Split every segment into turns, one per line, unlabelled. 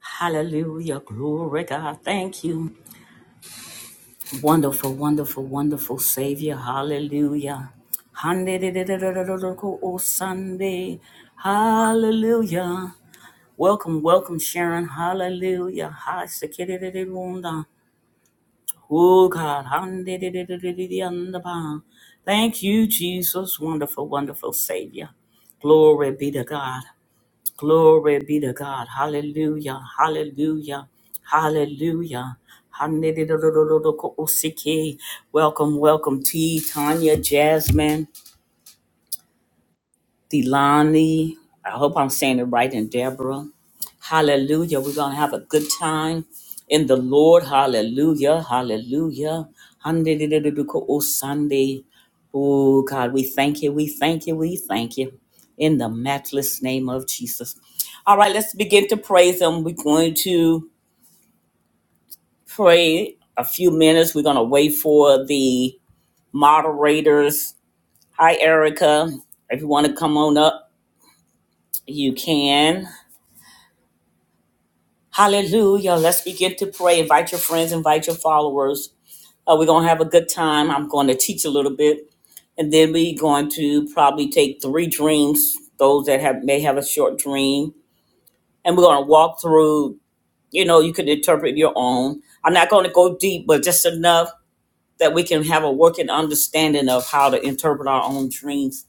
Hallelujah. Glory, God. Thank you. Wonderful, wonderful, wonderful Savior. Hallelujah. Hande-de-de-de-de-de-de-de-ko, oh, Sunday. Hallelujah. Welcome, welcome, Sharon. Hallelujah. Hi, sekere-de-de-de-wunda. Oh, God. Hande-de-de-de-de-de-de-yanda-ba. Thank you, Jesus. Wonderful, wonderful Savior. Glory be to God. Glory be to God. Hallelujah. Hallelujah. Hallelujah. Hallelujah. Welcome, welcome, T. Tanya, Jasmine. Delani. I hope I'm saying it right, and Deborah. Hallelujah. We're going to have a good time in the Lord. Hallelujah. Hallelujah. Handididididuko o Sunday. Oh, God, we thank you. We thank you. We thank you. In the matchless name of Jesus. All right, let's begin to praise Him. We're going to pray a few minutes. We're going to wait for the moderators. Hi, Erica. If you want to come on up, you can. Hallelujah. Let's begin to pray. Invite your friends, invite your followers. Uh, we're going to have a good time. I'm going to teach a little bit. And then we're going to probably take three dreams, those that have may have a short dream. And we're going to walk through, you know, you can interpret your own. I'm not going to go deep, but just enough that we can have a working understanding of how to interpret our own dreams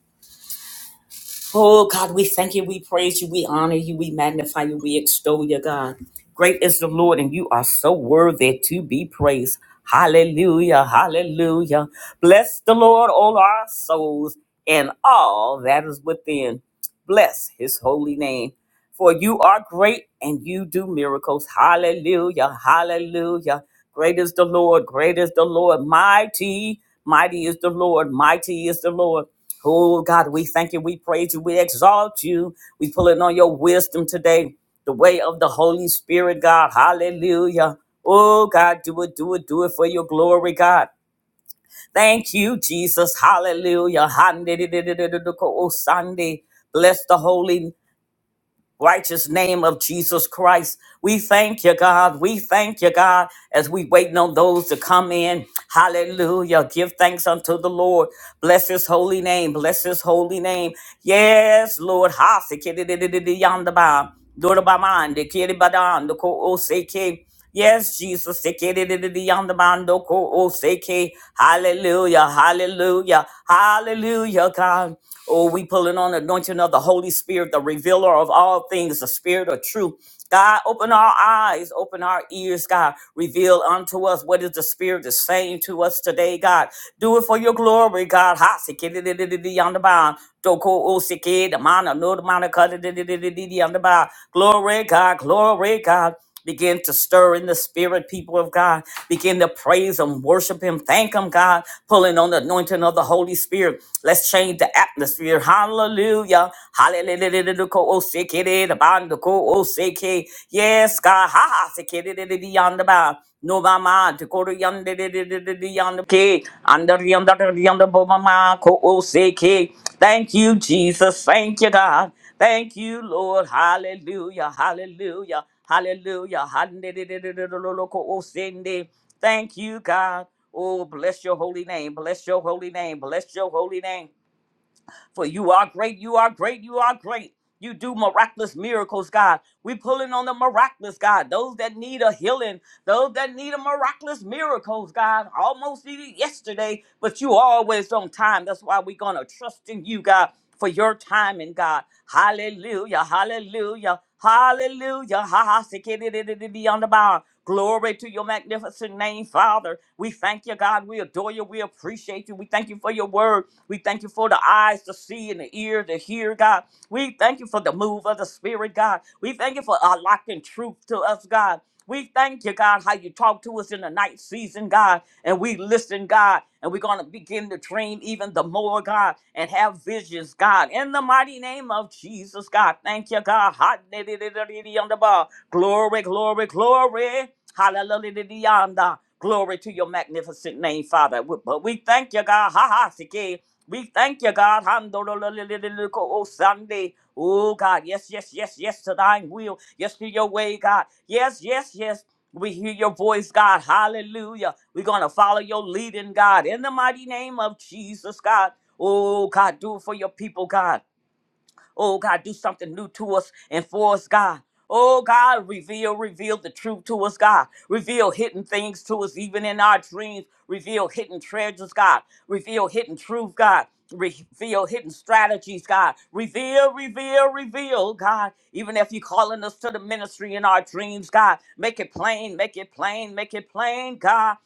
Oh God, we thank you, we praise you, we honor you, we magnify you, we extol you, God. Great is the Lord, and you are so worthy to be praised. Hallelujah, hallelujah. Bless the Lord, all our souls, and all that is within. Bless his holy name. For you are great and you do miracles. Hallelujah, hallelujah. Great is the Lord, great is the Lord, mighty, mighty is the Lord, mighty is the Lord. Oh God, we thank you, we praise you, we exalt you. We pull in on your wisdom today, the way of the Holy Spirit, God. Hallelujah. Oh God, do it, do it, do it for your glory, God. Thank you, Jesus. Hallelujah. Hande-de-de-de-de-de-de-ko- Oh Sunday. Bless the holy righteous name of Jesus Christ. We thank you, God. We thank you, God, as we waiting on those to come in. Hallelujah. Give thanks unto the Lord. Bless his holy name. Bless his holy name. Yes, Lord. Ha, se ke de de de de de yonder ba. Do do ba man, de ke de ba dan, do ko o se ke. Yes, Jesus. se ke de de de de yonder ba, do ko o se ke. Hallelujah. Hallelujah. Hallelujah, God. Oh, we pulling on the anointing of the Holy Spirit, the revealer of all things, the spirit of truth. God, open our eyes, open our ears, God. Reveal unto us what is the Spirit is saying to us today, God. Do it for your glory, God. Ha, sikididididi on the bound. Doko o sikid, mana, no, the mana, kadididididi on the bound. Glory, God, glory, God. Begin to stir in the spirit, people of God. Begin to praise Him, worship Him, thank Him, God. Pulling on the anointing of the Holy Spirit. Let's change the atmosphere. Hallelujah. Hallelujah. Oh, sick it is, about to go, oh, sick it. Yes, God. Ha ha. sick it is, it is beyond the bound. No mama, to go to yonder, it is, it is beyond the key. Under yonder, yonder, bo mama, go, oh, sick it. Thank you, Jesus. Thank you, God. Thank you, Lord. Hallelujah. Hallelujah. Hallelujah. Hallelujah. Thank you, God. Oh, bless your holy name. Bless your holy name. Bless your holy name. For you are great. You are great. You are great. You do miraculous miracles, God. We pulling on the miraculous, God. Those that need a healing, those that need a miraculous miracles, God. Almost needed yesterday, but you always on time. That's why we're gonna trust in you, God for your timing, God. Hallelujah, hallelujah, hallelujah. Ha ha sikididididi on the bow. Glory to your magnificent name, Father. We thank you, God. We adore you. We appreciate you. We thank you for your word. We thank you for the eyes to see and the ear to hear, God. We thank you for the move of the Spirit, God. We thank you for unlocking truth to us, God. We thank you, God, how you talk to us in the night season, God, and we listen, God, and we're going to begin to dream even the more, God, and have visions, God, in the mighty name of Jesus, God. Thank you, God. Hot diddy diddy diddy on the ball. Glory, glory, glory. Hallelujah. diddy yonder. Glory to your magnificent name, Father. We- But we thank you, God. Ha ha. We thank you, God. Oh, Sunday. Oh, God. Yes, yes, yes, yes to thine will. Yes to your way, God. Yes, yes, yes. We hear your voice, God. Hallelujah. We're going to follow your leading, God. In the mighty name of Jesus, God. Oh, God, do it for your people, God. Oh God, do something new to us and for us, God. Oh God, reveal, reveal the truth to us, God. Reveal hidden things to us, even in our dreams. Reveal hidden treasures, God. Reveal hidden truth, God. Reveal hidden strategies, God. Reveal, reveal, reveal, God. Even if you're calling us to the ministry in our dreams, God, make it plain, make it plain, make it plain, God.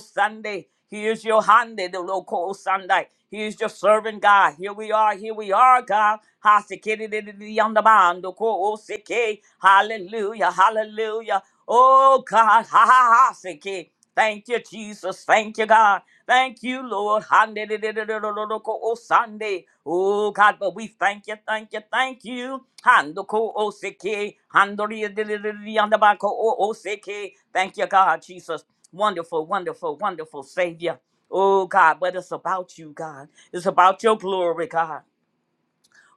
Sunday. He is your hand, the local Sunday. He is your servant God. Here we are, here we are, God. Hasikididididiyandabando ko oseke. Hallelujah, hallelujah. Oh God, ha ha ha seke. Thank you, Jesus. Thank you, God. Thank you, Lord. Handedidididididoko o Sunday. Oh God, but we thank you, thank you, thank you. Handoko o seke. Handoriyadidididiyandabako o o seke. Thank you, God, Jesus. Wonderful, wonderful, wonderful Savior. Oh God, but it's about you, God. It's about your glory, God.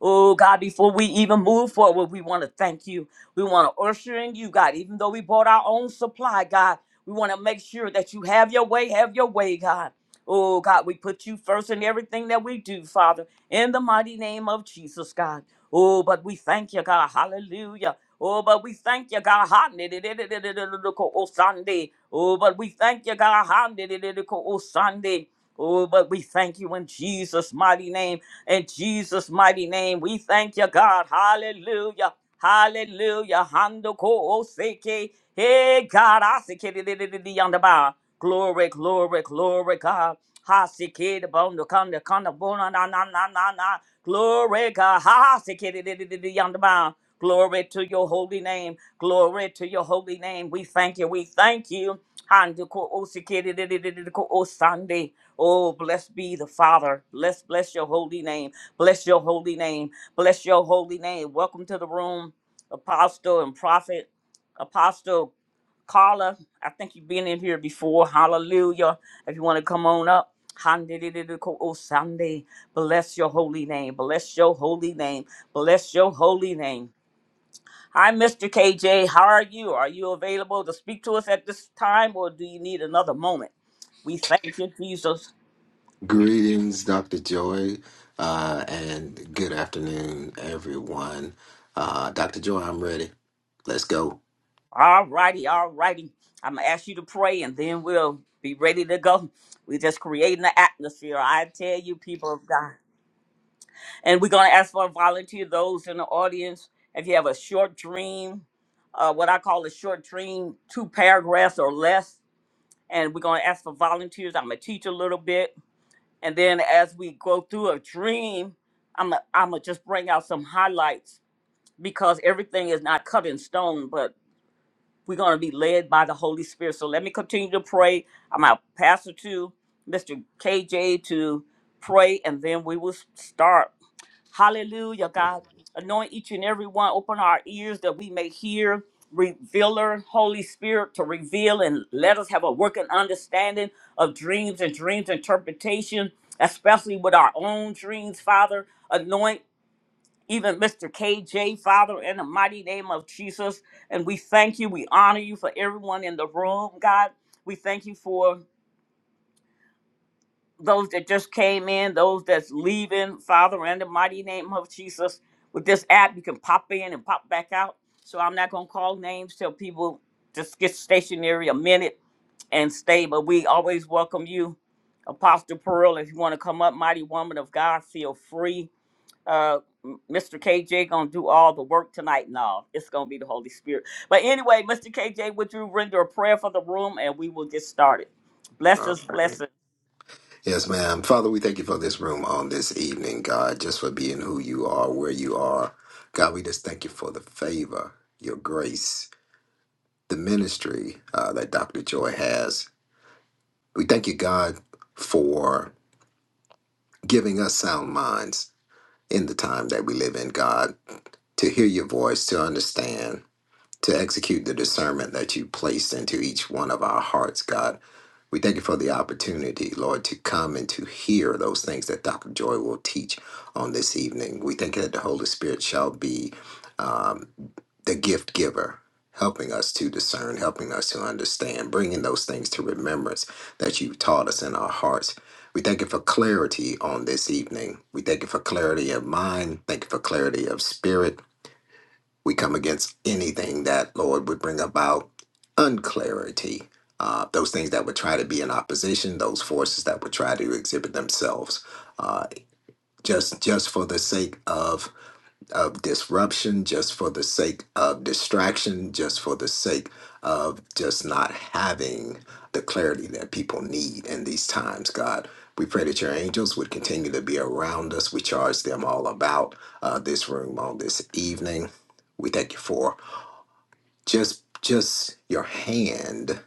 Oh God, before we even move forward, we want to thank you. We want to usher in you, God. Even though we bought our own supply, God, we want to make sure that you have your way, have your way, God. Oh God, we put you first in everything that we do, Father, in the mighty name of Jesus, God. Oh, but we thank you, God. Hallelujah. Oh, but we thank you, God. Ha- ni- di- di- di- di- di- di- di- ko- Oh, Sunday. Oh, but we thank you, God. Ha- ni- di- di- di- ko- Oh, Sunday. Oh, but we thank you in Jesus' mighty name. In Jesus' mighty name, we thank you, God. Hallelujah. Hallelujah. Hando ko oseke. Hey, God. aseke di- di- di- di- di- on the bar. Glory, glory, glory, God. Haseke the bone, the con, the con, the bone, na, na, na, na, na. Glory, God. Haseke di- di- di- di- di- on the bar. Glory to your holy name. Glory to your holy name. We thank you. We thank you. Hando ko oseke di- di- di- di- di- di- ko osande. Oh, blessed be the Father. Bless, bless your holy name. Bless your holy name. Bless your holy name. Welcome to the room, Apostle and Prophet, Apostle Carla. I think you've been in here before. Hallelujah. If you want to come on up. Oh, Sunday. Bless your holy name. Bless your holy name. Bless your holy name. Hi, Mr. KJ. How are you? Are you available to speak to us at this time or do you need another moment? We thank you, Jesus.
Greetings, Dr. Joy, uh, and good afternoon, everyone. Uh, Dr. Joy, I'm ready. Let's go.
All righty, all righty. I'm gonna ask you to pray, and then we'll be ready to go. we just creating the atmosphere. I tell you, people of God. And we're gonna ask for a volunteer. Those in the audience, if you have a short dream, uh, what I call a short dream, two paragraphs or less, and we're gonna ask for volunteers. I'm gonna teach a little bit, and then as we go through a dream, I'm gonna, I'm gonna just bring out some highlights because everything is not cut in stone. but. We're going to be led by the Holy Spirit. So let me continue to pray. I'm gonna pass it to Mr. KJ to pray, and then we will start. Hallelujah, God. Anoint each and every one. Open our ears that we may hear. Revealer, Holy Spirit, to reveal and let us have a working understanding of dreams and dreams interpretation, especially with our own dreams, Father. Anoint even Mr. KJ, Father, in the mighty name of Jesus. And we thank you. We honor you for everyone in the room, God. We thank you for those that just came in, those that's leaving, Father, in the mighty name of Jesus. With this app, you can pop in and pop back out. So I'm not going to call names till people just get stationary a minute and stay. But we always welcome you, Apostle Pearl. If you want to come up, mighty woman of God, feel free uh, Mr. KJ gonna do all the work tonight. No, it's gonna be the Holy Spirit. But anyway, Mr. KJ, would you render a prayer for the room and we will get started?
All
Blessings,
right.
blessings.
Yes, ma'am. Father, we thank you for this room on this evening, God, just for being who you are, where you are. God, we just thank you for the favor, your grace, the ministry uh, that Dr. Joy has. We thank you, God, for giving us sound minds in the time that we live in, God, to hear your voice, to understand to execute the discernment that you placed into each one of our hearts, God. We thank you for the opportunity, Lord, to come and to hear those things that Dr. Joy will teach on this evening. We thank you that the Holy Spirit shall be um, the gift giver, helping us to discern, helping us to understand, bringing those things to remembrance that you've taught us in our hearts. We thank you for clarity on this evening. We thank you for clarity of mind. Thank you for clarity of spirit. We come against anything that, Lord, would bring about unclarity, uh, those things that would try to be in opposition, those forces that would try to exhibit themselves, uh, just just for the sake of of disruption, just for the sake of distraction, just for the sake of just not having the clarity that people need in these times, God. We pray that your angels would continue to be around us. We charge them all about uh, this room on this evening. We thank you for just just your hand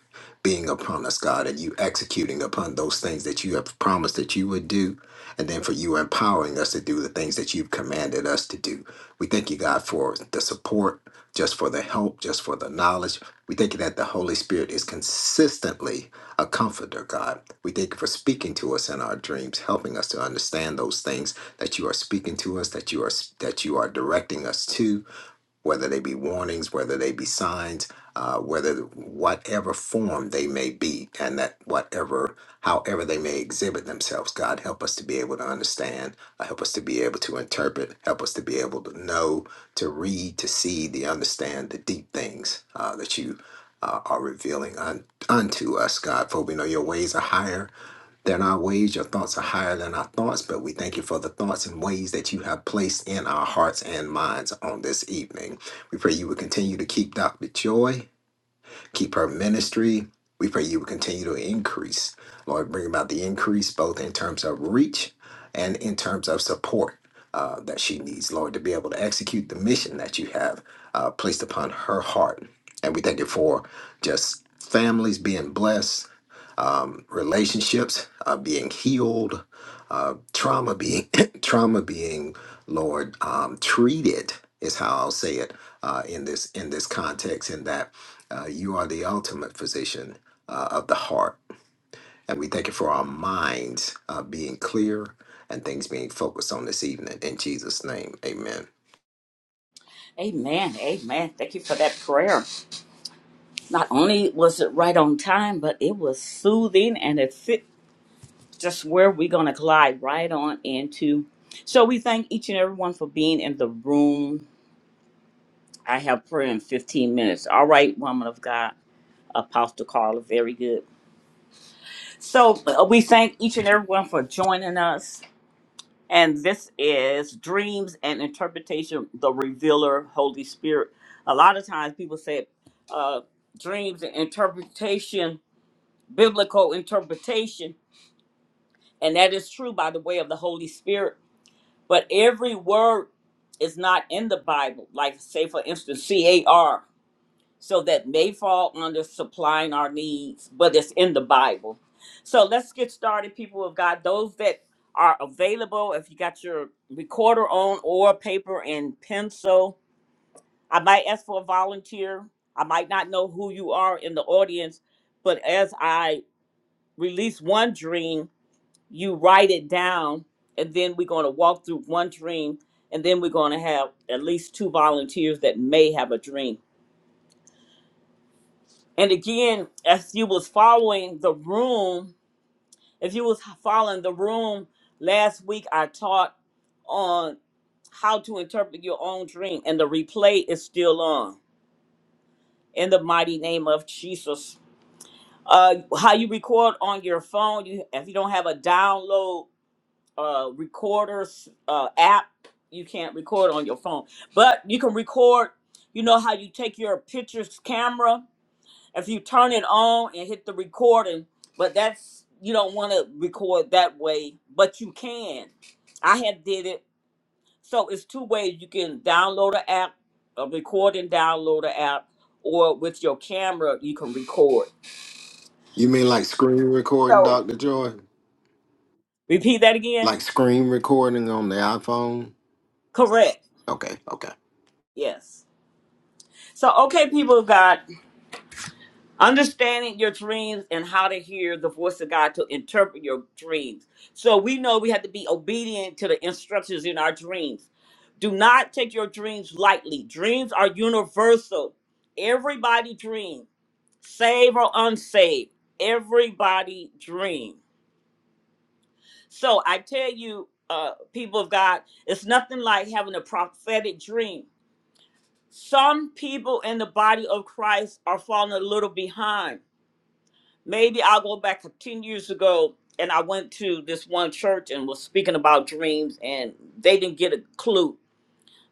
being upon us god and you executing upon those things that you have promised that you would do and then for you empowering us to do the things that you've commanded us to do we thank you god for the support just for the help just for the knowledge we thank you that the holy spirit is consistently a comforter god we thank you for speaking to us in our dreams helping us to understand those things that you are speaking to us that you are that you are directing us to whether they be warnings, whether they be signs, uh, whether whatever form they may be, and that whatever, however they may exhibit themselves, God help us to be able to understand, uh, help us to be able to interpret, help us to be able to know, to read, to see, to understand the deep things uh, that you uh, are revealing un- unto us, God. For we know your ways are higher that our ways, your thoughts are higher than our thoughts, but we thank you for the thoughts and ways that you have placed in our hearts and minds on this evening. We pray you would continue to keep Dr. Joy, keep her ministry. We pray you would continue to increase. Lord, bring about the increase both in terms of reach and in terms of support uh, that she needs, Lord, to be able to execute the mission that you have uh, placed upon her heart. And we thank you for just families being blessed um, relationships uh, being healed, uh, trauma being trauma being, Lord, um, treated is how I'll say it uh, in this in this context. In that uh, you are the ultimate physician uh, of the heart, and we thank you for our minds uh, being clear and things being focused on this evening. In Jesus' name, Amen.
Amen. Amen. Thank you for that prayer. Not only was it right on time, but it was soothing and it fit just where we're going to glide right on into. So we thank each and everyone for being in the room. I have prayer in 15 minutes. All right, woman of God, Apostle Carla, very good. So uh, we thank each and everyone for joining us. And this is Dreams and Interpretation, the Revealer, Holy Spirit. A lot of times people say uh, dreams and interpretation, biblical interpretation, and that is true by the way of the Holy Spirit. But every word is not in the Bible. Like, say, for instance, CAR. so that may fall under supplying our needs, but it's in the Bible. So let's get started, people of God. Those that are available, if you got your recorder on or paper and pencil, I might ask for a volunteer. I might not know who you are in the audience, but as I release one dream, you write it down, and then we're going to walk through one dream, and then we're going to have at least two volunteers that may have a dream. And again, as you was following the room, if you was following the room last week, I taught on how to interpret your own dream, and the replay is still on. In the mighty name of Jesus, uh, how you record on your phone? You, if you don't have a download uh, recorders uh, app, you can't record on your phone. But you can record. You know how you take your pictures camera if you turn it on and hit the recording, but that's you don't want to record that way, but you can. I had did it. So it's two ways you can download an app, a recording download an app, or with your camera you can record.
You mean like screen recording, Doctor Joy?
Repeat that again.
Like screen recording on the iPhone?
Correct.
Okay, okay.
Yes. So okay, people of God. Understanding your dreams and how to hear the voice of God to interpret your dreams. So we know we have to be obedient to the instructions in our dreams. Do not take your dreams lightly. Dreams are universal. Everybody dream, save or unsaved. Everybody dream. So I tell you, uh, people of God, it's nothing like having a prophetic dream. Some people in the body of Christ are falling a little behind maybe I'll go back to 10 years ago and I went to this one church and was speaking about dreams and they didn't get a clue.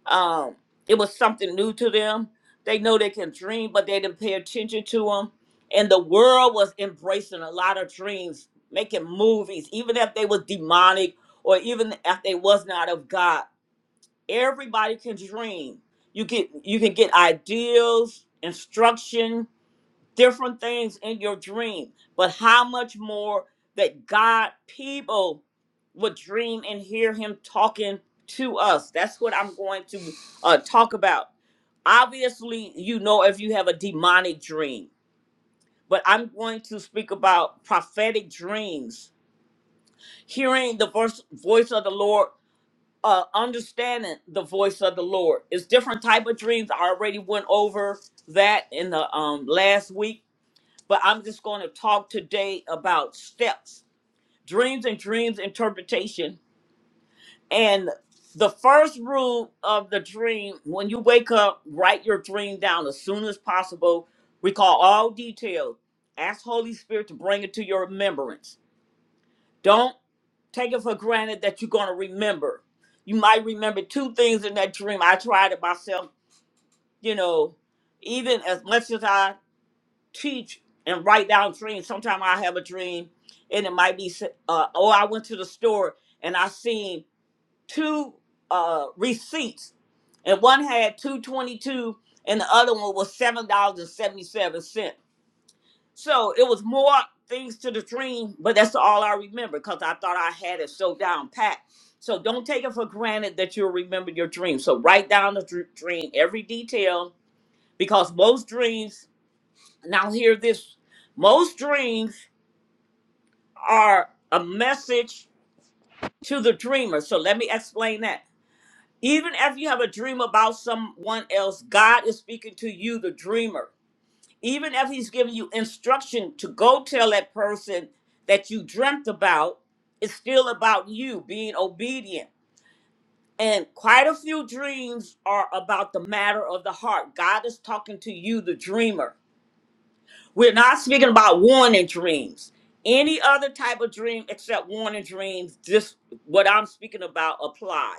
Um, it was something new to them. They know they can dream, but they didn't pay attention to them. And the world was embracing a lot of dreams, making movies, even if they was demonic or even if they was not of God. Everybody can dream. You get you can get ideals, instruction, different things in your dream, but how much more that God people would dream and hear him talking to us. That's what I'm going to uh, talk about. Obviously, you know if you have a demonic dream, but I'm going to speak about prophetic dreams, hearing the voice, voice of the Lord, uh, understanding the voice of the Lord. It's different type of dreams. I already went over that in the um, last week but I'm just going to talk today about steps, dreams and dreams interpretation. And the first rule of the dream when you wake up, write your dream down as soon as possible. Recall all details. Ask Holy Spirit to bring it to your remembrance. Don't take it for granted that you're going to remember. You might remember two things in that dream. I tried it myself, you know, even as much as I teach and write down dreams. Sometimes I have a dream, and it might be, s- uh, oh, I went to the store and I seen two uh, receipts, and one had two twenty two, and the other one was seven dollars and seventy seven cent. So it was more things to the dream, but that's all I remember because I thought I had it so down pat. So don't take it for granted that you'll remember your dream. So write down the dr- dream, every detail, because most dreams now, hear this most dreams are a message to the dreamer. So, let me explain that. Even if you have a dream about someone else, God is speaking to you, the dreamer. Even if He's giving you instruction to go tell that person that you dreamt about, it's still about you being obedient. And quite a few dreams are about the matter of the heart. God is talking to you, the dreamer. We're not speaking about warning dreams. Any other type of dream except warning dreams, just what I'm speaking about apply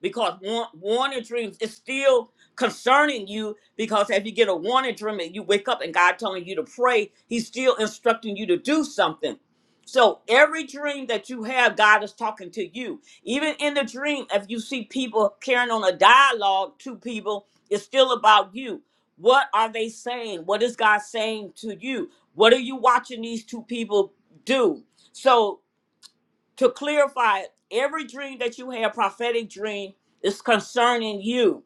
because war- warning dreams is still concerning you because if you get a warning dream and you wake up and God telling you to pray, He's still instructing you to do something. So every dream that you have, God is talking to you. Even in the dream, if you see people carrying on a dialogue to people, it's still about you. What are they saying? What is God saying to you? What are you watching these two people do? So to clarify it, every dream that you have, prophetic dream, is concerning you.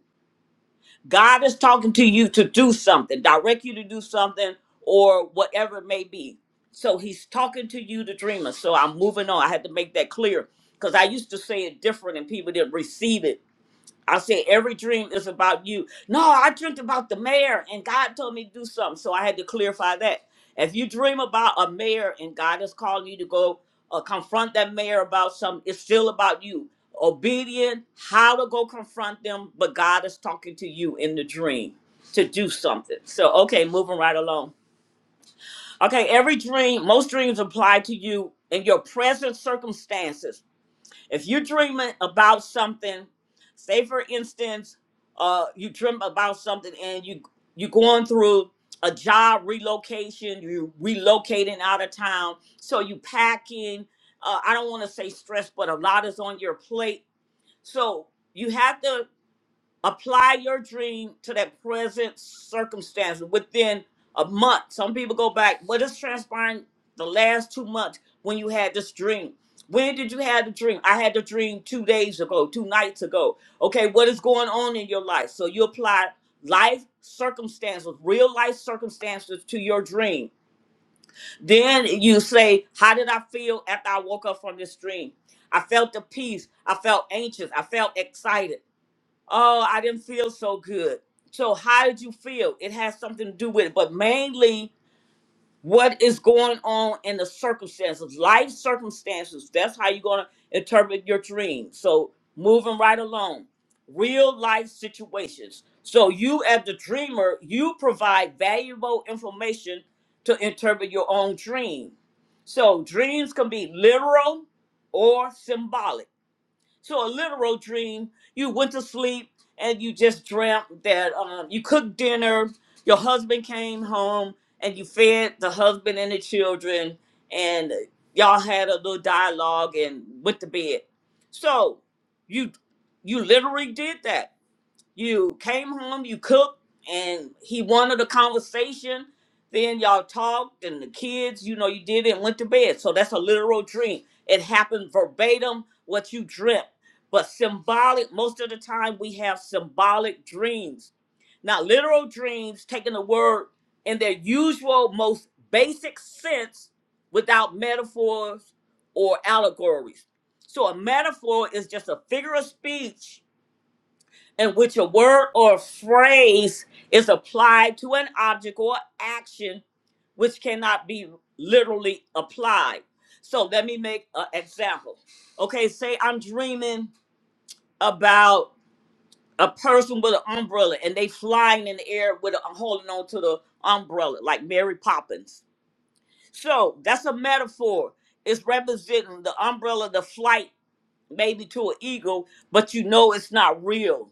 God is talking to you to do something, direct you to do something, or whatever it may be. So he's talking to you, the dreamer. So I'm moving on. I had to make that clear because I used to say it different and people didn't receive it. I said, every dream is about you. No, I dreamt about the mayor and God told me to do something. So I had to clarify that. If you dream about a mayor and God is calling you to go uh, confront that mayor about something, it's still about you. Obedient, how to go confront them, but God is talking to you in the dream to do something. So, okay, moving right along. Okay, every dream, most dreams apply to you in your present circumstances if you're dreaming about something, say for instance, uh, you dream about something and you you are going through a job relocation, you are relocating out of town, so you packing. Uh, I don't want to say stress, but a lot is on your plate. So you have to apply your dream to that present circumstance within a month. Some people go back, what is transpiring the last two months when you had this dream? When did you have the dream? I had the dream two days ago, two nights ago. Okay, what is going on in your life? So you apply life circumstances, real life circumstances to your dream. Then you say, How did I feel after I woke up from this dream? I felt the peace. I felt anxious. I felt excited oh, I didn't feel so good. So how did you feel? It has something to do with it, but mainly what is going on in the circumstances, life circumstances. That's how you're gonna interpret your dream. So moving right along, real life situations. So you as the dreamer, you provide valuable information to interpret your own dream. So dreams can be literal or symbolic. So a literal dream, you went to sleep and you just dreamt that um, you cooked dinner, your husband came home, and you fed the husband and the children, and y'all had a little dialogue and went to bed. So you you literally did that you came home, you cooked, and he wanted a conversation. Then y'all talked, and the kids, you know, you did it and went to bed. So that's a literal dream. It happened verbatim what you dreamt. But symbolic, most of the time we have symbolic dreams. Now, literal dreams, taking the word in their usual, most basic sense without metaphors or allegories. So a metaphor is just a figure of speech in which a word or phrase is applied to an object or action which cannot be literally applied. So let me make an example. Okay, say I'm dreaming about a person with an umbrella and they flying in the air with a holding on to the umbrella like Mary Poppins. So that's a metaphor. It's representing the umbrella, the flight maybe to an eagle, but you know it's not real.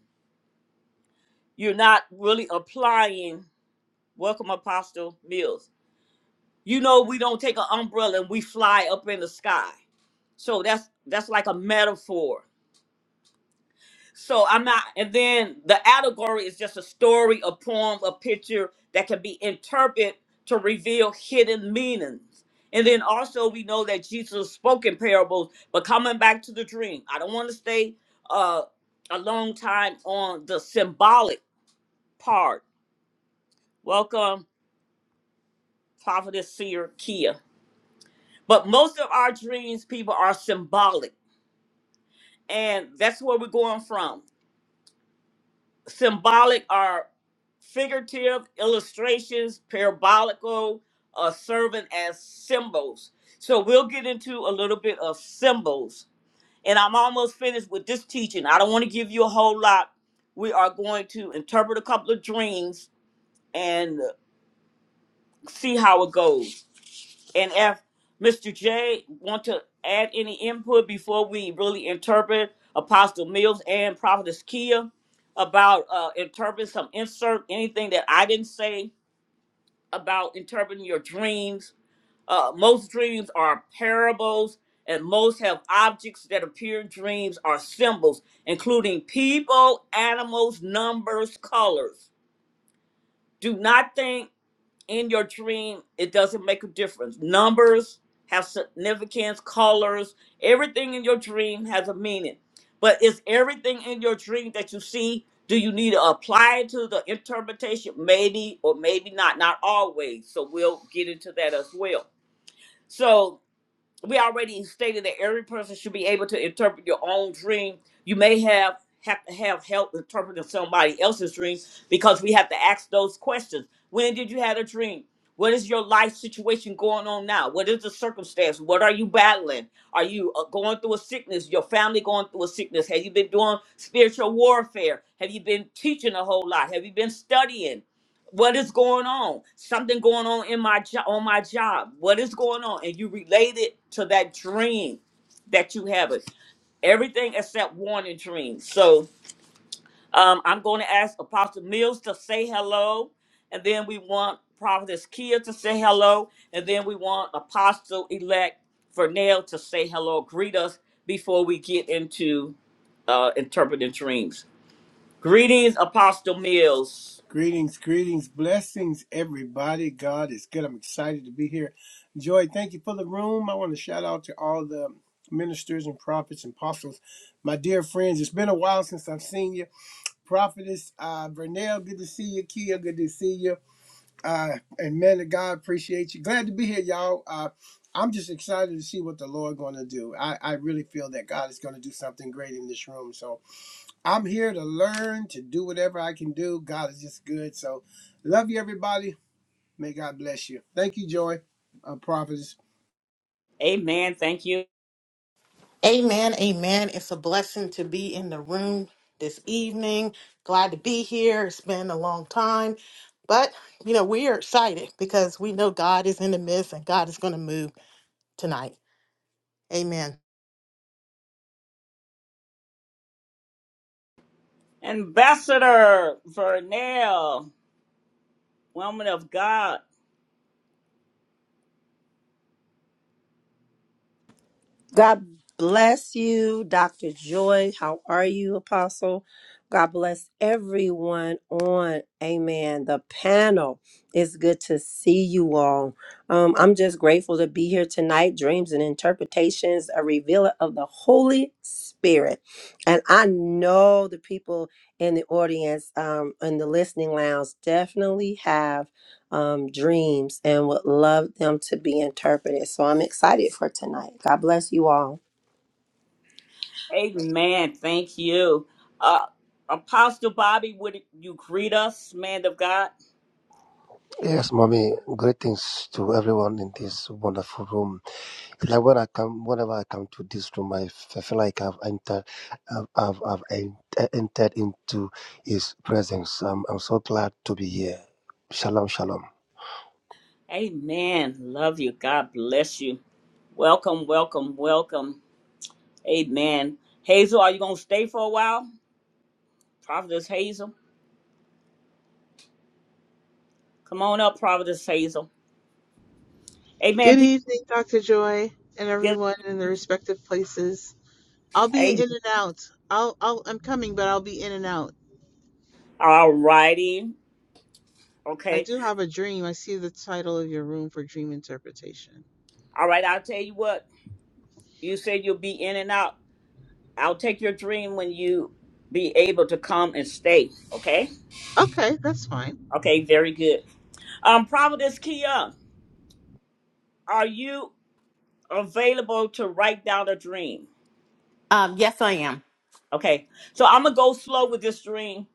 You're not really applying Welcome, Apostle Mills. You know we don't take an umbrella and we fly up in the sky. So that's that's like a metaphor. So I'm not and then the allegory is just a story, a poem, a picture that can be interpreted to reveal hidden meanings. And then also we know that Jesus spoke in parables, but coming back to the dream, I don't want to stay uh a long time on the symbolic part. Welcome, Prophetess Seer Kia. But most of our dreams, people, are symbolic. And that's where we're going from. Symbolic are figurative illustrations, parabolical, uh, serving as symbols. So we'll get into a little bit of symbols. And I'm almost finished with this teaching. I don't want to give you a whole lot. We are going to interpret a couple of dreams and see how it goes. And if Mr. J want to add any input before we really interpret Apostle Mills and Prophetess Kia about uh, interpreting some insert anything that I didn't say about interpreting your dreams. Uh, most dreams are parables, and most have objects that appear in dreams are symbols, including people, animals, numbers, colors. Do not think in your dream, it doesn't make a difference. Numbers have significance, colors, everything in your dream has a meaning. But is everything in your dream that you see, do you need to apply it to the interpretation? Maybe or maybe not, not always. So we'll get into that as well. So we already stated that every person should be able to interpret your own dream. You may have have to have help interpreting somebody else's dream because we have to ask those questions. When did you have a dream? What is your life situation going on now? What is the circumstance? What are you battling? Are you uh, going through a sickness? Your family going through a sickness? Have you been doing spiritual warfare? Have you been teaching a whole lot? Have you been studying? what is going on something going on in my job on my job what is going on and you relate it to that dream that you have it everything except warning dreams so um, i'm going to ask apostle mills to say hello and then we want prophetess kia to say hello and then we want apostle elect Vernell to say hello greet us before we get into uh, interpreting dreams greetings apostle mills
Greetings, greetings, blessings, everybody. God is good. I'm excited to be here. Joy, thank you for the room. I want to shout out to all the ministers and prophets and apostles, my dear friends. It's been a while since I've seen you. Prophetess uh, Vernell, good to see you. Kia, good to see you. Uh, and man of God, appreciate you. Glad to be here, y'all. Uh, I'm just excited to see what the Lord going to do. I, I really feel that God is going to do something great in this room. So I'm here to learn, to do whatever I can do. God is just good. So, love you, everybody. May God bless you. Thank you, Joy, uh, prophets.
amen thank you
Amen, amen. It's a blessing to be in the room this evening. Glad to be here. It's been a long time, but you know, we are excited because we know God is in the midst and God is going to move tonight. Amen.
Ambassador Vernell, woman of God.
God bless you, Dr. Joy. How are you, Apostle? God bless everyone on Amen. The panel. It's good to see you all. Um, I'm just grateful to be here tonight. Dreams and interpretations, a revealer of the Holy Spirit. And I know the people in the audience, um, in the listening lounge, definitely have um, dreams and would love them to be interpreted. So I'm excited for tonight. God bless you all.
Amen. Thank you. Uh, Apostle Bobby, would you greet us, man of God?
Yes, mommy. Greetings to everyone in this wonderful room. Like when I come, whenever I come to this room, I f- I feel like I've entered, I've, I've, I've en- e, entered into His presence. I'm, I'm so glad to be here. Shalom, shalom.
Amen. Love you. God bless you. Welcome, welcome, welcome. Amen. Hazel, are you going to stay for a while? Prophetess Hazel. Come on up, Prophetess Hazel. Amen.
Good
People,
evening, Dr. Joy, and
get
everyone in their respective places. I'll be in
Amen.
and out. I'll, I'll I'm coming, but I'll be in and out.
All righty.
I
Okay.
do have a dream. I see the title of your room for dream interpretation.
All right. I'll tell you what. You said you'll be in and out. I'll take your dream when you be able to come and stay. Okay.
Okay, that's fine.
Okay. Very good. Um, Providence Kia, are you available to write down a dream?
Um, yes, I am.
Okay. So I'm gonna go slow with this dream.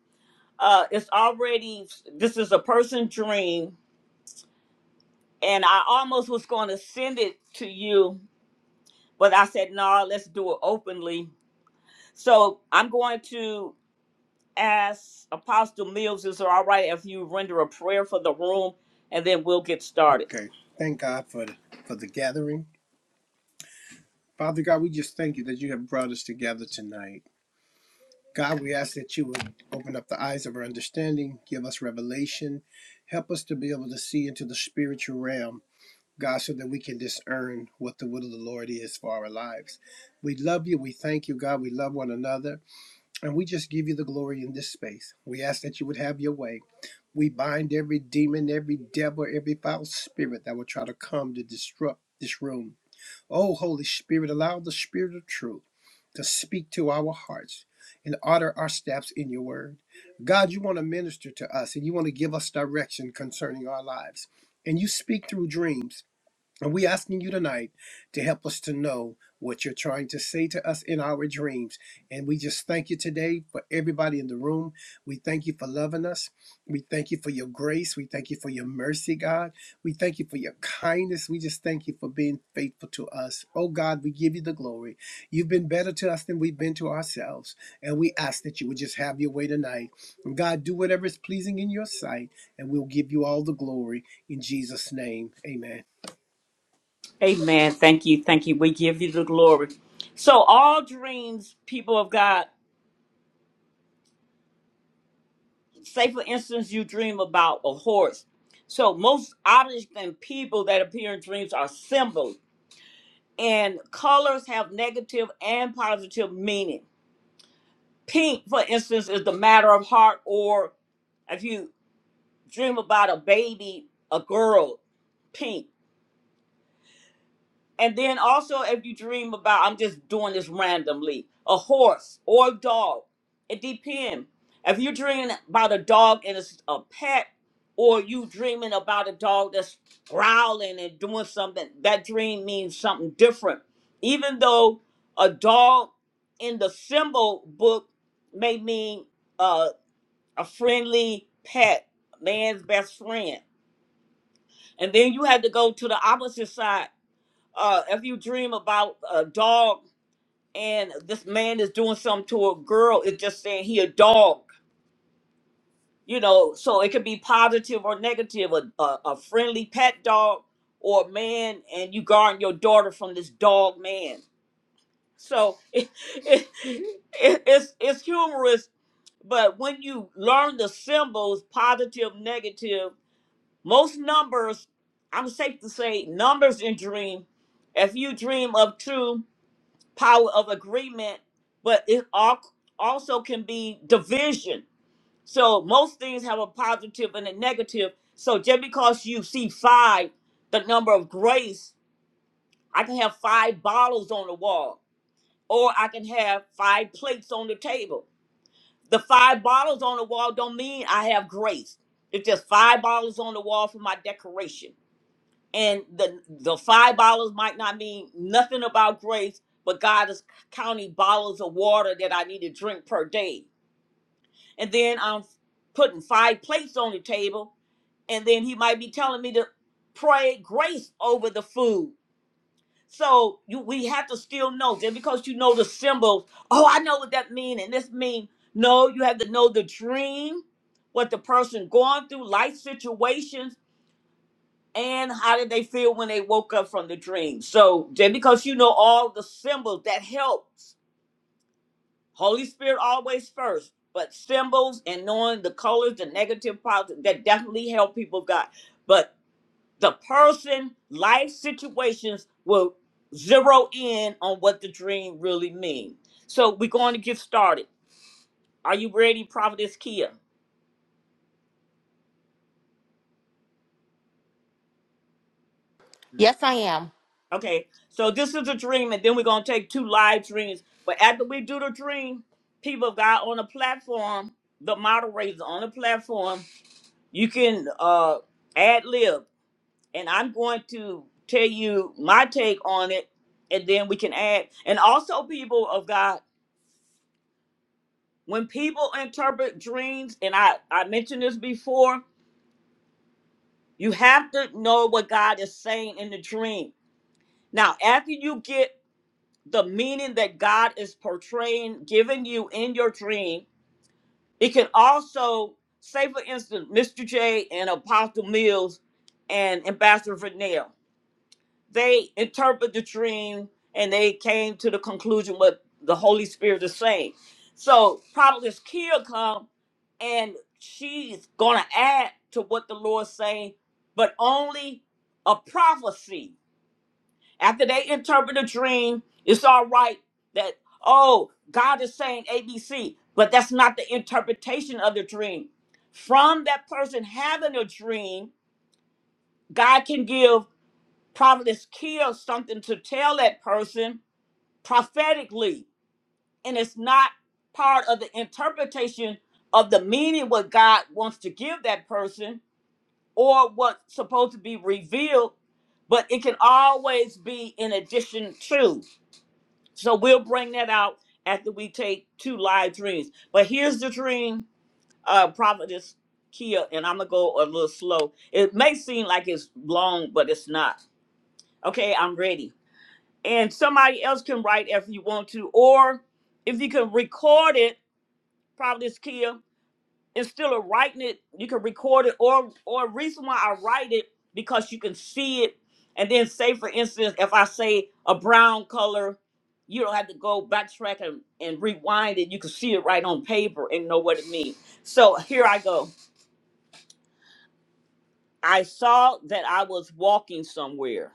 Uh, it's already this is a person dream, and I almost was going to send it to you, but I said no. let's do it openly. So I'm going to ask Apostle Mills, is it all right if you render a prayer for the room, and then we'll get started.
Okay. Thank God for the, for the gathering. Father God, we just thank you that you have brought us together tonight. God, we ask that you would open up the eyes of our understanding, give us revelation, help us to be able to see into the spiritual realm, God, so that we can discern what the will of the Lord is for our lives. We love you. We thank you, God. We love one another. And we just give you the glory in this space. We ask that you would have your way. We bind every demon, every devil, every foul spirit that will try to come to disrupt this room. Oh, Holy Spirit, allow the Spirit of truth to speak to our hearts and order our steps in your word. God, you want to minister to us and you want to give us direction concerning our lives. And you speak through dreams. And we asking you tonight to help us to know what you're trying to say to us in our dreams. And we just thank you today for everybody in the room. We thank you for loving us. We thank you for your grace. We thank you for your mercy, God. We thank you for your kindness. We just thank you for being faithful to us. Oh God, we give you the glory. You've been better to us than we've been to ourselves. And we ask that you would just have your way tonight. And God, do whatever is pleasing in your sight, and we'll give you all the glory in Jesus' name. Amen.
Amen. Thank you. Thank you. We give you the glory. So, all dreams, people of God, say for instance, you dream about a horse. So, most objects and people that appear in dreams are symbols, and colors have negative and positive meaning. Pink, for instance, is the matter of heart, or if you dream about a baby, a girl, pink. And then also, if you dream about, I'm just doing this randomly, a horse or a dog. It depends. If you're dreaming about a dog and it's a pet, or you dreaming about a dog that's growling and doing something, that dream means something different. Even though a dog in the symbol book may mean uh, a friendly pet, man's best friend. And then you had to go to the opposite side uh, if you dream about a dog and this man is doing something to a girl, it's just saying he a dog, you know. So it could be positive or negative. A, a, a friendly pet dog or a man, and you guarding your daughter from this dog man. So it, it, it, it's it's humorous, but when you learn the symbols, positive, negative, most numbers, I'm safe to say, numbers in dream. If you dream of two power of agreement, but it al- also can be division. So most things have a positive and a negative. So just because you see five, the number of grace, I can have five bottles on the wall, or I can have five plates on the table. The five bottles on the wall don't mean I have grace. It's just five bottles on the wall for my decoration and the the five bottles might not mean nothing about grace, but God is counting bottles of water that I need to drink per day. And then I'm putting five plates on the table, and then He might be telling me to pray grace over the food. So you, we have to still know just because you know the symbols. Oh, I know what that mean, and this mean. No, you have to know the dream, what the person going through, life situations and how did they feel when they woke up from the dream so just because you know all the symbols that helps holy spirit always first but symbols and knowing the colors the negative positive that definitely help people god but the person life situations will zero in on what the dream really means so we're going to get started are you ready prophetess kia
Yes, I am.
Okay, so this is a dream, and then we're gonna take two live dreams. But after we do the dream, people of God on the platform, the moderators on the platform, you can uh ad lib, and I'm going to tell you my take on it, and then we can add. And also, people of God, when people interpret dreams, and I I mentioned this before, you have to know what God is saying in the dream. Now, after you get the meaning that God is portraying, giving you in your dream. It can also, say for instance, Mr. J and Apostle Mills and Ambassador Vernell, they interpret the dream and they came to the conclusion what the Holy Spirit is saying. So Prophetess Kia come and she's gonna add to what the Lord's saying, but only a prophecy after they interpret a dream, it's all right that, oh, God is saying ABC, but that's not the interpretation of the dream. From that person having a dream, God can give Providence Kill something to tell that person prophetically. And it's not part of the interpretation of the meaning what God wants to give that person or what's supposed to be revealed, but it can always be in addition to. So we'll bring that out after we take two live dreams. But here's the dream, uh, Prophetess Kia, and I'm gonna go a little slow. It may seem like it's long, but it's not. Okay, I'm ready. And somebody else can write if you want to, or if you can record it, Prophetess Kia instead of writing it, you can record it or or reason why I write it because you can see it and then say for instance if I say a brown color, you don't have to go backtrack and, and rewind it. You can see it right on paper and know what it means. So here I go. I saw that I was walking somewhere.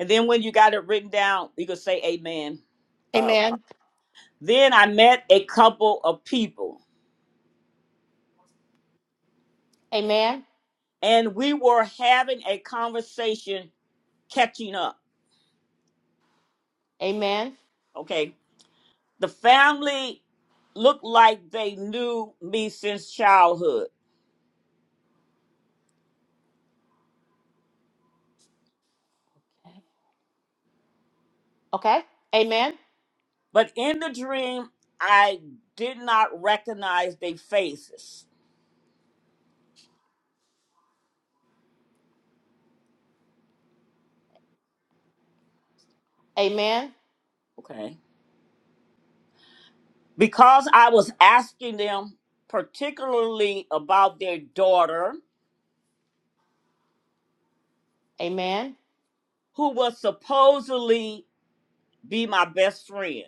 And then when you got it written down, you can say amen. Uh,
Amen.
then I met a couple of people
Amen.
and we were having a conversation catching up.
Amen.
Okay The family looked like they knew me since childhood,
Okay. Amen.
but in the dream, I did not recognize their faces.
Amen.
Okay. Because I was asking them particularly about their daughter,
Amen.
who was supposedly be my best friend.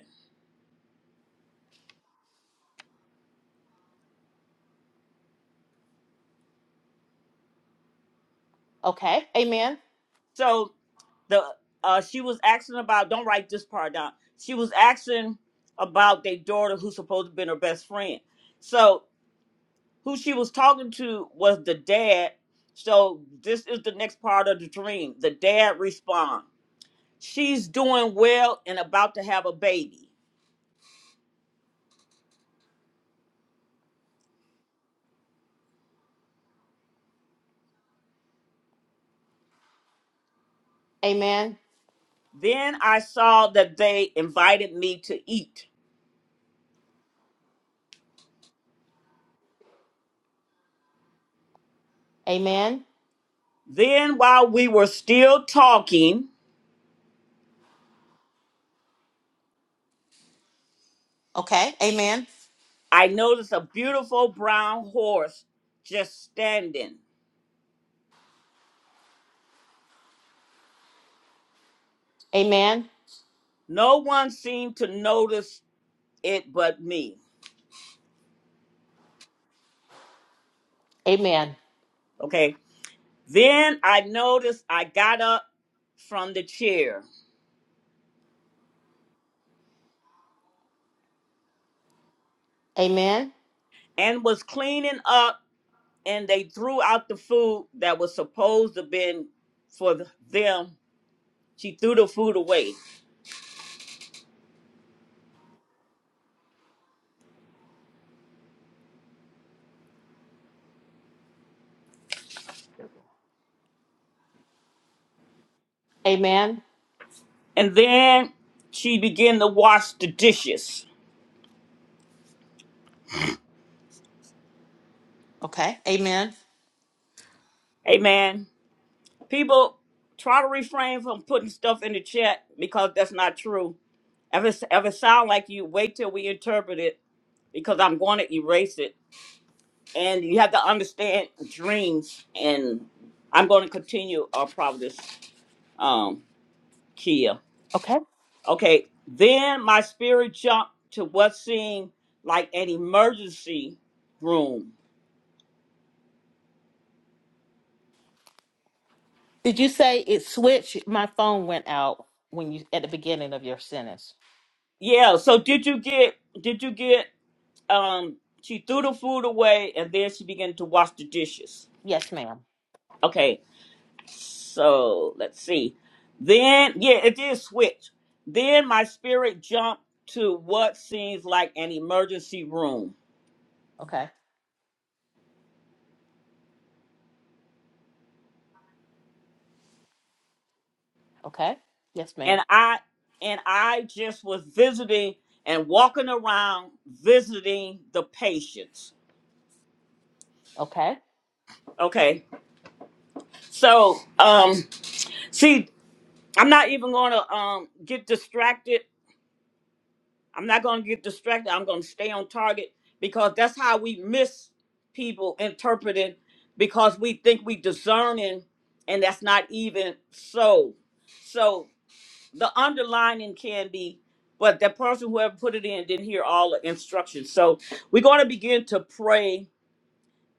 Okay. Amen.
So the uh, she was asking about, don't write this part down. She was asking about their daughter who's supposed to be her best friend. So who she was talking to was the dad. So this is the next part of the dream. The dad responds, She's doing well and about to have a baby.
Amen.
Then I saw that they invited me to eat.
Amen.
Then while we were still talking,
Okay. Amen.
I noticed a beautiful brown horse just standing.
Amen.
No one seemed to notice it but me.
Amen.
Okay. Then I noticed I got up from the chair.
Amen.
and was cleaning up and they threw out the food that was supposed to been for the- them she threw the food away
Amen.
and then she began to wash the dishes
Okay. Amen.
amen people try to refrain from putting stuff in the chat because that's not true if it's if it sound like you wait till we interpret it because i'm going to erase it and you have to understand dreams and i'm going to continue our providence um kia
Okay.
Okay, then my spirit jumped to what seemed like an emergency room.
Did you say it switched? My phone went out when you at the beginning of your sentence.
Yeah, so did you get did you get um she threw the food away and then she began to wash the dishes.
Yes, ma'am.
Okay. So, let's see. Then yeah, it did switch. Then my spirit jumped to what seems like an emergency room.
Okay. Okay. Yes, ma'am.
And I and I just was visiting and walking around visiting the patients
Okay.
Okay. So, um, see, I'm not even going to um get distracted. I'm not going to get distracted. I'm going to stay on target because that's how we miss people interpreting because we think we discerning and that's not even so. So the underlining can be, but that person whoever put it in didn't hear all the instructions. So we're going to begin to pray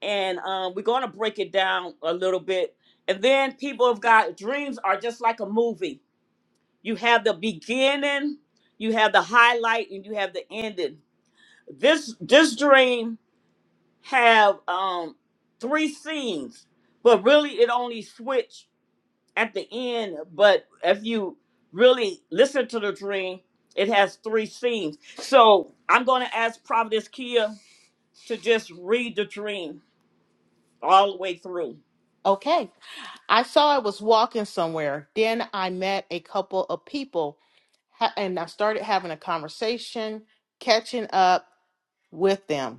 and um, we're going to break it down a little bit. And then people have got dreams are just like a movie. You have the beginning, you have the highlight, and you have the ending. This this dream have um, three scenes, but really it only switch at the end. But if you really listen to the dream, it has three scenes. So I'm going to ask Providence Kia to just read the dream all the way through.
Okay. I saw I was walking somewhere. Then I met a couple of people ha- and I started having a conversation, catching up with them.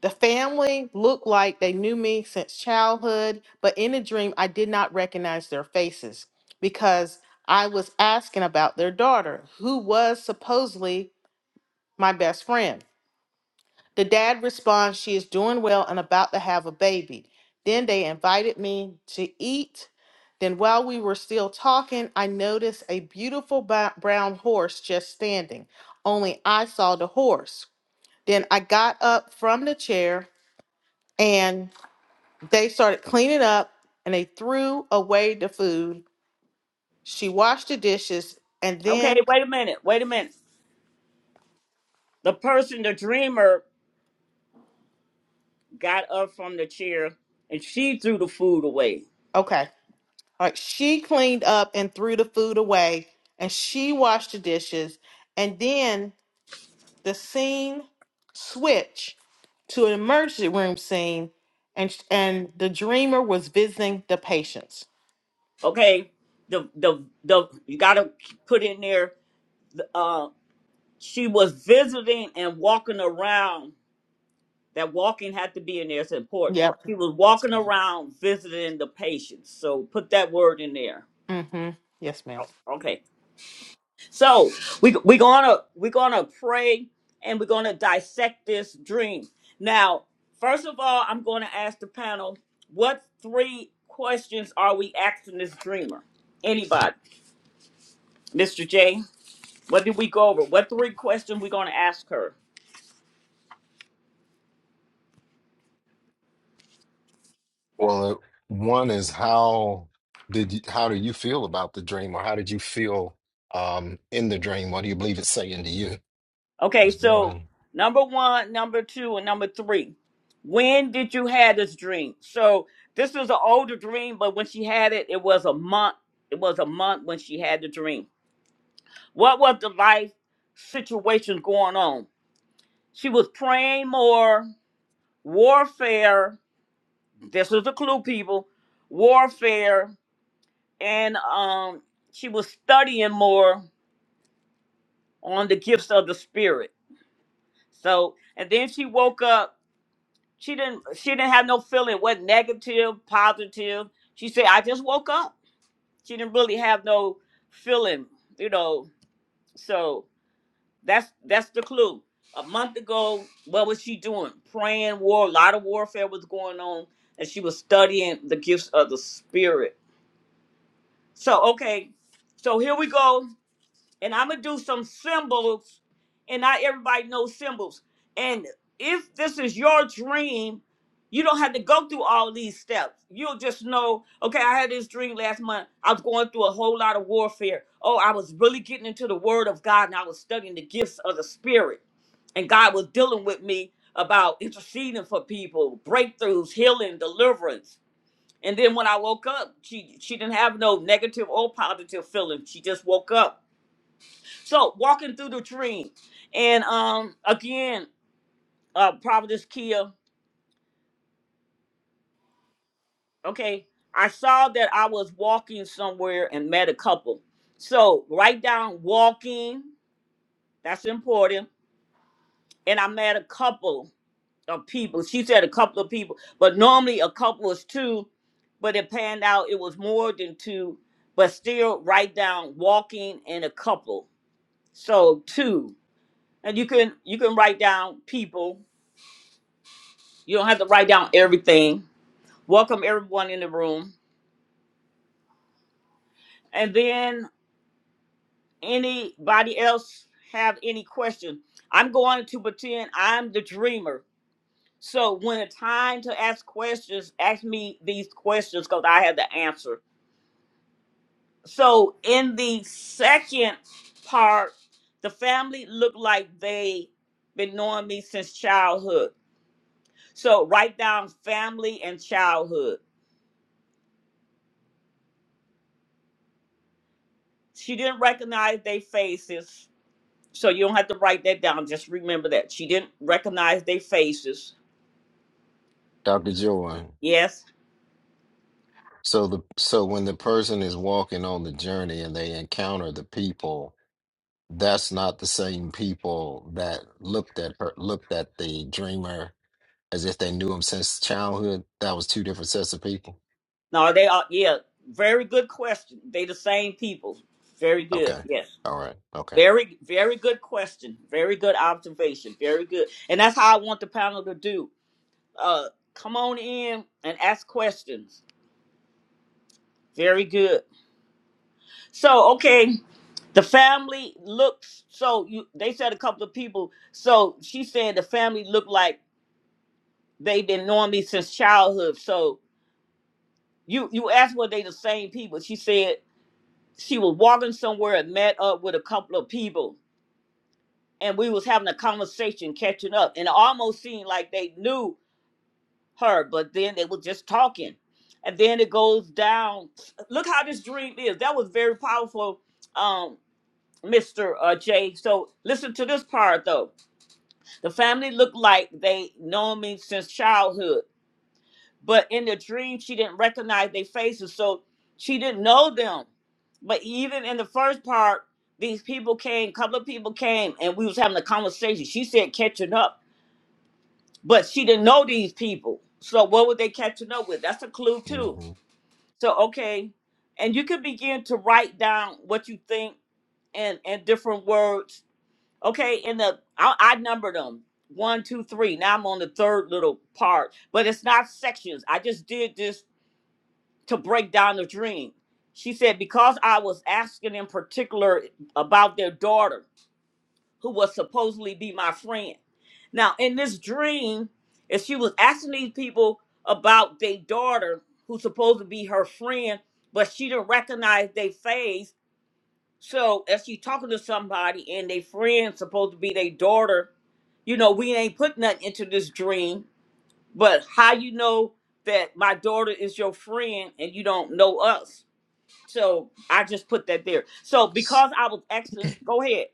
The family looked like they knew me since childhood, but in a dream, I did not recognize their faces because I was asking about their daughter, who was supposedly my best friend. The dad responds, She is doing well and about to have a baby. Then they invited me to eat. Then, while we were still talking, I noticed a beautiful ba- brown horse just standing. Only I saw the horse. Then I got up from the chair, and. They started cleaning up and they threw away the food. She washed the dishes and
Okay,
then,
wait a minute. Wait a minute. The person, the dreamer, got up from the chair and she threw the food away.
okay, all right, she cleaned up and threw the food away and she washed the dishes. And then the scene switched to an emergency room scene and sh- and the dreamer was visiting the patients.
Okay. The the the you gotta put in there uh she was visiting and walking around. That walking had to be in there, it's important.
Yep.
She was walking around visiting the patients. So put that word in there.
Mm-hmm. Yes, ma'am.
Oh, okay. So we we're gonna we're gonna pray and we're gonna dissect this dream. Now, first of all, I'm gonna ask the panel what three questions are we asking this dreamer? Anybody? Mr. J, what did we go over? What three questions we gonna ask her?
Well, uh, one is how did you, how do you feel about the dream, or how did you feel um, in the dream? What do you believe it's saying to you?
Okay,
Is
so
one,
number one, number two, and number three. When did you have this dream? So this is an older dream, but when she had it, it was a month. It was a month when she had the dream What was the life situation going on? She was praying more, warfare. This is the clue, people. Warfare, and um, she was studying more on the gifts of the spirit. So, and then she woke up. She didn't. She didn't have no feeling. What negative, positive? She said, "I just woke up." She didn't really have no feeling, you know. So That's that's the clue. A month ago, what was she doing? Praying war, a lot of warfare was going on, and she was studying the gifts of the spirit. So okay, so here we go and I'm gonna do some symbols, and not everybody knows symbols. And if this is your dream, you don't have to go through all these steps. You'll just know, okay, I had this dream last month. I was going through a whole lot of warfare. Oh, I was really getting into the word of God and I was studying the gifts of the spirit. And God was dealing with me about interceding for people, breakthroughs, healing, deliverance. And then when I woke up, she she didn't have no negative or positive feeling. She just woke up so walking through the dream, and um again, uh, Providence Kia. Okay, I saw that I was walking somewhere and met a couple. So write down walking. That's important. And I met a couple of people. She said a couple of people, but normally a couple is two, but it panned out it was more than two. But still, write down walking and a couple. So two, and you can you can write down people You don't have to write down everything. Welcome everyone in the room. And then anybody else have any question? I'm going to pretend I'm the dreamer. So when it's time to ask questions, ask me these questions because I have the answer. So in the second part, the family looked like they been knowing me since childhood. So write down family and childhood. She didn't recognize their faces So you don't have to write that down. Just remember that. She didn't recognize their faces.
Dr. Joy.
Yes.
So the so when the person is walking on the journey and they encounter the people, that's not the same people that looked at her, looked at the dreamer as if they knew him since childhood. That was two different sets of people.
No, they are yeah. Very good question. They the same people. Very good.
Okay,
Yes.
all right, okay.
Very, very good question. Very good observation. Very good. And that's how I want the panel to do. Uh come on in and ask questions. Very good. So okay, the family looks so you they said a couple of people. So she said the family looked like they've been knowing me since childhood. So You you asked were they the same people? She said she was walking somewhere and met up with a couple of people, and we was having a conversation, catching up, and it almost seemed like they knew her, but then they were just talking, and then it goes down. Look how this dream is. That was very powerful, um, Mister uh, J. So listen to this part though. The family looked like they known me since childhood. But in the dream, she didn't recognize their faces, so she didn't know them. But even in the first part, these people came, couple of people came, and we was having a conversation. She said catching up, but she didn't know these people. So what were they catching up with? That's a clue too.
hmm
So okay, and you can begin to write down what you think in in different words. Okay, in the I, I numbered them one, two, three. Now I'm on the third little part, but it's not sections. I just did this to break down the dream. She said, Because I was asking in particular about their daughter, who was supposedly be my friend. Now, in this dream, if she was asking these people about their daughter, who's supposed to be her friend, but she didn't recognize their face. So, if she talking to somebody and their friend supposed to be their daughter, you know, we ain't put nothing into this dream. But how you know that my daughter is your friend and you don't know us? So I just put that there. So because I was asking, go ahead,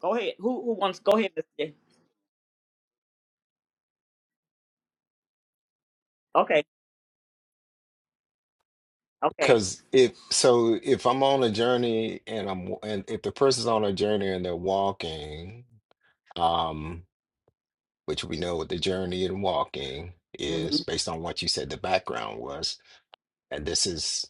go ahead. Who who wants? Go ahead. Miss J. Okay, okay.
Because if so, if I'm on a journey and I'm and if the person's on a journey and they're walking, um, which we know what the journey and walking is
Mhm,
based on what you said the background was, and this is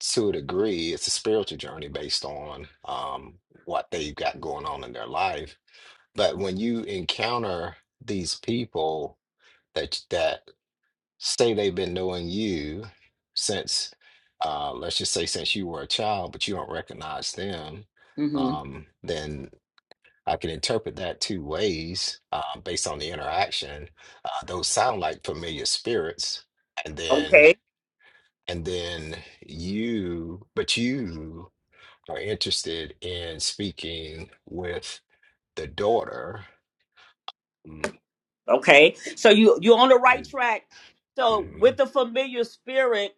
to a degree, it's a spiritual journey based on um what they've got going on in their life. But when you encounter these people that that say they've been knowing you since, uh, let's just say since you were a child, but you don't recognize them,
mhm.
um, then I can interpret that two ways uh, based on the interaction. Uh, those sound like familiar spirits, and then
Okay,
and then you, but you are interested in speaking with the daughter. Mm,
okay. So you you're on the right
mm,
track. So
mhm.
with
I
the familiar spirit,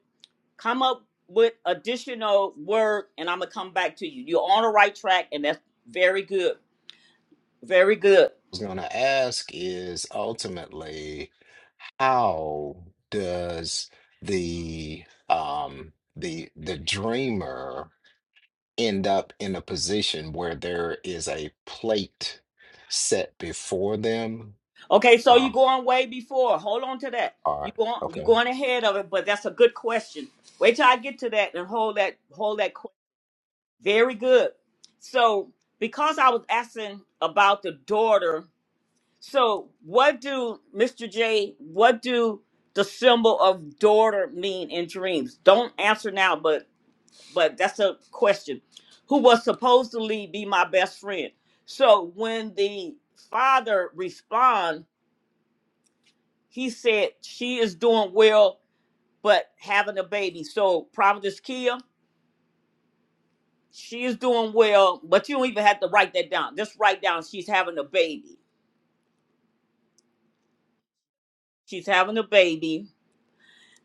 come up with additional word, and I'm gonna come back to you. You're on the right track, and that's very good, very good.
was going to ask is ultimately how does the um the the dreamer end up in a position where there is a plate set before them?
Okay, so you're
Ah,
going way before. Hold on to that.
all
You
right.
going you
Okay.
going ahead of it, but that's a good question. Wait till I get to that and hold that hold that Very good. So, because I was asking about the daughter, so what do Mr. J, what do the symbol of daughter mean in dreams? Don't answer now, but but that's a question. Who was supposedly be my best friend? So when the father respond, he said she is doing well, but having a baby. So Providence Kia, She's doing well, but you don't even have to write that down. Just write down she's having a baby. She's having a baby.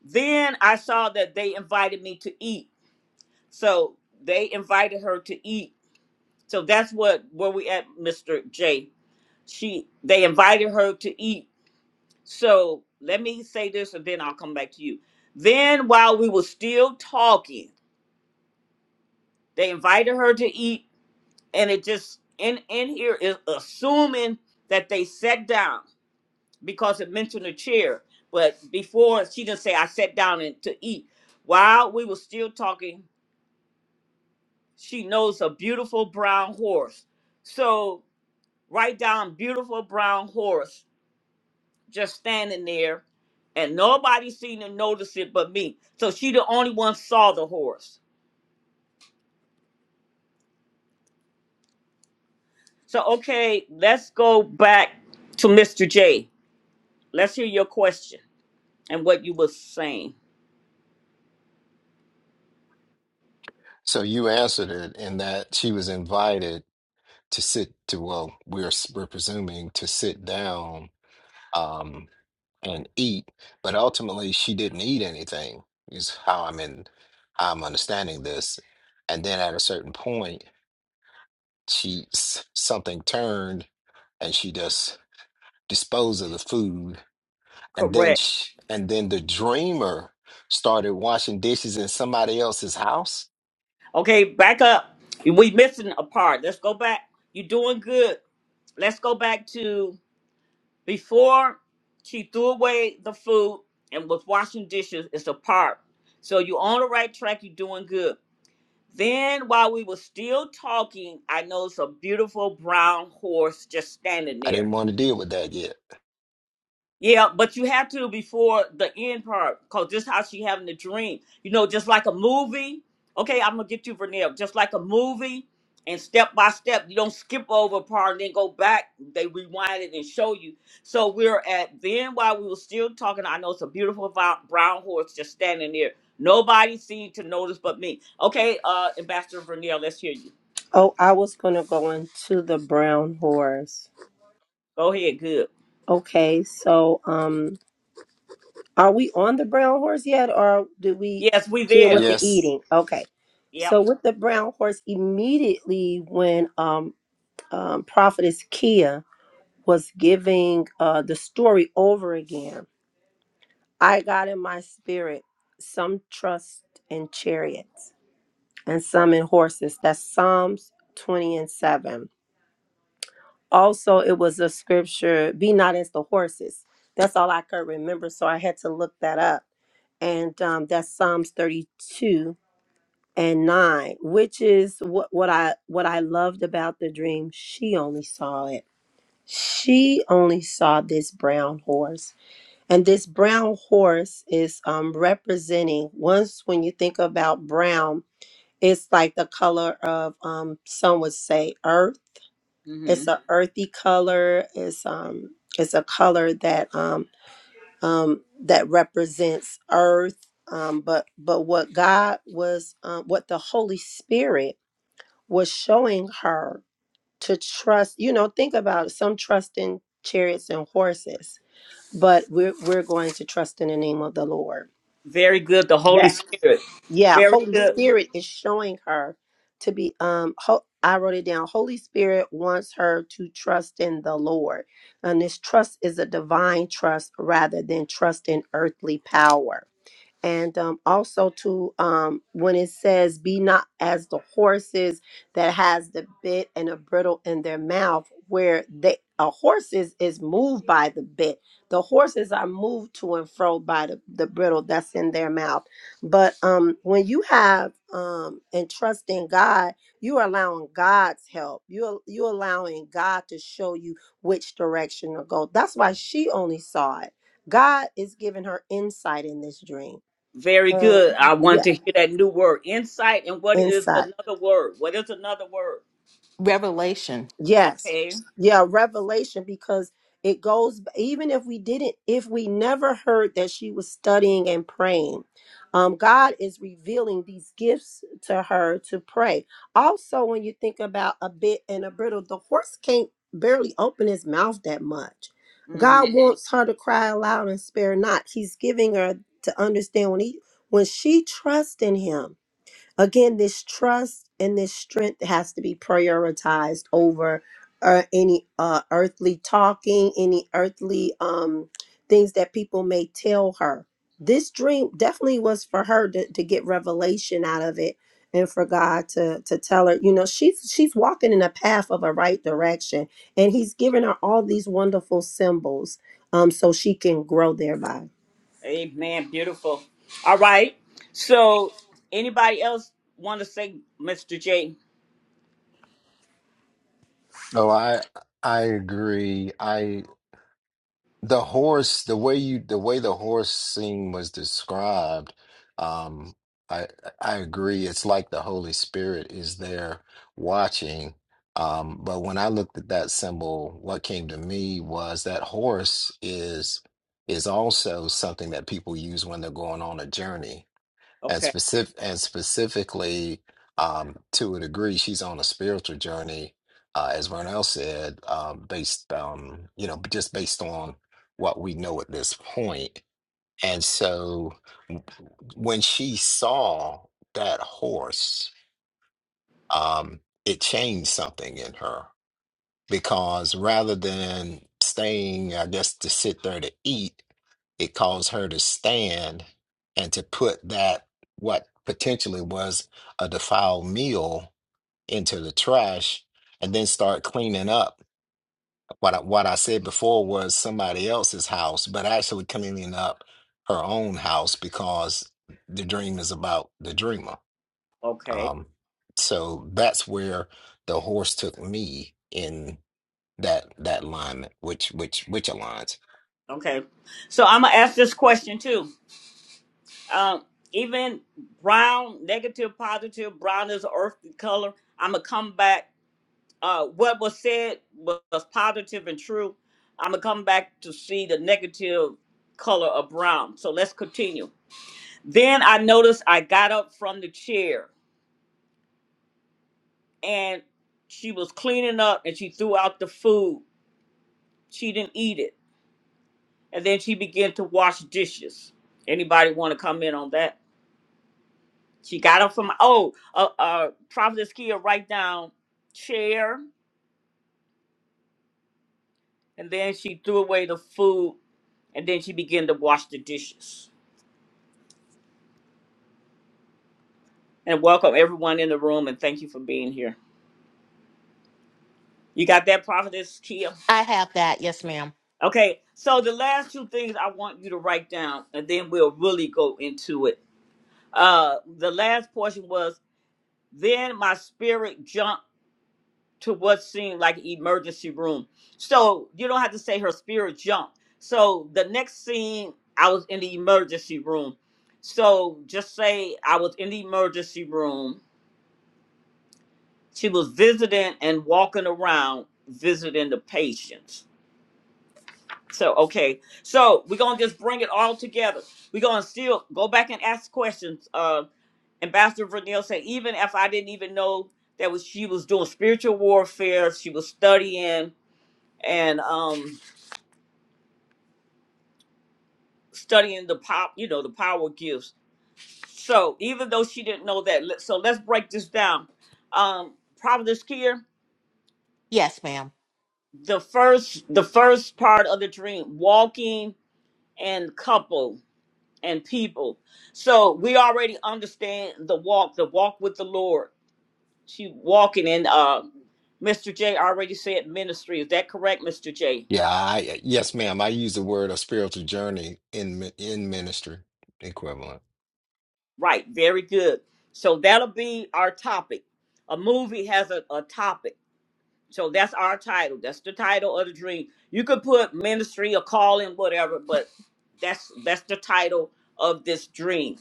Then I saw that they invited me to eat. So they invited her to eat. So that's what where we at, Mr. J. She they invited her to eat. So let me say this and then I'll come back to you. Then while we were still talking, they invited her to eat, and it just in in here is assuming that they sat down because it mentioned a chair. But before she didn't say I sat down and to eat. While we were still talking, she knows a beautiful brown horse. So write down beautiful brown horse just standing there, and nobody seemed to notice it but me. So she the only one saw the horse. So okay, let's go back to Mr. J. Let's hear your question and what you were saying.
So you answered it in that she was invited to sit to, well, we're s- we're presuming to sit down um and eat, but ultimately she didn't eat anything, is how I'm in I'm understanding this. And then at a certain point she s- something turned and she just disposed of the food and then
Correct.
sh and then the dreamer started washing dishes in somebody else's house
Okay, back up. We missing a part. Let's go back. you doing good. Let's go back to before she threw away the food and was washing dishes. It's a part. So you on the right track. you doing good. Then while we were still talking, I noticed a beautiful brown horse just standing
i
there.
didn't want to deal with that yet
Yeah, but you have to before the end part, cause just how she having the dream, you know, just like a movie. Okay, I'm gonna get you Vernell, just like a movie, and step by step, you don't skip over a part and then go back. They rewind it and show you. So we're at then while we were still talking. I know it's a beautiful vo- brown horse just standing there. Nobody seemed to notice but me. Okay, uh, Ambassador Vernell, let's hear you.
Oh, I was going to go into the brown horse.
Go ahead. Good.
Okay, so um, are we on the brown horse yet, or do we
Yes, we
deal
there.
with the
yes
eating? Okay,
Yep.
so with the brown horse, immediately when um, um, prophetess Kia was giving uh, the story over again, I got in my spirit some trust in chariots and some in horses. That's Psalms 20 and 7. Also, it was a scripture, be not as the horses. That's all I could remember. So I had to look that up. And um, that's Psalms 32 and 9, which is what, what I what I loved about the dream. She only saw it. She only saw this brown horse. And this brown horse is um, representing once when you think about brown, it's like the color of um some would say earth
hmm
it's a earthy color it's um it's a color that um um that represents earth um but but what god was um what the holy spirit was showing her to trust you know think about it some trust in chariots and horses but we're we're going to trust in the name of the lord
Very good. The Holy
That.
Spirit.
yeah
Very
holy
good.
spirit is showing her to be um ho- i wrote it down holy spirit wants her to trust in the lord and this trust is a divine trust rather than trust in earthly power and um, also to um, when it says be not as the horses that has the bit and a bridle in their mouth where they a horse is, moved by the bit the horses are moved to and fro by the, the bridle that's in their mouth but um when you have um and trust in god you are allowing god's help you you allowing god to show you which direction to go that's why she only saw it god is giving her insight in this dream
Very
and
good. I want to
yeah,
hear that new word, insight. And what is
insight.
another word? What is another word?
Revelation.
Yes.
Okay.
Yeah, revelation because it goes even if we didn't if we never heard that she was studying and praying. Um God is revealing these gifts to her to pray. Also when you think about a bit and a brittle, the horse can't barely open his mouth that much.
Mm-hmm.
God Mhm. wants her to cry aloud and spare not. He's giving her to understand when he when she trusts in him again this trust and this strength has to be prioritized over uh, any uh, earthly talking any earthly um, things that people may tell her this dream definitely was for her to, to get revelation out of it and for god to to tell her you know she's she's walking in a path of a right direction and he's giving her all these wonderful symbols um so she can grow thereby
Amen. Beautiful. All right. So, anybody else want to say, Mr. J?
so i i agree i The horse, the way you, the way the horse scene was described, um, I I agree. It's like the Holy Spirit is there watching. Um, but when I looked at that symbol, what came to me was that horse is is also something that people use when they're going on a journey and
Okay.
specific and specifically um to a degree she's on a spiritual journey uh as Vernell said um based um you know just based on what we know at this point point. and so when she saw that horse um it changed something in her because rather than staying I guess to sit there to eat it caused her to stand and to put that what potentially was a defiled meal into the trash and then start cleaning up what I, what I said before was somebody else's house but actually cleaning up her own house because the dream is about the dreamer
Okay.
um so that's where the horse took me in that that alignment which which which aligns
Okay. So I'm gonna ask this question too. Um, even brown, negative, positive, brown is earth color. I'm gonna come back uh, what was said was positive and true. I'm gonna come back to see the negative color of brown. So let's continue. Then I noticed I got up from the chair and she was cleaning up and she threw out the food. She didn't eat it. And then she began to wash dishes. Anybody want to comment on that? She got up from oh, uh, uh Prophet Skia write down chair, and then she threw away the food, and then she began to wash the dishes. and welcome everyone in the room and thank you for being here. You got that prophetess Kia?
I have that. Yes, ma'am.
Okay, so the last two things I want you to write down and then we'll really go into it. Uh the last portion was then my spirit jumped to what seemed like an emergency room. So you don't have to say her spirit jumped. So the next scene I was in the emergency room. So just say I was in the emergency room She was visiting and walking around visiting the patients. So, okay. So we're gonna just bring it all together. We're gonna still go back and ask questions. Uh Ambassador Vernell said, even if I didn't even know that was she was doing spiritual warfare, she was studying and um studying the pop, you know, the power gifts. So even though she didn't know that, let- so let's break this down. Um, Providence Kier,
Yes, ma'am.
the first the first part of the dream, walking and couple and people. So we already understand the walk, the walk with the Lord. She walking in uh Mr. J already said ministry. Is that correct, Mr. J?
Yeah, I yes, ma'am. I use the word a spiritual journey in mi- in ministry equivalent.
Right, very good. So that'll be our topic. A movie has a, a topic. So that's our title. That's the title of the dream. You could put ministry or calling, whatever, but that's that's the title of this dream.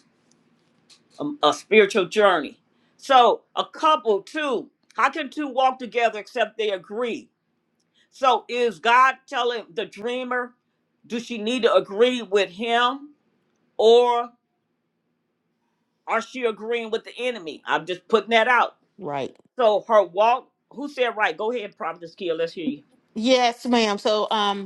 a, a spiritual journey. So a couple too, how can two walk together except they agree? So is God telling the dreamer, do she need to agree with him or are she agreeing with the enemy? I'm just putting that out.
Right.
So her walk, who said right? Go ahead, Prophetess Kia, let's hear you.
Yes, ma'am. So, um,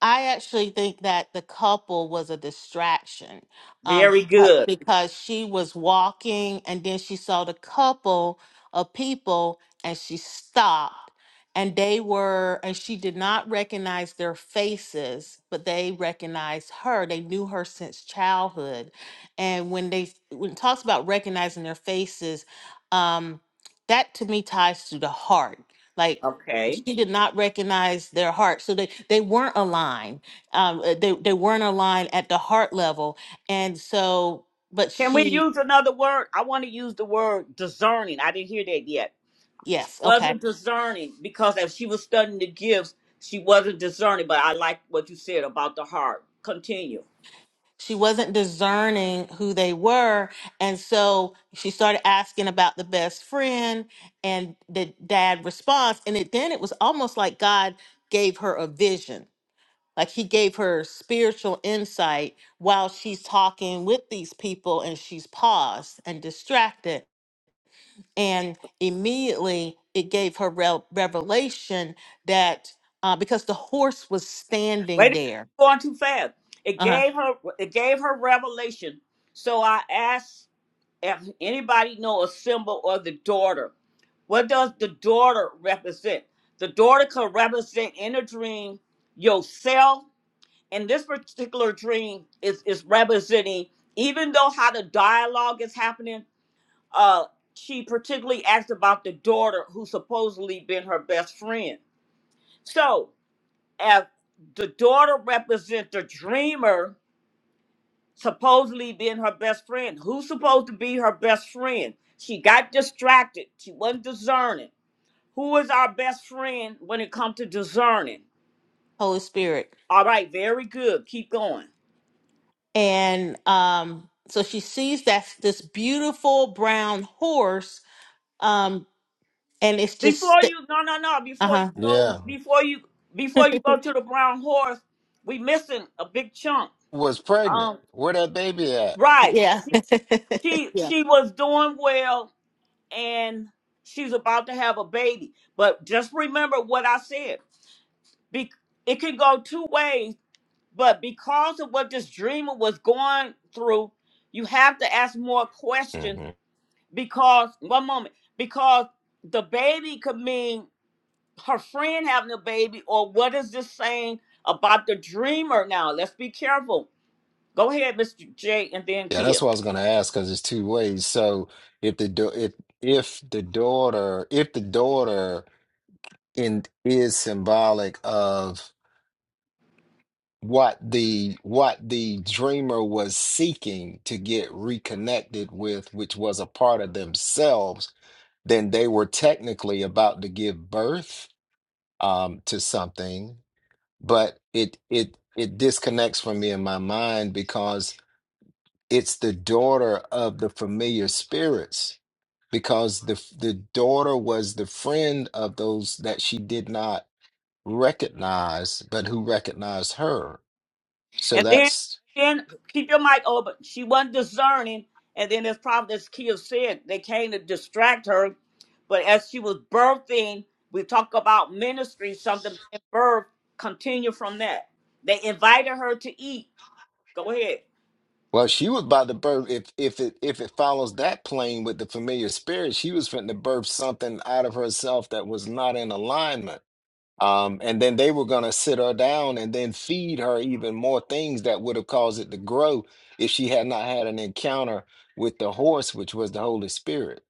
I actually think that the couple was a distraction um,
Very
beca-
good.
because she was walking and then she saw the couple of people and she stopped and they were, and she did not recognize their faces, but they recognized her. They knew her since childhood. And when they, when it talks about recognizing their faces, um, that to me ties to the heart. like
Okay.
she did not recognize their heart so they they weren't aligned um uh, they, they weren't aligned at the heart level and so but
Can we
she
use another word? I want to use the word discerning. I didn't hear that yet
yes okay
wasn't discerning because if she was studying the gifts, she wasn't discerning. But I like what you said about the heart. Continue.
she wasn't discerning who they were and so she started asking about the best friend and the dad response and it then it was almost like god gave her a vision like he gave her spiritual insight while she's talking with these people and she's paused and distracted and immediately it gave her rel revelation that uh, because the horse was
Wait a
standing
minute,
there,
you're going too fast. It
uh-huh.
gave her it gave her revelation. So I asked if anybody know a symbol of the daughter. What does the daughter represent? The daughter could represent in a dream yourself. And this particular dream is, is representing, even though how the dialogue is happening, uh, she particularly asked about the daughter who supposedly been her best friend. So, if the daughter represents the dreamer, supposedly being her best friend, who's supposed to be her best friend? She got distracted. She wasn't discerning. Who is our best friend when it comes to discerning?
Holy Spirit,
All right, very good. Keep going.
and um, so she sees that this beautiful brown horse, um, and it's just
Before
st-
you, no, no, no.
uh
Before you
huh,
go,
Yeah,
before you, before you go to the brown horse, we missing a big chunk.
was pregnant.
Um,
Where that baby at?
right.
yeah,
she
yeah.
she was doing well and she's about to have a baby but just remember what i said Be- it can go two ways but because of what this dreamer was going through you have to ask more questions
hmm
because one moment because the baby could mean her friend having a baby or what is this saying about the dreamer now let's be careful go ahead mr j and then
Yeah,
kia
that's what I was going to ask because it's two ways. So if the da- if if the daughter if the daughter in is symbolic of what the what the dreamer was seeking to get reconnected with, which was a part of themselves, then they were technically about to give birth um, to something, but it it it disconnects from me in my mind because it's the daughter of the familiar spirits. Because the the daughter was the friend of those that she did not recognize, but who recognized her. So
And then,
that's
then keep your mic open. She wasn't discerning. And then, as Prophetess Kia said, they came to distract her. But as she was birthing, we talk about ministry, something being birthed. Continue from that. They invited her to eat. Go ahead.
well, she was by the birth. If if it if it follows that plane with the familiar spirit, she was fitting to birth something out of herself that was not in alignment Um, and then they were going to sit her down and then feed her even more things that would have caused it to grow if she had not had an encounter with the horse, which was the Holy Spirit,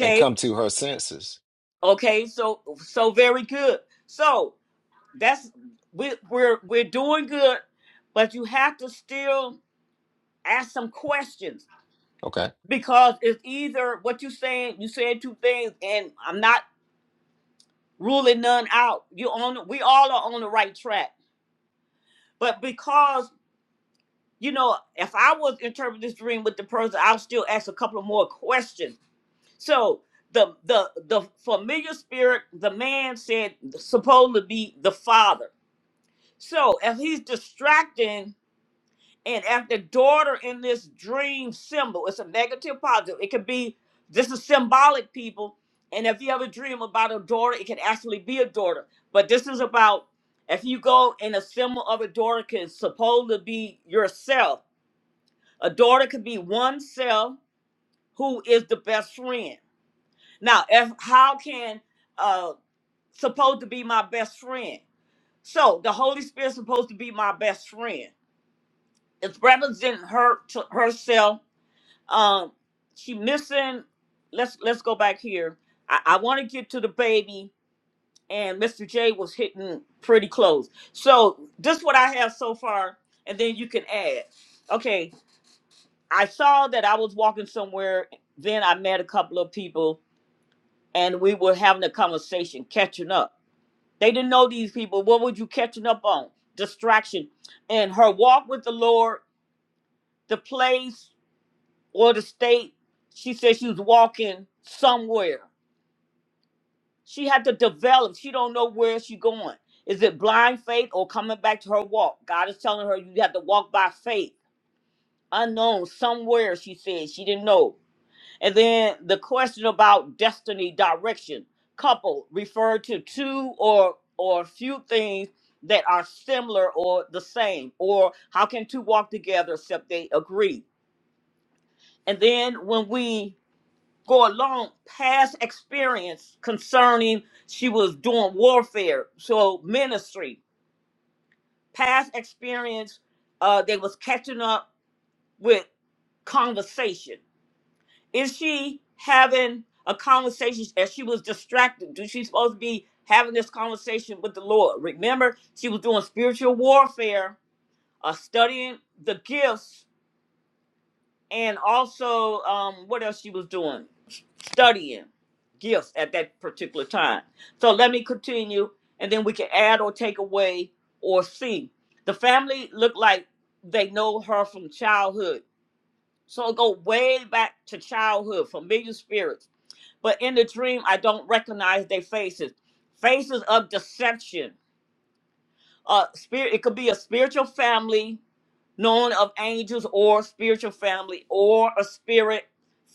and come to her senses.
Okay. So, so very good. So that's we, we're we're doing good, but you have to still ask some questions
Okay.
because it's either what you saying you said two things and i'm not ruling none out you on we all are on the right track but because you know if i was interpreting this dream with the person i'll still ask a couple of more questions so the the the familiar spirit the man said supposed to be the father so if he's distracting And as the daughter in this dream symbol, it's a negative positive. It could be this is symbolic, people. And if you have a dream about a daughter, it can actually be a daughter. But this is about if you go in a symbol of a daughter can supposed to be yourself. A daughter could be oneself who is the best friend. Now, if how can uh supposed to be my best friend? So the Holy Spirit supposed to be my best friend. It's representing her to herself Um, she missing. Let's let's go back here. I, I want to get to the baby, and Mr. J was hitting pretty close. So this what I have so far, and then you can add. Okay, I saw that I was walking somewhere. Then I met a couple of people, and we were having a conversation, catching up. They didn't know these people. What were you catching up on? Distraction, and her walk with the Lord, the place. or the state she said she was walking somewhere she had to develop she don't know where she going is it blind faith or coming back to her walk god is telling her you have to walk by faith unknown somewhere she said she didn't know and then the question about destiny direction couple referred to two or or a few things that are similar or the same or how can two walk together except they agree and then when we go along past experience concerning she was doing warfare so ministry past experience uh they was catching up with conversation is she having a conversation as she was distracted do she supposed to be having this conversation with the lord remember she was doing spiritual warfare uh studying the gifts and also um what else she was doing studying gifts at that particular time. So let me continue, and then we can add or take away or see. The family look like they know her from childhood. So it go way back to childhood, familiar spirits. But in the dream, I don't recognize their faces. Faces of deception. Uh, spirit. It could be a spiritual family known of angels or spiritual family or a spirit,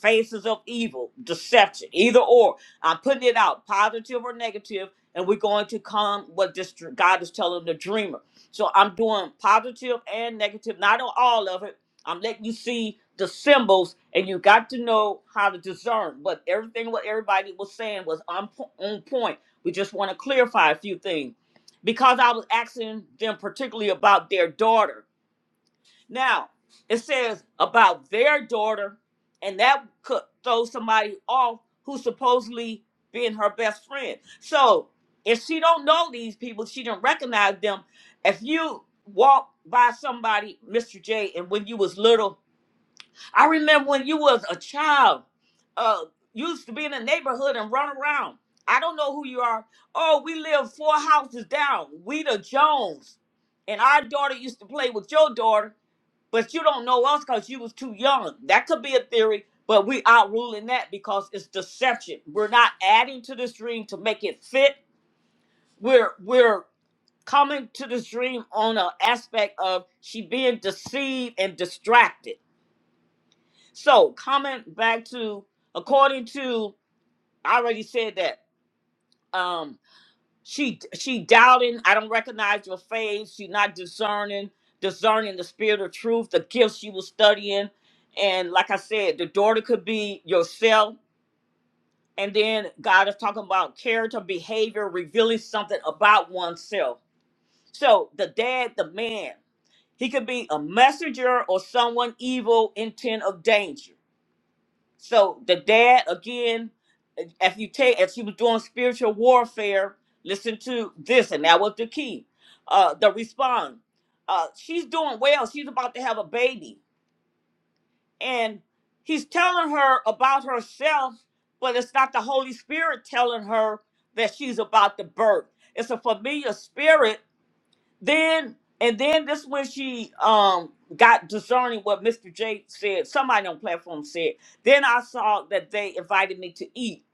faces of evil, deception, either or. I'm putting it out, positive or negative, and we're going to come what this dr- God is telling the dreamer. So I'm doing positive and negative, not on all of it. I'm letting you see the symbols, and you got to know how to discern. But everything what everybody was saying was on, po- on point. We just want to clarify a few things because I was asking them particularly about their daughter now, it says about their daughter, and that could throw somebody off who supposedly being her best friend. So if she don't know these people, she didn't recognize them. If you walk by somebody, Mr. J, and when you was little, I remember when you was a child, uh, you used to be in the neighborhood and run around. I don't know who you are. Oh, we live four houses down. We the Jones. And our daughter used to play with your daughter but you don't know us because you was too young. That could be a theory, but we outruling that because it's deception. We're not adding to this dream to make it fit. We're we're coming to this dream on an aspect of she being deceived and distracted. So coming back to according to I already said that. Um She she doubting. I don't recognize your face. She not discerning, discerning the spirit of truth, the gifts she was studying, and like I said, the daughter could be yourself. And then God is talking about character, behavior, revealing something about oneself. So the dad, the man, he could be a messenger or someone evil intent of danger. So the dad again, if you take if she was doing spiritual warfare, listen to this, and that was the key. Uh the response. Uh she's doing well. She's about to have a baby. And he's telling her about herself, but it's not the Holy Spirit telling her that she's about to birth. It's a familiar spirit then and then this when she um got discerning what Mr. J said, somebody on platform said. Then I saw that they invited me to eat.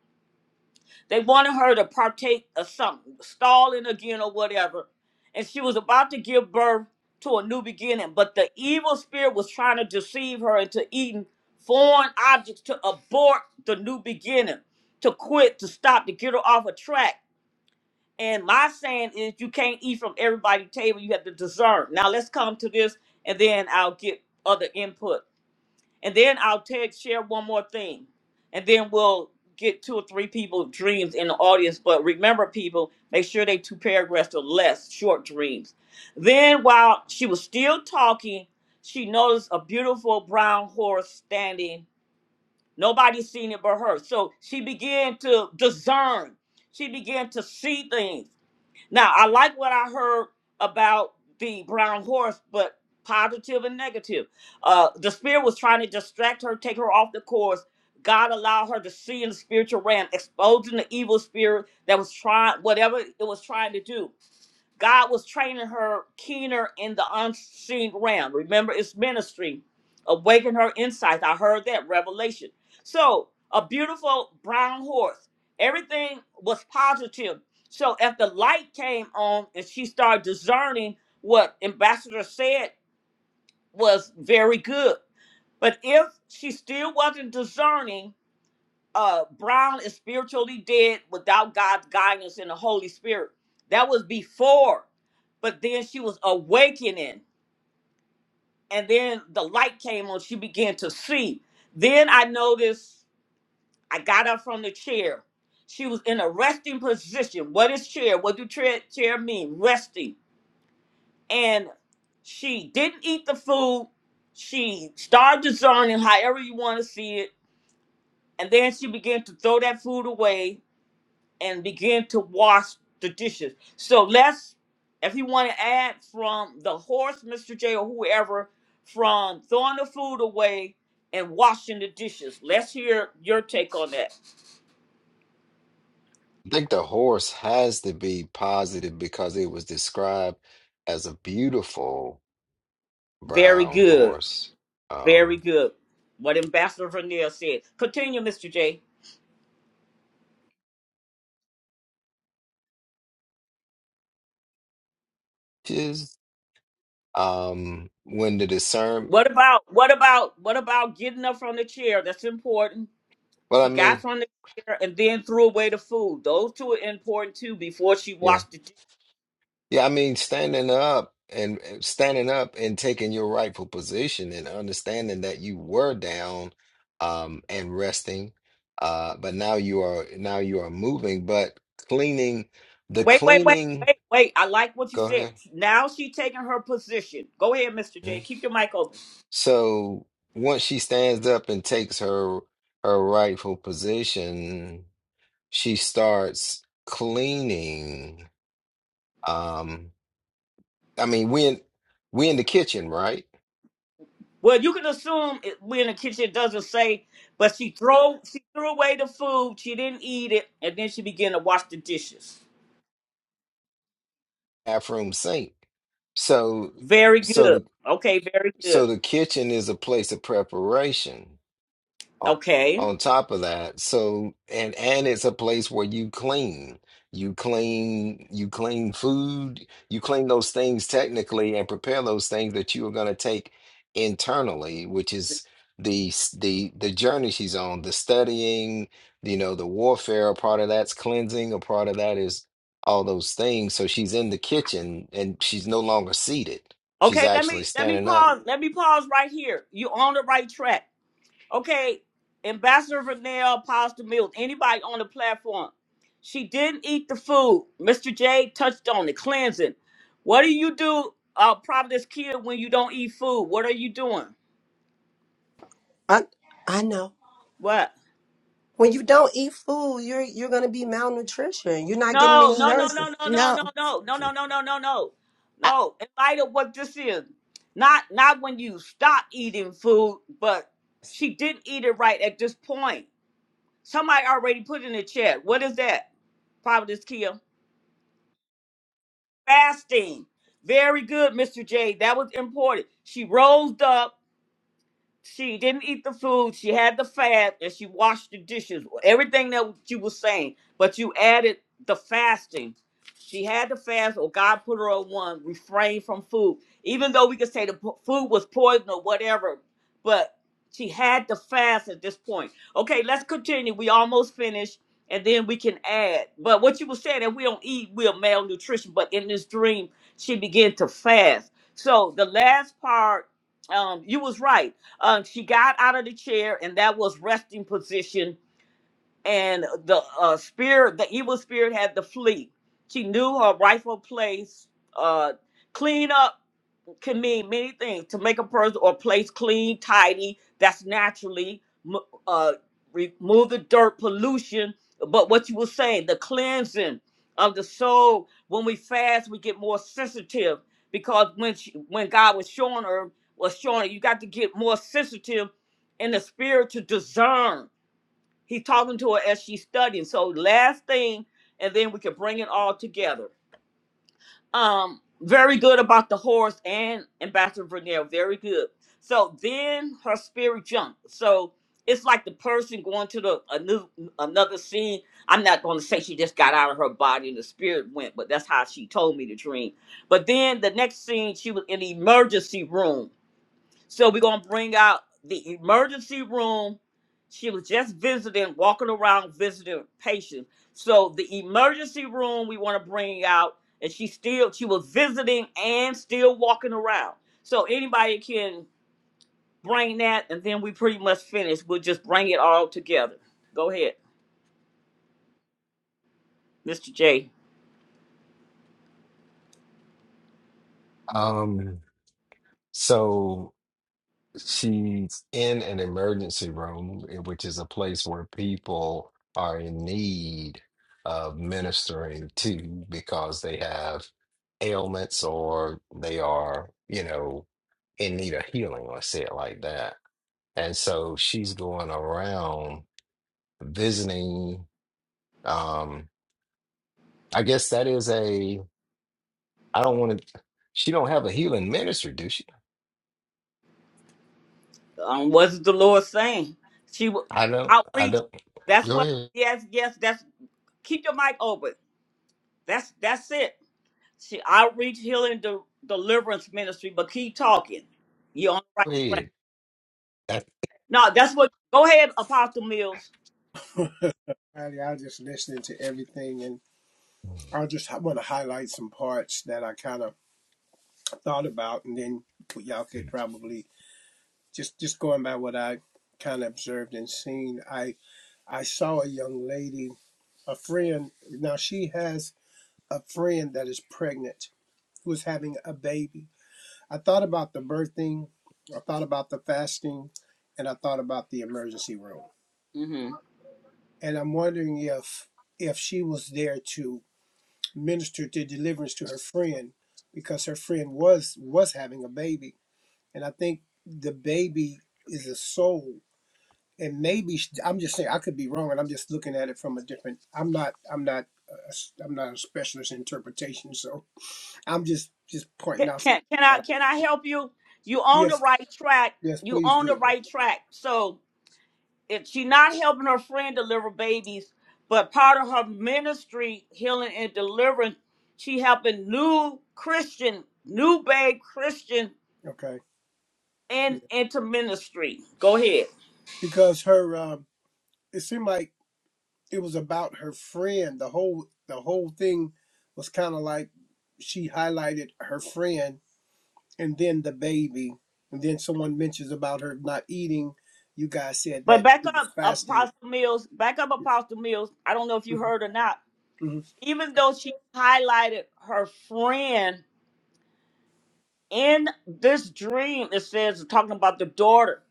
They wanted her to partake of something, stalling again or whatever. And she was about to give birth to a new beginning, but the evil spirit was trying to deceive her into eating foreign objects to abort the new beginning, to quit, to stop, to get her off a track. And my saying is you can't eat from everybody's table. You have to discern. Now let's come to this and then I'll get other input. And then I'll tag share one more thing. And then we'll get two or three people dreams in the audience. But remember people, make sure they two paragraphs or less short dreams. Then while she was still talking, she noticed a beautiful brown horse standing. Nobody seen it but her. So she began to discern. She began to see things. Now, I like what I heard about the brown horse, but positive and negative. Uh, the spirit was trying to distract her, take her off the course. God allowed her to see in the spiritual realm, exposing the evil spirit that was trying, whatever it was trying to do. God was training her keener in the unseen realm. Remember, it's ministry. Awaken her insight. I heard that revelation. So, a beautiful brown horse. Everything was positive. So, if the light came on and she started discerning what Ambassador said was very good. But if she still wasn't discerning, uh Brown is spiritually dead without God's guidance and the Holy Spirit. That was before, but then she was awakening, and then the light came on. She began to see. Then I noticed I got up from the chair. She was in a resting position. What is chair? What do chair, chair mean? Resting. And she didn't eat the food. She started discerning, however you want to see it. And then she began to throw that food away and begin to wash the dishes. So let's, if you want to add from the horse, Mr. J, or whoever, from throwing the food away and washing the dishes. Let's hear your take on that.
I think the horse has to be positive because it was described as a beautiful
Very
brown
good.
horse.
Very
Um,
good. What Ambassador Vernier said. Continue, Mr. J.
is um, when the discern,
What about what about what about getting up from the chair? That's important.
well, I
She got
mean,
from the chair and then threw away the food. Those two are important too before she
yeah.
washed the dishes.
Yeah, I mean, standing up and standing up and taking your rightful position and understanding that you were down um, and resting, uh, but now you are now you are moving. But cleaning, the
Wait, wait, wait,
cleaning.
wait, wait. I like what you
Go
said.
ahead.
Now she taking her position. Go ahead, Mr. J.
Mhm.
Keep your mic open.
So once she stands up and takes her her rightful position, she starts cleaning. Um, I mean, we in we in the kitchen, right?
Well, you can assume it, we in the kitchen it doesn't say, but she throw she threw away the food. She didn't eat it, and then she began to wash the dishes.
bathroom sink. So
Very
so
good.
the
Okay, very good.
so the kitchen is a place of preparation on
Okay.
on top of that so and and it's a place where you clean you clean you clean food you clean those things technically and prepare those things that you are going to take internally which is the s- the the journey she's on the studying you know the warfare a part of that's cleansing a part of that is all those things so she's in the kitchen and she's no longer seated she's
Okay, let
actually
me let me
standing up
pause. Let me pause right here. You on the right track. Okay, Ambassador Vernell, Apostle Mills, anybody on the platform. She didn't eat the food. Mr. J touched on it, cleansing. What do you do, uh, Providence Kid, when you don't eat food? What are you doing?
i i know
What?
When you don't eat food, you're you're gonna be malnutrition. You're not getting
No,
any
no, no, no,
nurses.
no, no,
No,
no, no, no, no, no, no, no, no.
I,
No, in light of what this is, not not when you stop eating food, but she didn't eat it right at this point. Somebody already put in the chat. What is that, Providence Kia? fasting. Very good, Mr. J. That was important. She rose up she didn't eat the food. She had the fast and she washed the dishes. Everything that you were saying, but you added the fasting. She had the fast, or God put her on one. Refrain from food, even though we could say the po- food was poison or whatever, but she had the fast at this point. Okay, let's continue. We almost finished, and then we can add. But what you were saying that we don't eat, we're malnutrition. But in this dream, she began to fast. So the last part, um, you was right um, she got out of the chair, and that was resting position. And the uh, spirit, the evil spirit, had to flee. She knew her rightful place. Uh, clean up can mean many things to make a person or place clean, tidy. That's naturally m- uh, remove the dirt, pollution. But what you were saying, the cleansing of the soul. When we fast, we get more sensitive because when she, when God was showing her, was showing her, you got to get more sensitive in the spirit to discern. He's talking to her as she's studying. So last thing, and then we can bring it all together um very good about the horse and ambassador vernell very good so then her spirit jumped so it's like the person going to the a new another scene i'm not going to say she just got out of her body and the spirit went but that's how she told me to dream but then the next scene she was in the emergency room so we're gonna bring out the emergency room. She was just visiting, walking around visiting patients. So the emergency room we want to bring out, and she still she was visiting and still walking around. So anybody can bring that, and then we pretty much finished. We'll just bring it all together. Go ahead, Mr. J.
um so She's in an emergency room, eh, which is a place where people are in need of ministering to because they have ailments or they are, you know, in need of healing, let's say it like that. And so she's going around visiting. Um, I guess that is a, I don't want to, she don't have a healing ministry, do she?
Um, was the Lord saying she was
I don't, I
outreach?
don't,
That's
go
what.
ahead,
Yes, yes. That's keep your mic open. That's that's it. She outreach, healing, de- deliverance ministry, but keep talking. You're on the right
go
track.
ahead.
No, that's what. Go ahead, Apostle Mills.
I was just listening to everything, and I just want to highlight some parts that I kind of thought about, and then y'all could probably just just going by what I kind of observed and seen. I I saw a young lady, a friend. Now she has a friend that is pregnant, who is having a baby. I thought about the birthing, I thought about the fasting, and I thought about the emergency room,
hmm
and I'm wondering if if she was there to ministered to deliverance to her friend because her friend was was having a baby and i think the baby is a soul and maybe sh- i'm just saying i could be wrong and i'm just looking at it from a different i'm not i'm not a s- i'm not a specialist in interpretation so i'm just just pointing
Can,
out something
can can
that
I
I,
can I
know.
help you? You on the
yes
right track.
yes
You
please
on the
do
right track. So if she not helping her friend deliver babies, but part of her ministry, healing and deliverance, she helping new Christian, new babe Christian,
okay yeah.
and into ministry. Go ahead.
because her um it seemed like it was about her friend the whole the whole thing was kind of like she highlighted her friend and then the baby, and then someone mentions about her not eating. You guys said
But
that
back
she was
up,
fasting.
Apostle Mills. Back up, Apostle Mills. I don't know if you
Mhm,
heard or not.
mhm.
Even though she highlighted her friend in this dream, it says talking about the daughter.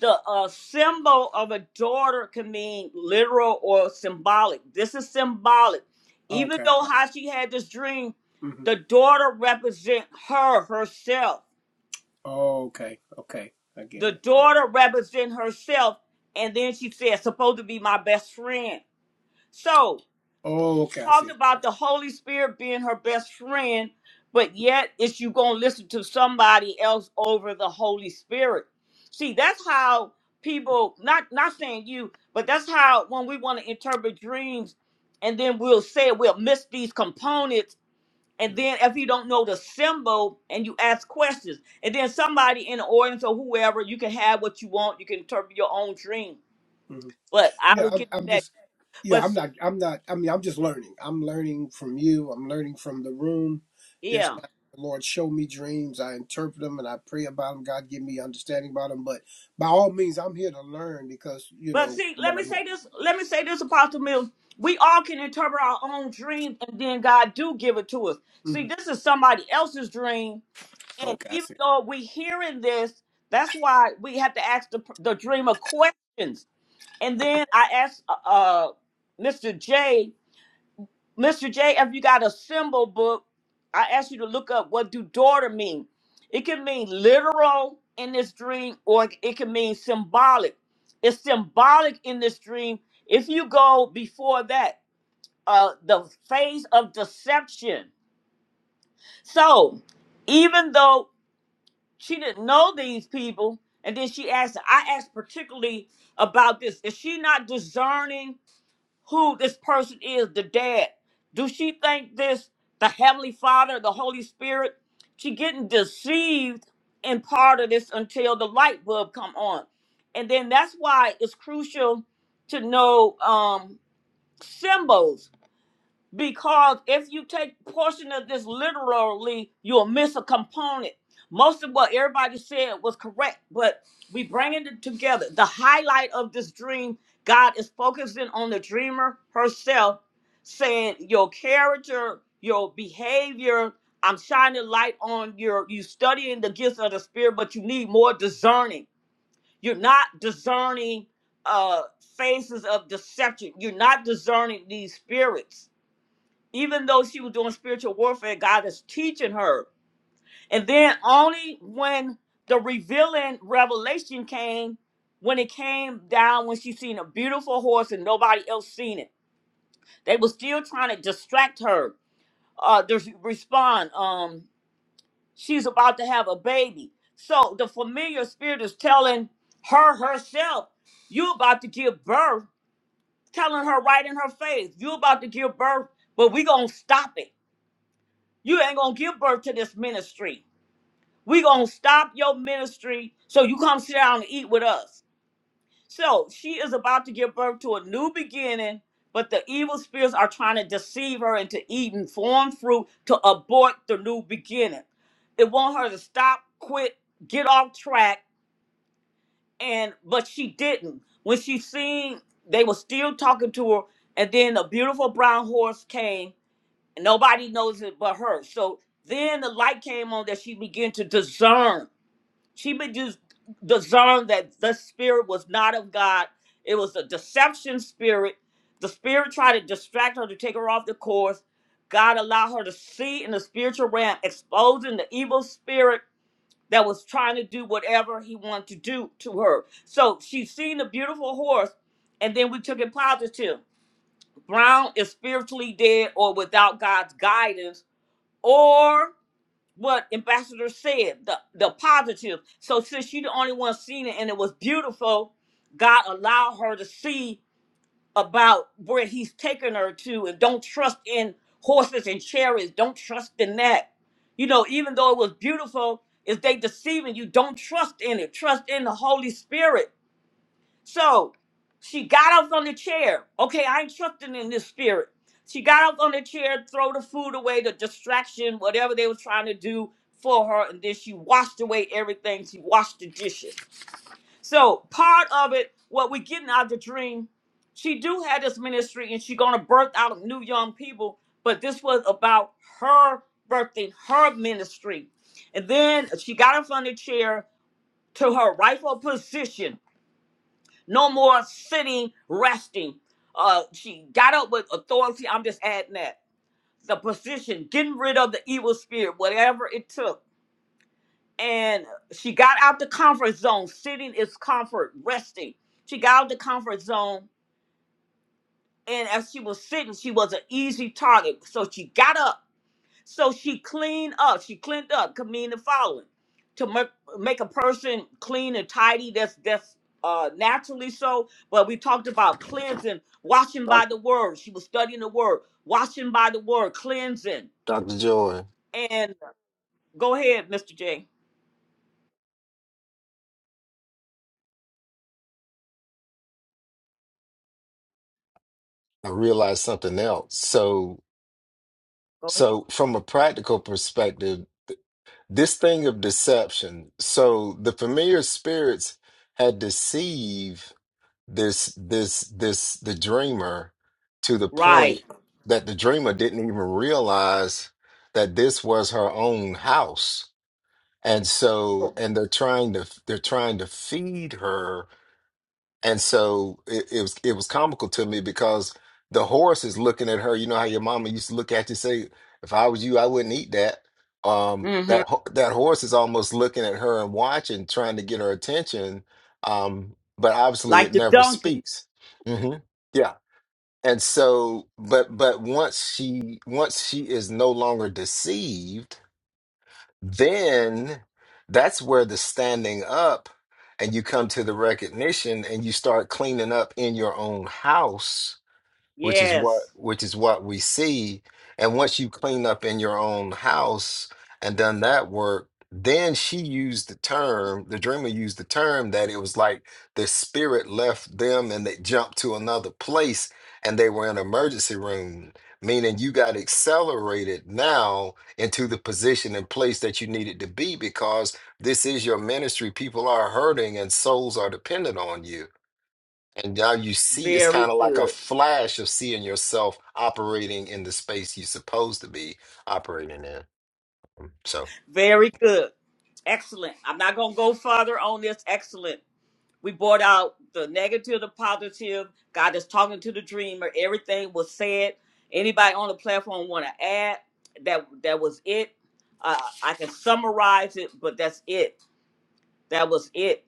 The uh, symbol of a daughter can mean literal or symbolic. This is symbolic. Even
Okay.
though how she had this dream,
hmm
the daughter represent her herself.
Okay. Okay. I get
The
it. Okay.
daughter represent herself, and then she said, "Supposed to be my best friend." So
Okay. I
talked
see.
about the Holy Spirit being her best friend, but yet it's you gonna listen to somebody else over the Holy Spirit. See, that's how people not not saying you, but that's how when we want to interpret dreams, and then we'll say we'll miss these components. And then if you don't know the symbol and you ask questions, and then somebody in the audience or whoever, you can have what you want, you can interpret your own dream.
hmm
But I
Yeah.
will
I'm,
get to
I'm
that.
just. Yeah.
But
I'm
see,
not. I'm not. I mean, I'm just learning. I'm learning from you. I'm learning from the room. There's
yeah.
times the Lord show me dreams. I interpret them and I pray about them. God give me understanding about them. But by all means, I'm here to learn because you
But
know
see, let
what
me
I'm. here.
say this. Let me say this, Apostle Mills. We all can interpret our own dream, and then God do give it to us.
hmm
See, this is somebody else's dream, and
Okay. I
even
see.
though we hearing this, that's why we have to ask the the dreamer questions. And then I asked uh, uh, Mr. J. Mr. J, if you got a symbol book, I ask you to look up what do daughter mean. It can mean literal in this dream, or it can mean symbolic. It's symbolic in this dream. If you go before that, uh, the phase of deception. So, even though she didn't know these people, and then she asked, I asked particularly about this. Is she not discerning? who this person is, the dad. Do she think this the Heavenly Father, the Holy Spirit? She getting deceived in part of this until the light bulb come on. And then that's why it's crucial to know um symbols because if you take portion of this literally, you'll miss a component. Most of what everybody said was correct, but we bringing it together. The highlight of this dream, God is focusing on the dreamer herself, saying your character, your behavior. I'm shining light on your you studying the gifts of the spirit, but you need more discerning. You're not discerning uh phases of deception. You're not discerning these spirits even though she was doing spiritual warfare, God is teaching her. And then only when the revealing revelation came, when it came down, when she seen a beautiful horse and nobody else seen it, they were still trying to distract her. Uh, to respond, um, she's about to have a baby. So the familiar spirit is telling her herself, "You about to give birth," telling her right in her face, "You about to give birth," but we gonna stop it You ain't gonna give birth to this ministry. We gonna stop your ministry so you come sit down and eat with us. So she is about to give birth to a new beginning, but the evil spirits are trying to deceive her into eating foreign fruit to abort the new beginning. It want her to stop, quit, get off track, and but she didn't. When she seen they were still talking to her, and then a beautiful brown horse came and Nobody knows it but her. So then the light came on that she began to discern. She began to discern that the spirit was not of God. It was a deception spirit. The spirit tried to distract her to take her off the course. God allowed her to see in the spiritual realm, exposing the evil spirit that was trying to do whatever he wanted to do to her. So she seen the beautiful horse, and then we took it positive. Brown is spiritually dead or without God's guidance or what ambassador said the the positive so since she the only one seen it and it was beautiful god allowed her to see about where he's taking her to and don't trust in horses and chariots don't trust in that you know even though it was beautiful if they deceiving you don't trust in it trust in the holy spirit so she got up on the chair. Okay, I ain't trusting in this spirit. She got up on the chair, throw the food away, the distraction, whatever they were trying to do for her, and then she washed away everything. She washed the dishes. So part of it, what we getting out of the dream, she do have this ministry and she gonna birth out new young people, but this was about her birthing her ministry. And then she got up on the chair to her rightful position no more sitting, resting. Uh, she got up with authority. I'm just adding that. The position, getting rid of the evil spirit, whatever it took. And she got out the comfort zone. Sitting is comfort, resting. She got out the comfort zone. And as she was sitting, she was an easy target. So she got up So she cleaned up. She cleaned up, could mean the following. To mer- make a person clean and tidy, that's that's uh, naturally so. But we talked about cleansing, washing
That,
by the word. She was studying the word, washing by the word, cleansing.
Dr. Joy,
And go ahead, Mr. J.
I realized something else. So,
Go ahead.
so from a practical perspective, this thing of deception. So the familiar spirits had deceived this, this, this, the dreamer to the
Right.
point that the dreamer didn't even realize that this was her own house. And so, and they're trying to, they're trying to feed her And so it, it was it was comical to me because the horse is looking at her. You know how your mama used to look at you say, "If I was you, I wouldn't eat that." Um,
hmm
that ho- that horse is almost looking at her and watching, trying to get her attention. Um, but obviously,
Like
it
the
never
donkey.
speaks. hmm Yeah. And so, but but once she once she is no longer deceived then that's where the standing up and you come to the recognition and you start cleaning up in your own house which is what
Yes.
which is what we see. And once you clean up in your own house and done that work, then she used the term, the dreamer used the term that it was like the spirit left them and they jumped to another place and they were in an emergency room, meaning you got accelerated now into the position and place that you needed to be because this is your ministry. People are hurting and souls are dependent on you. And now you see, it's
Very
kind of like a
good.
flash of seeing yourself operating in the space you're supposed to be operating in. So
Very good. Excellent. I'm not going to go further on this. Excellent. We brought out the negative, the positive. God is talking to the dreamer. Everything was said. Anybody on the platform want to add? That that was it. Uh, I can summarize it, but that's it. That was it.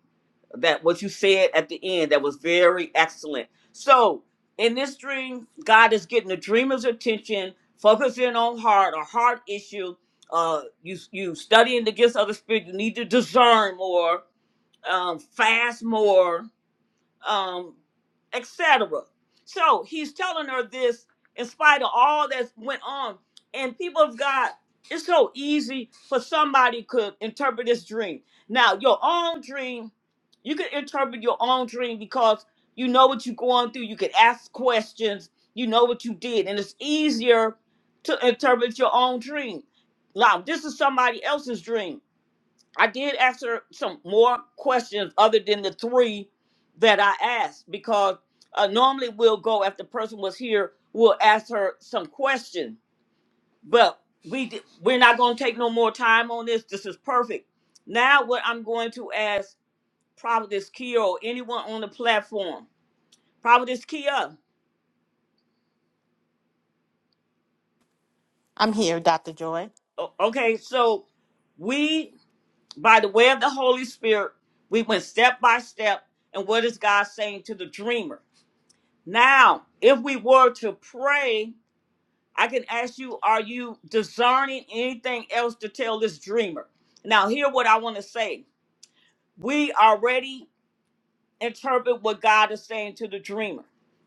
That what you said at the end. That was very excellent. So in this dream, God is getting the dreamer's attention, focusing on heart, a heart issue. Uh, you you studying the gifts of the spirit. You need to discern more, um, fast more um, etc. So he's telling her this in spite of all that went on. And people of God, it's so easy for somebody could interpret this dream. Now, your own dream, you can interpret your own dream because you know what you're going through. You can ask questions. You know what you did, and it's easier to interpret your own dream. Now, this is somebody else's dream I did ask her some more questions other than the three that I asked because uh, normally we'll go if the person was here, we'll ask her some questions. But we di- we're not going to take no more time on this. This is perfect. Now what I'm going to ask Providence Kia or anyone on the platform, Providence Kia.
I'm here, Doctor Joy.
O- Okay, so we by the way of the Holy Spirit, we went step by step, and what is God saying to the dreamer? Now, if we were to pray, I can ask you, are you discerning anything else to tell this dreamer? Now, hear what I want to say. We already interpret what God is saying to the dreamer.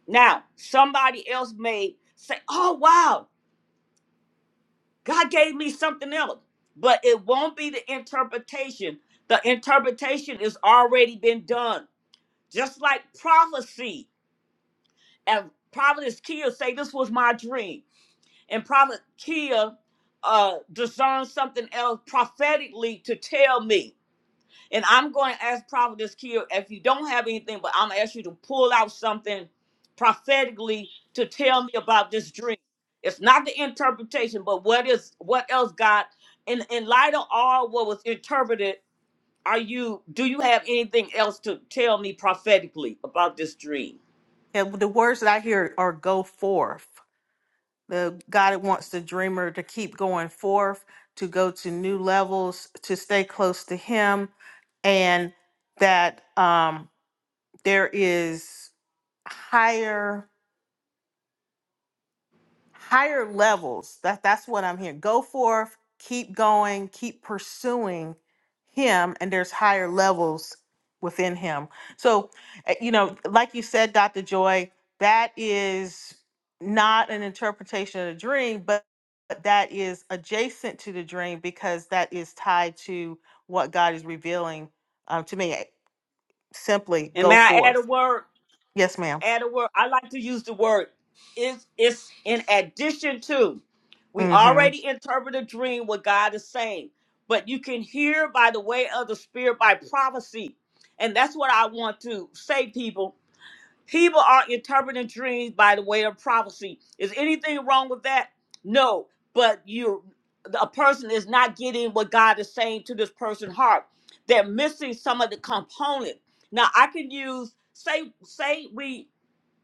Now, somebody else may say, oh, wow, God gave me something else. But it won't be the interpretation. The interpretation is already been done. Just like prophecy. And Providence Kia say, this was my dream. and Prophet Kia uh, discerned something else prophetically to tell me. And I'm going to ask Prophetess Kia if you don't have anything, but I'm going to ask you to pull out something prophetically to tell me about this dream. It's not the interpretation, but what is what else God in in light of all what was interpreted, are you do you have anything else to tell me prophetically about this dream?
Yeah, the words that I hear are "go forth." the God wants the dreamer to keep going forth, to go to new levels, to stay close to Him, and that um, there is higher higher levels. That that's what I'm hearing. Go forth, keep going, keep pursuing him and there's higher levels within him. So, uh, you know, like you said Dr. Joy, that is not an interpretation of the dream, but but that is adjacent to the dream because that is tied to what God is revealing um, to me. Simply
And may
go
I add
forth.
a word?
Yes, ma'am.
add a word. I like to use the word is it's in addition to. We
Mm-hmm.
already interpret a dream what God is saying, but you can hear by the way of the spirit by prophecy. And that's what I want to say, people. People are interpreting dreams by the way of prophecy. Is anything wrong with that? No, but you a person is not getting what God is saying to this person's heart. They're missing some of the component. Now I can use say say we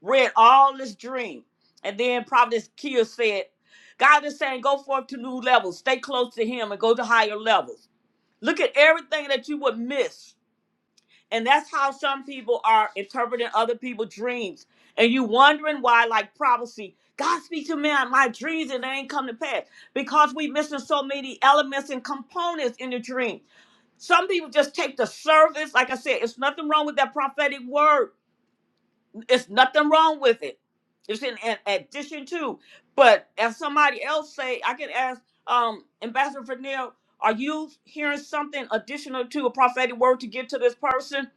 read all this dream. And then Providence Kia said, God is saying, go forth to new levels, stay close to Him and go to higher levels. Look at everything that you would miss. And that's how some people are interpreting other people's dreams. And you wondering why, like prophecy, God speaks to me on my dreams and they ain't come to pass. Because we missing so many elements and components in the dream. Some people just take the service. Like I said, it's nothing wrong with that prophetic word it's nothing wrong with it. It's in an addition to. But as somebody else say, I can ask um, Ambassador Fernell, are you hearing something additional to a prophetic word to give to this person?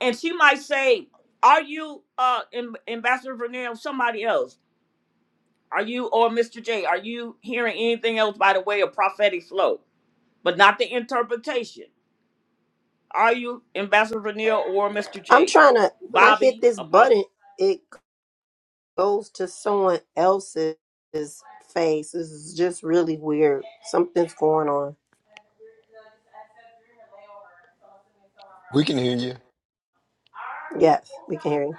And she might say, are you uh, Am- Ambassador Fernell, somebody else? Are you or Mr. J? Are you hearing anything else by the way of prophetic flow, but not the interpretation? Are you Ambassador Fernell or Mr.
I'm
J?
trying to when I hit
Bobby,
this button, it goes to someone else's face. This is just really weird. Something's going on.
we can hear you.
Yes, we can hear you.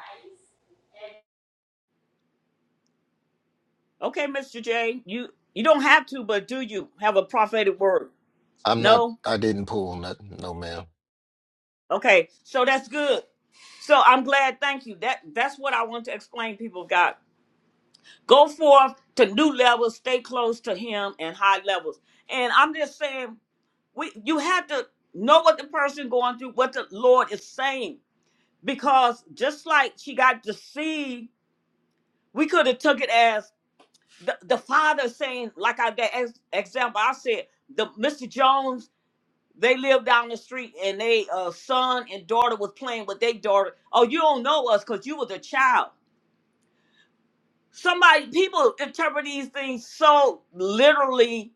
Okay, Mr. J, you you don't have to, but do you have a prophetic word?
I'm not,
No.
I didn't pull nothing, no ma'am.
Okay, so that's good. So I'm glad. Thank you. That that's what I want to explain. People, God, go forth to new levels. Stay close to Him and high levels. And I'm just saying, we you have to know what the person going through, what the Lord is saying, because just like she got deceived, we could have took it as the, the father saying, like I that ex- example I said, the Mr. Jones They lived down the street, and they uh, son and daughter was playing with their daughter. Oh, you don't know us because you was a child. Somebody, people interpret these things so literally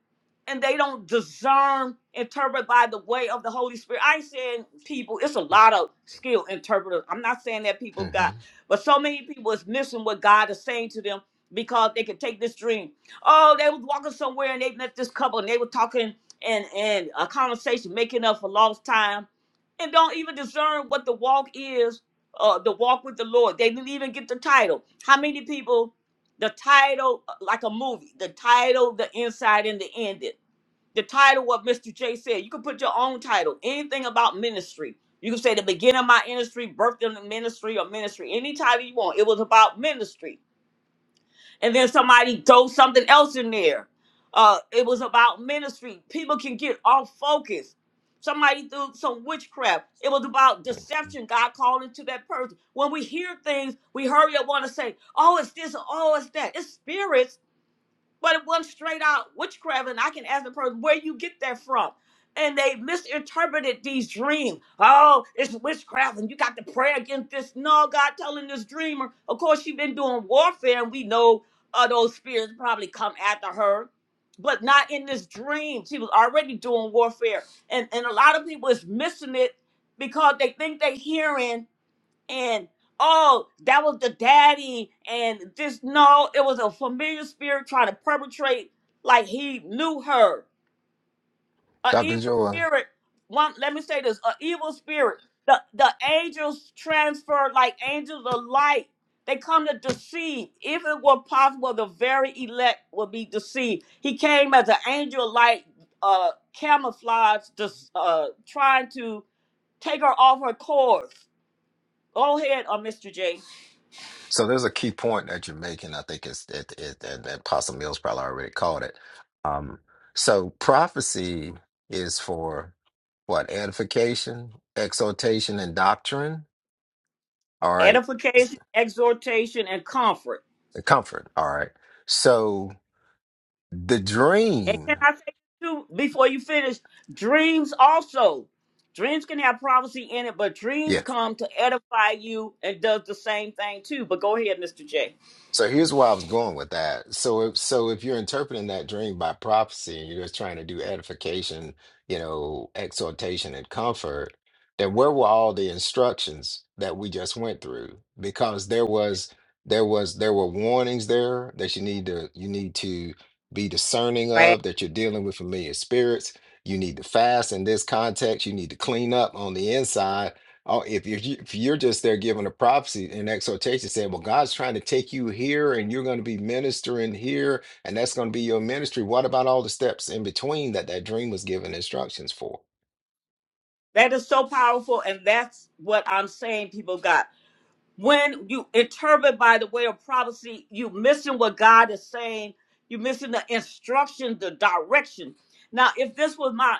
and they don't discern, interpret by the way of the Holy Spirit. I ain't saying people, it's a lot of skilled interpreters. I'm not saying that people
hmm
have got, but so many people is missing what God is saying to them because they could take this dream. Oh, they was walking somewhere and they met this couple and they were talking and and a conversation making up for lost time and don't even discern what the walk is, uh the walk with the Lord. They didn't even get the title. How many people the title uh, like a movie the title the inside and the ending the title what mr j said you can put your own title anything about ministry you can say the beginning of my industry birth in the ministry or ministry any title you want it was about ministry and then somebody throw something else in there uh it was about ministry people can get off focus somebody threw some witchcraft it was about deception god called into that person when we hear things we hurry up want to say oh it's this oh it's that it's spirits but it wasn't straight out witchcraft, and I can ask the person where you get that from. And they misinterpreted these dreams. Oh, it's witchcraft, and you got to pray against this. No, God telling this dreamer. Of course, she has been doing warfare, and we know uh, those spirits probably come after her, but not in this dream. She was already doing warfare, and and a lot of people is missing it because they think they hearing and oh, that was the daddy, and this no, it was a familiar spirit trying to perpetrate like he knew her. An
Dr.
evil
Joy.
spirit. One, let me say this: an evil spirit. The the angels transfer like angels of light. They come to deceive. If it were possible, the very elect would be deceived. He came as an angel of light, uh, camouflage, just uh, trying to take her off her course. Go ahead, uh, Mr. J.
So there's a key point that you're making. I think it's it, it, and, and Apostle Mills probably already called it. Um, so prophecy is for what? Edification, exhortation, and doctrine. All right.
edification, exhortation, and comfort.
Comfort. All right. So the
And
dream.
can I say too before you finish? Dreams also. Dreams can have prophecy in it, but dreams
Yeah.
come to edify you and does the same thing too. But go ahead, Mr. J.
So here's where I was going with that. So if so if you're interpreting that dream by prophecy and you're just trying to do edification, you know, exhortation and comfort, then where were all the instructions that we just went through? Because there was there was there were warnings there that you need to you need to be discerning
Fast.
of, that you're dealing with familiar spirits. You need to fast in this context. You need to clean up on the inside Oh, if you're ju- if you're just there giving a prophecy and exhortation, saying, "Well, God's trying to take you here, and you're going to be ministering here, and that's going to be your ministry." What about all the steps in between that that dream was given instructions for?
That is so powerful, and that's what I'm saying people got. when you interpret by the way of prophecy, you missing what God is saying. you missing the instruction, the direction. Now, if this was my,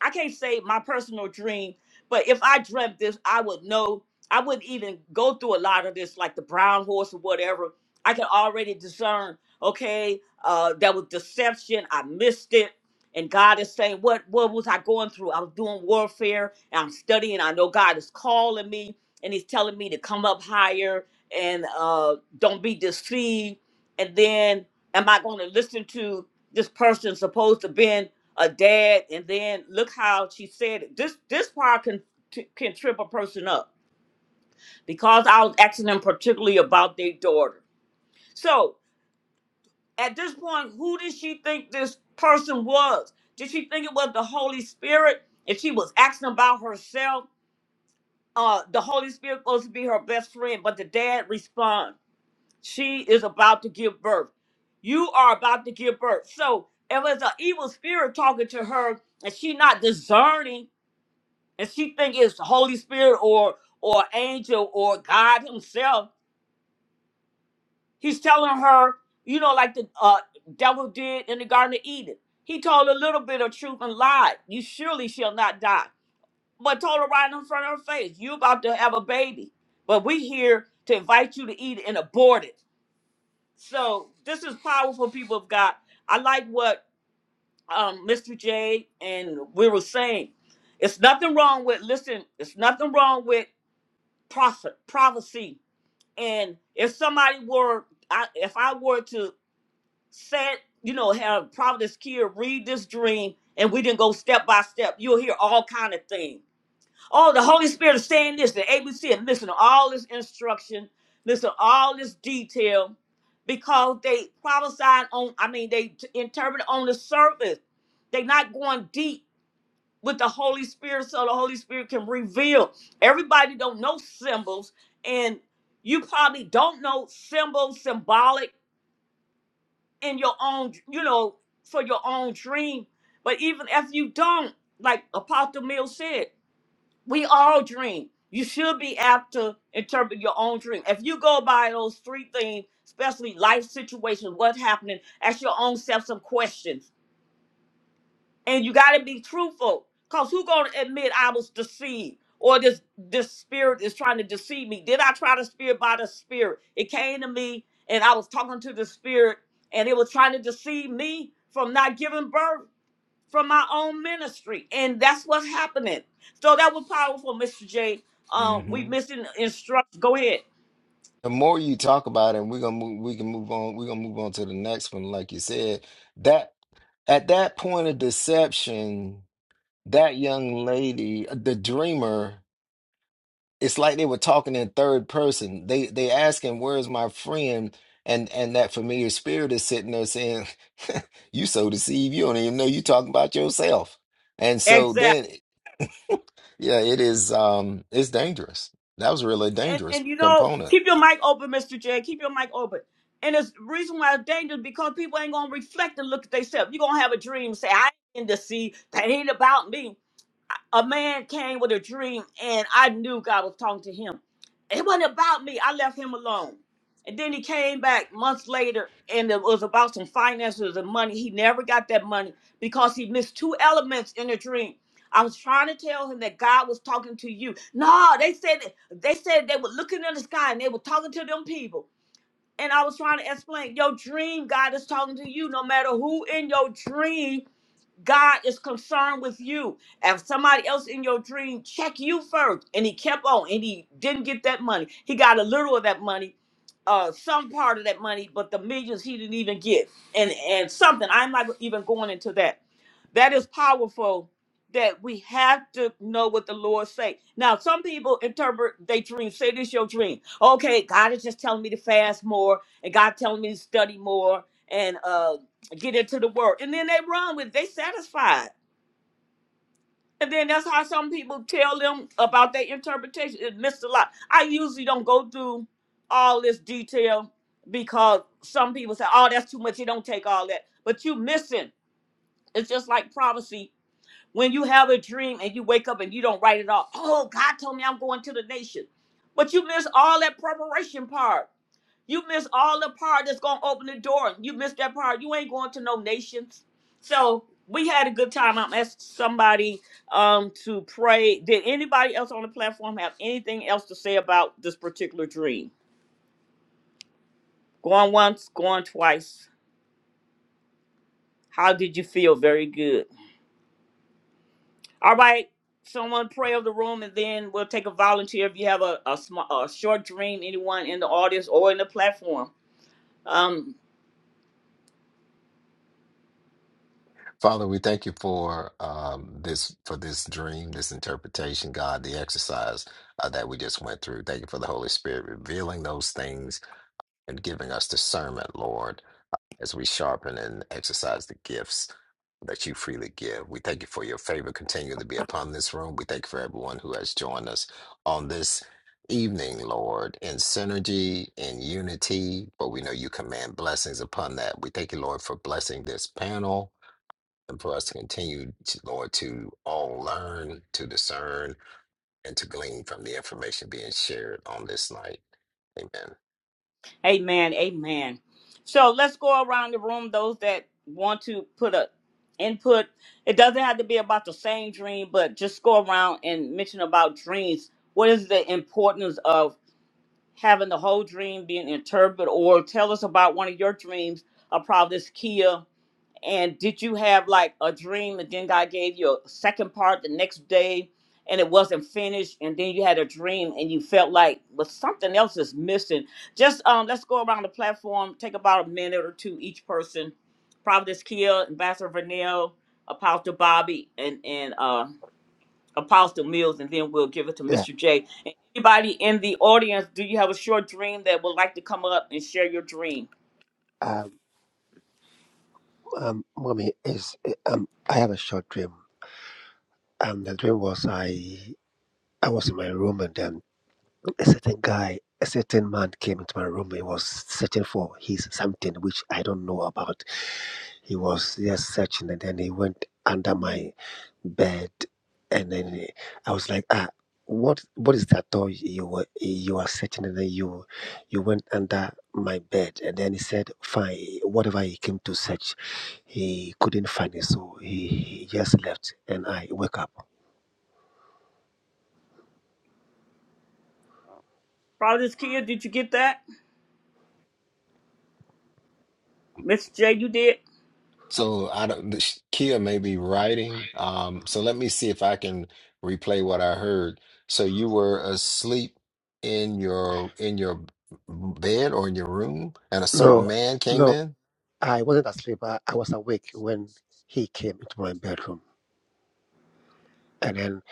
I can't say my personal dream, but if I dreamt this, I would know. I wouldn't even go through a lot of this, like the brown horse or whatever. I could already discern, okay, uh, that was deception. I missed it. And God is saying, what, what was I going through? I was doing warfare and I'm studying. I know God is calling me and he's telling me to come up higher and uh, don't be deceived. And then, am I going to listen to this person supposed to been a dad? And then look how she said it. This this part can t- can trip a person up because I was asking them particularly about their daughter. So at this point, who did she think this person was? Did she think it was the Holy Spirit? If she was asking about herself, uh, the Holy Spirit supposed to be her best friend, but the dad responds. She is about to give birth. You are about to give birth. So if it's an evil spirit talking to her and she not discerning and she think it's the Holy Spirit or or angel or God himself, he's telling her, you know, like the uh, devil did in the Garden of Eden. He told a little bit of truth and lied. You surely shall not die. But told her right in front of her face, you about to have a baby. But we here to invite you to eat it and abort it. So this is powerful, people of God. I like what um, Mr. J and we were saying. It's nothing wrong with listen. It's nothing wrong with prophet prophecy. And if somebody were, I, if I were to say, it, you know, have prophetess Kia read this dream, and we didn't go step by step, you'll hear all kind of things. Oh, the Holy Spirit is saying this, the ABC, and listen to all this instruction, listen to all this detail, because they prophesied on, I mean, they t- interpret on the surface. They're not going deep with the Holy Spirit so the Holy Spirit can reveal. Everybody don't know symbols, and you probably don't know symbols, symbolic in your own, you know, for your own dream. But even if you don't, like Apostle Mill said, we all dream. You should be apt to interpret your own dream. If you go by those three things, especially life situations, what's happening, ask your own self some questions. And you gotta be truthful. Cause who gonna admit I was deceived? Or this this spirit is trying to deceive me. Did I try the spirit by the spirit? It came to me and I was talking to the spirit and it was trying to deceive me from not giving birth from my own ministry. And that's what's happening. So that was powerful, Mr. J. Um, we
hmm
missing instruct. Go ahead.
The more you talk about it, we're gonna move, we can move on. We're gonna move on to the next one, like you said. That at that point of deception, that young lady, uh, the dreamer, it's like they were talking in third person. They they asking, "Where's my friend?" And and that familiar spirit is sitting there saying, "You so deceived. You don't even know you talking about yourself." And so
Exactly.
then, yeah, it is. Um, it's dangerous. That was really a
And,
dangerous
and you know,
component.
keep your mic open, Mr. J. Keep your mic open. And it's the reason why it's dangerous because people ain't gonna reflect and look at themselves. You're gonna have a dream, say, I ain't in the sea, that ain't about me. a man came with a dream and I knew God was talking to him. It wasn't about me. I left him alone. And then he came back months later and it was about some finances and money. He never got that money because he missed two elements in the dream. I was trying to tell him that God was talking to you. No, they said they said they were looking in the sky and they were talking to them people. And I was trying to explain your dream, God is talking to you no matter who in your dream God is concerned with you. If somebody else in your dream, check you first. And he kept on and he didn't get that money. He got a little of that money, uh, some part of that money, but the millions he didn't even get. And and something, I'm not even going into that. That is powerful that we have to know what the Lord say. Now, some people interpret they dream, say this your dream. Okay, God is just telling me to fast more and God telling me to study more and uh get into the word. And then they run with it. they satisfied. And then that's how some people tell them about their interpretation. It missed a lot. I usually don't go through all this detail because some people say, oh, that's too much. You don't take all that. But you missing. It's just like prophecy when you have a dream and you wake up and you don't write it off. Oh, God told me I'm going to the nation. But you miss all that preparation part. You miss all the part that's going to open the door. You miss that part. You ain't going to no nations. So we had a good time. I'm asking somebody um, to pray. Did anybody else on the platform have anything else to say about this particular dream? Going once, going twice. How did you feel? Very good. All right. Someone pray of the room, and then we'll take a volunteer if you have a a, sm- a short dream. Anyone in the audience or in the platform. Um.
Father, we thank you for um, this for this dream, this interpretation, God, the exercise uh, that we just went through. Thank you for the Holy Spirit revealing those things and giving us discernment, Lord as we sharpen and exercise the gifts that you freely give. We thank you for your favor continuing to be upon this room. We thank you for everyone who has joined us on this evening, Lord, in synergy, in unity, but we know you command blessings upon that. We thank you, Lord, for blessing this panel and for us to continue, to, Lord, to all learn, to discern, and to glean from the information being shared on this night. Amen.
Amen. Amen. So let's go around the room. Those that want to put a input. It doesn't have to be about the same dream, but just go around and mention about dreams. What is the importance of having the whole dream being interpreted, or tell us about one of your dreams, a providence Kia. And did you have like a dream and then God gave you a second part the next day and it wasn't finished and then you had a dream and you felt like but something else is missing. Just um let's go around the platform, take about a minute or two each person. Providence Kia, Ambassador Vernell, Apostle Bobby and and uh Apostle Mills and then we'll give it to
Yeah.
Mr. J. And anybody in the audience, do you have a short dream that would like to come up and share your dream?
Um, um mommy is. Um, I have a short dream, and the dream was I, I was in my room, and then a certain guy, a certain man came into my room. He was searching for his something which I don't know about He was just searching, and then he went under my bed, and then he- I was like, ah, what what is that toy you were you are searching, and then you you went under my bed, and then he said, fine, whatever he came to search, he couldn't find it, so he, he just left, and I woke up.
Providence Kia, did you get that? Mr. J, you did?
So I don't, the sh- Kia may be writing. Um, so let me see if I can replay what I heard. So you were asleep in your in your bed or in your room, and a certain
No,
man came
no,
in.
I wasn't asleep. I, I was awake when he came into my bedroom, and then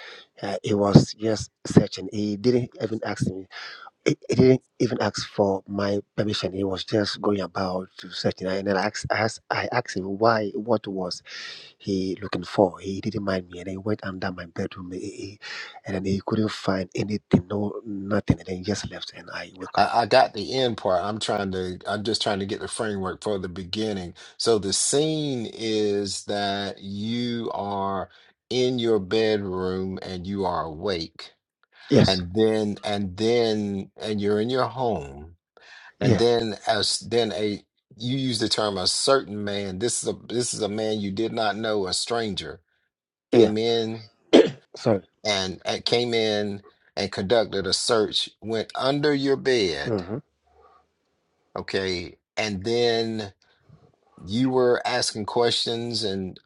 uh, he was just searching. He didn't even ask me he, he didn't even ask for my permission. He was just going about to searching. And then I asked, I asked, I asked him why, what was he looking for? He didn't mind me. And then he went under my bedroom, he, he- and then he couldn't find anything, no nothing. And then he just left, and I woke up.
I, I got the end part. I'm trying to. I'm just trying to get the framework for the beginning. So the scene is that you are in your bedroom and you are awake,
Yes,
and then and then and you're in your home And
yeah,
then as then a you use the term a certain man. This is a this is a man you did not know, a stranger
yeah.
came in
Sorry.
and, and came in and conducted a search, went under your bed,
Mm-hmm.
okay, and then you were asking questions and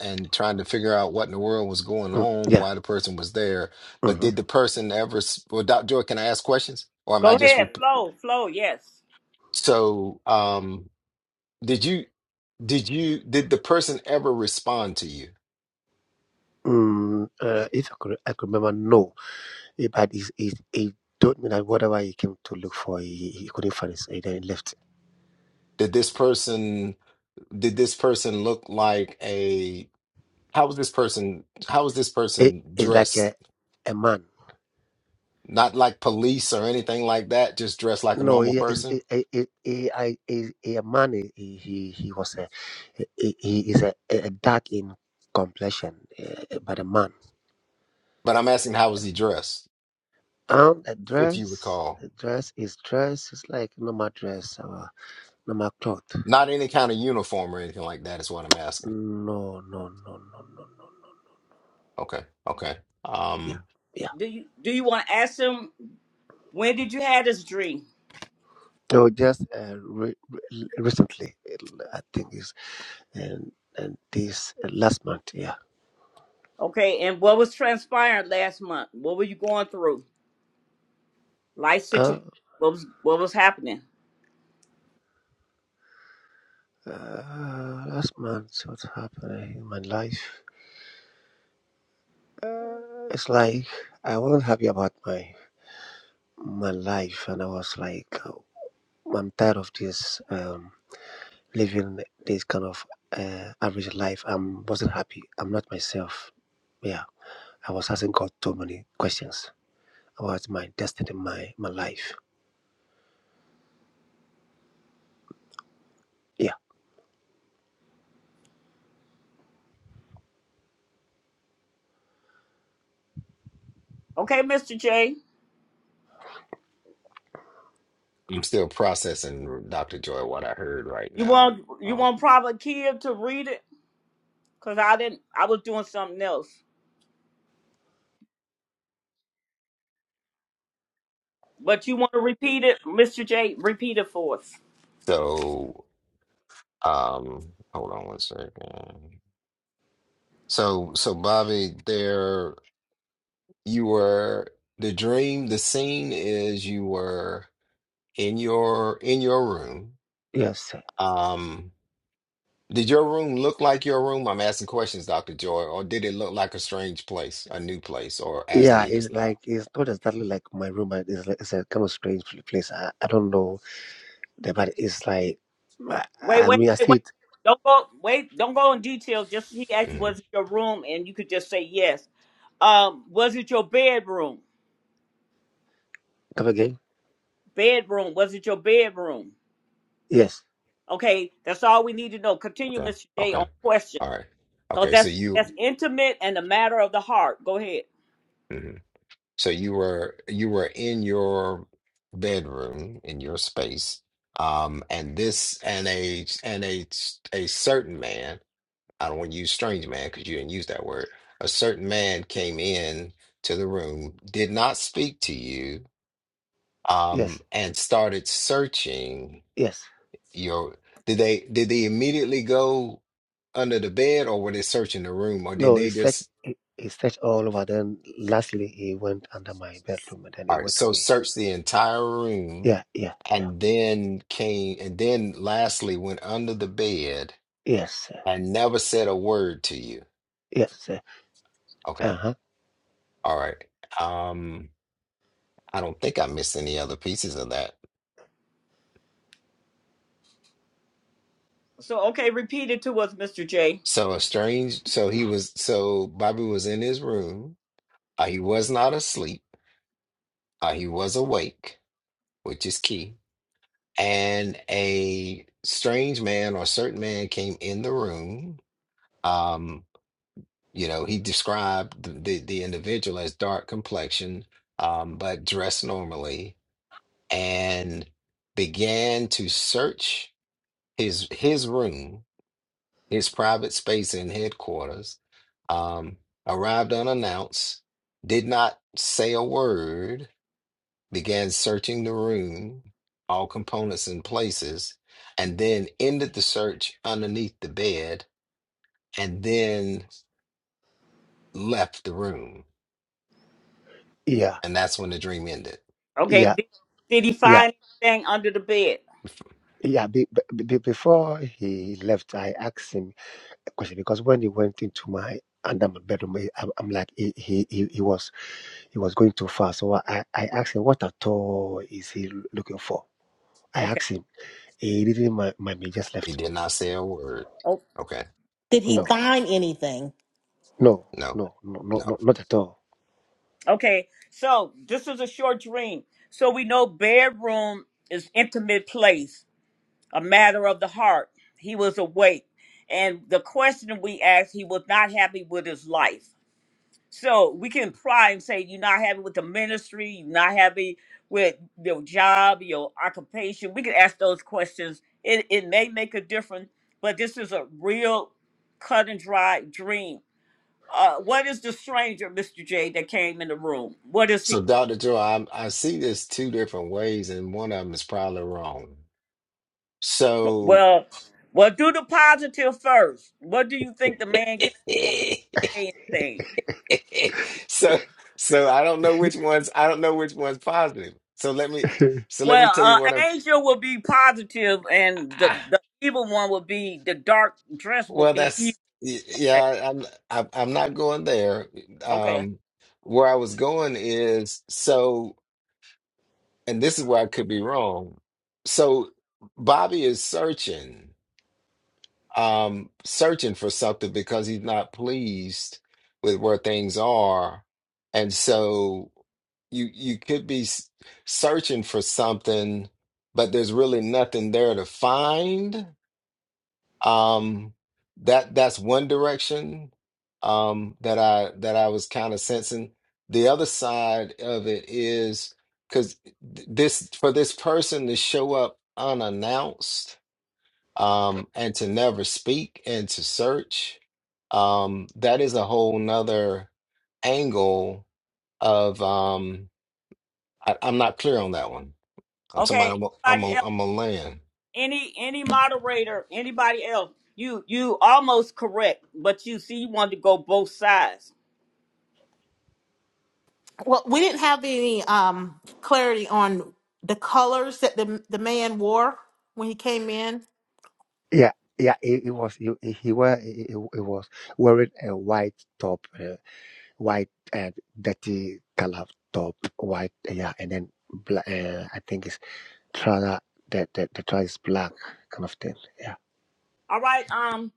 and trying to figure out what in the world was going
Mm,
on,
yeah.
why the person was there. But
Mm-hmm.
did the person ever? s- Well, Doc Joy, can I ask questions, or am I
Go
just
ahead,
rep-
flow, flow. Yes.
so? Um, Did you did you did the person ever respond to you?
Mm, uh, if I could, I could remember, no. Eh, But he, he, he told me that whatever he came to look for, he, he couldn't find it, so he then left.
Did this person did this person look like a how was this person how was this
It,
person
it's like
dressed?
a, a man.
Not like police or anything like that, just dressed like a
No,
normal
he, is-
person.
he, he, he, I- he- a man. He, he, he he was a he, he is a, a dark in complexion, uh, but a man.
But I'm asking how was he dressed,
Um, a
if you
dress,
recall.
a dress is dress. It's like normal dress, uh, normal cloth.
Not any kind of uniform or anything like that is what I'm asking.
No, no, no, no, no, no.
Okay. Okay.
Yeah,
Um
yeah.
Do you do you want to ask him when did you have this dream?
No, just uh, re- re- recently, I think is and and this uh, last month. Yeah.
Okay, and what was transpiring last month? What were you going through? Life situation.
Uh,
What was what was happening?
uh, last month, what happened in my life? It's like I wasn't happy about my my life, and I was like, uh, I'm tired of this um, living this kind of uh, average life. I am wasn't happy. I'm not myself. Yeah, I was asking God too many questions about my destiny, my my life. Yeah,
Okay, Mister J.
I'm still processing Dr. Joy what I heard right
You
now.
want you
Um,
want Prophet Kid to read it? Cause I didn't. I was doing something else. But you want to repeat it, Mister J? Repeat it for us.
so Um, hold on one second. So, so Bobby, there you were. The dream, the scene is you were in your in your room.
yes.
Um, did your room look like your room? I'm asking questions, Dr. Joy, or did it look like a strange place, a new place, or as it
Yeah,
is
it's
now?
like it's not exactly like my room, but it's like, it's a kind of strange pl- place. I, I don't know, the- but it's like I,
Wait,
I
wait,
mean I
wait,
see
wait.
it.
Don't go. Wait. Don't go in detail. Just he asked you,
hmm
was it your room, and you could just say yes. Um, was it your bedroom?
Come again?
Bedroom. Was it your bedroom?
Yes,
Okay, that's all we need to know. Continue,
Okay.
Mr. J, on
Okay.
question.
All right.
Because
Okay. So
that's
you.
that's intimate and a matter of the heart. Go ahead.
mm-hmm. So you were you were in your bedroom in your space, um, and this and a and a a certain man. I don't want to use strange man because you didn't use that word. A certain man came in to the room, did not speak to you, um,
yes,
and started searching
yes.
your. Did they did they immediately go under the bed, or were they searching the room, or did
No, he
they
searched.
just?
He, he searched all over. Then lastly, he went under my bedroom and then
All
he
right,
went
so
away.
search the entire room
Yeah, yeah, yeah.
and then came and then lastly went under the bed
Yes, sir.
and never said a word to you.
yes. sir.
Okay.
Uh-huh.
All right. Um, I don't think I missed any other pieces of that.
So okay, repeat it to us, Mr. J.
So a strange, so he was, so Bobby was in his room. Uh, he was not asleep. Uh, he was awake, which is key. And a strange man or certain man came in the room. Um. You know, he described the, the, the individual as dark complexion, um, but dressed normally, and began to search his his room, his private space in headquarters. Um, arrived unannounced, did not say a word, began searching the room, all components and places, and then ended the search underneath the bed, and then left the room.
Yeah,
And that's when the dream ended.
Okay.
yeah,
Did, did he
yeah.
find anything under the bed?
Yeah, be, be, be- before he left, I asked him a question because when he went into my under my bedroom, I- I'm, I'm like he, he he he was he was going too far. So I, I asked him what at all is he looking for. I
Okay.
asked him. He didn't mind mind me. Just
He
left.
did not say a word.
Oh,
Okay.
Did he
okay.
No,
find anything?
no,
No,
no, no, no,
no.
no not at all.
Okay. So this is a short dream. So we know bedroom is intimate place, a matter of the heart. He was awake. And the question we asked, he was not happy with his life. So we can imply and say you're not happy with the ministry, you're not happy with your job, your occupation. We can ask those questions. It it may make a difference, but this is a real cut and dry dream. Uh, what is the stranger, Mr. J, that came in the room? What is he?
So, Dr. Joy, I, I see this two different ways, and one of them is probably wrong. So,
Well, well, do the positive first. What do you think the man came in saying?
so, so I don't know which one's, I don't know which one's positive. So let me, so let me
Well,
tell you
uh,
what I'm,
angel will be positive, and
I,
the the evil one will be the dark dress will
well,
be evil.
that's, y- yeah, I'm, I'm I, I'm not going there.
Okay.
Um, where I was going is so. and this is where I could be wrong. So Bobby is searching, um, searching for something because he's not pleased with where things are, and so you you could be s- searching for something, but there's really nothing there to find um, that that's one direction um, that I that I was kind of sensing. The other side of it is because this for this person to show up unannounced um, and to never speak and to search, um, that is a whole nother angle of um, I, I'm not clear on that one. I'm somebody
Okay.
I'm a, I'm
Anybody
a,
else?
I'm a land.
Any any moderator? Anybody else? You you almost correct, but you see you want to go both sides.
Well, we didn't have any um clarity on the colors that the the man wore when he came in.
Yeah, yeah, it, it was. He, he he wear he, he he was wearing a white top, uh, white uh, dirty color top, white. Yeah, and then black. Uh, I think it's trouser. The the the trouser is black, kind of thing. Yeah,
All right. Um.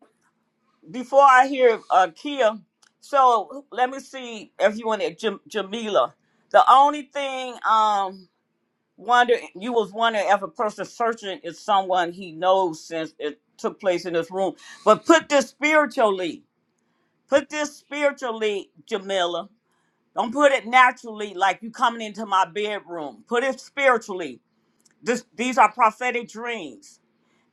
Before I hear uh Kia, so let me see if you want to Jam- Jamila. The only thing um wonder you was wondering if a person searching is someone he knows since it took place in this room, but put this spiritually. Put this spiritually, Jamila. Don't put it naturally like you coming into my bedroom. Put it spiritually. This, these are prophetic dreams.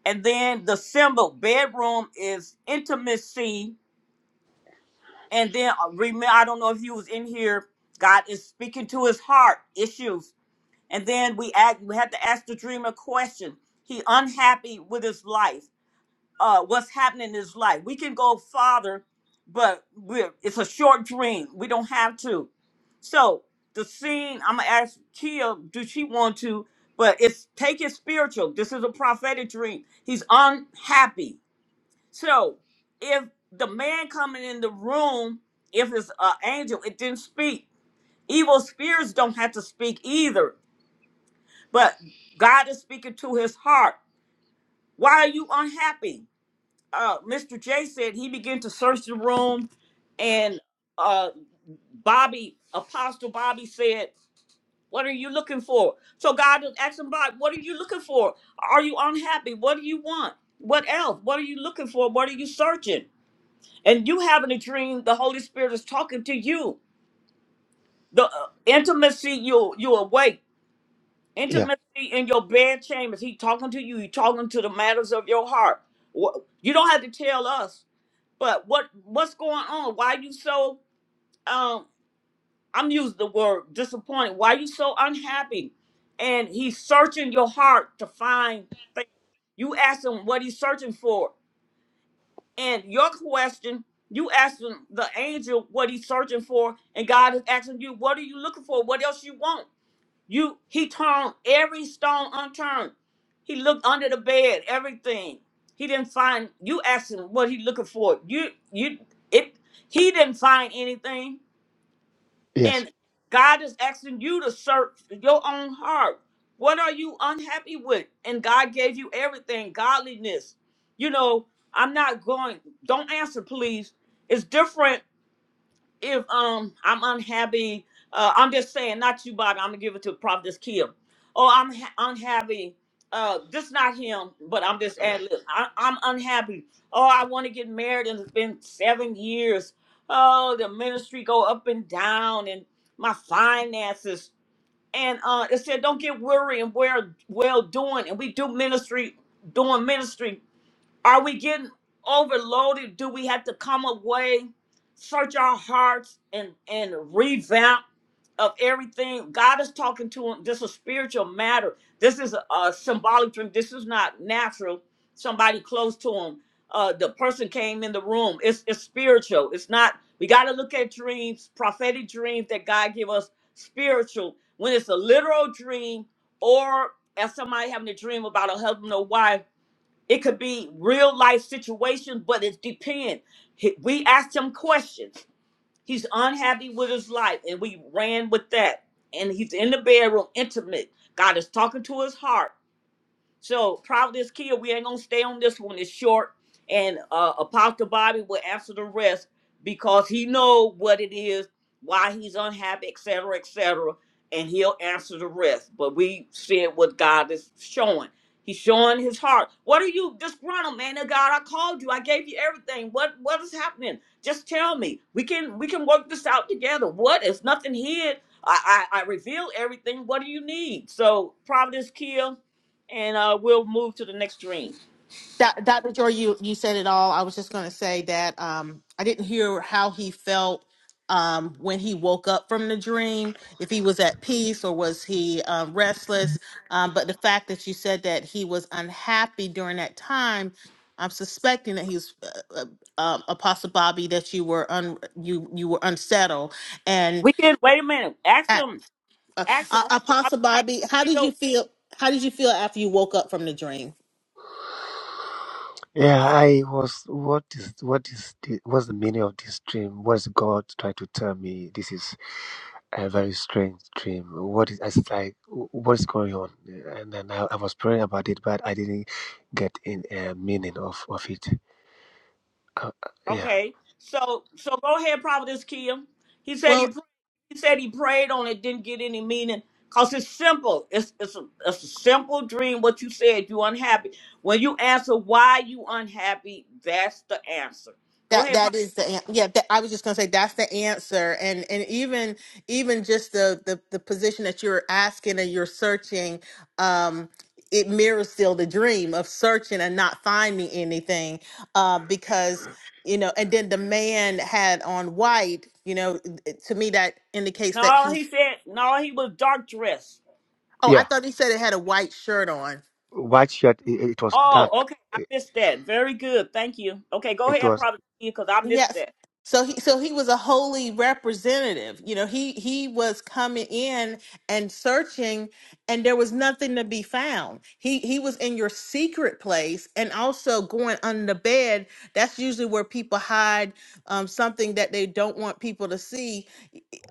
And then the symbol bedroom is intimacy. And then uh, remember, I don't know if you was in here. God is speaking to his heart issues. And then we act, we have to ask the dreamer a question. He unhappy with his life uh, what's happening in his life. We can go farther, but we're, it's a short dream. We don't have to. So the scene, I'm gonna ask Kia, do she want to? But it's take it spiritual. This is a prophetic dream. He's unhappy. So if the man coming in the room, if it's an angel, it didn't speak. Evil spirits don't have to speak either. But God is speaking to his heart. Why are you unhappy? uh, Mr. J said he began to search the room, and uh, Bobby, Apostle Bobby said, "What are you looking for?" So God was asking Bob, "What are you looking for? Are you unhappy? What do you want? What else? What are you looking for? What are you searching?" And you having a dream, the Holy Spirit is talking to you. The uh, intimacy you you awake,
yeah,
intimacy in your bed chambers. He talking to you. He talking to the matters of your heart. Wh- You don't have to tell us But what what's going on? Why you so um I'm using the word disappointed. Why you so unhappy? And he's searching your heart to find things. You ask him what he's searching for. And your question, you asking the angel what he's searching for, and God is asking you, what are you looking for? What else you want? You he turned every stone unturned. He looked under the bed, everything. He didn't find you asked him what he looking for. You you it he didn't find anything.
yes.
And God is asking you to search your own heart. What are you unhappy with? And God gave you everything, godliness. You know, I'm not going don't answer please. It's different if um I'm unhappy, uh, I'm just saying not you, Bobby. I'm gonna give it to Prophet this Kim. Oh, I'm ha- unhappy. Uh, this not him, but I'm just ad lib. I- I'm unhappy. Oh, I want to get married, and it's been seven years. Oh, the ministry go up and down, and my finances. And uh, it said, don't get weary and wear well doing. And we do ministry, doing ministry. Are we getting overloaded? Do we have to come away, search our hearts, and and revamp of everything? God is talking to him. This is a spiritual matter. This is a, a symbolic dream. This is not natural. Somebody close to him. Uh, the person came in the room. It's it's spiritual. It's not. We got to look at dreams, prophetic dreams that God give us spiritual. When it's a literal dream, or as somebody having a dream about a husband or wife it could be real life situations, but it depends. He- We asked him questions. He's unhappy with his life, and we ran with that. And he's in the bedroom, intimate. God is talking to his heart. So Providence Kia, we ain't gonna stay on this one. It's short, and uh, Apostle Bobby will answer the rest because he know what it is, why he's unhappy, etc., cetera, etc., cetera, and he'll answer the rest. But we said what God is showing. He's showing his heart. What are you disgruntled, man? Of God, I called you. I gave you everything. What what is happening? Just tell me. We can we can work this out together. What? It's nothing hid. I I, I reveal everything. What do you need? So Providence Kia and uh, we'll move to the next dream.
Doc- Dr. Joy, you you said it all. I was just going to say that um I didn't hear how he felt um when he woke up from the dream, if he was at peace or was he um, restless. Um, but the fact that you said that he was unhappy during that time, I'm suspecting that he was uh, uh, um, Apostle Bobby that you were un you you were unsettled and.
We can wait a minute. Ask him.
Uh,
Ask him.
uh,
How
Apostle
how
Bobby, how
do you
did
feel?
you feel? How did you feel after you woke up from the dream?
Yeah, I was. What is what is the, what's the meaning of this dream? What's God trying to tell me? This is a very strange dream. What is I was like? What's going on? And then I, I was praying about it, but I didn't get in a meaning of of it. Uh, uh, yeah,
Okay. So so go ahead, Providence Kim. He said he
Well,
pr- he said he prayed on it, didn't get any meaning. Cause it's simple. It's it's a, it's a simple dream. What you said, you unhappy. When you answer why you unhappy, that's the answer. Go
that
ahead. Pro-
that is the an- yeah. That, I was just gonna say that's the answer, and and even even just the the, the position that you're asking and you're searching, um, it mirrors still the dream of searching and not finding anything, uh, because you know, and then the man had on white. You know, to me that indicates that
No,
he.
he said no. He was dark dressed.
Oh, I
yeah.
thought he said it had a white shirt on.
White shirt. It, it was
Oh,
dark.
okay. I
It,
missed that. Very good. Thank you. Okay, go
it
ahead,
was
Providence Kim, because I missed
Yes.
that.
So he so he was a holy representative. You know, he he was coming in and searching and there was nothing to be found. He he was in your secret place and also going under the bed. That's usually where people hide um, something that they don't want people to see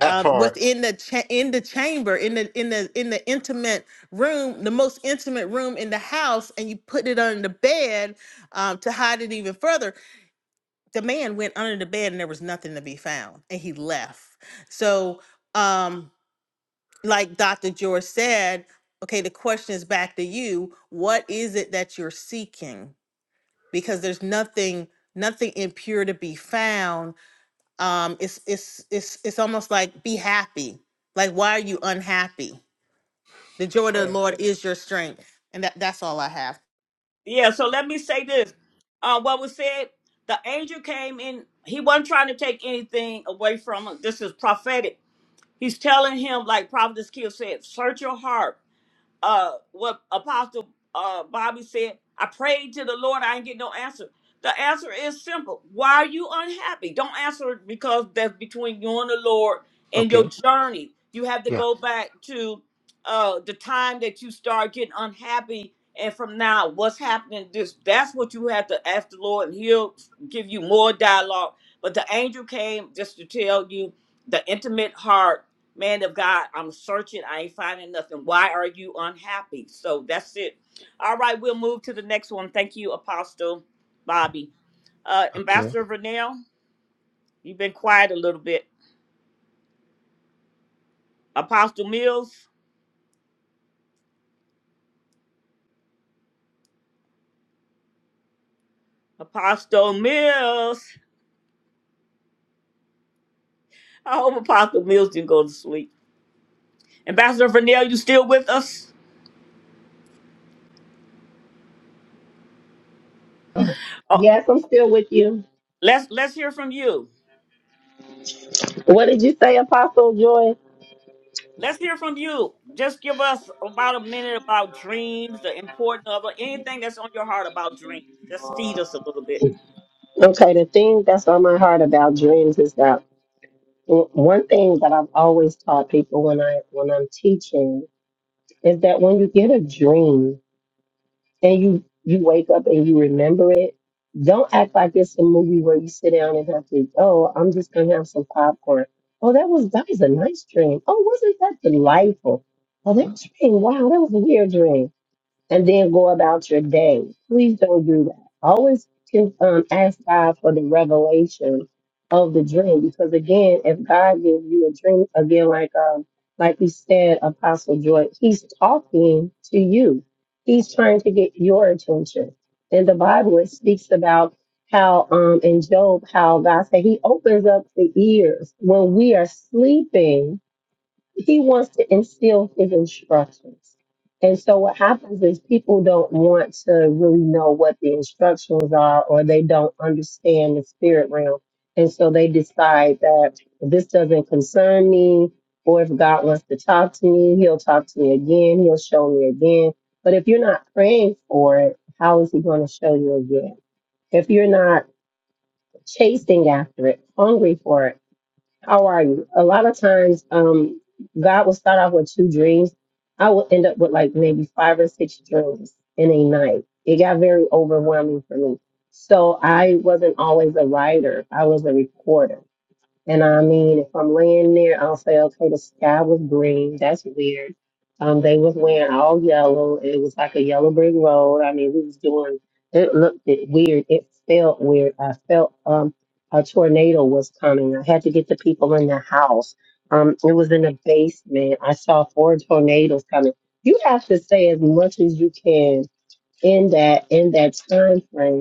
That
uh,
part.
within the cha- in the chamber in the in the in the intimate room, the most intimate room in the house and you put it under the bed um, to hide it even further the man went under the bed and there was nothing to be found and he left so um like dr george said okay the question is back to you what is it that you're seeking because there's nothing nothing impure to be found um it's it's it's it's almost like be happy like why are you unhappy the joy of the
uh,
lord is your strength and that that's all i have
Yeah, so let me say this. Uh, what was said, the angel came in, he wasn't trying to take anything away from him. This is prophetic. He's telling him, like Prophet Kill said, search your heart uh what apostle uh bobby said i prayed to the lord i ain't get no answer the answer is simple why are you unhappy don't answer it because that's between you and the lord and your
okay.
journey you have to
Yeah,
go back to uh the time that you start getting unhappy and from now what's happening this that's what you have to ask the lord and he'll give you more dialogue but the angel came just to tell you the intimate heart man of God, I'm searching. I ain't finding nothing. Why are you unhappy? So that's it. All right, we'll move to the next one. Thank you, Apostle Bobby. Uh,
okay.
Ambassador Vernell, you've been quiet a little bit. Apostle Mills, Apostle Mills. I hope Apostle Mills didn't go to sleep. Ambassador Vernell, you still with us? Oh,
Yes, I'm still with you.
let's let's hear from you.
What little joy?
Let's hear from you. Just give us about a minute about dreams, the importance of it, anything that's on your heart about dreams. Just feed us a little bit.
Okay, the thing that's on my heart about dreams is that w- one thing that I've always taught people when I when I'm teaching is that when you get a dream. and you you wake up and you remember it, don't act like it's a movie where you sit down and have to, oh, I'm just gonna have some popcorn. Oh, that was that was a nice dream. Oh, wasn't that delightful? Oh, that dream, wow, that was a weird dream and then go about your day. Please don't do that. Always can, um, ask God for the revelation of the dream because again, if God gives you a dream, again, like um, like you said, Apostle Joy, He's talking to you. He's trying to get your attention. In the Bible, it speaks about how um in Job, how God said He opens up the ears when we are sleeping he wants to instill his instructions. And so what happens is people don't want to really know what the instructions are or they don't understand the spirit realm. And so they decide that this doesn't concern me, or if God wants to talk to me, he'll talk to me again, he'll show me again. But if you're not praying for it, how is he going to show you again? If you're not chasing after it, hungry for it, how are you? A lot of times, um, God will start off with two dreams. I will end up with like maybe five or six dreams in a night. It got very overwhelming for me. So I wasn't always a writer. I was a reporter. And I mean, if I'm laying there, I'll say, okay, the sky was green. That's weird. Um, they was wearing all yellow. It was like a yellow brick road. I mean, we was doing. It looked it weird. It felt weird. I felt um a tornado was coming. I had to get the people in the house. Um, it was in the basement. I saw four tornadoes coming. You have to say as much as you can in that in that time frame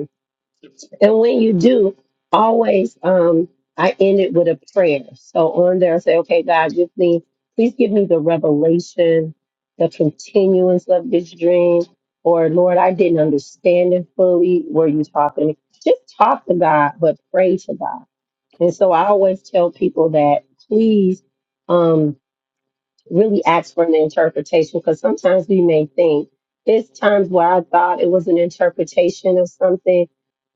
and when you do, always um, I end it with a prayer. So on there, I say, okay, God, give me, please give me the revelation, the continuance of this dream. Or Lord, I didn't understand it fully. Were you talking to me? Just talk to God, but pray to God. And so I always tell people that please. Um, really ask for an interpretation because sometimes we may think there's times where I thought it was an interpretation of something,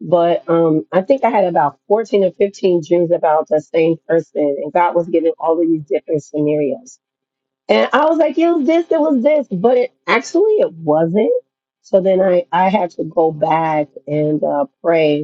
but um, I think I had about 14 or 15 dreams about the same person, and God was giving all of these different scenarios. And I was like, it was this, it was this, but it actually it wasn't. So then I, I had to go back and uh, pray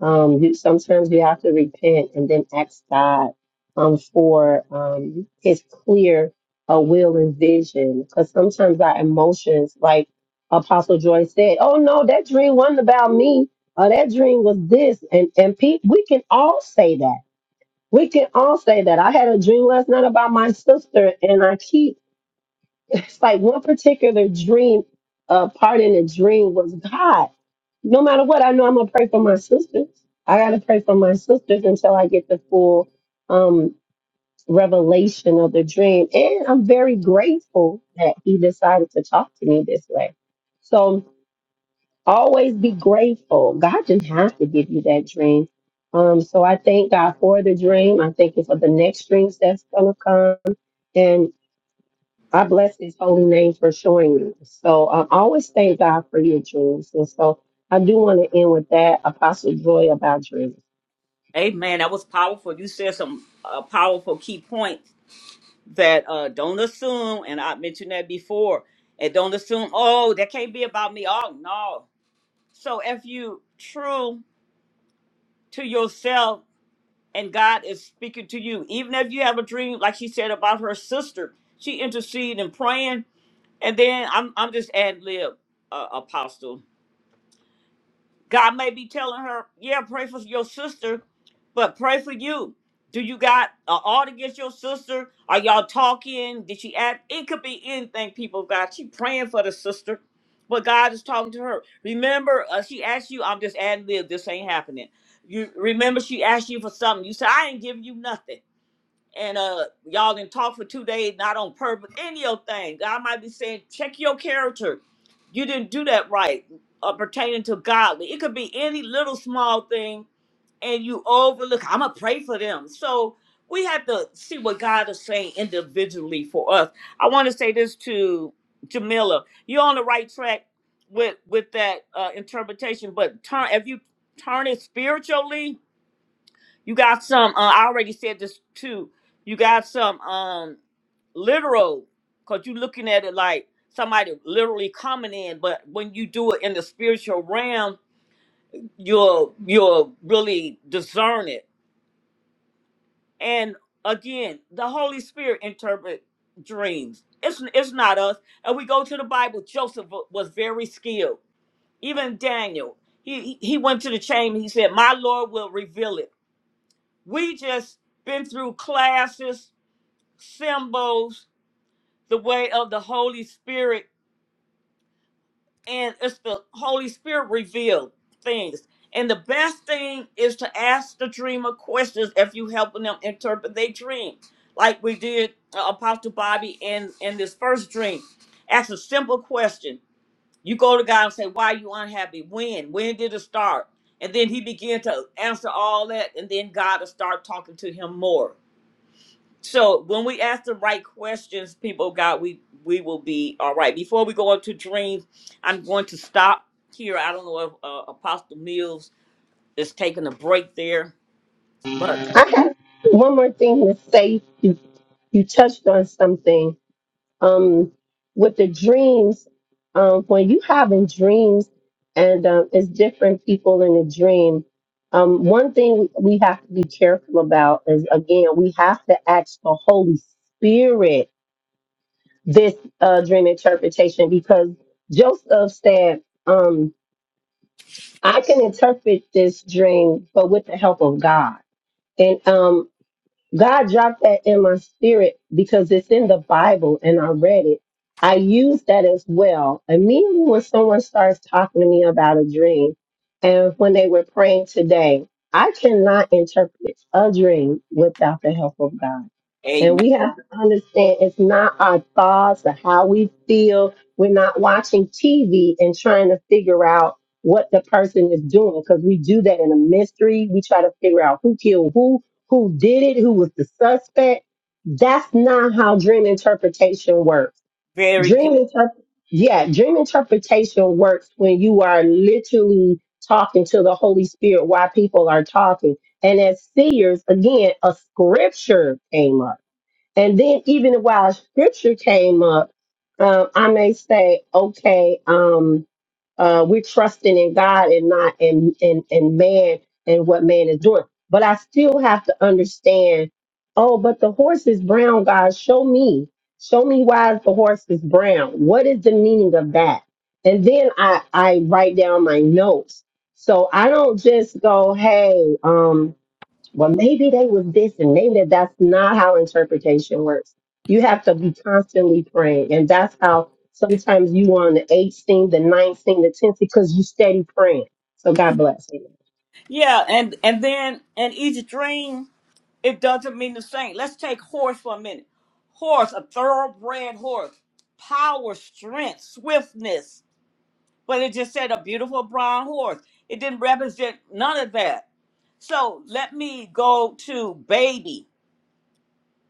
um, you sometimes you have to repent and then ask God um for um His clear uh, will and vision. Because sometimes our emotions, like Apostle Joy said, "Oh no, that dream wasn't about me. Or that dream was this." And and pe- we can all say that. We can all say that. I had a dream last night about my sister, and I keep it's like one particular dream, uh, part in the dream was God. No matter what, I know I'm gonna pray for my sisters. I gotta pray for my sisters until I get the full um revelation of the dream. And I'm very grateful that he decided to talk to me this way. So always be grateful. God didn't have to give you that dream. Um, so I thank God for the dream. I thank you for the next dreams that's gonna come. I bless his holy name for showing me. So um, I always thank God for your dreams. And so I do want to end with that, Apostle Joy, about dreams.
Amen. That was powerful. You said some uh, powerful key points that uh, don't assume, and I mentioned that before, and don't assume, oh, that can't be about me. Oh, no. So if you true to yourself and God is speaking to you, even if you have a dream, like she said about her sister, she interceded and praying And then I'm I'm just ad lib, uh, Apostle. God may be telling her, yeah, pray for your sister, but pray for you. Do you got an ought against your sister? Are y'all talking? Did she act? It could be anything, people of God. She praying for the sister, but God is talking to her. Remember, uh, she asked you, I'm just ad lib, this ain't happening. You remember she asked you for something. You said, I ain't giving you nothing and uh y'all didn't talk for two days, not on purpose, any of your thing. God might be saying, check your character. You didn't do that right, uh, pertaining to godly. It could be any little small thing, and you overlook. I'm gonna pray for them. So we have to see what God is saying individually for us. I want to say this to Jamila. You're on the right track with with that uh, interpretation, but turn if you turn it spiritually you got some. Uh, I already said this too. You got some um literal, cause you looking at it like somebody literally coming in. But when you do it in the spiritual realm, you'll you'll really discern it. And again, the Holy Spirit interpret dreams. It's it's not us. And we go to the Bible. Joseph wa- was very skilled. Even Daniel, he he he went to the chamber. He said, "My Lord will reveal it." We just been through classes symbols the way of the Holy Spirit, and it's the Holy Spirit revealed things. And the best thing is to ask the dreamer questions if you helping them interpret their dream, like we did uh, Apostle Bobby in in this first dream. Ask a simple question. You go to God and say, "Why are you unhappy? When? When did it start?" And then He began to answer all that, and then God will start talking to him more So when we ask the right questions, people of God, we we will be all right. Before we go into dreams, I'm going to stop here. I don't know if uh, Apostle Mills is taking a break there, but
I have one more thing to say. You, you touched on something um, with the dreams. Um, when you having dreams and um, it's different people in a dream, um, one thing we have to be careful about is, again, we have to ask the Holy Spirit this uh, dream interpretation because Joseph said, um, I can interpret this dream, but with the help of God. And um, God dropped that in my spirit because it's in the Bible and I read it. I use that as well. Immediately when someone starts talking to me about a dream, and when they were praying today, I cannot interpret a dream without the help of God. And
amen.
we have to understand it's not our thoughts or how we feel. We're not watching TV and trying to figure out what the person is doing because we We do that in a mystery. We try to figure out who who. killed who who did it, who was the suspect. That's not how dream interpretation works.
Very good.
Dream inter- yeah, dream interpretation works when you are literally talking to the Holy Spirit while people are talking. And as seers, again, a scripture came up and then even while scripture came up, uh, I may say, okay, um, uh, we're trusting in God and not in, in, in man and what man is doing. But I still have to understand, oh, but the horse is brown, God. Show me. Show me why the horse is brown. What is the meaning of that? And then I, I write down my notes. So I don't just go, hey, um, well, maybe they was this and maybe that that's not how interpretation works. You have to be constantly praying. And that's how sometimes you on the eighth scene, the ninth scene, the tenth because you steady praying. So God bless you.
Yeah, and and then in each dream, it doesn't mean the same. Let's take horse for a minute. Horse, a thoroughbred horse, power, strength, swiftness. But it just said a beautiful brown horse. It didn't represent none of that So let me go to baby.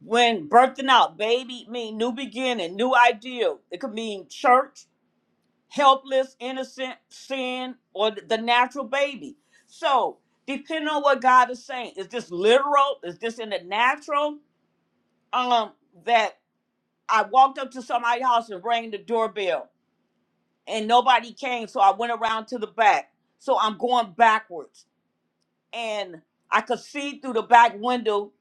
When birthing out, baby mean new beginning, new ideal. It could mean church, helpless, innocent, sin, or th- the natural baby. So depending on what God is saying, is this literal? Is this in the natural? Um, that I walked up to somebody's house and rang the doorbell, and nobody came, so I went around to the back. So I'm going backwards and I could see through the back window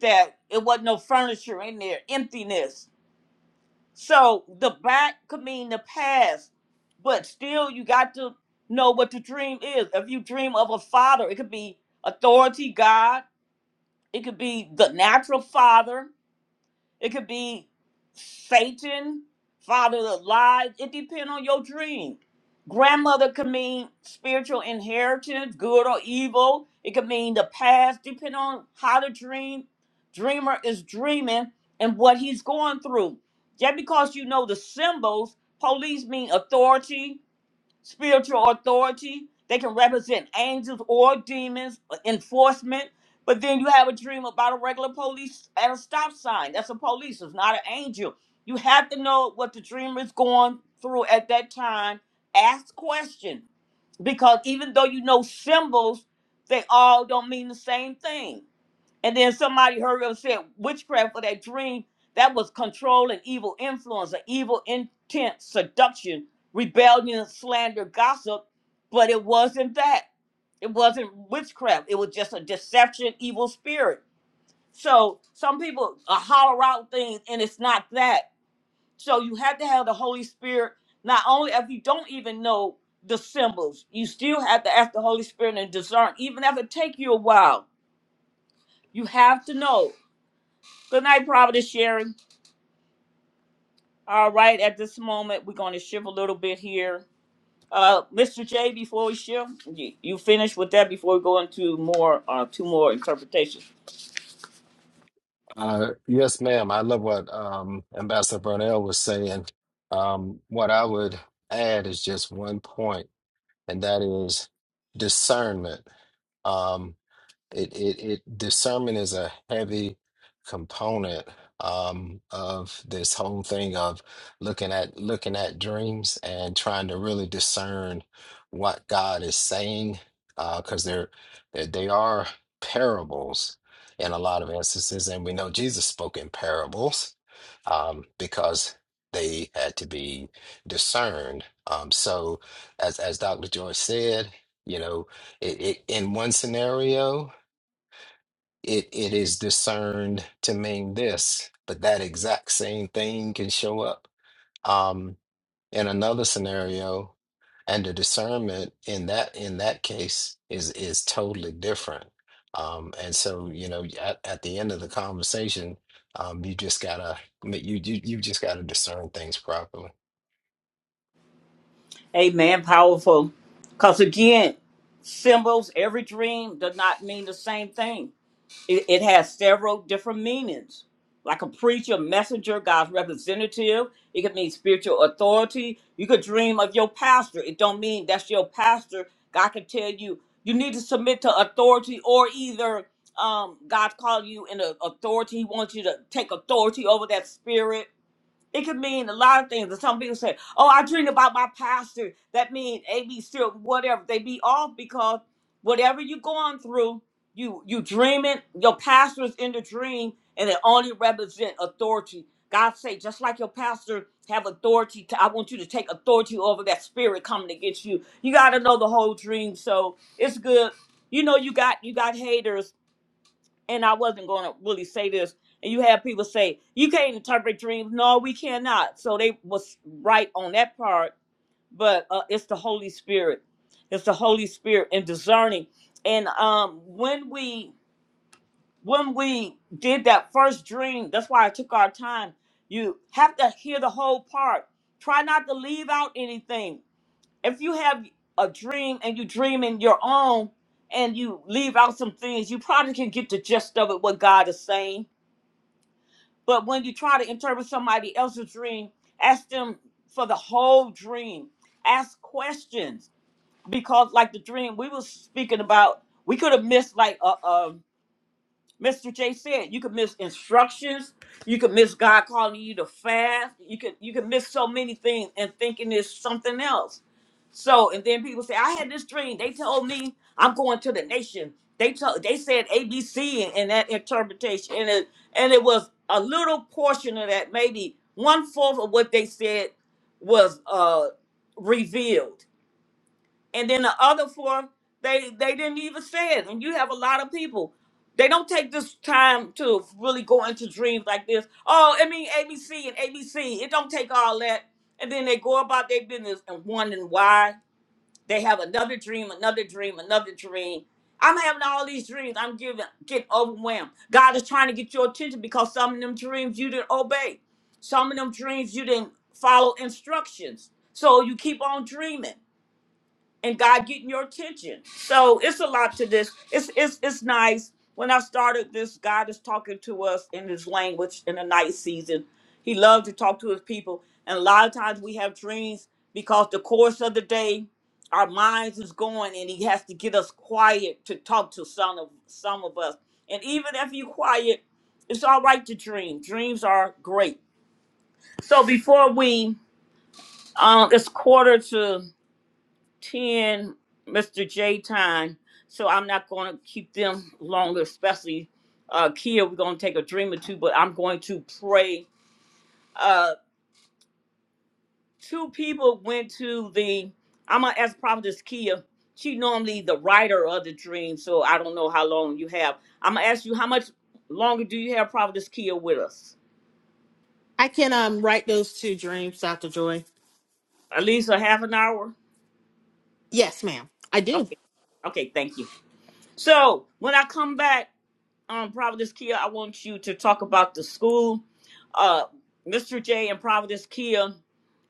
that it wasn't no furniture in there, emptiness. So the back could mean the past, but still you got to know what the dream is. If you dream of a father, it could be authority, God, it could be the natural father, it could be Satan, father of lies. It depends on your dream. Grandmother could mean spiritual inheritance, good or evil. It could mean the past, depending on how the dream dreamer is dreaming and what he's going through. Just because you know the symbols, police mean authority, spiritual authority. They can represent angels or demons, uh, enforcement. But then you have a dream about a regular police at a stop sign. That's a police, it's not an angel. You have to know what the dreamer is going through at that time. Ask questions because even though you know symbols, they all don't mean the same thing. And then somebody hurry up and said witchcraft for that dream. That was control and evil influence, an evil intent, seduction, rebellion, slander, gossip. But it wasn't that. It wasn't witchcraft. It was just a deception, evil spirit. So some people uh, holler out things, and it's not that. So you have to have the Holy Spirit. Not only if you don't even know the symbols, you still have to ask the Holy Spirit and discern, even if it take you a while. You have to know. Good night, Providence Sherry. All right, at this moment, we're going to shift a little bit here. Uh, Mr. J, before we shift, you, you finish with that before we go into more, uh, two more interpretations.
Uh, yes, ma'am. I love what um, Ambassador Burnell was saying. Um, what I would add is just one point, and that is discernment. Um, it it it discernment is a heavy component um of this whole thing of looking at looking at dreams and trying to really discern what God is saying uh because they're they they are parables in a lot of instances and we know Jesus spoke in parables um because they had to be discerned um so as as Dr. Joy said you know it, it in one scenario it it is discerned to mean this, but that exact same thing can show up um, in another scenario, and the discernment in that in that case is is totally different. Um, and so, you know, at, at the end of the conversation, um, you just gotta you you you just gotta discern things properly.
Amen, powerful. Because again, symbols, every dream does not mean the same thing. It, it has several different meanings, like a preacher, messenger, God's representative. It could mean spiritual authority. You could dream of your pastor. It don't mean that's your pastor. God can tell you you need to submit to authority, or either um, God called you in a authority. He wants you to take authority over that spirit it could mean a lot of things. And some people say, "Oh, I dream about my pastor." That means A, B, C, or whatever. They be off because whatever you're going through, you you dreaming. Your pastor is in the dream, and it only represent authority. God say, just like your pastor have authority, to, I want you to take authority over that spirit coming against you. You got to know the whole dream. So it's good. You know, you got you got haters and I wasn't going to really say this. And you have people say you can't interpret dreams. No, we cannot. So they was right on that part. But uh, it's the Holy Spirit. It's the Holy Spirit and discerning. And um, when we when we did that first dream, that's why I took our time. You have to hear the whole part. Try not to leave out anything if you have a dream and you dream in your own and you leave out some things, you probably can get the gist of it what God is saying. But when you try to interpret somebody else's dream, ask them for the whole dream. Ask questions because, like the dream we were speaking about, we could have missed like a, Mr. J said you could miss instructions, you could miss God calling you to fast, you could you could miss so many things and thinking it's something else. So and then people say, I had this dream. They told me I'm going to the nation. They told they said ABC in, in that interpretation. And it and it was a little portion of that, maybe one fourth of what they said was uh revealed and then the other four they they didn't even say it and you have a lot of people they don't take this time to really go into dreams like this oh i mean abc and abc it don't take all that and then they go about their business and wondering why they have another dream another dream another dream i'm having all these dreams i'm giving getting overwhelmed god is trying to get your attention because some of them dreams you didn't obey some of them dreams you didn't follow instructions so you keep on dreaming and God getting your attention. So it's a lot to this. It's it's it's nice. When I started this, God is talking to us in His language in the night season. He loves to talk to His people, and a lot of times we have dreams because the course of the day, our minds is going, and He has to get us quiet to talk to some of some of us. And even if you quiet, it's all right to dream. Dreams are great. So before we, um, it's quarter to ten, Mr. J time. So I'm not gonna keep them longer, especially uh Kia, we're gonna take a dream or two, but I'm going to pray. Uh two people went to the I'm gonna ask Prophetess Kia. She normally the writer of the dream, so I don't know how long you have. I'm gonna ask you how much longer do you have Prophetess Kia with us?
i can um write those two dreams dr joy
At least a half an hour?
yes ma'am i do
Okay. Okay, thank you. So when I come back. um, Providence Kia, I want you to talk about the school. Uh, Mr. J and Providence Kia,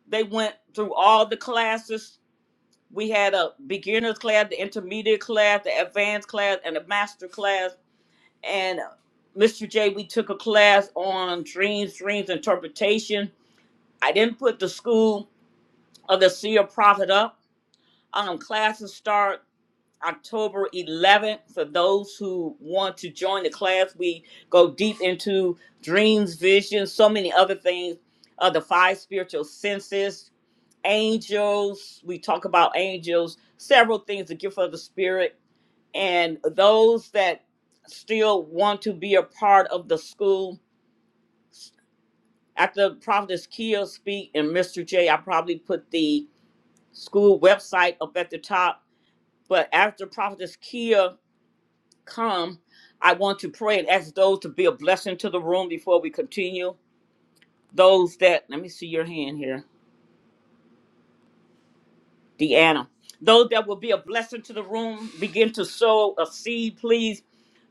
they went through all the classes. We had a beginner's class, the intermediate class, the advanced class, and a master class. And uh, Mr. J, we took a class on dreams, dreams interpretation. I didn't put the school of the seer prophet up. Um, classes start. October 11th. For those who want to join the class, we go deep into dreams, visions, so many other things. Uh, the five spiritual senses, angels. We talk about angels, several things, the gift of the spirit, and those that still want to be a part of the school. After Prophetess Kia speak and Mr. J, I probably put the school website up at the top. But after Prophetess Kia come, I want to pray and ask those to be a blessing to the room before we continue. Those that, let me see your hand here, Deanna. Those that will be a blessing to the room, begin to sow a seed, please.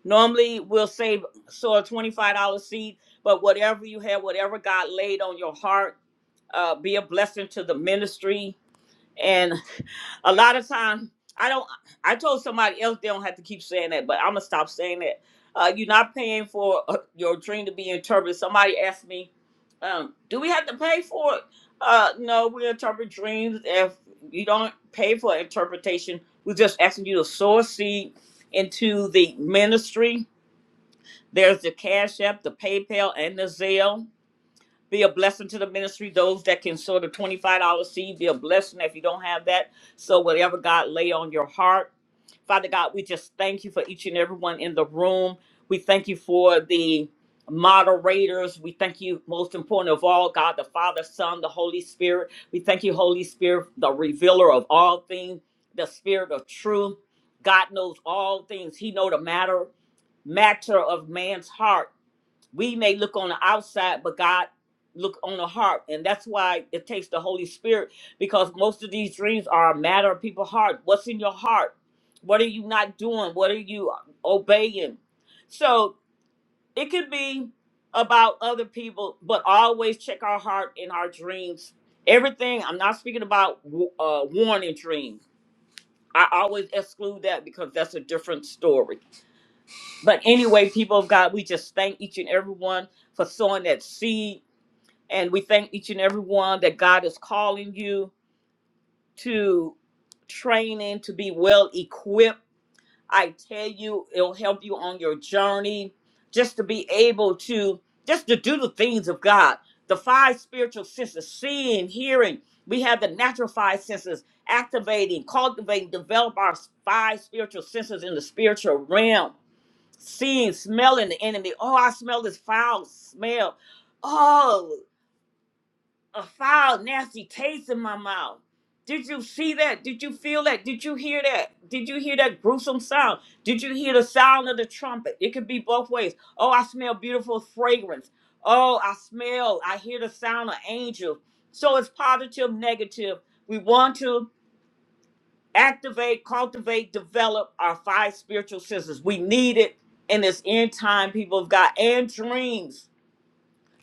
Normally, we'll say sow a $25 seed, but whatever you have, whatever God laid on your heart, uh, be a blessing to the ministry And a lot of time I don't I told somebody else they don't have to keep saying that, but I'm gonna stop saying that. Uh, you're not paying for uh, your dream to be interpreted. Somebody asked me, um, do we have to pay for it? Uh, no, we interpret dreams. If you don't pay for interpretation, we're just asking you to sow a seed into the ministry. There's the Cash App, the PayPal, and the Zelle be a blessing to the ministry. Those that can sow the $25 seed, be a blessing if you don't have that. So whatever God lay on your heart. Father God, we just thank you for each and everyone in the room. We thank you for the moderators. We thank you, most important of all, God, the Father, Son, the Holy Spirit. We thank you, Holy Spirit, the revealer of all things, the spirit of truth. God knows all things. He know the matter, matter of man's heart we may look on the outside but god look on the heart and that's why it takes the holy spirit because most of these dreams are a matter of people's heart what's in your heart what are you not doing what are you obeying so it could be about other people but always check our heart in our dreams everything i'm not speaking about uh warning dreams i always exclude that because that's a different story but anyway, people of God, we just thank each and every one for sowing that seed. And we thank each and every one that God is calling you to training to be well equipped. I tell you, it'll help you on your journey just to be able to just to do the things of God. The five spiritual senses, seeing, hearing. We have the natural five senses activating, cultivating, develop our five spiritual senses in the spiritual realm seeing, smelling the enemy. Oh, I smell this foul smell. Oh, a foul, nasty taste in my mouth. Did you see that? Did you feel that? Did you hear that? Did you hear that gruesome sound? Did you hear the sound of the trumpet? It could be both ways. Oh, I smell beautiful fragrance. Oh, I smell, I hear the sound of angels. So it's positive, negative. We want to activate, cultivate, develop our five spiritual senses. We need it in this end time, people of God, and dreams.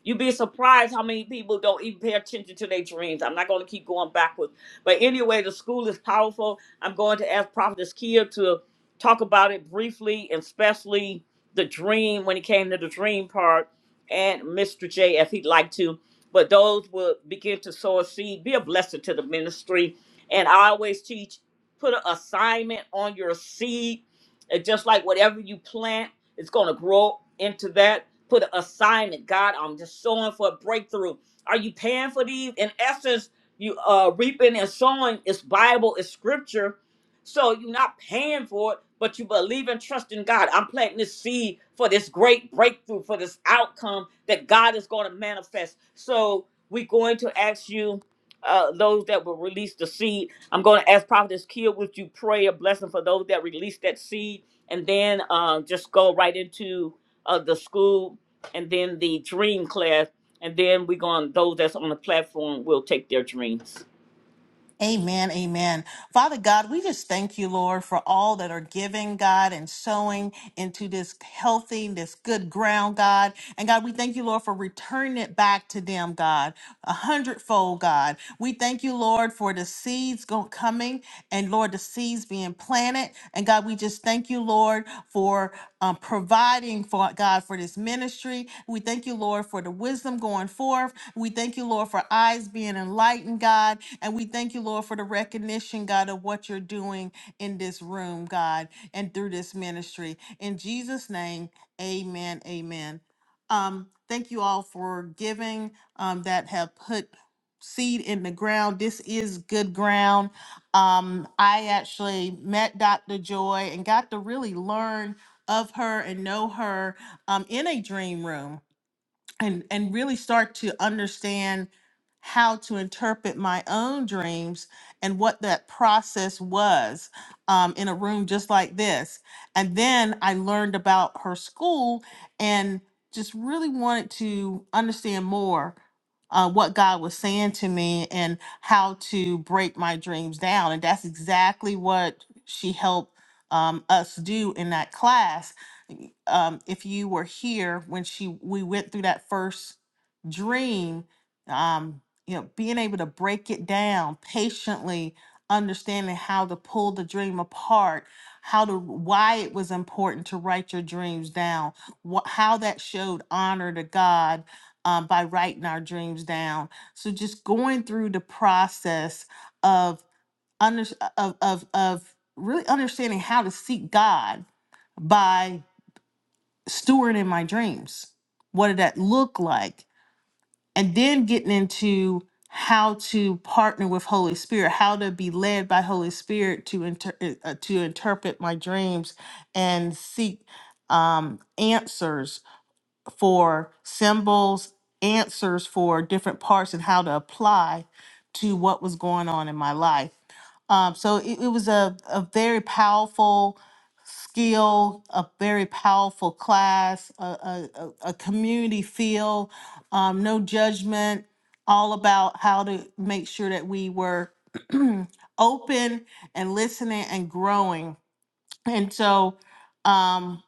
You'd be surprised how many people don't even pay attention to their dreams. I'm not going to keep going backwards. But anyway, the school is powerful. I'm going to ask Prophetess Kia to talk about it briefly, and especially the dream when it came to the dream part, and Mr. J if he'd like to. But those will begin to sow a seed, be a blessing to the ministry. And I always teach put an assignment on your seed. And just like whatever you plant, it's going to grow into that put an assignment. God, I'm just sowing for a breakthrough. Are you paying for these? In essence, you uh reaping and sowing is Bible, is scripture. So you're not paying for it, but you believe and trust in God. I'm planting this seed for this great breakthrough, for this outcome that God is going to manifest. So we're going to ask you uh, those that will release the seed. I'm going to ask Prophetess Kia, would you pray a blessing for those that release that seed? And then uh, just go right into uh, the school and then the dream class. And then we're going, those that's on the platform will take their dreams.
Amen, amen. Father God, we just thank you, Lord, for all that are giving, God, and sowing into this healthy, this good ground, God. And God, we thank you, Lord, for returning it back to them, God, a hundredfold, God. We thank you, Lord, for the seeds go- coming and, Lord, the seeds being planted. And God, we just thank you, Lord. Lord, for um, providing for God for this ministry. We thank you, Lord, for the wisdom going forth. We thank you, Lord, for eyes being enlightened, God. And we thank you, Lord, for the recognition, God, of what you're doing in this room, God, and through this ministry. In Jesus' name, amen. Amen. Um, thank you all for giving um, that have put seed in the ground. This is good ground um, I actually met Dr. Joy and got to really learn of her and know her um, in a dream room and and really start to understand how to interpret my own dreams and what that process was um, in a room just like this and then i learned about her school and just really wanted to understand more uh, what god was saying to me and how to break my dreams down and that's exactly what she helped um, us do in that class um, if you were here when she we went through that first dream, um, you know, being able to break it down patiently, understanding how to pull the dream apart, how to why it was important to write your dreams down, wh- how that showed honor to God um, by writing our dreams down. So just going through the process of under of of of really understanding how to seek God by stewarding my dreams. What did that look like? And then getting into how to partner with Holy Spirit, how to be led by Holy Spirit to inter- uh, uh, to interpret my dreams and seek um, answers for symbols, answers for different parts, and how to apply to what was going on in my life. Um, so it, it was a, a very powerful skill, a very powerful class, a, a, a a community feel, um, no judgment, all about how to make sure that we were open and listening and growing. And so, um,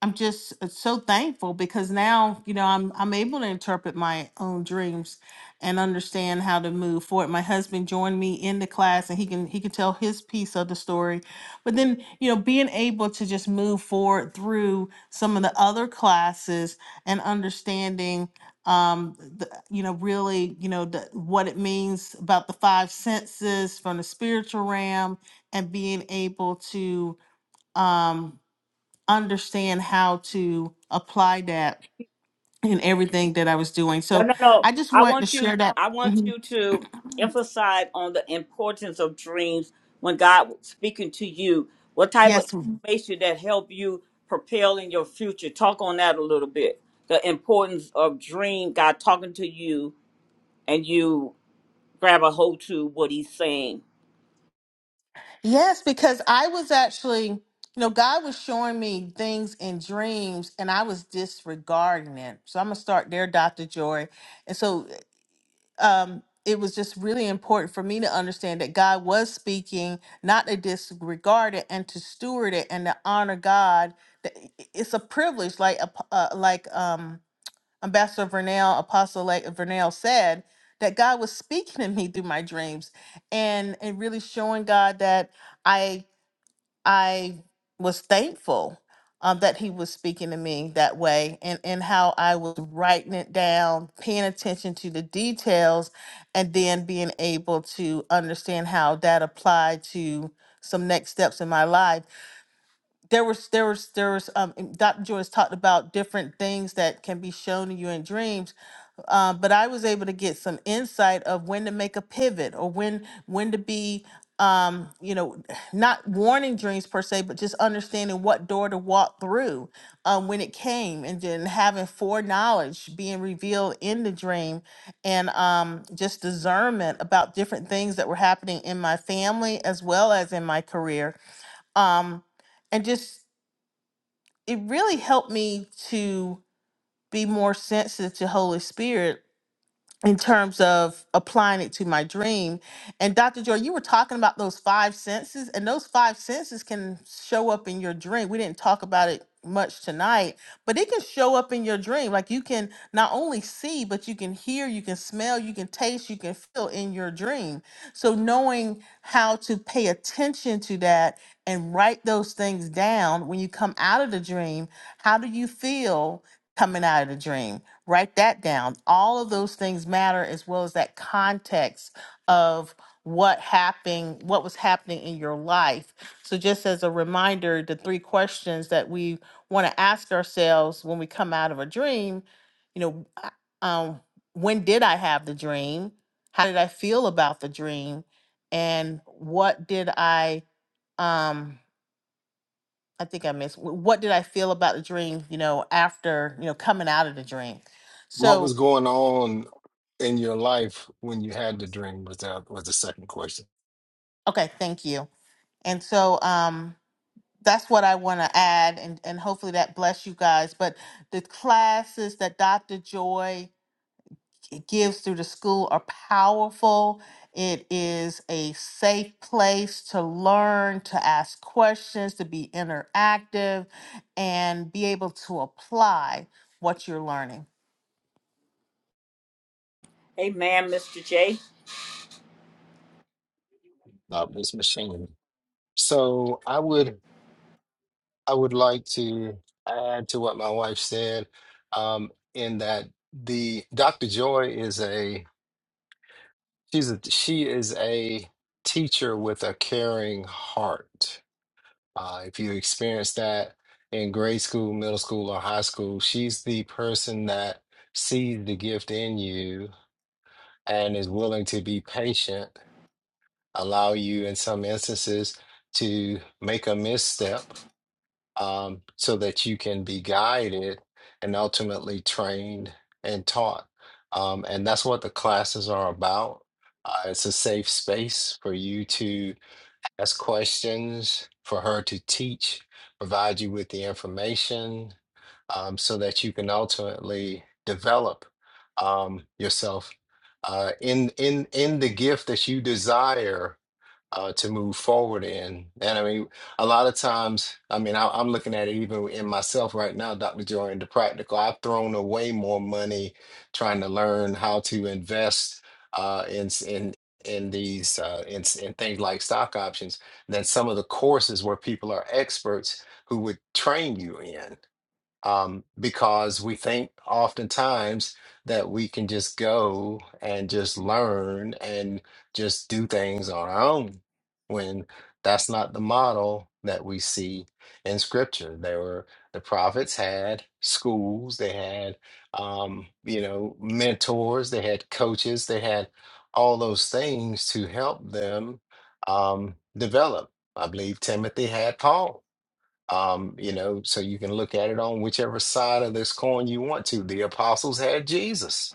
I'm just uh, so thankful because now, you know, I'm I'm able to interpret my own dreams and understand how to move forward. My husband joined me in the class and he can he can tell his piece of the story. But then, you know, being able to just move forward through some of the other classes and understanding um the, you know really you know the, what it means about the five senses from the spiritual realm and being able to um understand how to apply that in everything that I was doing.
No,
So
no, no.
I just
I
wanted to
want you
share that.
I want
Mhm.
you to emphasize on the importance of dreams when God was speaking to you. What type of
Yes. ma'am.
information that help you propel in your future? Talk on that a little bit. The importance of dream, God talking to you and you grab a hold to what he's saying.
Yes, because I was actually, you know, God was showing me things in dreams and I was disregarding it. So I'm going to start there, Dr. Joy. And so um, it was just really important for me to understand that God was speaking, not to disregard it and to steward it and to honor God. That- It's a privilege, like, a, uh, like, um, Ambassador Vernell, Apostle like Vernell said, that God was speaking to me through my dreams and and really showing God that I I was thankful um, that he was speaking to me that way and, and how I was writing it down, paying attention to the details, and then being able to understand how that applied to some next steps in my life there was there was there was um and Dr. Joyce talked about different things that can be shown to you in dreams. Uh, but I was able to get some insight of when to make a pivot or when when to be um you know not warning dreams per se but just understanding what door to walk through um when it came and then having foreknowledge being revealed in the dream and um just discernment about different things that were happening in my family as well as in my career um and just it really helped me to be more sensitive to Holy Spirit in terms of applying it to my dream. And Dr. Joy, you were talking about those five senses, and those five senses can show up in your dream. We didn't talk about it much tonight, but it can show up in your dream. Like you can not only see, but you can hear, you can smell, you can taste, you can feel in your dream. So knowing how to pay attention to that and write those things down when you come out of the dream, how do you feel coming out of the dream? Write that down. All of those things matter as well as that context of what happening what was happening in your life. So just as a reminder, the three questions that we want to ask ourselves when we come out of a dream, you know, uh, um when did I have the dream? How did I feel about the dream? And what did I um I think I missed what did I feel about the dream, you know, after, you know, coming out of the dream.
What
So
was going on in your life when you had the dream was that was the second question.
Okay, thank you. And so um that's what I want to add and and hopefully that bless you guys, but the classes that Dr. Joy gives through the school are powerful. It is a safe place to learn, to ask questions, to be interactive and be able to apply what you're learning.
Amen, Mr. J.
Not Miss Machine. So I would I would like to add to what my wife said, um, in that the Dr. Joy is a she's a she is a teacher with a caring heart. Uh, if you experience that in grade school, middle school, or high school, she's the person that sees the gift in you and is willing to be patient, allow you in some instances to make a misstep um, so that you can be guided and ultimately trained and taught. Um, and that's what the classes are about. Uh, it's a safe space for you to ask questions, for her to teach, provide you with the information um, so that you can ultimately develop um, yourself uh, in in in the gift that you desire uh, to move forward in. And I mean, a lot of times, I mean, I, I'm looking at it even in myself right now, Dr. Joy, in the practical. I've thrown away more money trying to learn how to invest uh, in in in these uh, in, in things like stock options than some of the courses where people are experts who would train you in um, because we think oftentimes that we can just go and just learn and just do things on our own when that's not the model that we see in scripture there were the prophets had schools they had um, you know mentors they had coaches they had all those things to help them um, develop i believe timothy had paul um, you know, so you can look at it on whichever side of this coin you want to. The apostles had Jesus.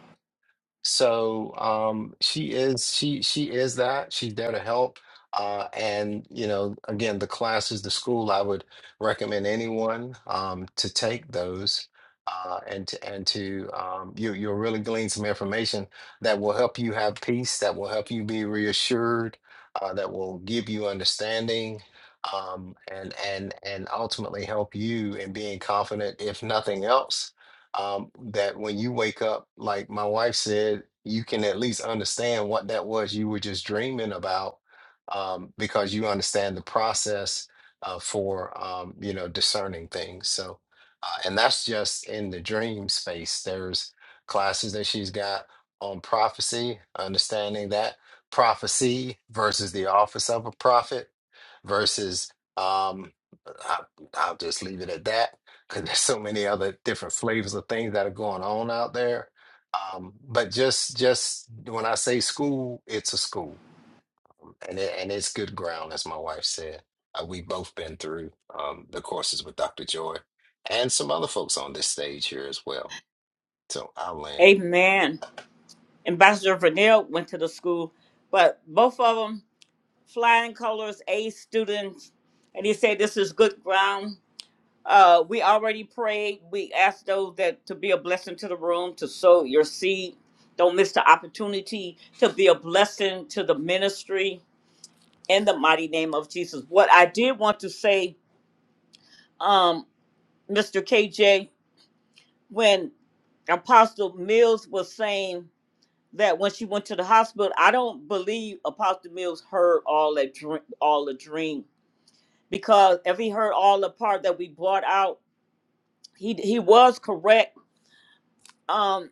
So um, she is she she is that. She's there to help. Uh, and you know, again, the classes, the school, I would recommend anyone um, to take those. Uh, and to, and to um, you you'll really glean some information that will help you have peace, that will help you be reassured, uh, that will give you understanding, um, and and and ultimately help you in being confident, if nothing else, um, that when you wake up, like my wife said, you can at least understand what that was you were just dreaming about um, because you understand the process uh, for um, you know discerning things. So, uh, and that's just in the dream space. There's classes that she's got on prophecy, understanding that prophecy versus the office of a prophet versus um, I, I'll just leave it at that because there's so many other different flavors of things that are going on out there. Um, but just just when I say school, it's a school, and it, and it's good ground, as my wife said. Uh, we've both been through um, the courses with Dr. Joy and some other folks on this stage here as well. So I'll land.
Amen. Ambassador Vernell went to the school, but both of them flying colors, A students, and he said this is good ground Uh, we already prayed. We asked those that to be a blessing to the room, to sow your seed. Don't miss the opportunity to be a blessing to the ministry in the mighty name of Jesus. What I did want to say, um, Mr. KJ, when Apostle Mills was saying that when she went to the hospital, I don't believe Apostle Mills heard all that dream, all the dream, because if he heard all the part that we brought out, he he was correct um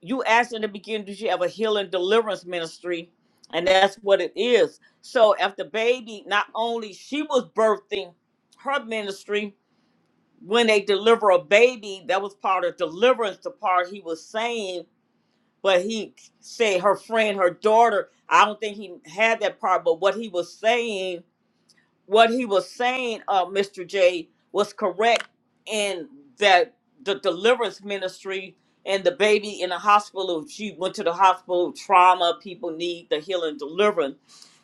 you asked in the beginning, did you have a healing deliverance ministry? And that's what it is. So if the baby, not only she was birthing her ministry, when they deliver a baby, that was part of deliverance, the part he was saying, but he said her friend, her daughter, I don't think he had that part, but what he was saying what he was saying, uh, Mr. J, was correct in that the deliverance ministry and the baby in the hospital, she went to the hospital, trauma, people need the healing deliverance.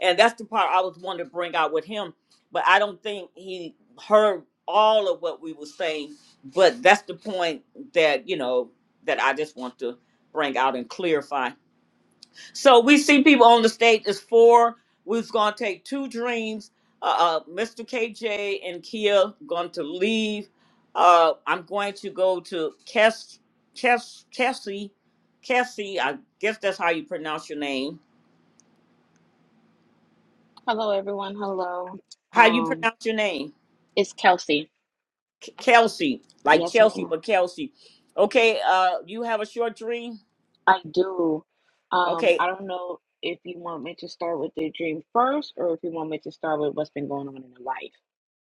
And that's the part I was wanting to bring out with him. But I don't think he heard all of what we were saying. But that's the point that, you know, that I just want to bring out and clarify. So we see people on the stage. It's four. We was gonna take two dreams. Uh, uh, Mr. KJ and Kia going to leave. Uh, I'm going to go to Kes, Kes, Kessie, Kessie. I guess that's how you pronounce your name.
Hello, everyone. Hello.
How you
Um,
pronounce your name?
it's Kelsey.
K- Kelsey, like
Yes,
Chelsea,
ma'am.
but Kelsey. Okay. Uh, you have a short dream.
I do. Um,
Okay.
I don't know if you want me to start with the dream first or if you want me to start with what's been going on in your life.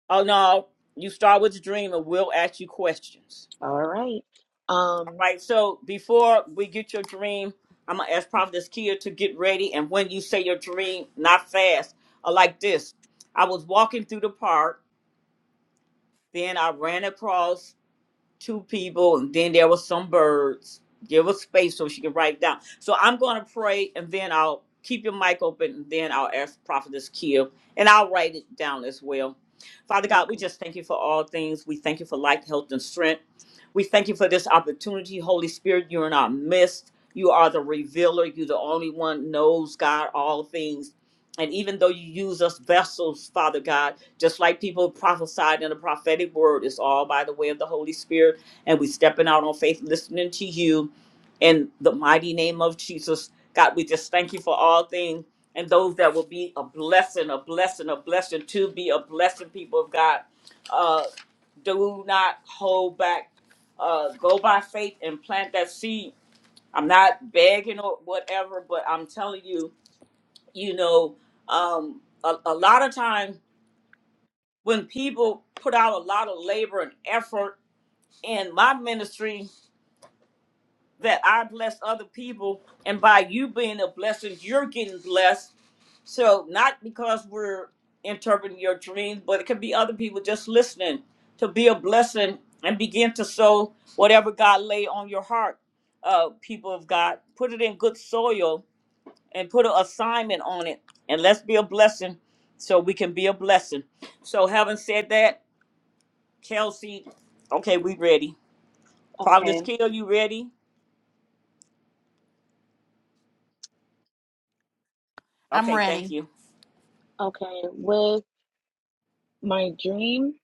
Oh no, you start with the dream, and we'll ask you questions.
All right. Um,
Right. So before we get your dream, I'm gonna ask Prophetess Kia to get ready. And when you say your dream, not fast, or like this. I was walking through the park, then I ran across two people, and then there was some birds. Give us space so she can write down. So I'm gonna pray, and then I'll keep your mic open, and then I'll ask Prophetess Kia, and I'll write it down as well. Father God, we
okay.
just thank you for all things. We thank you for life, health, and strength. We thank you for this opportunity, Holy Spirit. You're in our midst. You are the revealer. You're the only one knows God all things. And even though you use us vessels, Father God just like people prophesied in the prophetic word it's all by the way of the holy spirit and we stepping out on faith listening to you in the mighty name of jesus god we just thank you for all things and those that will be a blessing a blessing a blessing to be a blessing people of god uh do not hold back uh go by faith and plant that seed i'm not begging or whatever but i'm telling you you know um a, a lot of times when people put out a lot of labor and effort in my ministry that I bless other people and by you being a blessing you're getting blessed so not because we're interpreting your dreams but it could be other people just listening to be a blessing and begin to sow whatever God lay on your heart uh people of God put it in good soil and put an assignment on it and let's be a blessing so we can be a blessing so having said that Kelsey, okay, we ready. Providence
Okay.
Kill, you ready?
I'm
Okay, thank
ready.
you.
Okay. With my dream,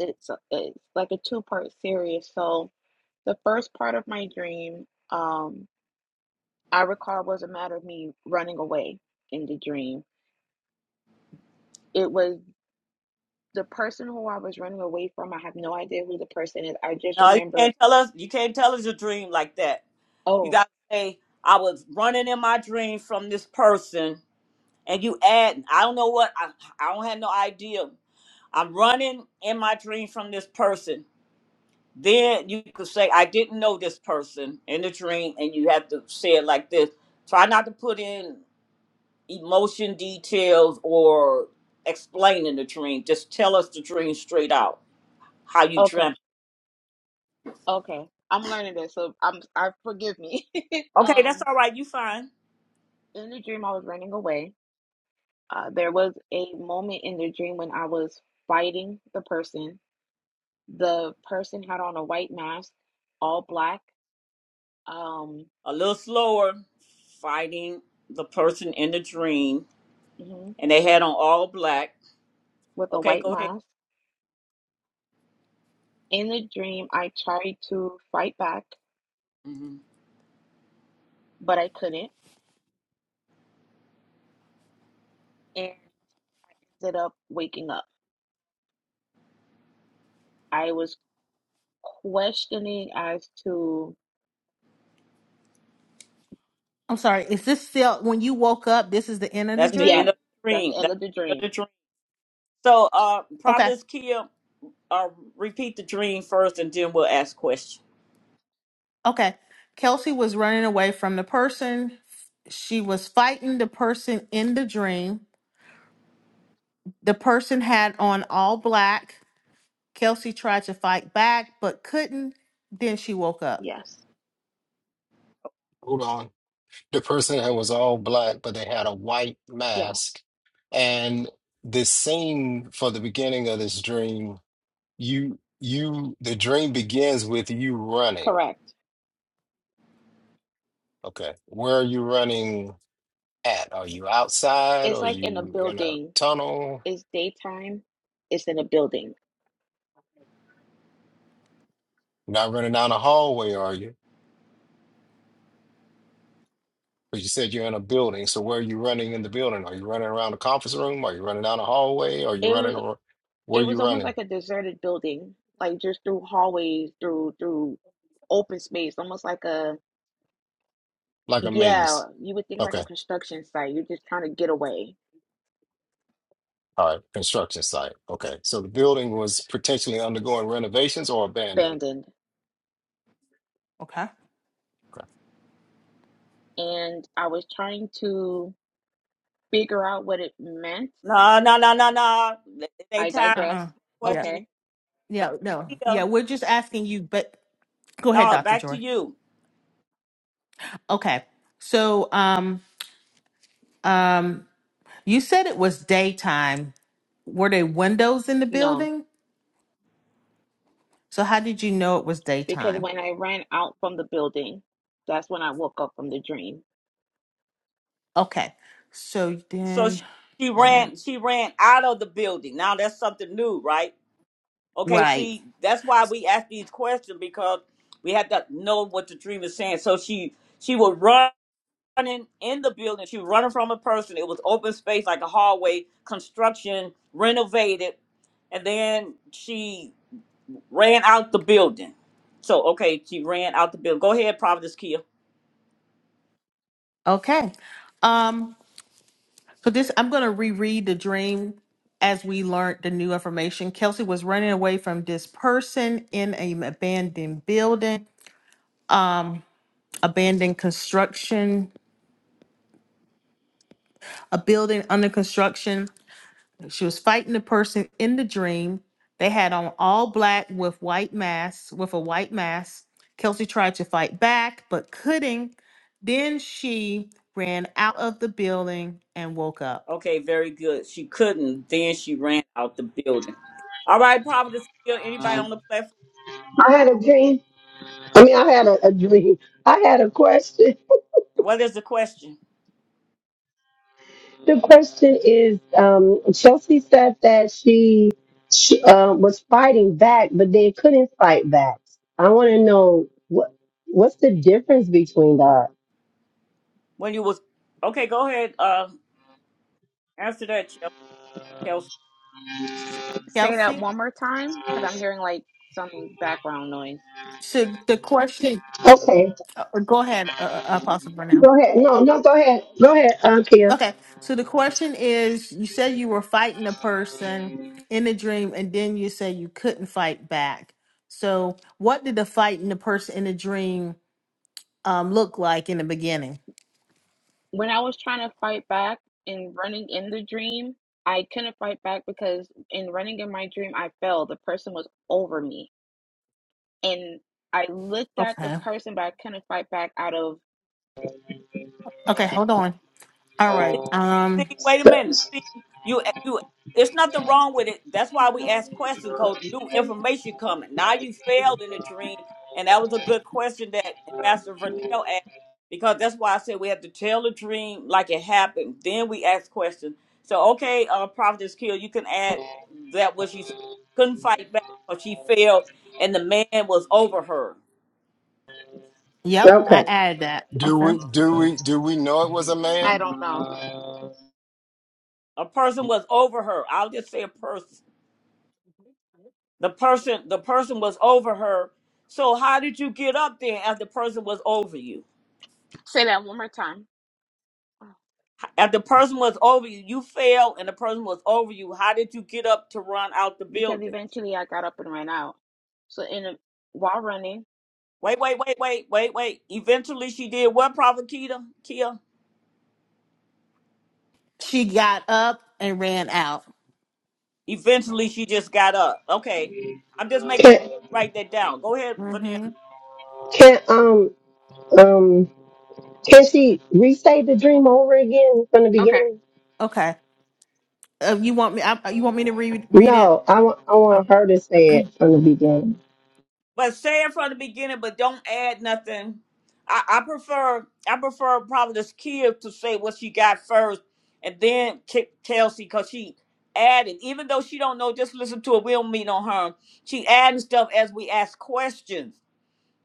it's, it's like a two-part series. So the first part of my dream, um, I recall was a matter of me running away in the dream. It was the person who I was running away from, I have no idea who the person is. I just
No, you
remember,
can't tell us. You can't tell us your dream like that. You
oh,
gotta say, I was running in my dream from this person, and you add, I don't know what, I, I don't have no idea. I'm running in my dream from this person. Then you could say, I didn't know this person in the dream, and you have to say it like this. Try not to put in. emotion details or explaining the dream. Just tell us the dream straight out, how you
okay,
dreamt.
okay. I'm learning this, so I'm I forgive me.
Okay, that's
um,
all right. You fine.
in the dream I was running away. Uh, there was a moment in the dream when I was fighting the person. The person had on a white mask, all black, um,
A little slower, fighting the person in the dream,
mhm,
and they had on all black.
with a
Okay,
white
go ahead.
mask. In the dream, I tried to fight back,
hmm
but I couldn't, and I ended up waking up. I was. questioning as to
I'm sorry. Is this still when you woke up, this is the end of the
That's the
yeah,
end
dream?
of the
that's
dream.
the end
That's
of the
the end of the
dream.
dream. So, uh,
Okay.
Providence Kia, uh, repeat the dream first, and then we'll ask questions.
Okay. Kelsey was running away from the person. She was fighting the person in the dream. The person had on all black. Kelsey tried to fight back but couldn't. Then she woke up.
Yes.
Hold on. The person that was all black, but they had a white
Yes.
mask, and this scene for the beginning of this dream, you you the dream begins with you running
Correct.
Okay. Where are you running at? Are you outside?
It's
Are
like in a
you in a
building.
tunnel?
It's daytime. It's in a building.
You're not running down a hallway, are you? But you said you're in a building. So where are you running in the building? Are you running around the conference room? Are you running down a hallway? Are you
It
running
was
or where
it
are
was
you
almost
running?
like a deserted building, like just through hallways, through through open space, almost like a
Like a
yeah,
maze.
you would think like a
Okay.
construction site. You're just trying to get away,
All right. Construction site. Okay. So the building was potentially undergoing renovations or abandoned.
abandoned.
Okay.
Okay.
And I was trying to figure out what it meant.
No, no, no, no, no. It
I
ain't time
Uh
digress.
uh
for
Yeah.
questioning.
Okay.
Back
Yeah. No.
to
Yeah.
Kia.
We're just asking you, but go ahead,
No,
Dr.
back to
Joy.
you.
Okay. So, um, um, you said it was daytime. Were there windows in the
No.
building? So, how did you know it was
because
daytime?
when I ran out from the building, that's when I woke up from the dream.
Okay. So
so
then
she she
ran
ran she ran out of the building. Now that's something new, right? Okay,
right.
see, that's why we ask these questions because we have to know what the dream is saying. So she she was running in the building. She was running from a person. It was open space like a hallway, construction, renovated, and then she ran out the building. So okay, she ran out the building. Go ahead, Providence Kia.
Okay. Um so this I'm going to reread the dream as we learned the new information. Kelsey was running away from this person in an abandoned building, abandoned construction, a building under construction. She was fighting the person in the dream. They had on all black with white masks, with a white mask. Kelsey tried to fight back, but couldn't. Then she ran out of the building and woke up.
Okay, very good. She couldn't. Then she ran out the building. All right, Providence Hill. Anybody on the platform?
I had a dream. I mean, I had a, a dream. I had a question.
What is the question?
The question is, um, Chelsea said that she, she uh, was fighting back, but they couldn't fight back. I want to know what what's the difference between that.
When you was okay, go ahead. Uh, answer that, Chel- Chelsea.
S- say that
Kelsey,
one more time because I'm hearing like some background noise.
so the question,
Okay,
uh, uh, go ahead, uh, uh, Apostle Brown.
go ahead. No, no, go ahead. Go ahead, uh, Kia.
Okay, so the question is you said you were fighting a person in the dream, and then you said you couldn't fight back. So, what did the fighting the person in the dream? um look like in the beginning.
When I was trying to fight back in running in the dream, I couldn't fight back because in running in my dream, I fell. The person was over me. And I looked at the
Okay.
person, but I couldn't fight back out of,
Okay, hold on. All right.
See,
Um
wait a
So,
minute. See, you, you. It's nothing wrong with it. That's why we ask questions. Cause new information coming. Now you failed in a dream, and that was a good question that Ambassador Vernell asked. Because that's why I said we have to tell the dream like it happened. Then we ask questions. So okay, uh, Prophetess Kill, you can add that what she said. couldn't fight back, or she failed, and the man was over her.
yep, I
okay.
added that.
Do
Okay.
we do we do we know it was a
I
man?
don't know.
A person was over her. I'll just say a person. The person the person was over her. So how did you get up there if the person was over you?
Say that one more time
If the person was over you, you fell and the person was over you. How did you get up to run out the
because
building?
eventually I got up and ran out. So in a, while running,
Wait, wait, wait, wait, wait, wait. Eventually she did what, Prophet Keita? Kia?
She got up and ran out.
Eventually she just got up. Okay. I'm just making sure
Can
you write that down. Go ahead,
mm Mhm.
can um um can she restate the dream over again from the
okay,
beginning?
Okay. Uh, you want me I, you want me to read read it?
No, I want I
Uh,
want her to say it from the beginning.
But say it from the beginning, but don't add nothing. I, I prefer I prefer Providence Kia to say what she got first, and then K- Kelsey, cause she added. Even though she don't know, just listen to it. We don't mean on her. She adding stuff as we ask questions.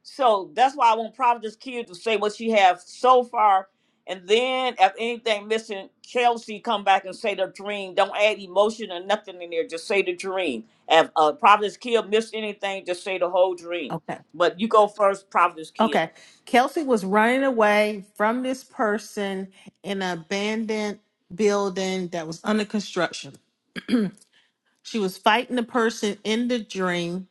So that's why I want Providence Q to say what she has so far. And then if anything missing, Kelsey come back and say the dream. Don't add emotion or nothing in there. Just say the dream. If uh, Providence Kia missed anything, just say the whole dream.
Okay.
But you go first, Providence Kia.
Okay. Kelsey was running away from this person in an abandoned building that was under construction. She was fighting the person in the dream.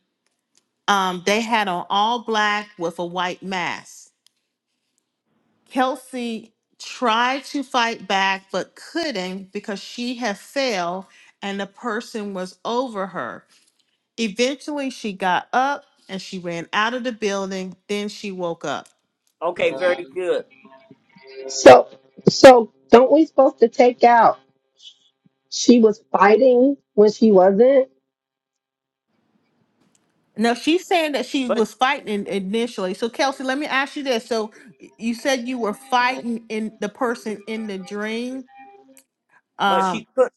Um, they had on all black with a white mask. Kelsey tried to fight back but couldn't because she had fell and the person was over her. Eventually, she got up and she ran out of the building. Then she woke up.
Okay, very good.
So, so don't we supposed to take out? She was fighting when she wasn't,
Now she's saying that she
But
was fighting initially. So Kelsey, let me ask you this. So you said you were fighting in the person in the dream,
but
um,
she could.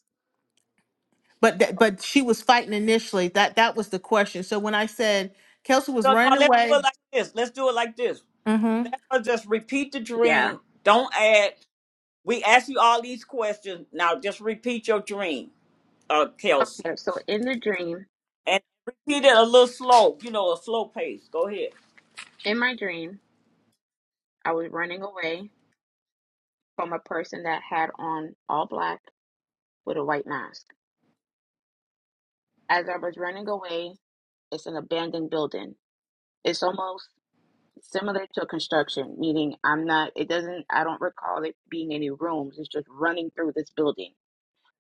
but that but she was fighting initially. That that was the question. So when I said Kelsey was
So no,
running
let's do
away,
it like this. Let's do it like this.
mm-hmm.
Or Just repeat the
yeah,
dream. Don't add. We ask you all these questions. Now just repeat your dream, uh, Kelsey.
Okay, so in the dream,
and repeat it a little slow, you know, a slow pace. Go ahead.
in my dream, I was running away from a person that had on all black with a white mask. As I was running away, it's an abandoned building. It's almost similar to construction, meaning I'm not, it doesn't, I don't recall it being any rooms. It's just running through this building.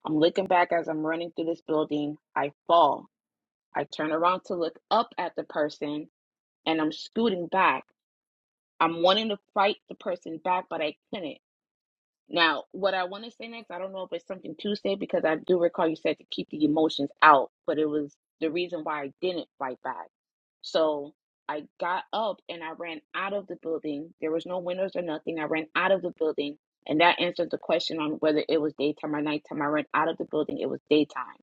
I'm looking back as I'm running through this building. I fall. I turn around to look up at the person and I'm scooting back. I'm wanting to fight the person back, but I couldn't. Now, what I want to say next, I don't know if it's something Tuesday because I do recall you said to keep the emotions out, but it was the reason why I didn't fight back. So I got up and I ran out of the building. There was no windows or nothing. I ran out of the building, and that answers the question on whether it was daytime or nighttime. I ran out of the building. It was daytime.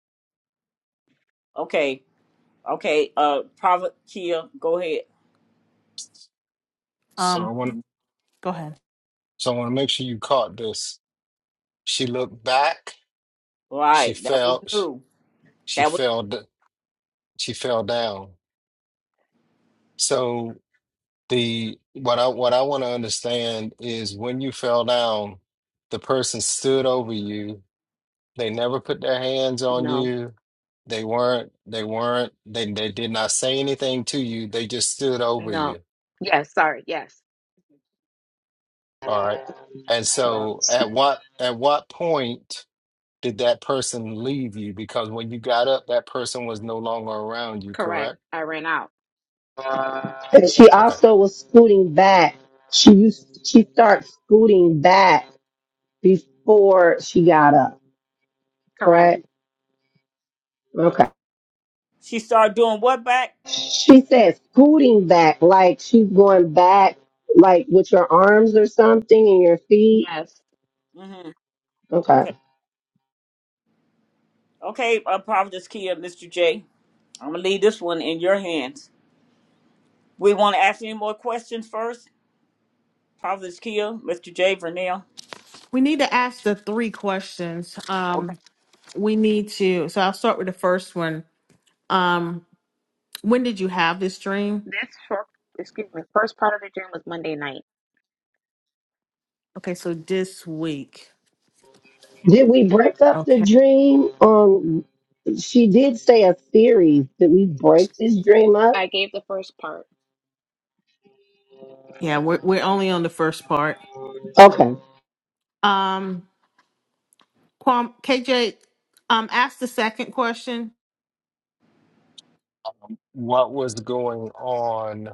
Okay. Okay. Uh Prophet Kia, go ahead.
So I
um,
want
go ahead.
so I want to make sure you caught this. She looked back she
Right. That was
fell sh-
new.
she
That was
fell d- she fell down so the what i what i want to understand is when you fell down the person stood over you they never put their hands on
No.
you they weren't they weren't they, they did not say anything to you they just stood over
No.
you
Yes, sorry. Yes.
all right and so at what at what point did that person leave you because when you got up that person was no longer around you
Correct.
correct
I ran out.
and she
Okay.
also was scooting back. She used she started scooting back before she got up.
Correct.
Correct? Okay.
she started doing what back?
She said scooting back, like she's going back, like with your arms or something and your feet.
Yes.
Mm-hmm.
Okay.
Okay. Okay, uh Prophetess Kia, Mr. J. I'm gonna leave this one in your hands. We wanna ask any more questions first? Prophetess Kia, Mr. J, Vernell.
We need to ask the three questions.
Okay.
Um, we need to. So I'll start with the first one. Um, when did you have this dream?
This first, excuse me, first part of the dream was Monday night.
Okay, so this week.
Did we break up the
Okay.
dream? Um, she did say a series. Did we break this dream up?
I gave the first part.
Yeah, we're we're only on the first part.
Okay.
Um, Kwam, KJ, um, ask the second question.
what was going on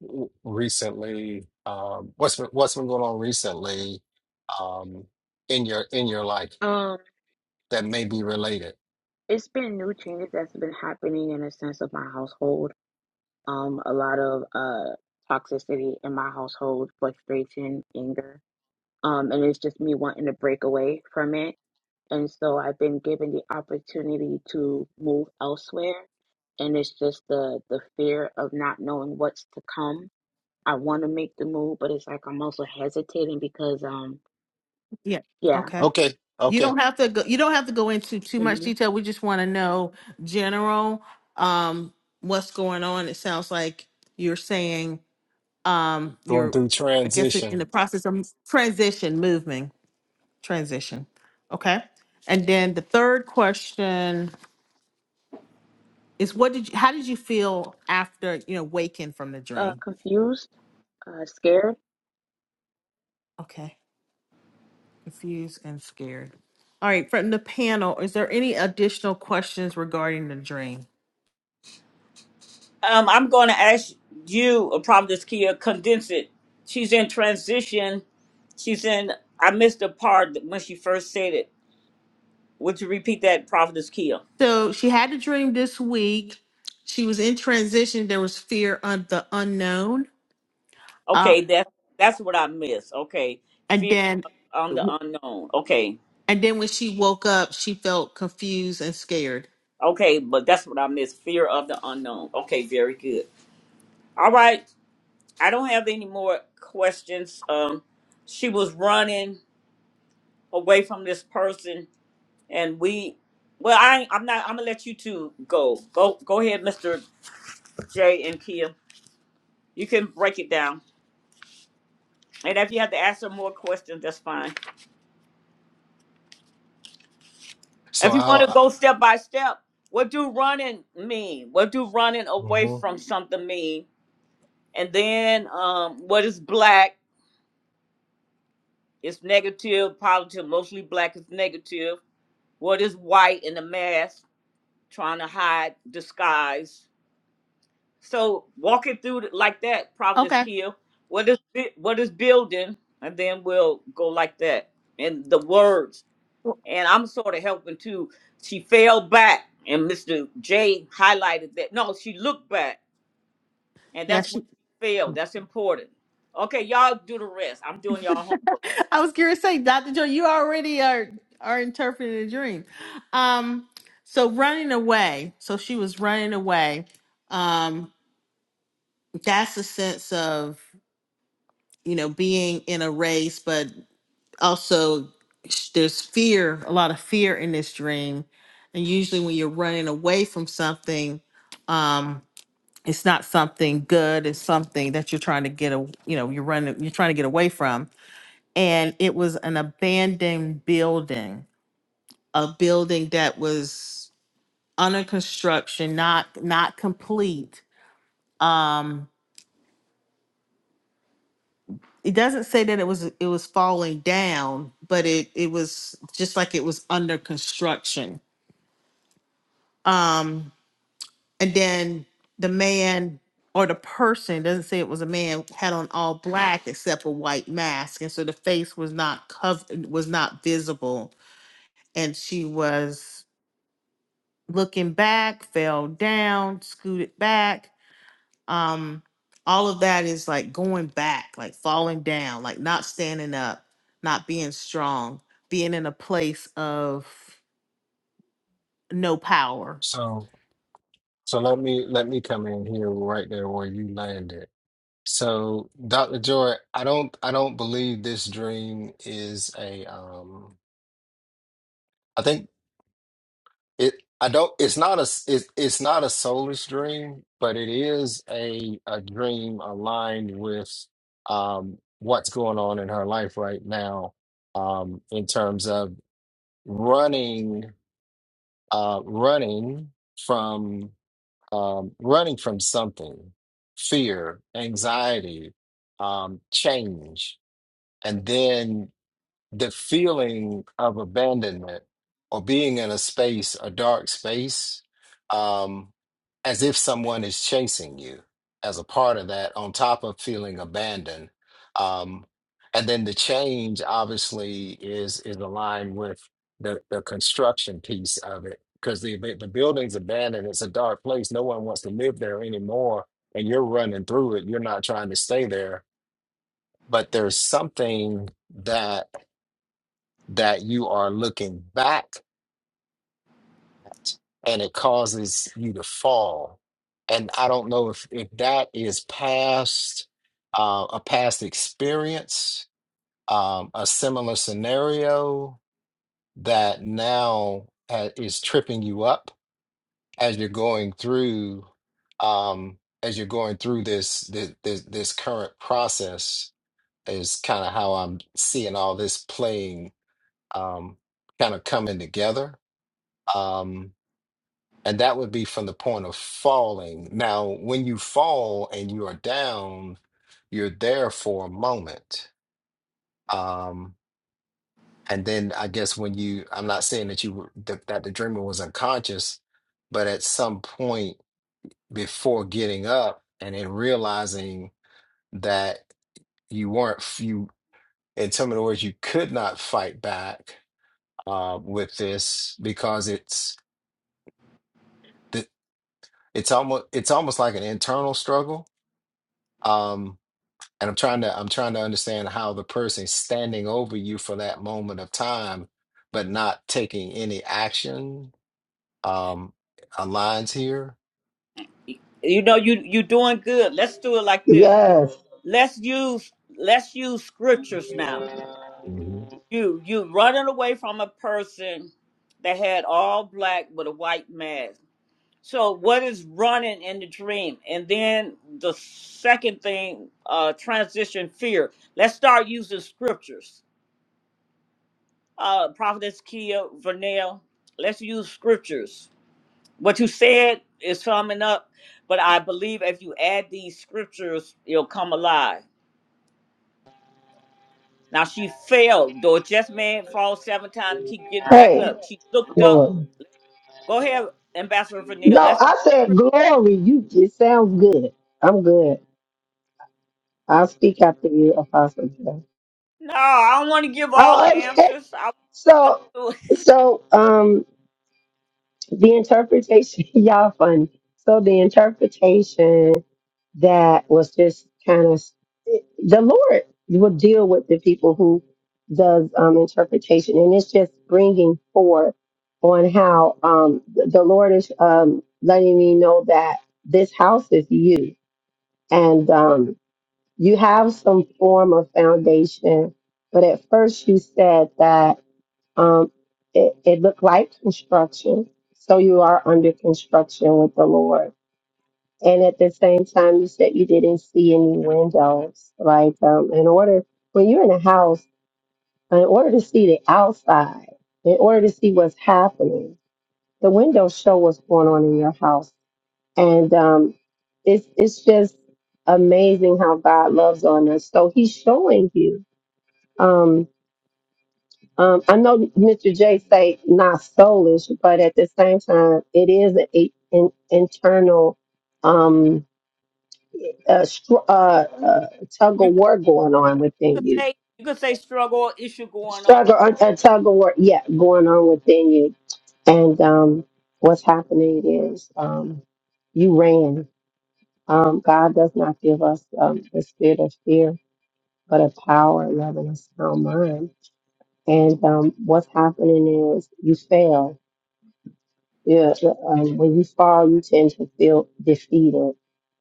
w- recently um what's been, what's been going on recently um in your in your life
Um,
that may be related
it's been new changes that's been happening in a sense of my household. Um, a lot of uh toxicity in my household, frustration, anger. um, and it's just me wanting to break away from it. And so I've been given the opportunity to move elsewhere, and it's just the the fear of not knowing what's to come. I want to make the move, but it's like I'm also hesitating because, um,
Yeah.
yeah,
Okay.
okay
You
okay
don't have to go. You don't have to go into too much
hmm
detail. We just want to know general. Um, what's going on? It sounds like you're saying. um
going
you're
through
i guess in
transition
the process of transition moving transition okay and then the third question is what did you how did you feel after you know waking from the
uh,
dream
confused, uh, scared.
okay confused and scared all right from the panel is there any additional questions regarding the dream
Um, I'm gonna ask you, uh, Prophetess Kia, condense it. She's in transition. She's in I missed the part that when she first said it Would you repeat that, Prophetess Kia?
so she had a dream this week she was in transition there was fear of the unknown uh,
Okay, that's that's what I miss. Okay,
and
fear
then
on the unknown. Okay,
And then when she woke up, she felt confused and scared.
okay, but that's what I miss. Fear of the unknown. Okay, very good. All right, I don't have any more questions. Um, she was running away from this person, and we. Well, I, I'm not. I'm gonna let you two go. Go, go ahead, Mr. J and Kia. You can break it down, and if you have to ask her more questions, that's fine.
so
If you want to
i'll
go step by step, what do running mean? What do running away
mhm.
from something mean? And then um, what is black? It's negative, positive, mostly black is negative. What is white in the mask, trying to hide, disguise? So walk it through like that, Providence
Okay.
Kill. What is bi- what is building? And then we'll go like that. And the words.
Well,
and I'm sort of helping too. She fell back, and Mr. J highlighted that. No, she looked back, and
Yeah,
that's when
she.
she failed. That's important. Okay, y'all do the rest. I'm doing y'all home.
I was curious. to Say, Doctor Joe, you already are are interpreting a dream. Um, so running away. So she was running away. Um, that's a sense of you know being in a race, but also sh- there's fear, a lot of fear in this dream. And usually, when you're running away from something, um, it's not something good it's something that you're trying to get a you know you're running you're trying to get away from and it was an abandoned building a building that was under construction not not complete um it doesn't say that it was it was falling down but it it was just like it was under construction Um, And then the man or the person doesn't say it was a man had on all black except a white mask, and so the face was not covered, was not visible, and she was looking back, fell down, scooted back. Um, all of that is like going back, like falling down, like not standing up, not being strong, being in a place of no power
so so let me let me come in here right there where you landed so dr joy i don't i don't believe this dream is a um i think It I don't it's not a s- it, it's not a soulless dream, but it is a a dream aligned with um what's going on in her life right now um in terms of running uh running from um running from something fear, anxiety, um change and then the feeling of abandonment or being in a space, a dark space, um, as if someone is chasing you as a part of that, on top of feeling abandoned. Um, and then the change obviously is is aligned with the, the construction piece of it because the the building's abandoned. It's a dark place. No one wants to live there anymore. And you're running through it. You're not trying to stay there. But there's something that that you are looking back and it causes you to fall. And I don't know if, if that is past uh, a past experience, um, a similar scenario that now ha- is tripping you up as you're going through um, as you're going through this this this, this current process is kind of how I'm seeing all this playing um, kind of coming together. Um, And that would be from the point of falling. Now, when you fall and you are down, you're there for a moment. Um, and then I guess when you, I'm not saying that you were, that, that the dreamer was unconscious, but at some point before getting up and then realizing that you weren't, you, in some of the words, you could not fight back uh, with this because it's, the- it's almost, it's almost like an internal struggle. Um, and I'm trying to I'm trying to understand how the person standing over you for that moment of time, but not taking any action, um, aligns here.
You know, you you doing good. Let's do it like this.
Yes.
Let's use let's use scriptures now.
Mhm.
You you running away from a person that had all black with a white mask. So what is running in the dream? And then the second thing, uh, transition fear. Let's start using scriptures. Uh, Prophetess Kia Vernell, let's use scriptures. What you said is summing up, but I believe if you add these scriptures, it'll come alive. Now she failed. Though just man fall seven times, keep getting back
Hey,
up. She looked up.
glory.
Go ahead, Ambassador Vernell.
No,
Let's use.
I said glory. You it sounds good. I'm good. I'll speak after you, Apostle. Joe.
No, I don't want to give all the
Oh, okay.
answers. I
So so um the interpretation, y'all funny. So the interpretation that was just kind of the Lord will deal with the people who does um, interpretation, and it's just bringing forth on how um, the the Lord is um, letting me know that this house is you, and um, you have some form of foundation. But at first, you said that. Um, it, it looked like construction. So you are under construction with the Lord. And at the same time, you said you didn't see any windows. Like, um, in order, when you're in a house, in order to see the outside, in order to see what's happening, the windows show what's going on in your house. And um, it's, it's just amazing how God loves on us. So he's showing you. Um, Um, I know Mr. J say not soulish, but at the same time, it is a, an internal um, uh, str- uh, uh, tug
You
of war going on
could
within you.
say you could say struggle or issue going on,
Struggle, a, a tug of war, yeah, going on within you. And um, what's happening is um, you ran. Um, God does not give us um, the spirit of fear, but of power, love, and a sound mind. And um, what's happening is you failed Yeah, the- um, when you fall, you tend to feel defeated.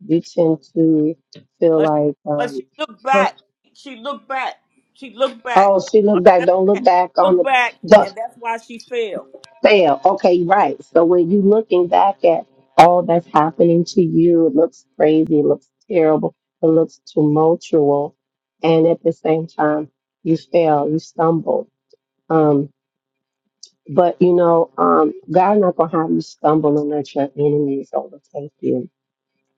You tend to feel
but
like,
but
um,
she looked
huh?
back. She looked back. She looked back.
oh, she looked back.
Address
Don't
that.
look back on
Look
the
back,
don't
and that's why she failed.
fail. Okay, right. So when you looking back at all that's happening to you, it looks crazy. It looks terrible. It looks tumultuous, and at the same time, you fail. You stumble. Um, but you know, um, God not gonna have you stumble and let your enemies overtake you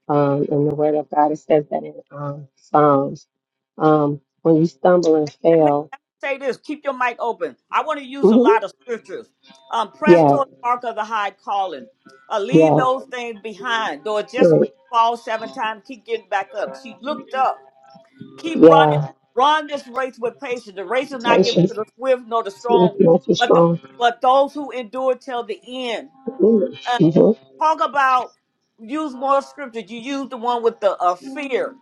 Um, and the word of God it says that in um, Psalms. Um, when you stumble and
Let me,
fail,
let me say this. Keep your mic open. I want to use a
hmm
lot of scriptures. Um, press
yeah,
toward the mark of the high calling. Uh, leave
yeah,
those things behind. Though it just may
right,
fall seven times, keep getting back up. She looked up. keep running,
yeah,
run this race with patience. The race is not given
patience,
to the swift nor the strong,
not too
but the
strong.
but those who endure till the end. Uh,
Mm-hmm.
talk about use more scripture. You use the one with the uh, fear.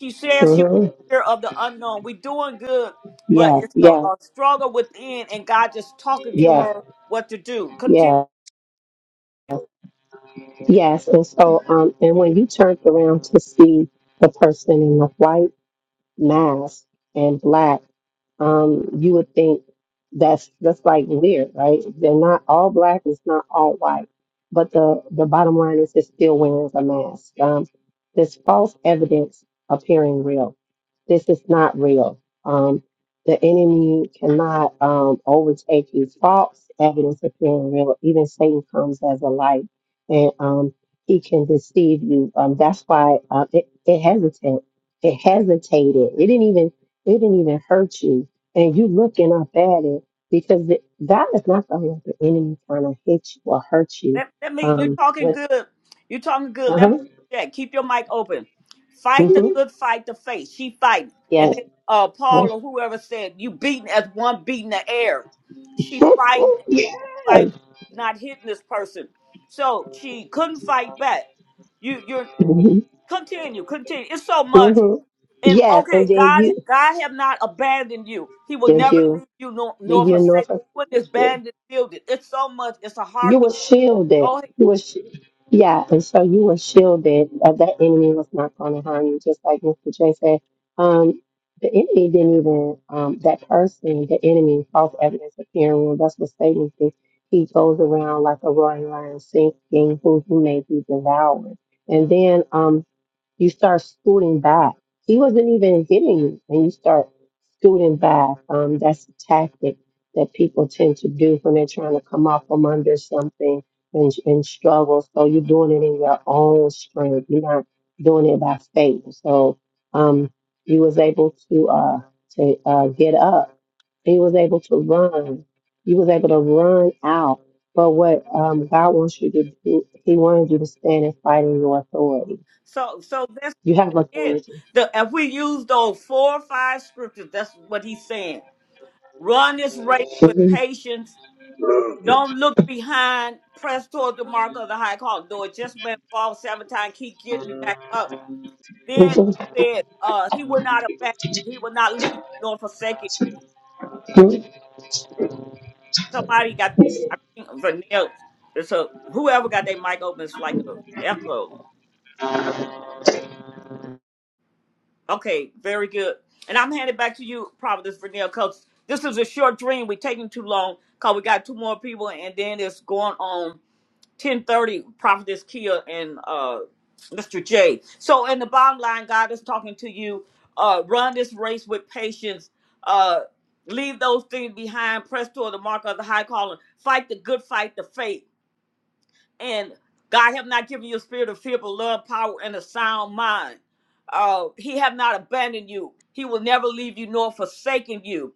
She says she was
Mm-hmm.
fear of the unknown. We doing good, but
Yes,
it's a,
yes,
a struggle within, and God just talking to
yes,
her what to do. Continue.
yes, yes. And so, um, and when you turned around to see the person in the white. mask and black, um, you would think that's that's like weird, right? They're not all black, it's not all white. But the, the bottom line is it still wears a mask. Um, this false evidence appearing real. This is not real. Um, the enemy cannot um, overtake you. False evidence appearing real. Even Satan comes as a light, and um, he can deceive you. Um, that's why uh, it, it hesitates. It hesitated. It didn't even it didn't even hurt you. And you looking up at it because it, God is not the one the enemy trying to hit you or hurt you.
Let, let me, you
Um
talking
with
good. You talking good. Let me
uh-huh.
check. Keep your mic open. Fight the
hmm
good fight the faith. She fighting. And
Yes.
then uh, Paul or whoever said, you beating as one beating the air. She fighting and
Yeah.
fight back, not hitting this person. So she couldn't fight back. You you're continue, continue. It's so much.
hmm
And
Yes, and
okay,
then
God
you
God have not abandoned you. He will
did
never
you
leave you nor,
leave
nor
your
forsake
north.
you in this bandit building. It's so much. It's a hard
You were
issue. Go
shielded.
ahead.
You were, sh- yeah, and so you were shielded. Uh, that enemy was not going to harm you, just like Mr. J said. Um, the enemy didn't even um, that person. The enemy, false evidence appearing. Well, that's what Satan thinks. He goes around like a roaring lion, seeking who he may be devoured. And then um, you start scooting back. He wasn't even hitting you, and you start scooting back. Um, that's a tactic that people tend to do when they're trying to come off from under something and, and struggle. So you're doing it in your own strength. You're not doing it by faith. So um, he was able to uh, to uh, get up. He was able to run. He was able to run out. But what um, God wants you to do, He wanted you to stand and fight in your authority.
So so that's
You have
it.
authority.
The if we use those four or five scriptures, that's what he's saying. Run this race with
Mhm.
patience. Don't look behind. Press toward the mark of the high calling. Though it just been fall seven times, keep getting back up. Then
Mhm.
he said, uh, he will not abandon you. He will not leave you nor forsake you. Somebody got I think Vanilla. So whoever got their mic open, it's like a echo. Okay, very good. And I'm handing back to you, Providence Vernell, because this is a short dream. We're taking too long because we got two more people, and then it's going on 1030, Prophetess Kia and uh, Mr. J. So in the bottom line, God is talking to you. Uh, run this race with patience. Uh, leave those things behind. Press toward the mark of the high calling. Fight the good fight, the faith and God have not given you a spirit of fear, but love, power, and a sound mind. Uh, he have not abandoned you. He will never leave you nor forsaken you.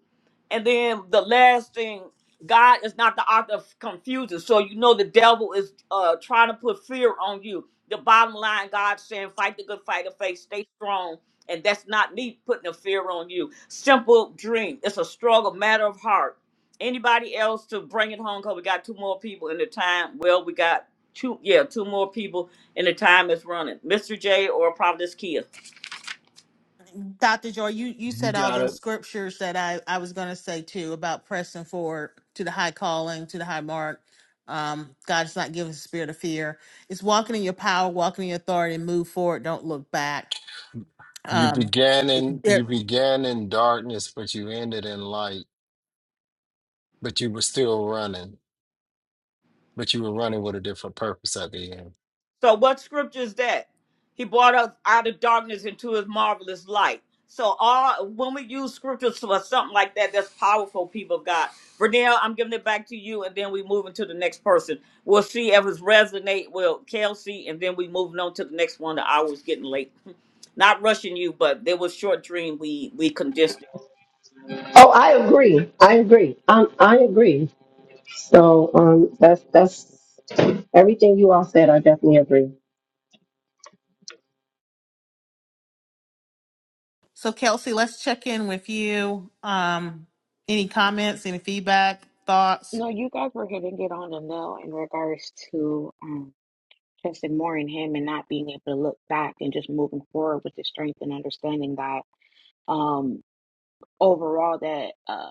And then the last thing, God is not the author of confusion. So you know the devil is uh, trying to put fear on you. The bottom line, God saying, fight the good fight of faith, stay strong. And that's not me putting a fear on you. Simple dream. It's a struggle, matter of heart. Anybody else to bring it home? Because we got two more people in the time. Well, we got two yeah two more people and the time is running mr j or prophetess kia
Dr. Joy, you, you
You
said all
got
those
it.
scriptures that I, I was going to say too about pressing forward to the high calling, to the high mark. Um, God is not giving us a spirit of fear. It's walking in your power, walking in your authority, move forward, don't look back.
You
Um,
began
it-
in you
there,
began in darkness, but you ended in light. But you were still running, but you were running with a different purpose at the end.
so what scripture is that he brought us out of darkness into his marvelous light so all when we use scriptures for something like that that's powerful people of god Vernell, i'm giving it back to you and then we move into the next person we'll see if it's resonate with kelsey and then we moving on to the next one the hour is getting late not rushing you but there was short dream we we condensed it.
Oh, I agree. I agree. Um, I agree. So um, that's that's everything you all said. I definitely agree.
so, Kelsey, let's check in with you. Um, any comments, any feedback, thoughts?
No, you guys were hitting it on the nail in regards to um, trusting more in Him and not being able to look back and just moving forward with the strength and understanding that. um, overall that uh,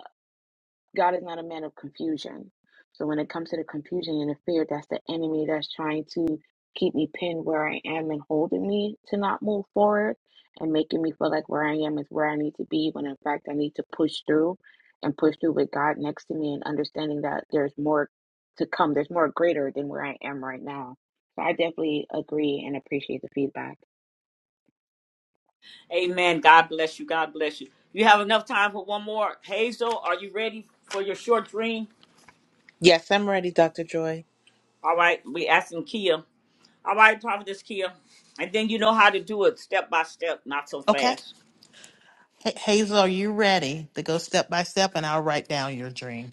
God is not a man of confusion. So when it comes to the confusion and the fear, that's the enemy that's trying to keep me pinned where I am and holding me to not move forward and making me feel like where I am is where I need to be when in fact I need to push through and push through with God next to me and understanding that there's more to come. There's more greater than where I am right now. So I definitely agree and appreciate the feedback.
Amen. God bless you. God bless you. You have enough time for one more. Hazel, are you ready for your short dream?
Yes, I'm ready, Dr. Joy.
All right. We asking Kia. All right, Prophetess Kia. And then you know how to do it step by step, not so
Okay.
fast.
Ha- Hazel, are you ready to go step by step? And I'll write down your dream.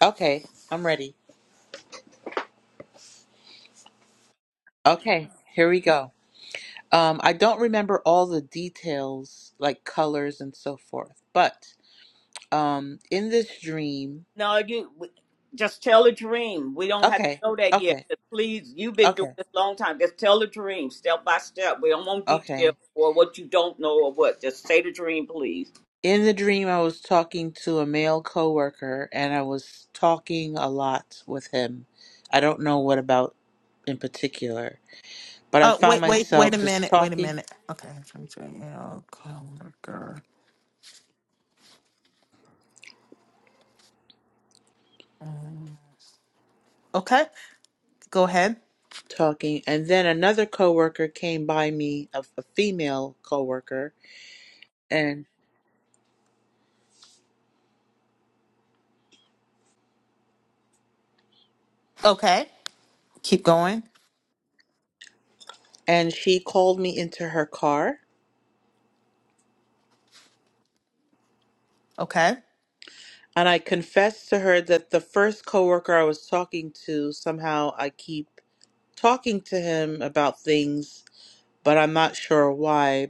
Okay, I'm ready. Okay, here we go. Um, I don't remember all the details, like colors and so forth, but um, in this dream,
No, you we- just tell a dream. We don't have to
okay,
know that yet.
okay,
But please, you've been doing
okay,
this long time. Just tell the dream step by step. We don't want
okay.
detail or what you don't know or what. Just say the dream, please.
In the dream, I was talking to a male coworker, and I was talking a lot with him. I don't know what about in particular, but I
Oh,
found
wait, wait, wait
myself
a
just
minute. Wait a
talking,
minute. Okay. Chantel coworker. Okay. Go ahead.
talking, and then another coworker came by me, a, a female coworker, and
Okay. Keep going.
and she called me into her car,
Okay.
and I confessed to her that the first coworker I was talking to somehow I keep talking to him about things, but I'm not sure why.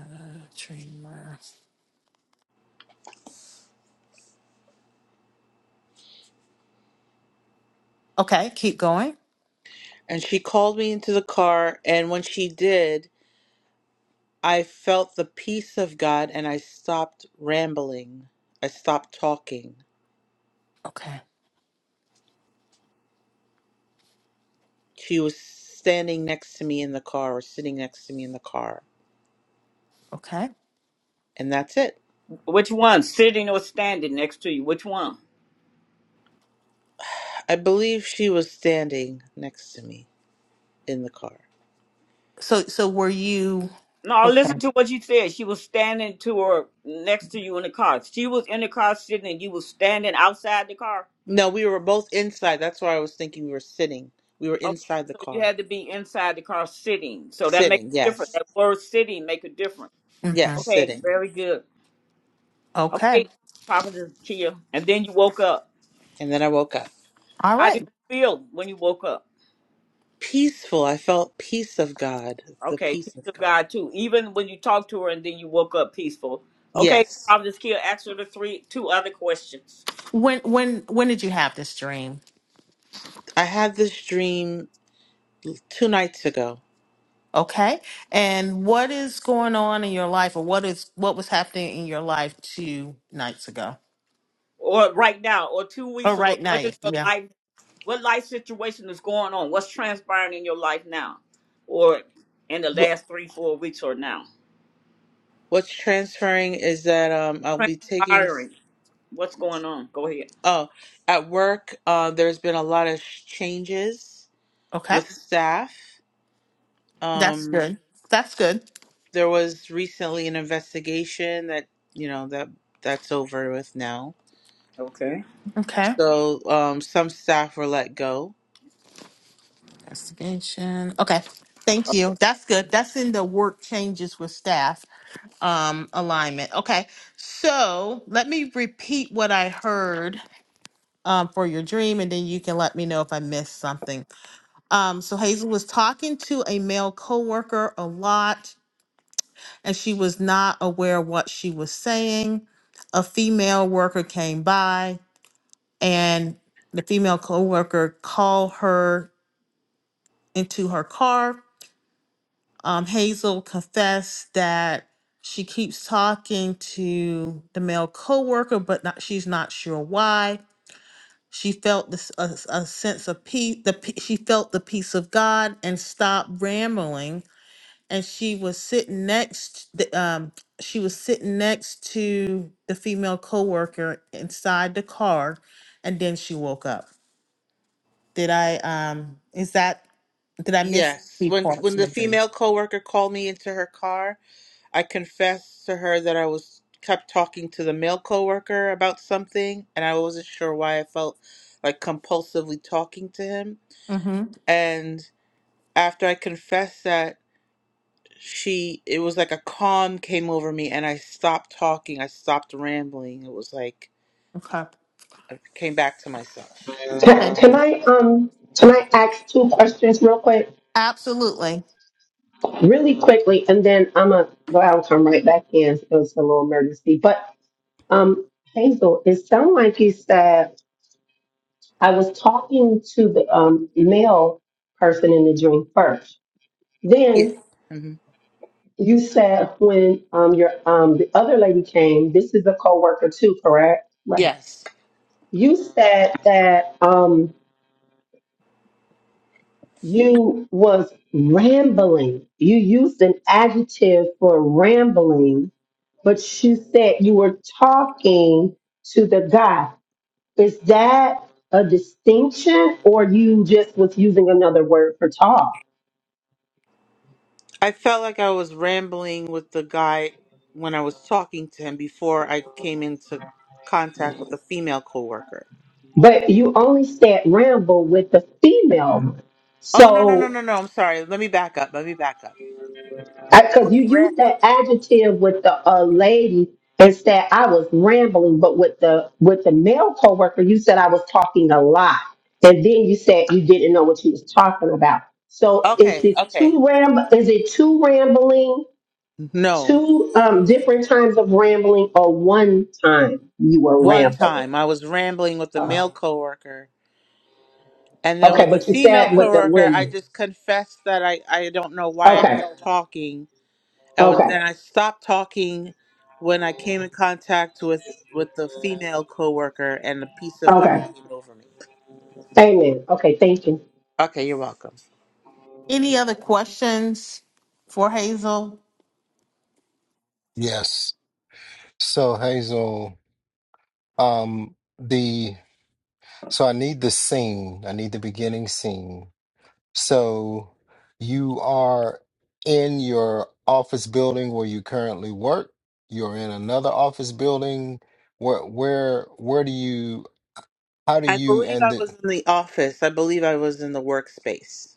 Uh, Dreamer. Okay. Keep going.
And she called me into the car, and when she did, I felt the peace of God and I stopped rambling. I stopped talking.
Okay.
She was standing next to me in the car or sitting next to me in the car.
Okay.
And that's it.
Which one? Sitting or standing next to you? Which one?
I believe she was standing next to me in the car.
So, so were you?
No,
Okay.
listen to what you said. She was standing to her next to you in the car. She was in the car sitting, and you was standing outside the car.
No, we were both inside. That's why I was thinking we were sitting. We were
Okay,
inside the
so you
car.
had to be inside the car sitting. So that makes
Sitting,
a difference.
yes.
That word "sitting" make a difference.
hmm
Yes,
Okay,
sitting.
very good.
Okay.
Okay, Prophet Chia, and then you woke up.
And then I woke up.
All
How did
right.
you feel when you woke up?
Peaceful. I felt peace of God, the
Okay, peace
peace of
of
God.
God too. Even when you talked to her, and then you woke up peaceful. Okay,
Yes.
Prophet Kia, ask her the three two other questions.
When, when, when did you have this dream?
I had this dream two nights ago.
Okay. And what is going on in your life or what is, what was happening in your life two nights ago?
or right now or two
Oh,
weeks ago
right
what is
night.
your
Yeah.
life what life situation is going on what's transpiring in your life now or in the
Wh-
last three four weeks or now
What's transferring is that um, I'll be taking.
transpiring what's going on go ahead
Oh, at work, uh, there's been a lot of sh- changes
Okay.
with staff.
That's
Um,
good. That's good.
there was recently an investigation that you know that that's over with now.
okay
Okay.
So um, some staff were let go.
Investigation. Okay. Thank you. That's good. That's in the work changes with staff um, alignment. Okay. So let me repeat what I heard um, for your dream, and then you can let me know if I missed something. Um, so Hazel was talking to a male coworker a lot, and she was not aware what she was saying. A female worker came by, and the female coworker called her into her car. Um, Hazel confessed that she keeps talking to the male coworker, but not, she's not sure why. She felt this a, a sense of peace. The pe- she felt the peace of God and stopped rambling. And she was sitting next. The, um, she was sitting next to the female coworker inside the car, and then she woke up. Did I? Um, is that? Did I miss?
Yes, when when the female coworker called me into her car I confessed to her that I was kept talking to the male coworker about something, and I wasn't sure why I felt like compulsively talking to him.
Mm-hmm.
And after I confessed that, she it was like a calm came over me, and I stopped talking. I stopped rambling. It was like
Okay.
I came back to myself.
Can,
Thank you.
can I um can I ask two questions real quick,
Absolutely.
really quickly, and then I'm gonna go out and come right back in. It was a little emergency, but um, Hazel, it sounded like you said. I was talking to the um, male person in the dream first.
Yeah.
Then
hmm
you said when um, your um, the other lady came, this is a coworker too, correct? Right.
Yes,
You said that um, you was rambling. You used an adjective for rambling, but you said you were talking to the guy. Is that a distinction, or you just was using another word for talk?
I felt like I was rambling with the guy when I was talking to him before I came into contact with a female coworker
But you only said Rambo with the female.
Oh no no no
So,
no no! I'm sorry. Let me back up. Let me back up. I
because
was
you used
ra-
that adjective with the uh, lady and said I was rambling, but with the with the male coworker, you said I was talking a lot, and then you said you didn't know what she was talking about. So, is
okay
this
okay.
two ramble? Is it two rambling?
No,
Two um, different times of rambling, or one time you were
one
rambling?
time I was rambling with the
Uh,
male coworker, and then
okay,
with the
but you
female
said with the
coworker, I
women.
just confessed that I I don't know why I
Okay,
kept talking, and when-
okay.
then I stopped talking when I came in contact with with the female coworker, and the peace of
Okay.
God came over me.
Amen. Okay, thank you.
Okay, you're welcome.
Any other questions for Hazel?
Yes. So Hazel, um, the so I need the scene. I need the beginning scene. So you are in your office building where you currently work. You're in another office building. Where where where do you how do
I
you
believe
and
I
the
was in the office. I believe I was in the workspace.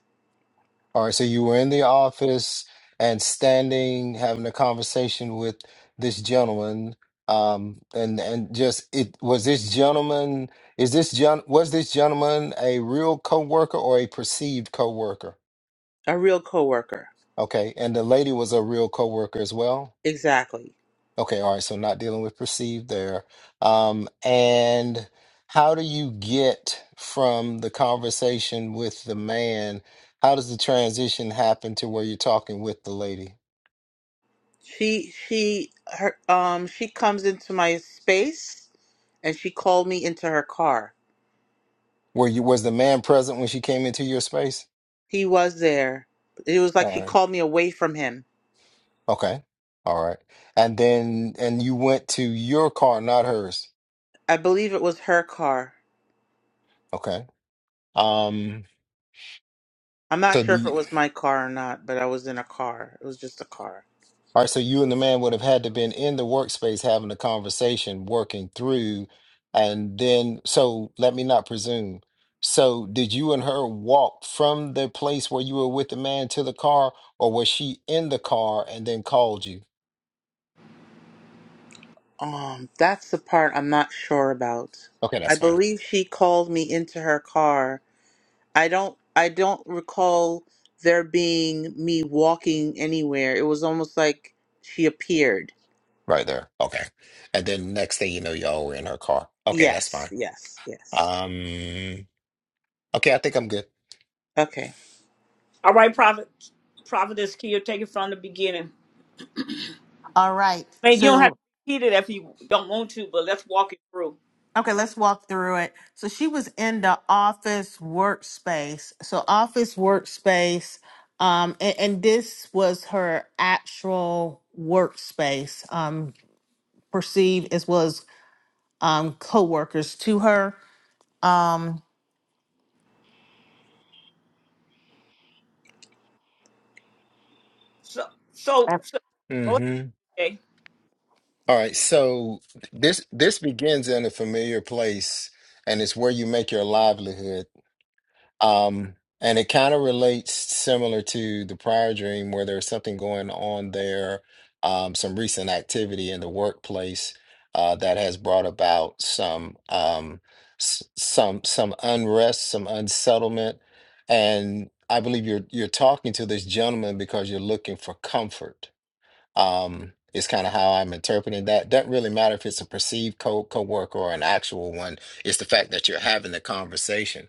all right, so you were in the office and standing having a conversation with this gentleman. Um and and just it was this gentleman is this gen was this gentleman a real coworker or a perceived coworker?
A real coworker.
Okay, and the lady was a real coworker as well.
Exactly.
Okay, all right, so not dealing with perceived there. Um, and how do you get from the conversation with the man? How does the transition happen to where you're talking with the lady?
She she her um she comes into my space and she called me into her car.
Were you was the man present when she came into your space?
He was there. It was like
All
she
right.
called me away from him.
Okay. All right. And then and you went to your car, not hers.
I believe it was her car.
Okay. Um,
I'm not
so
sure if it
the
was my car or not, but I was in a car. It was just a car.
All right, so you and the man would have had to been in the workspace having a conversation, working through, and then so let me not presume. So did you and her walk from the place where you were with the man to the car, or was she in the car and then called you?
Um, that's the part I'm not sure about.
Okay,
I
that's fine.
believe she called me into her car. I don't I don't recall there being me walking anywhere. It was almost like she appeared.
Right there. Okay. And then next thing you know, y'all were in her car. Okay, that's
Yes,
fine.
yes, yes.
Um, okay, I think I'm good.
Okay.
all right prophet prophetess kia take it from the beginning
All right.
i mean you don't have
So,
to repeat it if you don't want to but let's walk it through
okay, let's walk through it. So, she was in the office workspace. So, office workspace, um, and, and this was her actual workspace, um, perceived as was um, co to her. Um,
so so, so go
Mm-hmm.
ahead Jay.
All right, so this this begins in a familiar place, and it's where you make your livelihood. Um, and it kind of relates similar to the prior dream, where there's something going on there, um, some recent activity in the workplace uh, that has brought about some um, s- some some unrest, some unsettlement, and I believe you're you're talking to this gentleman because you're looking for comfort um, is kind of how I'm interpreting that. Doesn't really matter if it's a perceived co coworker or an actual one. It's the fact that you're having the conversation.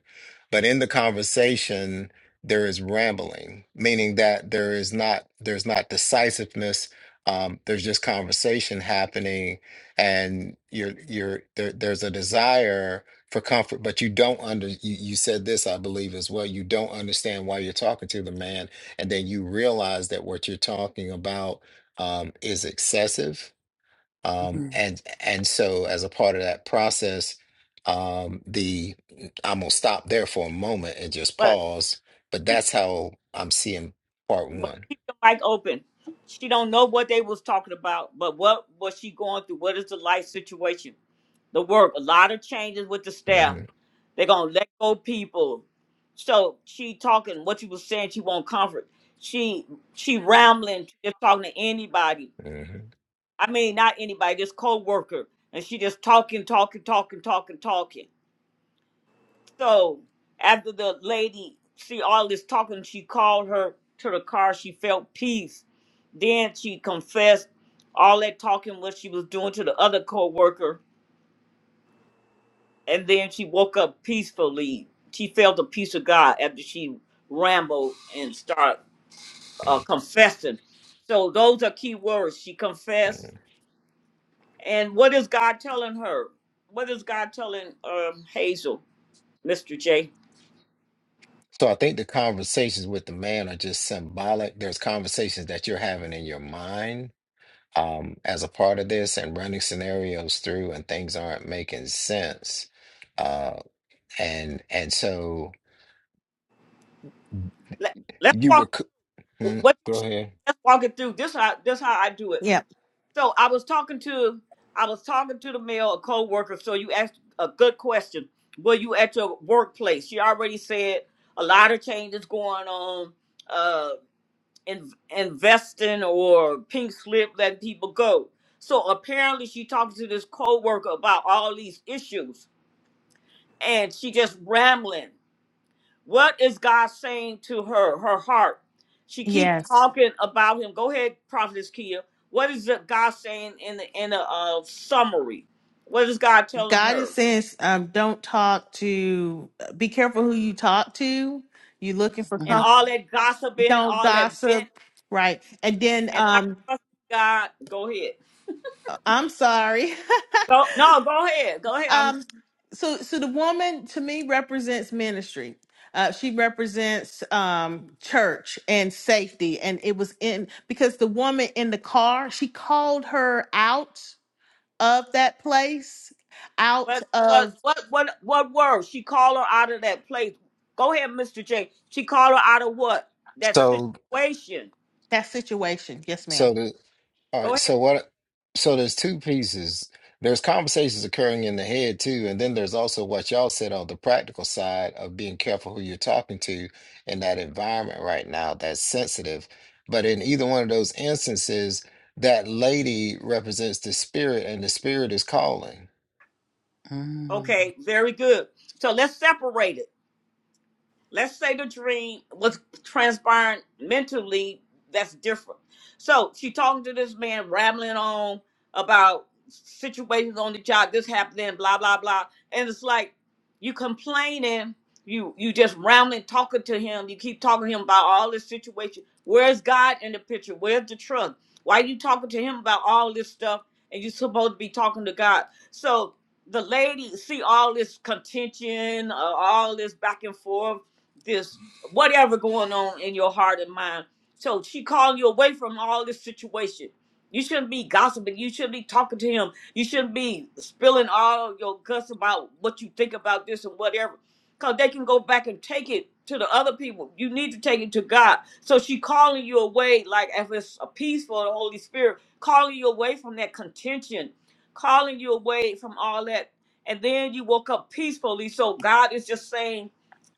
But in the conversation, there is rambling, meaning that there is not there's not decisiveness. Um, there's just conversation happening, and you're you're there, there's a desire for comfort, but you don't under you, you said this, I believe, as well. You don't understand why you're talking to the man, and then you realize that what you're talking about um, is excessive. Um,
Mhm,
and and so as a part of that process, um, the I'm gonna stop there for a moment and just pause. But that's how I'm seeing part
but
one.
keep the mic open. She don't know what they was talking about, but what was she going through? What is the life situation? The work, a lot of changes with the staff.
hmm
They're gonna let go people. So she talking what you was saying, she won't comfort. She she rambling, she just talking to anybody.
hmm
I mean not anybody, just co-worker. And she just talking, talking, talking, talking, talking. So after the lady see all this talking, she called her to the car. She felt peace. Then she confessed all that talking what she was doing to the other co-worker, and then she woke up peacefully. She felt the peace of God after she rambled and started uh, confessing. So those are key words. She
hmm
confessed. And what is God telling her? What is God telling um, Hazel, Mr. J?
So I think the conversations with the man are just symbolic. There's conversations that you're having in your mind um, as a part of this, and running scenarios through, and things aren't making sense. Uh, and and so
Let, us
you
walk
were.
Wh-
Mm,
What you
go
saying?
ahead.
Let's walk it through. This how this how I do it.
yeah.
So I was talking to I was talking to the male, a co-worker. So you asked a good question. Were you at your workplace? She already said a lot of changes going on. Uh, in, investing or pink slip, letting people go. So apparently she talking to this co-worker about all these issues, and she just rambling. What is God saying to her, her heart? She keep
Yes.
talking about him. Go ahead, Prophetess Kia. What is it God saying in the in a uh, summary? What is God telling
God is
her?
saying, um, don't talk to, be careful who you talk to. You're looking for
And
mhm,
all that gossiping,
Don't
all that vent,
gossip. Right. And then
and not
um
trusting God. Go ahead.
I'm sorry.
Go no, go ahead. Go ahead. I'm
um so so the woman to me represents ministry. Uh, she represents um, church and safety, and it was in because the woman in the car she called her out of that place, out
but but
of
what what what word? She called her out of that place. Go ahead, Mr. J. She called her out of what? That
So,
situation.
that situation. Yes, ma'am.
so the all
Go
right.
ahead.
So what? So there's two pieces. There's conversations occurring in the head too, and then there's also what y'all said on the practical side of being careful who you're talking to in that environment right now that's sensitive. But in either one of those instances, that lady represents the spirit, and the spirit is calling.
mm,
Okay, very good. So let's separate it. let's say the dream was transpiring mentally that's different so she talking to this man rambling on about situations on the job this happening blah blah blah and it's like you complaining you you just rambling talking to him you keep talking to him about all this situation where's god in the picture where's the truth why you talking to him about all this stuff and you supposed to be talking to god so the lady see all this contention uh, all this back and forth this whatever going on in your heart and mind. So she calling you away from all this situation. You shouldn't be gossiping. You shouldn't be talking to him. You shouldn't be spilling all your guts about what you think about this and whatever. Because they can go back and take it to the other people. You need to take it to God. So she calling you away, like if it's a peace for the Holy Spirit, calling you away from that contention, calling you away from all that. And then you woke up peacefully. So God is just saying,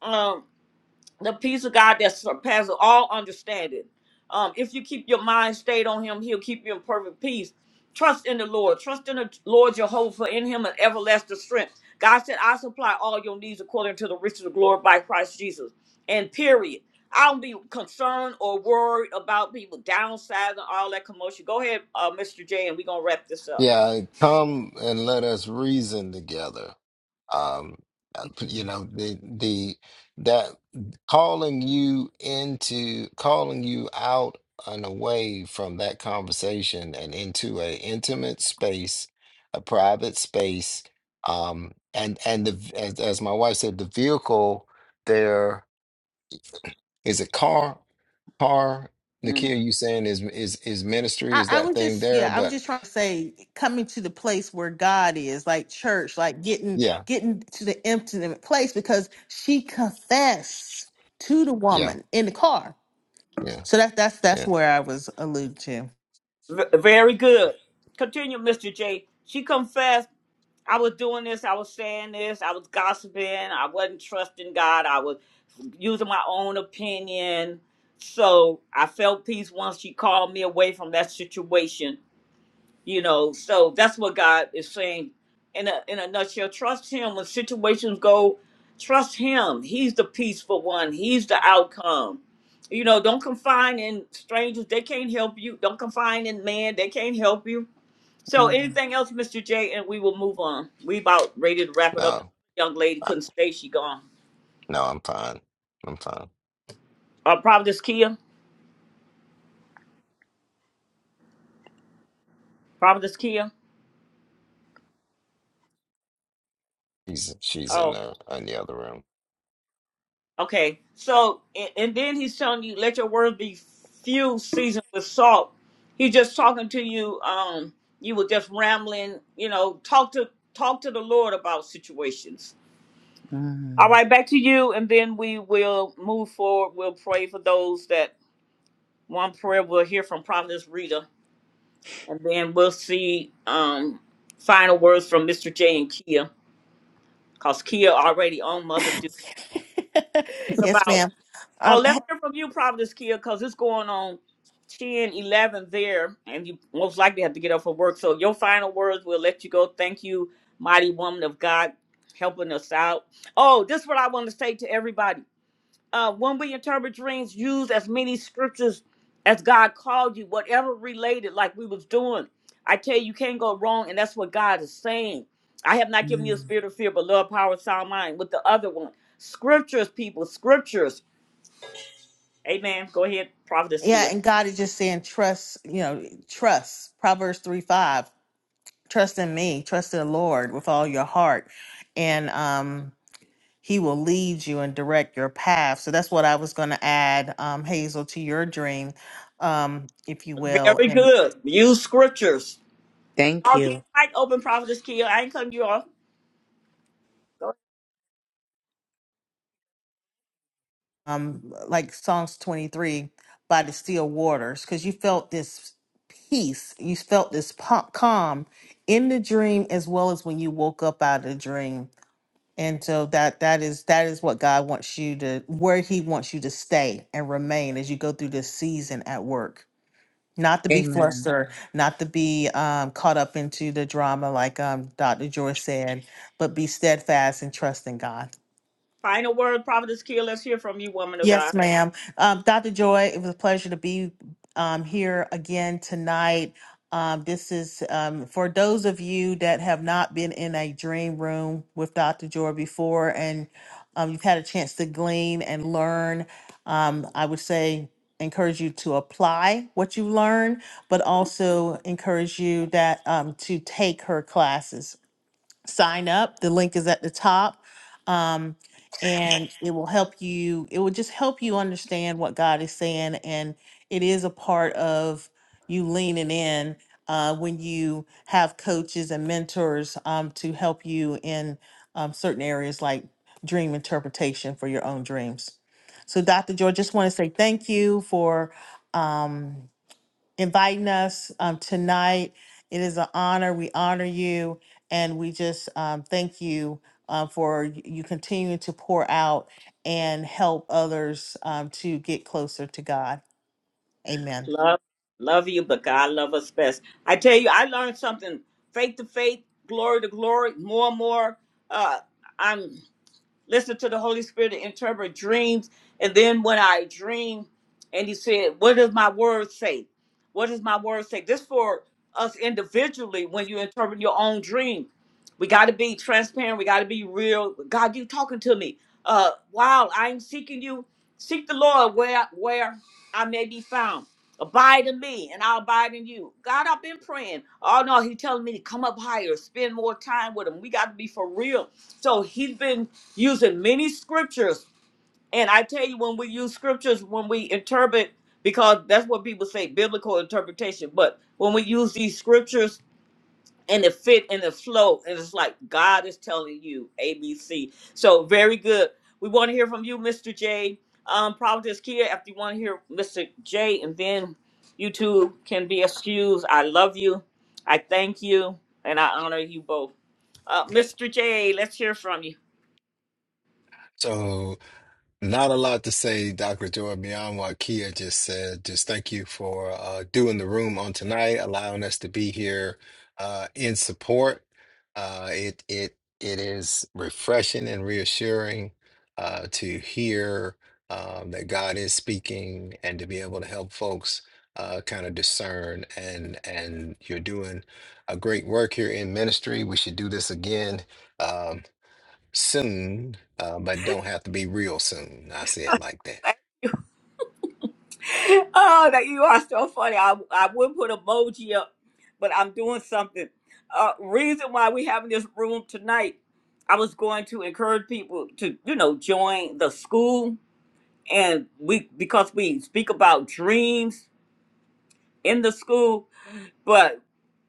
um, the peace of God that surpasses all understanding. Um, if you keep your mind stayed on Him, He'll keep you in perfect peace. Trust in the Lord. Trust in the Lord Jehovah. for In Him an everlasting strength. God said, "I supply all your needs according to the riches of glory by Christ Jesus." And period. I don't be concerned or worried about people downsizing and all that commotion. Go ahead, uh, Mr. J, and we're gonna wrap this up.
Yeah, come and let us reason together. Um, uh, you know, the the that calling you into calling you out and away from that conversation and into a intimate space, a private space, um, and and the as, as my wife said, the vehicle there is a car. Car,
Mhm.
Nakia, you saying is is is ministry?
I,
Is
I
that
was
thing
just
there?
yeah i was
But
just trying to say coming to the place where god is like church like getting
yeah,
getting to the intimate place because she confessed to the
yeah,
woman in the car
yeah,
so that that's that's
yeah.
where i was alluding
V- very good. Continue, Mr. J. She confessed. I was doing this, I was saying this, I was gossiping, I wasn't trusting God, I was using my own opinion. So I felt peace once she called me away from that situation, you know. So that's what God is saying in a in a nutshell. Trust him when situations go, trust him. He's the peaceful one, he's the outcome. You know, don't confine in strangers, they can't help you. Don't confine in man, they can't help you so
mm,
anything else, Mr. J, and we will move on. We about ready to wrap it up. The
No,
young lady
I-
couldn't stay, she gone.
no, I'm fine. I'm fine.
Uh Providence Kia. Providence Kia.
She's she's in
Oh,
the in the other room.
okay. So and, and then he's telling you, let your words be few seasoned with salt. He's just talking to you, um, you were just rambling, you know, talk to talk to the Lord about situations. All
mm,
right, back to you, and then we will move forward. We'll pray for those that one prayer we'll hear from Providence Rita And then we'll see um, final words from Mr. J and Kia, because Kia already on Mother
to
Dude. It's
yes
about,
ma'am
oh,
um
let's hear from you, Providence Kia, because it's going on 10, 11 there, and you most likely have to get up for work. So your final words, we'll let you go. Thank you, mighty woman of God, helping us out. Oh, this is what I want to say to everybody uh, when we interpret dreams, use as many scriptures as God called you, whatever related, like we was doing. I tell you, you can't go wrong, and that's what God is saying. I have not given you a
mm.
spirit of fear, but love, power, sound mind. With the other one, scriptures, people, scriptures. Amen. Go ahead, Prophetess
yeah
Kia.
and god is just saying trust you know trust proverbs 3 5 trust in me trust in the lord with all your heart and um he will lead you and direct your path. So that's what I was going to add, um, Hazel, to your dream, um, if you will,
Very
and
good. Use scriptures.
Thank
Y'all keep
you.
the mic open, Prophetess Kia. I ain't cutting you off. Go ahead.
um, like Psalms 23 by the still waters, because you felt this peace, you felt this po- calm in the dream as well as when you woke up out of the dream. And so that that is that is what God wants you to where He wants you to stay and remain as you go through this season at work. not to be
Amen.
flustered, not to be um, caught up into the drama, like um, Dr. Joy said, but be steadfast and trust in God.
Final word, Prophetess Kia. Let's hear from you, woman of God.
Yes, ma'am. Um, Dr. Joy, it was a pleasure to be um, here again tonight. Um, this is um, for those of you that have not been in a dream room with Dr. Joy before and um, you've had a chance to glean and learn. Um, I would say encourage you to apply what you learn, but also encourage you that um, to take her classes sign up. The link is at the top. Um, and it will help you, it will just help you understand what God is saying. And it is a part of you leaning in uh, when you have coaches and mentors um, to help you in um, certain areas like dream interpretation for your own dreams. So, Dr. George, just want to say thank you for. Um, inviting us um, tonight. It is an honor. We honor you, and we just um, thank you uh, for y- you continuing to pour out and help others um, to get closer to God. Amen.
Love, love you, but God love us best. I tell you, I learned something. Faith to faith, glory to glory, more and more. Uh, I'm listen to the Holy Spirit to interpret dreams. And then when I dream, and he said, What does my word say? What does my word say? This for us individually when you interpret your own dream. We got to be transparent. We got to be real. God, you talking to me. Uh, wow, I'm seeking you. Seek the Lord where where I may be found. Abide in me, and I'll abide in you. God, I've been praying. Oh no, He telling me to come up higher, spend more time with Him. We got to be for real. So He's been using many scriptures. And I tell you, when we use scriptures, when we interpret, because that's what people say, biblical interpretation. But when we use these scriptures and it fit and it flow, and it's like God is telling you A, B, C. So very good. We want to hear from you, Mr. J. Um, Providence Kia, after you want to hear Mr. J, and then you two can be excused. I love you. I thank you, and I honor you both. Uh, Mr. J, let's hear from you.
So, not a lot to say, Dr. Joy, beyond what Kia just said. Just thank you for uh, doing the room on tonight, allowing us to be here uh, in support. Uh, it it it is refreshing and reassuring uh, to hear um, that God is speaking and to be able to help folks uh, kind of discern. And and you're doing a great work here in ministry. We should do this again. Um, soon, uh, but don't have to be real soon. I say it like that.
oh, that you are so funny. I I would put emoji up, but I'm doing something. Uh, reason why we having this room tonight, I was going to encourage people to you know join the school, and we because we speak about dreams in the school. But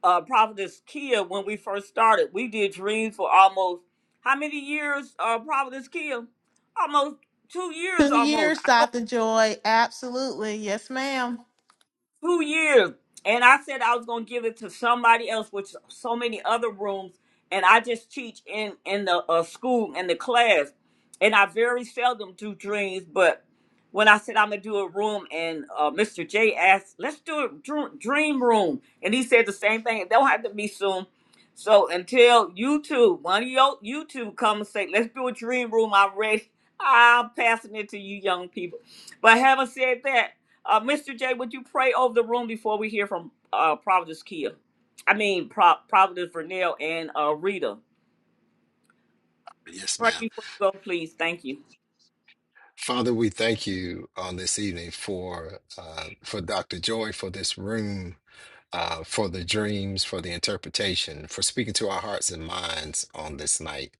uh, Providence Kia, when we first started, we did dreams for almost how many years? Uh, Providence Kia, almost two years,
Two
almost.
years, Dr. Joy. Absolutely. Yes, ma'am.
two years. And I said I was gonna give it to somebody else, which so many other rooms. And I just teach in in the uh, school and the class, and I very seldom do dreams. But when I said I'm gonna do a room, and uh, Mr. J asked, "Let's do a dr- dream room," and he said the same thing. It don't have to be soon. So until you two, one of your you two come and say, "Let's do a dream room," I'm ready. I'm passing it to you young people. But having said that. Uh, Mr. J, would you pray over the room before we hear from uh, Providence Kia? I mean, Pro- Providence Vernell and uh, Rita.
Yes,
Pray
ma'am.
before you go, please. Thank you.
Father, we thank you on this evening for uh, for Dr. Joy for this room uh, for the dreams, for the interpretation, for speaking to our hearts and minds on this night.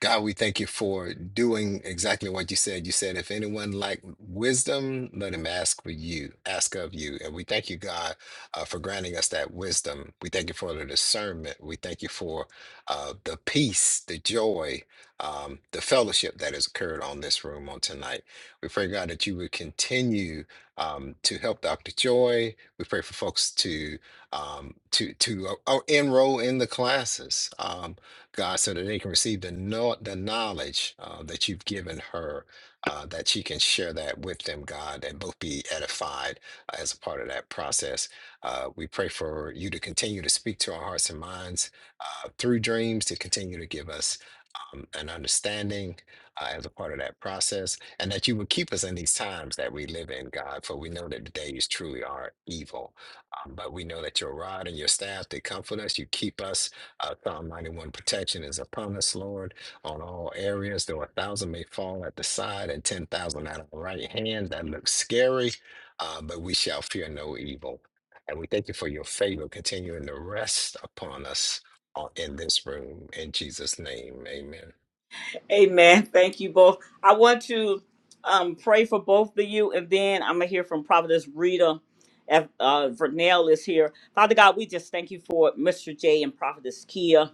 God, we thank you for doing exactly what you said. You said, if anyone lack wisdom, let him ask for you, ask of you. And we thank you, God, uh, for granting us that wisdom. We thank you for the discernment. We thank you for uh, the peace, the joy, um, the fellowship that has occurred on this room on tonight. We pray, God, that you would continue um, to help Dr. Joy. We pray for folks to um, to to uh, uh, enroll in the classes, um, God, so that they can receive the know the knowledge uh, that you've given her, uh, that she can share that with them, God, and both be edified uh, as a part of that process. Uh, we pray for you to continue to speak to our hearts and minds uh, through dreams, to continue to give us um, an understanding uh, as a part of that process, and that you would keep us in these times that we live in, God. For we know that the days truly are evil, um, but we know that your rod and your staff they comfort us. You keep us. Uh, Psalm ninety-one protection is upon us, Lord, on all areas. Though a thousand may fall at the side and ten thousand at our right hand, that looks scary, uh, but we shall fear no evil. And we thank you for your favor continuing to rest upon us all in this room. In Jesus' name, amen.
Amen. Thank you both. I want to um, pray for both of you, and then I'm going to hear from Providence Rita. If uh, Vernell is here, Father God, we just thank you for Mr. J and Prophetess Kia.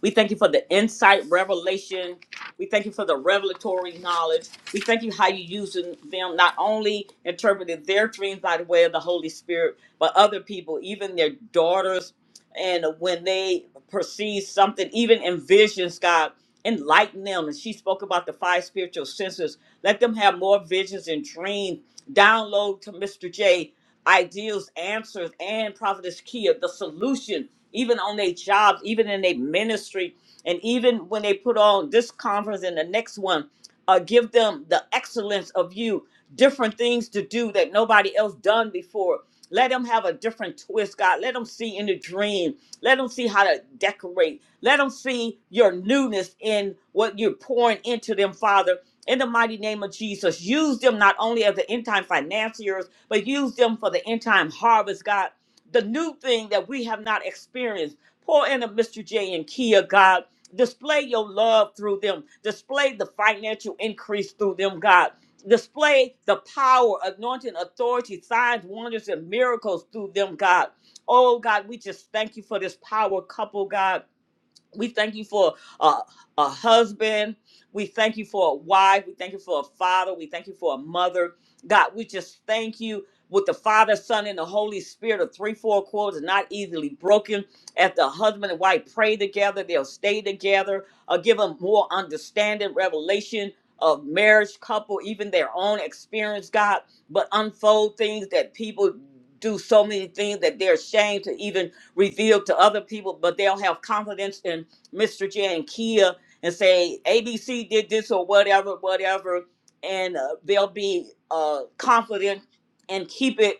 We thank you for the insight, revelation. We thank you for the revelatory knowledge. We thank you how you using them, not only interpreting their dreams by the way of the Holy Spirit, but other people, even their daughters, and when they perceive something, even in visions, God, enlighten them. And she spoke about the five spiritual senses. Let them have more visions and dreams. Download to Mr. J ideals, answers, and Prophetess Kia, the solution, even on their jobs, even in their ministry, and even when they put on this conference and the next one uh, give them the excellence of you, different things to do that nobody else done before. Let them have a different twist, God. Let them see in the dream. Let them see how to decorate. Let them see your newness in what you're pouring into them, Father. In the mighty name of Jesus, use them not only as the end time financiers, but use them for the end time harvest, God the new thing that we have not experienced. Pour into Mr. J and Kia, God. Display your love through them. Display the financial increase through them, God. Display the power, anointing, authority, signs, wonders, and miracles through them, God. Oh, God, we just thank you for this power couple, God. We thank you for a, a husband. We thank you for a wife. We thank you for a father. We thank you for a mother. God, we just thank you with the Father, Son, and the Holy Spirit of three, four quarters, not easily broken. As the husband and wife pray together, they'll stay together, uh, give them more understanding, revelation of marriage, couple, even their own experience, God, but unfold things that people do so many things that they're ashamed to even revealed to other people, but they'll have confidence in Mr. J and Kia and say ABC did this or whatever, whatever, and uh, they'll be uh, confident and keep it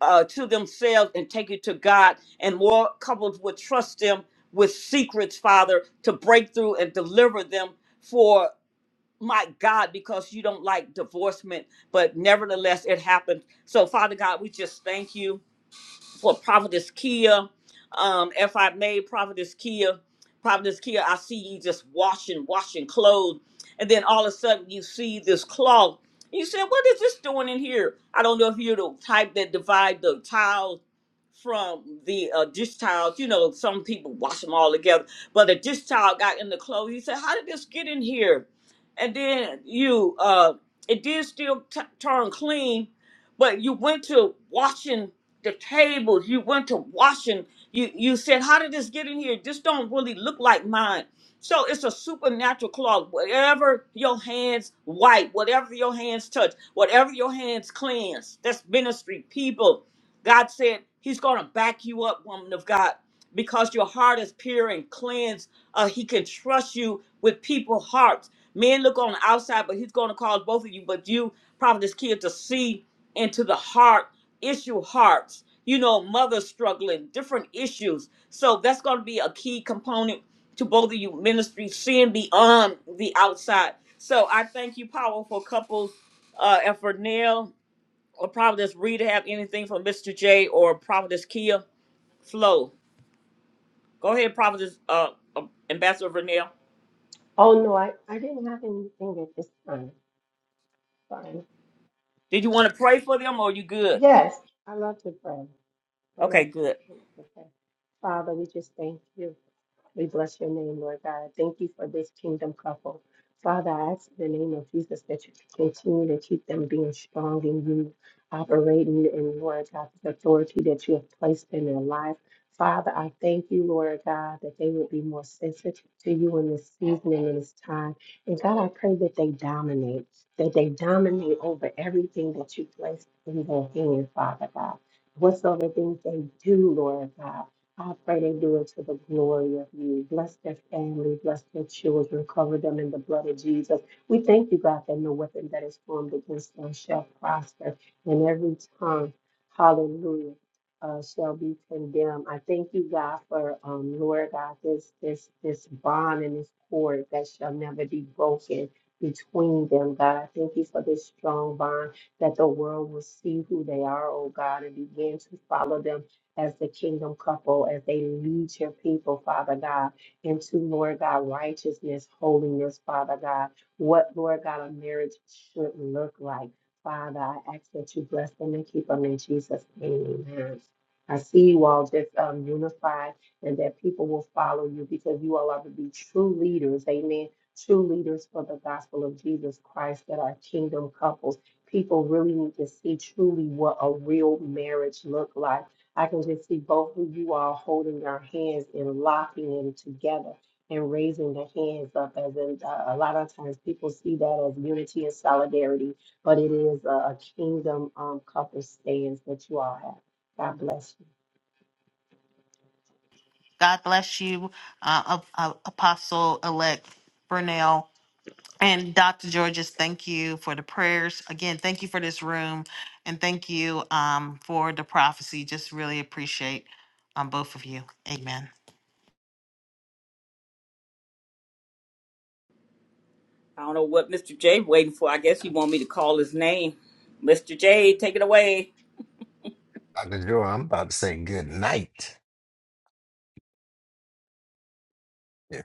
uh, to themselves and take it to God. And more couples would trust them with secrets, Father, to break through and deliver them for my God, because you don't like divorcement, but nevertheless it happened. So, Father God, we just thank you for Prophetess Kia. Um, if I may, Prophetess Kia, Prophetess Kia, I see you just washing, washing clothes, and then all of a sudden you see this cloth. You said, "What is this doing in here?" I don't know if you're the type that divide the tiles from the uh, dish towels. You know, some people wash them all together, but the dish towel got in the clothes. You said, "How did this get in here?" And then you, uh, it did still t- turn clean, but you went to washing the tables, you went to washing, you you said, How did this get in here? This don't really look like mine. So it's a supernatural cloth. Whatever your hands wipe, whatever your hands touch, whatever your hands cleanse, that's ministry. People, God said He's gonna back you up, woman of God because your heart is pure and cleansed. Uh, he can trust you with people's hearts. Men look on the outside, but he's going to cause both of you, but you, Prophetess Kia, to see into the heart, issue hearts, you know, mothers struggling, different issues. So that's going to be a key component to both of you ministry, seeing beyond the outside. So I thank you, powerful couples, uh, and for Neil or Prophetess Rita, have anything from Mr. J or Prophetess Kia Flow. Go ahead, Prophetess, uh, uh, Ambassador Vernell.
Oh no, I, I didn't have anything at this time. Sorry.
Did you want to pray for them or you good?
Yes, I love to pray. I
Okay,
love,
good.
I love to pray. Father, we just thank you. We bless your name, Lord God. Thank you for this kingdom couple. Father, I ask in the name of Jesus that you continue to keep them being strong in you, operating in, Lord God, the authority that you have placed in their life. Father, I thank you, Lord God, that they would be more sensitive to you in this season and in this time. And God, I pray that they dominate, that they dominate over everything that you place in their hand, Father God. Whatsoever things they do, Lord God. I pray they do it to the glory of you. Bless their family, bless their children, cover them in the blood of Jesus. We thank you, God, that no weapon that is formed against them shall prosper, and every tongue, hallelujah, uh, shall be condemned. I thank you, God, for um, Lord God, this this this bond and this cord that shall never be broken between them, God. I thank you for this strong bond that the world will see who they are, oh God, and begin to follow them as the kingdom couple, as they lead your people, Father God, into, Lord God, righteousness, holiness, Father God, what, Lord God, a marriage should look like. Father, I ask that you bless them and keep them in Jesus' name. Amen. I see you all just um, unified and that people will follow you because you all are to be true leaders. Amen. True leaders for the gospel of Jesus Christ that are kingdom couples. People really need to see truly what a real marriage look like I can just see both of you all holding your hands and locking them together and raising the hands up as in uh, a lot of times people see that as unity and solidarity, but it is a, a kingdom um, couple stance that you all have. God bless you.
God bless you, uh, Ap- uh, Apostle elect Brunel. And Dr. Georges, thank you for the prayers. Again, thank you for this room and thank you um, for the prophecy. Just really appreciate um, both of you. Amen.
I don't know what Mr. J waiting for. I guess he want me to call his name. Mr. J, take it away.
Dr. Joy, I'm about to say good night.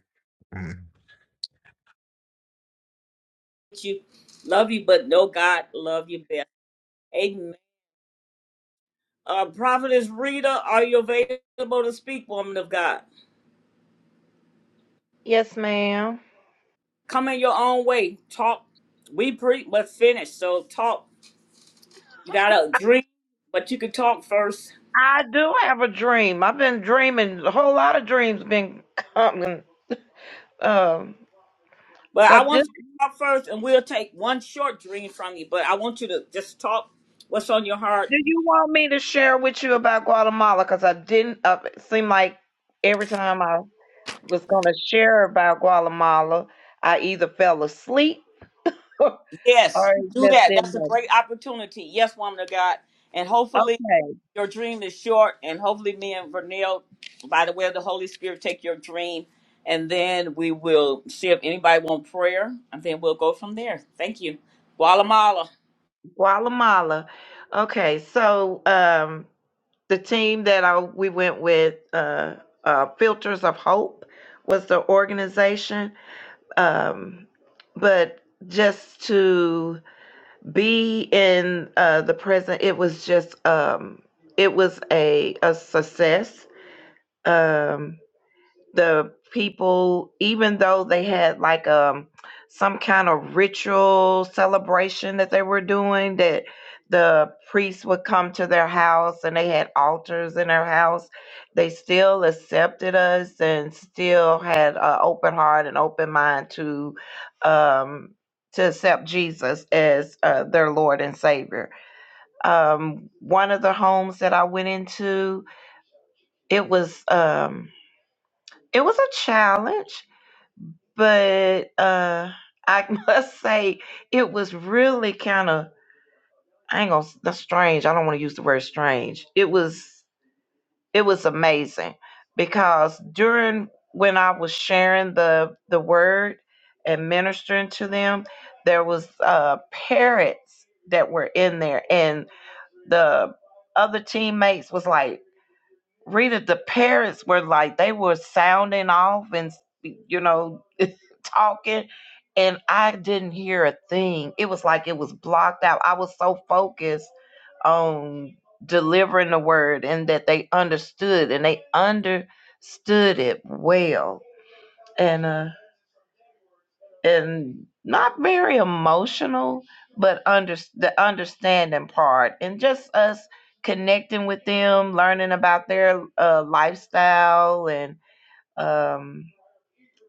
Yeah.
You love you, but no God love you best. Amen. Uh, Prophetess Rita, are you available to speak, woman of God?
Yes, ma'am.
Come in your own way. Talk. We preach, but finish. So talk. You got to dream, but you can talk first.
I do have a dream. I've been dreaming. A whole lot of dreams been coming. Um,
But I
but this,
want you to talk first, and we'll take one short dream from you. But I want you to just talk what's on your heart.
do you want me to share with you about Guatemala? Because I didn't. Uh, it seemed like every time I was going to share about Guatemala, I either fell asleep or
Yes,
it
do
just
that. That's a
didn't.
great opportunity. Yes, woman of God. And hopefully
Okay,
your dream is short, and hopefully me and Vernell, by the way of the Holy Spirit, take your dream, and then we will see if anybody want prayer, and then we'll go from there. Thank you. Guatemala.
Guatemala. Okay, so um, the team that I we went with, uh, uh, Filters of Hope, was the organization. Um, but just to be in uh, the present, it was just um, it was a a success. Um, the people, even though they had like um some kind of ritual celebration that they were doing, that the priests would come to their house and they had altars in their house, they still accepted us and still had an open heart and open mind to um to accept Jesus as uh, their Lord and Savior. Um, one of the homes that I went into, it was um, it was a challenge but uh I must say it was really kind of I ain't gonna that's strange. I don't want to use the word strange. It was it was amazing because during when I was sharing the the word and ministering to them, there was uh parrots that were in there and the other teammates was like Rita, the parents were like they were sounding off and you know talking, and I didn't hear a thing. It was like it was blocked out. I was so focused on delivering the word and that they understood and they understood it well. And uh and not very emotional, but under the understanding part and just us connecting with them, learning about their uh, lifestyle and um,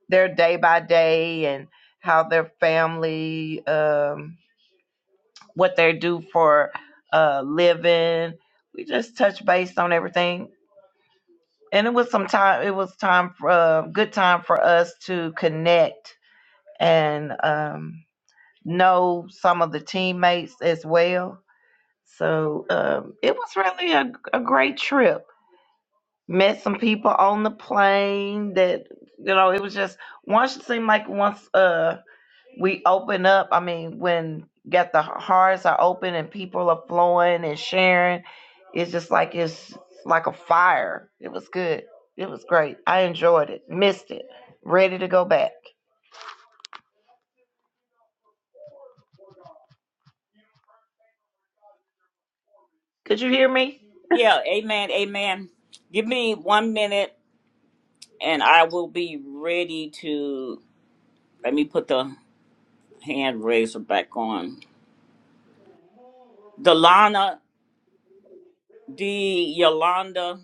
their day by day and how their family, um, what they do for uh, living. We just touched base on everything. And it was some time. It was time for uh, good time for us to connect and um, know some of the teammates as well. So um, it was really a, a great trip. Met some people on the plane that, you know, it was just once it seemed like once uh, we open up, I mean, when got the hearts are open and people are flowing and sharing, it's just like it's like a fire. It was good. It was great. I enjoyed it. Missed it. Ready to go back. Could you hear me?
Yeah, amen, amen. Give me one minute, and I will be ready to. Let me put the hand raiser back on. Delana, D. Yolanda,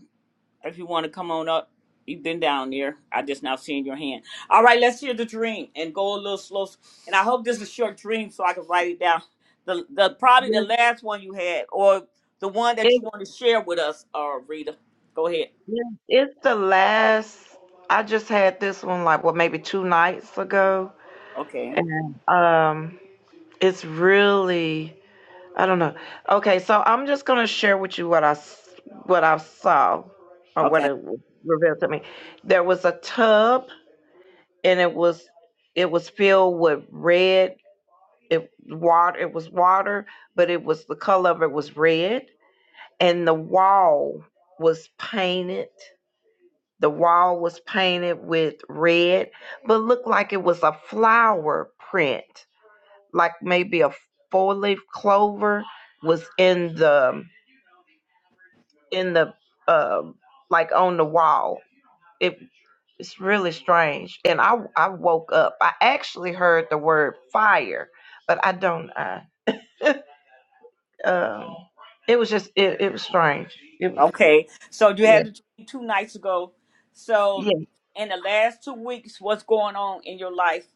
if you want to come on up, you've been down there. I just now seen your hand. All right, let's hear the dream and go a little slow. And I hope this is a short dream so I can write it down. The the probably the last one you had, or the one
Yes,
that you want to share with us, uh, Rita. Go ahead.
Yes, It's the last. I just had this one like what maybe two nights ago,
Okay.
and um, it's really I don't know. Okay, so I'm just gonna share with you what I s- what I saw or what
Okay.
it w- revealed to me. There was a tub, and it was it was filled with red it water. It was water, but it was the color of it was red, and the wall was painted The wall was painted with red, but looked like it was a flower print, like maybe a four-leaf clover was in the in the uh, like on the wall. It, it's really strange. And I I woke up. I actually heard the word fire, but I don't. I, um, it was just it, it was strange. It was
Okay. So you
yeah
had the dream two nights ago. So
yeah.
in the last two weeks, what's going on in your life?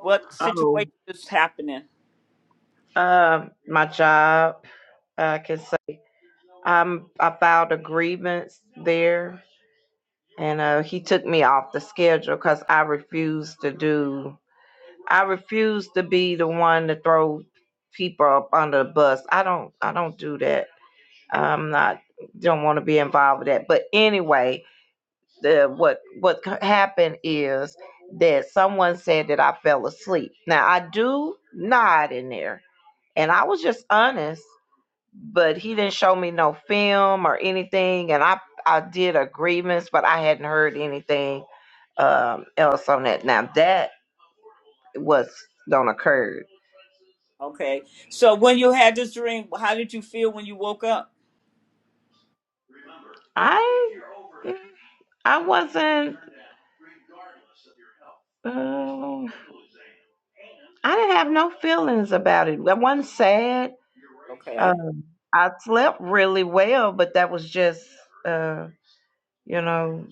what
Oh,
situation is happening.
um, my job. I can say. I'm about a grievance there, and uh, he took me off the schedule because I refused to do. I refused to be the one to throw people up under the bus. I don't. I don't do that. I'm not. Don't want to be involved with that. But anyway, the what what happened is that someone said that I fell asleep. Now I do nod in there, and I was just honest but he didn't show me no film or anything and i i did a grievance but i hadn't heard anything um else on that now that was don't occur
Okay. So when you had this dream, how did you feel when you woke up?
i i wasn't um i didn't have no feelings about it i wasn't sad
Okay.
um i slept really well but that was just uh you know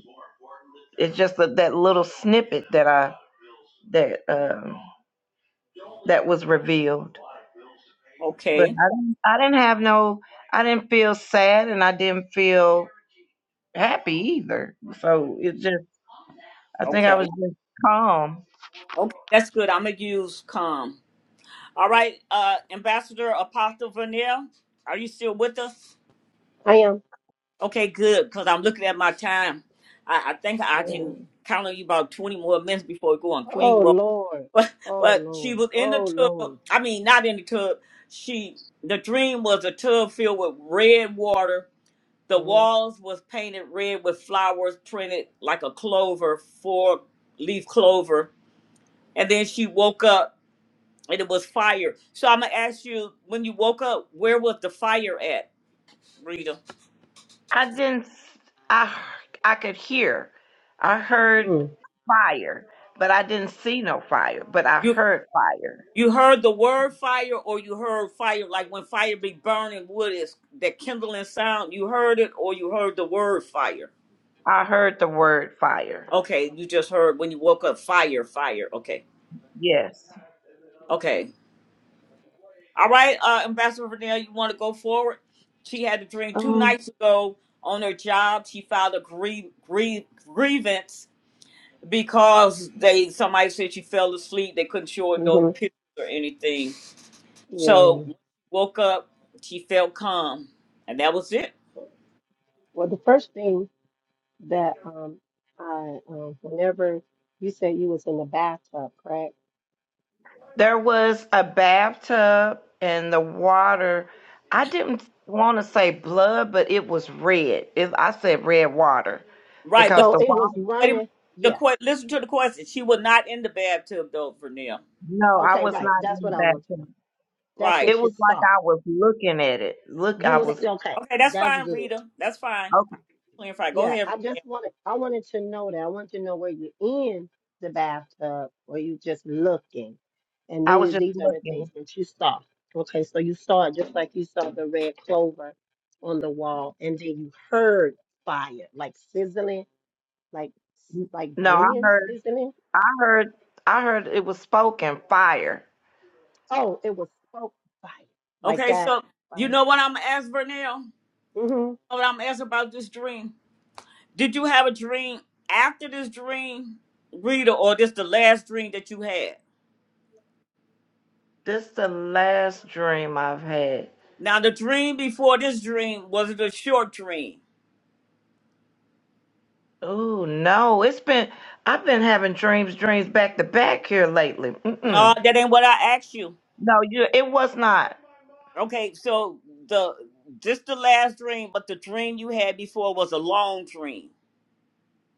it's just that that little snippet that i that um that was revealed but
Okay.
I didn't, I didn't have no, I didn't feel sad and I didn't feel happy either. So it just, I think I was
Okay.
just calm.
Okay. That's good. I'm gonna use calm. All right, uh Ambassador Apostle Vanille, are you still with us?
I am.
Okay, good, because I'm looking at my time. I, I think I
Yeah.
can count on you about 20 more minutes before we go on
Oh
Queen Mode.
Lord.
But
Oh
but she
Lord.
was in the
Oh Lord.
tub. I mean not in the tub. She the dream was a tub filled with red water The
Uh-huh.
walls was painted red with flowers printed like a clover, four leaf clover. And then she woke up and it was fire. So I'm gonna ask you, when you woke up, where was the fire at, Rita?
I didn't, s- I, I, I could hear, I heard
Mm.
fire, but I didn't see no fire, but I
You
heard fire.
you heard the word fire or you heard fire like when fire be burning wood is that kindling sound, you heard it or you heard the word fire.
I heard the word fire.
Okay, you just heard when you woke up fire, fire. Okay.
Yes.
Okay. All right, uh, Ambassador Vernell, you want to go forward? She had a dream two
Um,
nights ago on her job. She filed a grie- grie- grievance because they somebody said she fell asleep. They couldn't show her no
hmm
pictures or anything. So
Yeah.
when she woke up, she felt calm, and that was it.
Well, the first thing that um I um whenever you said you was in the bathtub, correct?
There was a bathtub and the water. I didn't want to say blood, but it was red. It, I said red water
Right, but
because
So
the
it was
water.
wait a minute.
running.
The
Yeah.
que- listen to the question. She was not in the bathtub though, Vernell.
No, I
Okay,
was
right.
not in
That's
the
what I want to
bathtub.
know. That's
Right.
It
what you
was like
saw.
I was looking at it. Look,
You
I
was
Okay.
was.
okay.
Okay, that's
That's
fine,
good.
Rita. That's fine.
Okay,
Clarify. Go
Yeah.
ahead,
I just wanted I wanted to know that. I wanted to know where you in the bathtub or you just looking. And
I was
these,
just
these are the things
looking.
that you saw. Okay, so you saw it just like you saw the red clover on the wall, and then you heard fire, like sizzling, like like
No, I
burning,
heard.
sizzling.
I heard. I heard it was spoken fire.
Oh, it was smoke fire, like
Okay,
that
so you
fire.
know what I'm gonna ask Vernell?
Mm-hmm.
What I'm gonna ask about this dream? Did you have a dream after this dream, Rita, or this the last dream that you had?
This the last dream I've had.
Now, the dream before this dream was it a short dream?
Oh no, it's been. I've been having dreams, dreams back to back here lately. Mm-mm.
No, that ain't what I asked you.
No, you. It was not.
Okay, so the this the last dream, but the dream you had before was a long dream.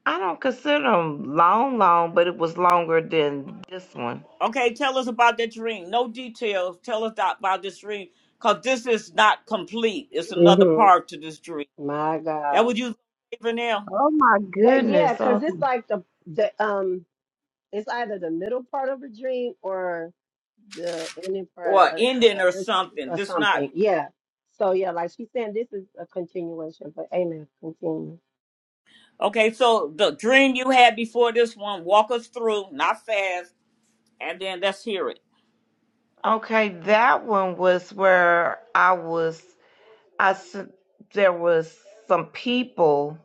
I don't consider them long, long, but it was longer than this one.
Okay, tell us about that dream. No details. Tell us about this dream, cause this is not complete. It's another
hmm
part to this dream.
My
That
God.
what you was gonna say for now?
Oh my
That yeah,
goodness.
because it's
Okay,
like the the um, it's either the middle part of a dream or the ending part
Or an
or,
ending or
or,
something.
or
This not
something. Yeah. So yeah, like she's saying, this is a continuation. But amen. Continue.
okay, so the dream you had before this one, walk us through, not fast, and then let's hear it.
okay that one was where I was. I s- there was some people.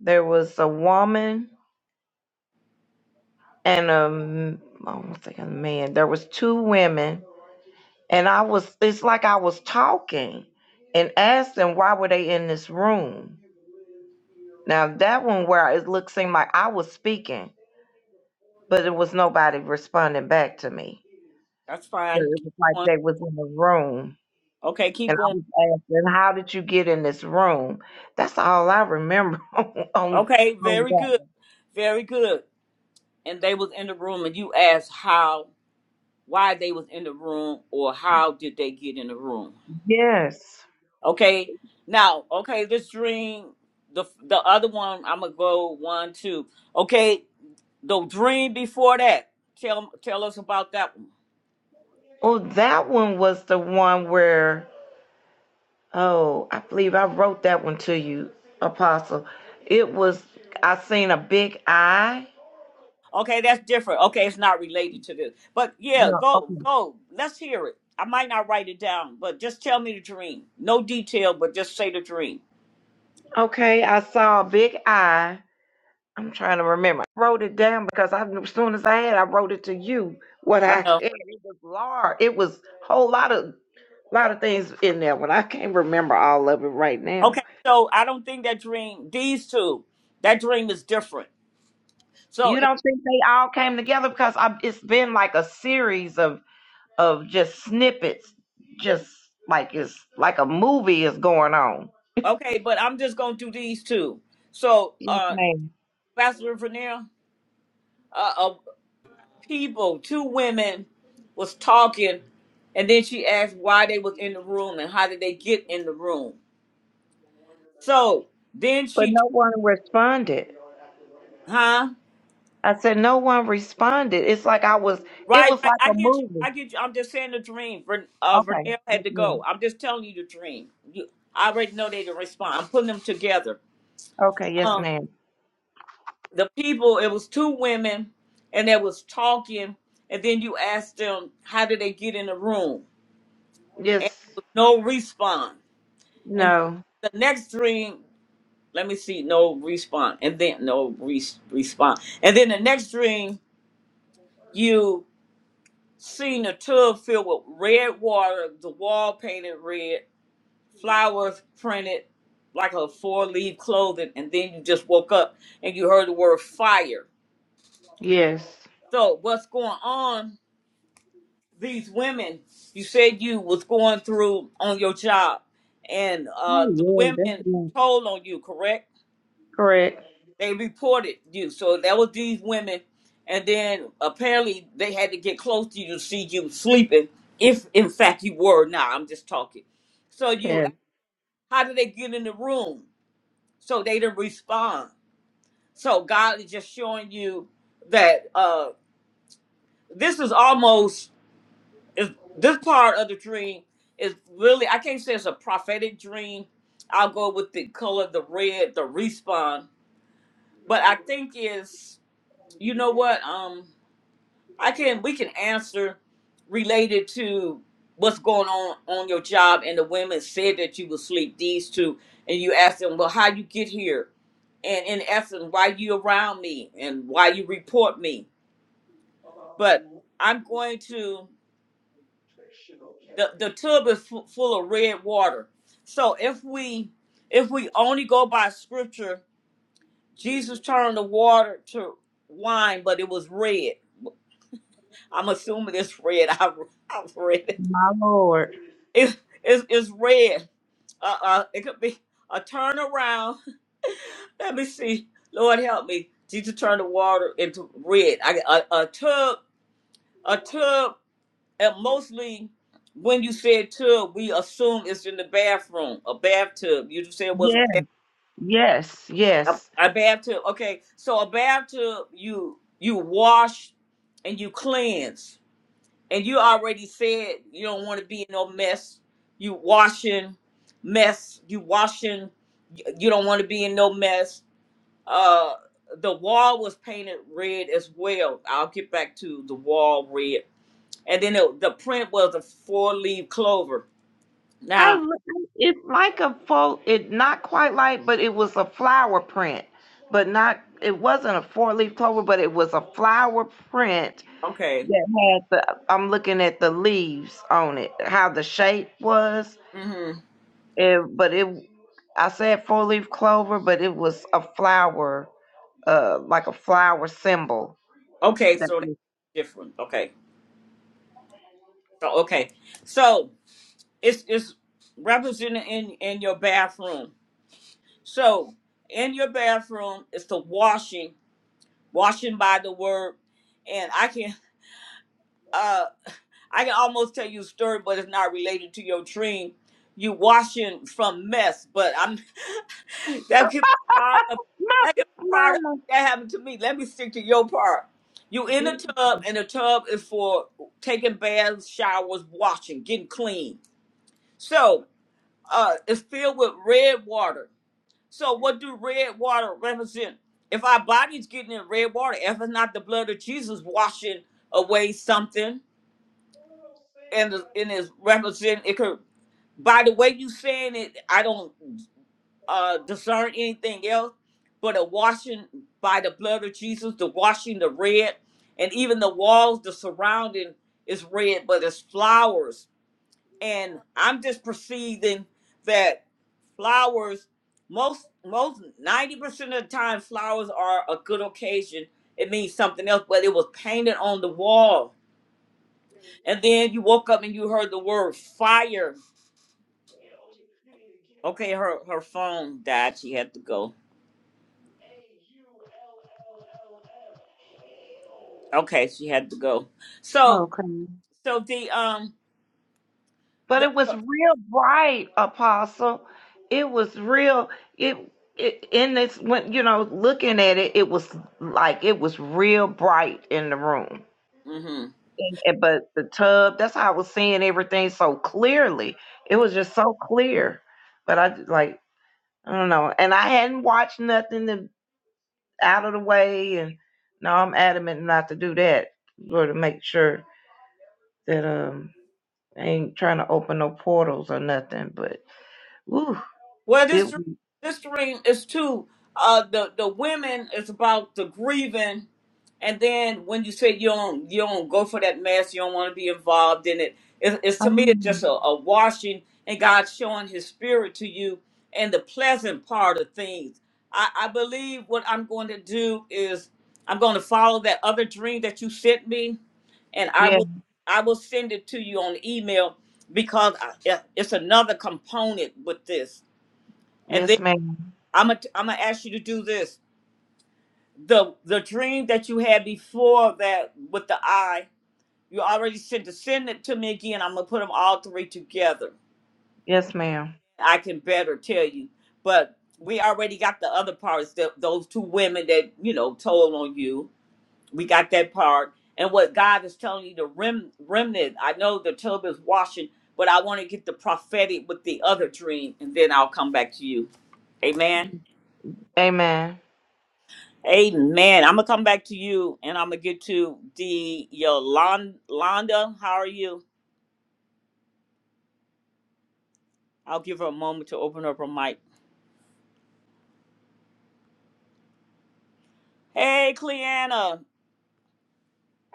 There was a woman and a m- I don't think a man. There was two women, and I was. It's like I was talking and asked them why were they in this room. Now that one where it looked seemed like I was speaking but it was nobody responding back to me.
That's
But
fine.
it
Keep
was like
going.
they was in the room.
Okay, keep
And I
going.
was asking, how did you get in this room? That's all I remember on, on,
Okay,
on
very
that
good.
one.
Very good. And they was in the room and you asked how why they was in the room or how did they get in the room.
Yes.
Okay. Now, okay, this dream the the other one I'm gonna go one, two. Okay, The dream before that. Tell tell us about that one.
Oh, that one was the one where, oh, I believe I wrote that one to you, Apostle. It was, I seen a big eye.
Okay, that's different. Okay, it's not related to this. But yeah,
No,
go
okay.
go. Let's hear it. I might not write it down, but just tell me the dream. No detail, but just say the dream.
Okay, I saw a big eye I'm trying to remember. I wrote it down because I, as soon as I had, I wrote it to you. What I
I
had,
know.
it was large. It was a whole lot of, lot of things in there. When I can't remember all of it right now.
Okay, so I don't think that dream. These two, that dream is different. So
You
if,
don't think they all came together because I, it's been like a series of, of just snippets, just like it's like a movie is going on.
okay, but I'm just gonna do these two. So,
Yes,
uh,
ma'am.
Pastor Vernier, uh, uh, people, two women was talking, and then she asked why they was in the room and how did they get in the room. So then
But
she,
no one responded.
huh?
I said no one responded. It's like I was. It
Right,
was
right.
like a
I get you.
movie.
I get you. I'm just saying the dream. Ver, uh,
Okay.
Vernell
Yes,
had to
ma'am.
go. I'm just telling you the dream. You, I already know they didn't respond. I'm putting them together.
Okay, yes,
Um,
ma'am.
the people. It was two women, and they was talking, and then you asked them how did they get in the room, and
Yes,
no response. And
no,
the next dream. let me see no response and then no re- response and then the next dream you seen a tub filled with red water the wall painted red flowers printed like a four leaf clothing and then you just woke up and you heard the word fire
yes.
so what's going on these women you said you was going through on your job and uh
Oh,
the
yeah, that's
women
right.
told on you correct
correct.
They reported you. So that was these women. And then apparently they had to get close to you to see you sleeping, if in fact you were. Now I'm just talking. So you,
Yes,
how did they get in the room? So they didn't respond. So God is just showing you that uh this is almost is this part of the dream is really I can't say it's a prophetic dream. I'll go with the color, the red, the respawn. But I think is you know what? um. I can we can answer related to what's going on on your job and the women said that you would sleep these two and you ask them well how you get here and in essence why you around me and why you report me but I'm going to the the tub is fu- full of red water so if we if we only go by scripture Jesus turned the water to wine but it was red I'm assuming it's red I, I've read it.
my Lord.
It's it's, it's red. Uh, uh, it could be a turnaround. Let me see. Lord help me. Jesus turned the water into red. I a, a tub, a tub, and mostly when you said tub, we assume it's in the bathroom, a bathtub. You just said it was a
Yes,
bath,
yes, yes.
a, a bathtub. Okay, so a bathtub, you you wash and you cleanse and you already said you don't want to be in no mess. You washing mess. You washing. y- You don't want to be in no mess. Uh, the wall was painted red as well. I'll get back to the wall red, and then it, the print was a four leaf clover.
I
Now,
l- it's like a faux, it not quite like, but it was a flower print, but not. It wasn't a four-leaf clover, but it was a flower print
okay,
that had the. I'm looking at the leaves on it, how the shape was,
hmm
it, but it. I said four-leaf clover, but it was a flower uh, like a flower symbol.
okay,
That
so
was,
that's different. Okay, so okay, so it's it's represented in in your bathroom. So in your bathroom, it's the washing washing by the word and i can uh i can almost tell you a story but it's not related to your dream you washing from mess but i'm that could be part of
my
that could be part of
mama
that happened to me let me stick to your part you in the
did.
tub and the tub is for taking baths showers washing getting clean so uh it's filled with red water so what do red water represent? If our body's getting in red water, if it's not the blood of Jesus washing away something and and is represent it could by the way you saying it, I don't uh discern anything else but a washing by the blood of Jesus, the washing the red, and even the walls, the surrounding is red, but it's flowers and I'm just perceiving that flowers most most ninety percent of the time flowers are a good occasion. It means something else, but it was painted on the wall. And then you woke up and you heard the word fire. Okay, her her phone died. She had to go. Okay, she had to go. So so the um
But
the,
it was real bright, Apostle. It was real. It, it in this when you know looking at it, it was like it was real bright in the room.
hmm.
And, and- but the tub, that's how I was seeing everything so clearly. It was just so clear. But I like I don't know, and I hadn't watched nothing. out of the way. And no, I'm adamant not to do that. Lord, to make sure that um, I ain't trying to open no portals or nothing. But ooh,
Well, this
it.
this dream is too. Uh, the the women is about the grieving, and then when you say you don't you don't go for that mess, you don't want to be involved in it. it. It's to me, it's just
Um,
a, a washing, and God showing His Spirit to you, and the pleasant part of things. I, I believe what I'm going to do is I'm going to follow that other dream that you sent me, and I
yeah.
will I will send it to you on email because I, it- it's another component with this.
Yes, ma'am.
I'm gonna I'm gonna ask you to do this. The the dream that you had before that with the eye, you already sent to send it to me again. I'm gonna put them all three together.
Yes, ma'am.
I can better tell you, but we already got the other parts. The, those two women that you know told on you, we got that part. And what God is telling you, the rem, remnant. I know the tub is washing, but I want to get the prophetic with the other dream, and then I'll come back to you. Amen.
Amen.
Amen. I'm gonna come back to you, and I'm gonna get to the Yolanda. How are you? I'll give her a moment to open up her mic. Hey, Cleanna.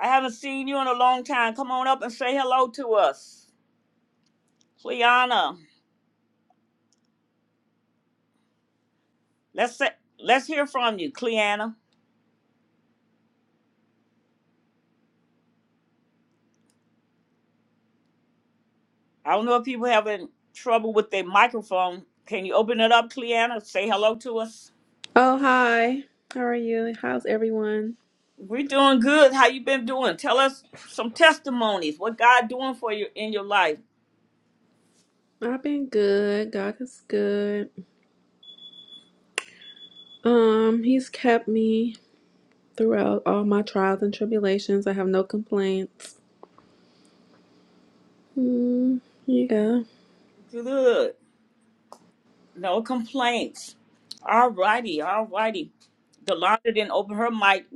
I haven't seen you in a long time. Come on up and say hello to us, Cleanna. Let's say, let's hear from you, Cleanna. I don't know if people having trouble with their microphone. Can you open it up, Cleanna? Say hello to us.
Oh, hi. How are you? How's everyone?
We're doing good. How you been doing? Tell us some testimonies. What God doing for you in your life?
I've been good. God is good. Um, he's kept me throughout all my trials and tribulations. I have no complaints. Hmm. yeah.
Good. No complaints. All righty, all righty. Delonda didn't open her mic.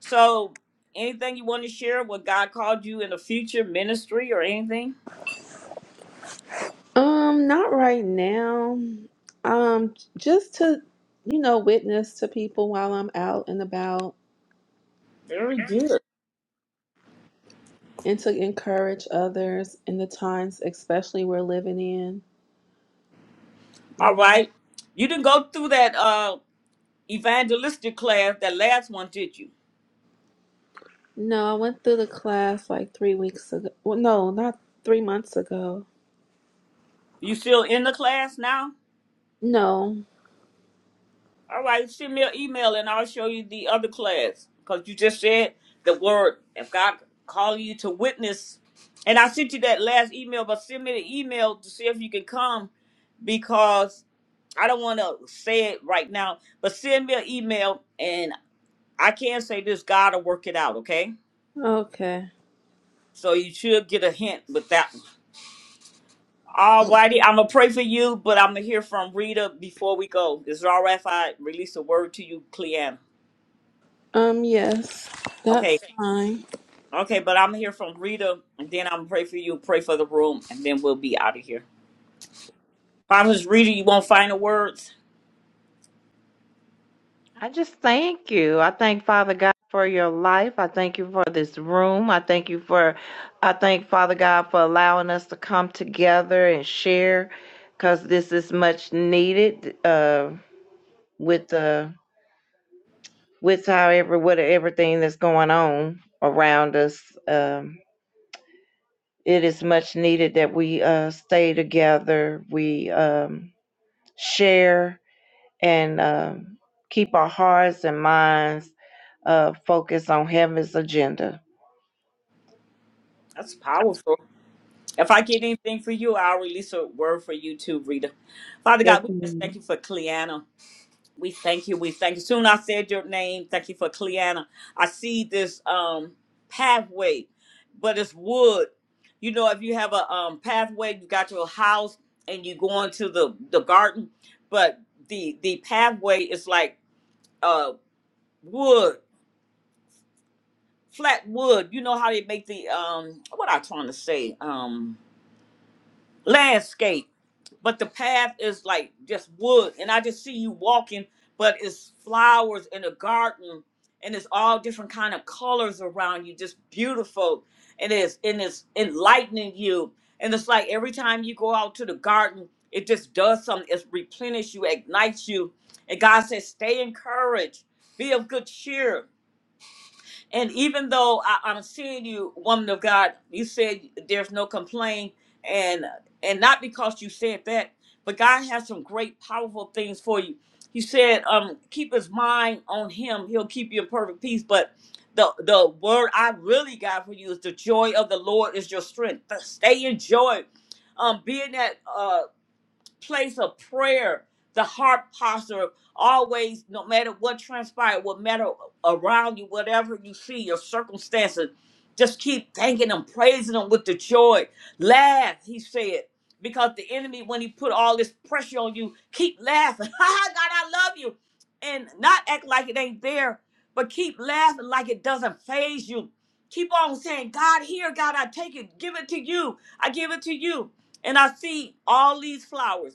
So, anything you want to share? What God called you in the future ministry or anything?
Um, not right now. Um, just to, you know, witness to people while I'm out and about
Very good.
and to encourage others in the times especially we're living in.
All right. You didn't go through that uh evangelistic class, that last one, did you?
No, I went through the class like three weeks ago. Well, no, not three months ago.
You still in the class now?
No.
All right, send me an email and I'll show you the other class. Because you just said the word, if God call you to witness, and I sent you that last email, but send me the email to see if you can come because I don't want to say it right now, but send me an email and I can say this, God will work it out, okay?
Okay.
So you should get a hint with that. one. All righty, I'm going to pray for you, but I'm going to hear from Rita before we go. Is it all right if I release a word to you, Cleanne?
Um, yes.
Okay,
That's Okay. fine.
Okay, but I'm here from Rita, and then I'm gonna pray for you, pray for the room, and then we'll be out of here. Promise Rita, you won't find the words.
I just thank you. I thank Father God for your life. I thank you for this room. I thank you for, I thank Father God for allowing us to come together and share because this is much needed uh, with the with however with everything that's going on around us um, it is much needed that we uh, stay together we um, share and um, keep our hearts and minds uh, focused on heaven's agenda
That's powerful. If I get anything for you, I'll release a word for you too, Rita. Father
yes
God, we just thank
ma'am.
you for Cleanna. We thank you. We thank you. Soon I said your name. Thank you for Cleanna. I see this um pathway, but it's wood. You know, if you have a um pathway, you got your house and you go into the the garden, but the the pathway is like uh wood, flat wood. You know how they make the um what I trying to say? Um landscape. But the path is like just wood and I just see you walking, but it's flowers in a garden and it's all different kind of colors around you, just beautiful. And it's and it's enlightening you. And it's like every time you go out to the garden, it just does something. It replenishes you, ignites you. And God says, stay encouraged, be of good cheer And even though I, I'm seeing you, woman of God, you said there's no complaint, and and not because you said that, but God has some great, powerful things for you. He said, um, keep his mind on him, he'll keep you in perfect peace. But the the word I really got for you is the joy of the Lord is your strength. Stay in joy. Um, being that uh, place of prayer, the heart posture, always, no matter what transpired, what matter around you, whatever you see, your circumstances, just keep thanking Him, praising Him with the joy. Laugh, He said, because the enemy, when he put all this pressure on you, keep laughing. Ha ha, God, I love you. And not act like it ain't there, but keep laughing like it doesn't phase you. Keep on saying, God, here, God, I take it, give it to you. I give it to you and I see all these flowers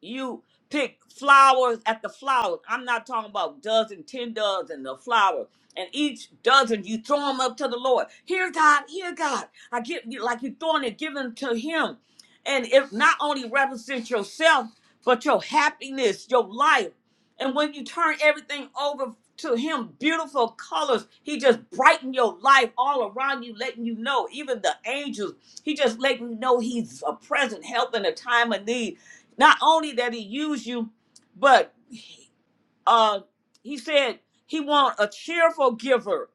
you pick flowers at the flowers. I'm not talking about dozen, ten dozen of flowers. And each dozen you throw them up to the Lord. Here, God, here, God. I get you like you throwing it, giving to Him, and it not only represents yourself, but your happiness, your life. And when you turn everything over to Him, beautiful colors, He just brighten your life all around you, letting you know. Even the angels, He just letting you know He's a present help in a time of need. Not only that he used you, but uh, he said he want a cheerful giver,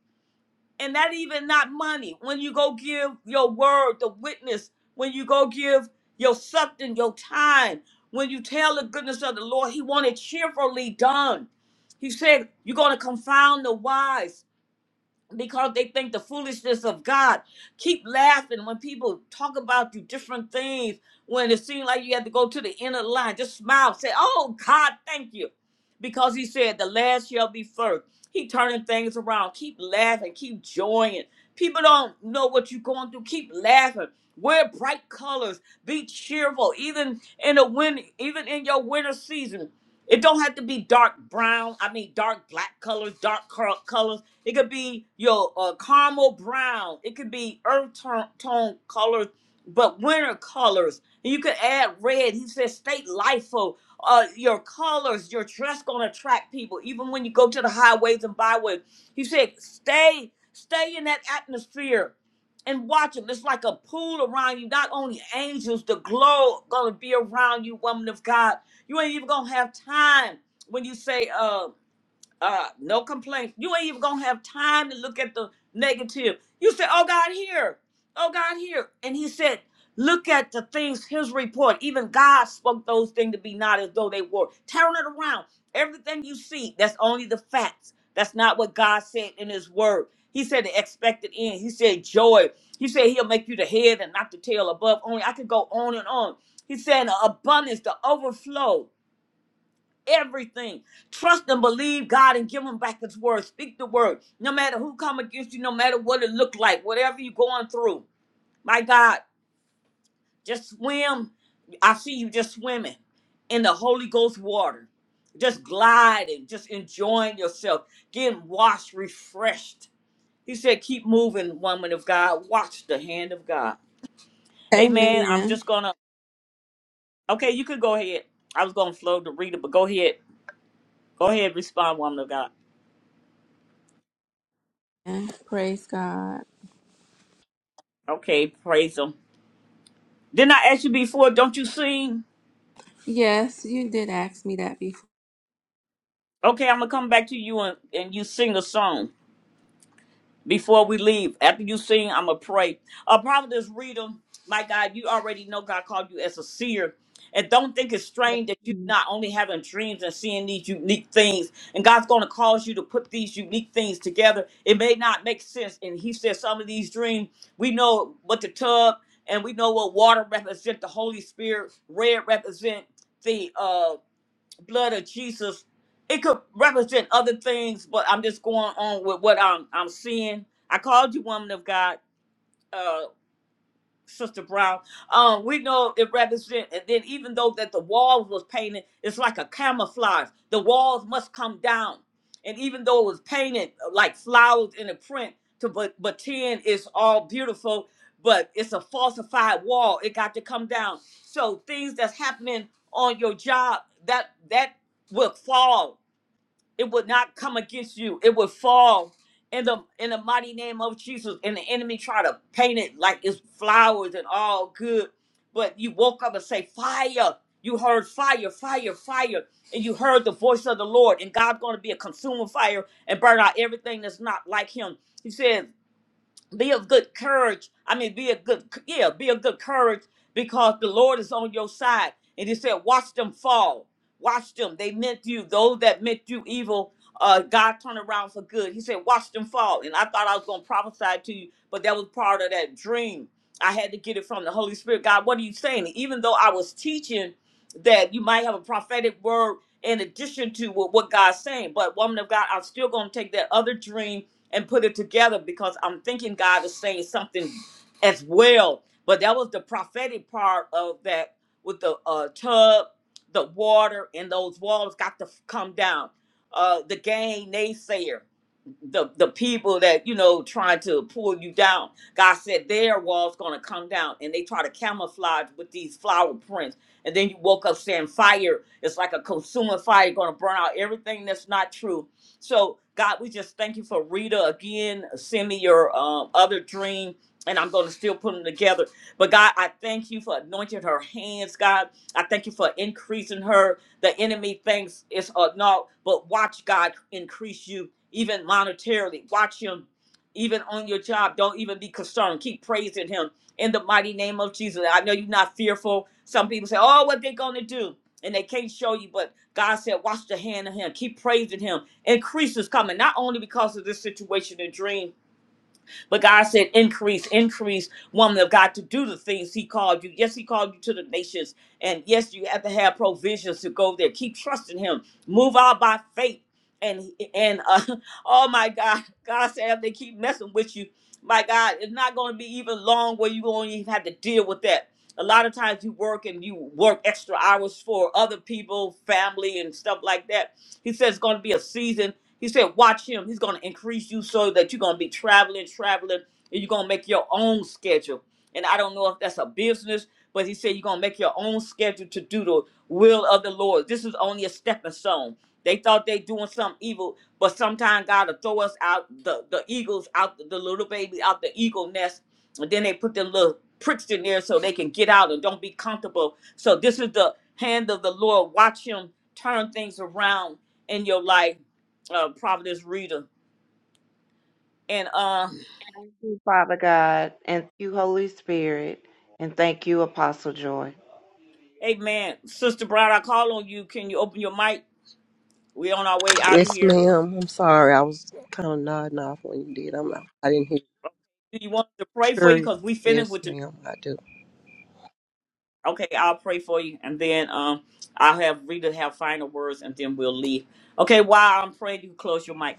and that even not money. When you go give your word, the witness, when you go give your substance, your time, when you tell the goodness of the Lord, he want it cheerfully done. He said, You're going to confound the wise because they think the foolishness of God. Keep laughing when people talk about you different things, when it seems like you have to go to the end of the line. Just smile, say, Oh God, thank you. Because he said, The last shall be first. He turning things around. Keep laughing, keep joying. People don't know what you're going through. Keep laughing. Wear bright colors. Be cheerful. Even in the win, even in your winter season. It don't have to be dark brown. I mean dark black colors, dark colors it could be your uh, caramel brown. It could be earth tone, tone colors, but winter colors. And you could add red. He said, "Stay LIFO. Uh, your colors, your dress gonna attract people, even when you go to the highways and byways. He said, stay, stay in that atmosphere and watch them. It's like a pool around you. Not only angels, the glow gonna be around you, woman of God. You ain't even gonna have time when you say, uh." uh, no complaints. You ain't even gonna have time to look at the negative. You say, "Oh God, here, oh God, here," and He said, "Look at the things." His report. Even God spoke those things to be not as though they were. Turn it around. Everything you see, that's only the facts. That's not what God said in His Word. He said the expected end. He said joy. He said He'll make you the head and not the tail above. Only I could go on and on. He said abundance, the overflow everything. Trust and believe God and give him back his word. Speak the word. No matter who come against you, no matter what it look like, whatever you're going through. My God, just swim. I see you just swimming in the Holy Ghost water. Just gliding, just enjoying yourself, getting washed, refreshed. He said, keep moving, woman of God. Watch the hand of God. Amen. I'm
Amen.
just gonna okay, you could go ahead. I was gonna flow to Rita, but go ahead. Go ahead, respond, woman of God.
Yeah, Praise God.
Okay, praise him. Didn't I ask you before, don't you sing?
Yes, you did ask me that
Okay, I'm gonna come back to you and, and you sing a song. before we leave. After you sing, I'm gonna pray. Uh, Providence Rita, my God, you already know God called you as a seer. And don't think it's
Yes,
strange that you
ma'am.
not only having dreams and seeing these unique things, and God's going to cause you to put these unique things together. It may not make sense. And He said some of these dreams, we know what the tub and we know what water represent the Holy Spirit, red represent the uh blood of Jesus, it could represent other things, but I'm just going on with what I'm I'm seeing. I called you woman of God. uh, Sister Brown. Um, we know it represents, and then even though that the walls was painted, it's like a camouflage. The walls must come down, and even though it was painted uh, like flowers in a print, to but but ten is all beautiful, but it's a falsified wall. It got to come down. So things that's happening on your job that that will fall it would not come against you. It would fall in the in the mighty name of Jesus. And the enemy try to paint it like it's flowers and all good. But you woke up and say, Fire. You heard fire, fire, fire. And you heard the voice of the Lord. And God's gonna be a consuming fire and burn out everything that's not like him. He said be of good courage. I mean, be a good, yeah, be of good courage because the Lord is on your side. And he said, watch them fall. Watch them. They meant you. Those that meant you evil, uh, God turned around for good. He said, watch them fall. And I thought I was going to prophesy to you, but that was part of that dream. I had to get it from the Holy Spirit. God, what are you saying? Even though I was teaching that you might have a prophetic word in addition to what what God's saying, but woman of God, I'm still going to take that other dream and put it together because I'm thinking God is saying something as well. But that was the prophetic part of that with the uh, tub, the water, and those walls got to f- come down. Uh, the gang naysayer the the people that you know try to pull you down. God said their wall's gonna come down, and they try to camouflage with these flower prints. And then you woke up saying fire. It's like a consuming fire, gonna burn out everything that's not true. So God, we just thank you for Rita again. Send me your um, other dream, and I'm gonna still put them together. But God, I thank you for anointing her hands, God. I thank you for increasing her the enemy thinks it's a no, but watch God increase you even monetarily. Watch him even on your job. Don't even be concerned. Keep praising him in the mighty name of Jesus. I know you're not fearful. Some people say, Oh, what they gonna do? And they can't show you, but God said, Watch the hand of him. Keep praising him. Increase is coming, not only because of this situation and dream, but God said, increase, increase, woman of God, to do the things He called you. Yes, He called you to the nations. And yes, you have to have provisions to go there. Keep trusting Him. Move out by faith. And and uh, oh my God, God said if they keep messing with you, my God, it's not going to be even long where you won't even have to deal with that. A lot of times you work and you work extra hours for other people, family, and stuff like that he said it's going to be a season. He said, watch him. He's going to increase you so that you're going to be traveling, traveling, and you're going to make your own schedule. And I don't know if that's a business, but he said you're going to make your own schedule to do the will of the Lord. This is only a stepping stone. They thought they doing something evil, but sometimes God will throw us out, the, the eagles out, the little baby out the eagle nest, and then they put them little pricks in there so they can get out and don't be comfortable. So this is the hand of the Lord. Watch him turn things around in your life, uh, Providence Reader. And uh,
Thank you, father god and thank you holy spirit and thank you apostle joy
Amen, Sister Bride. I call on you. Can you open your mic? We're on our way out of
Yes,
here.
ma'am. I'm sorry. I was kind of nodding off when you did. I'm not, I didn't hear.
Do you want us to pray for
Sure.
you? Cause we finished
Yes,
with the.
ma'am. I do.
Okay, I'll pray for you, and then um, I'll have Rita have final words, and then we'll leave. Okay, while I'm praying, you close your mic.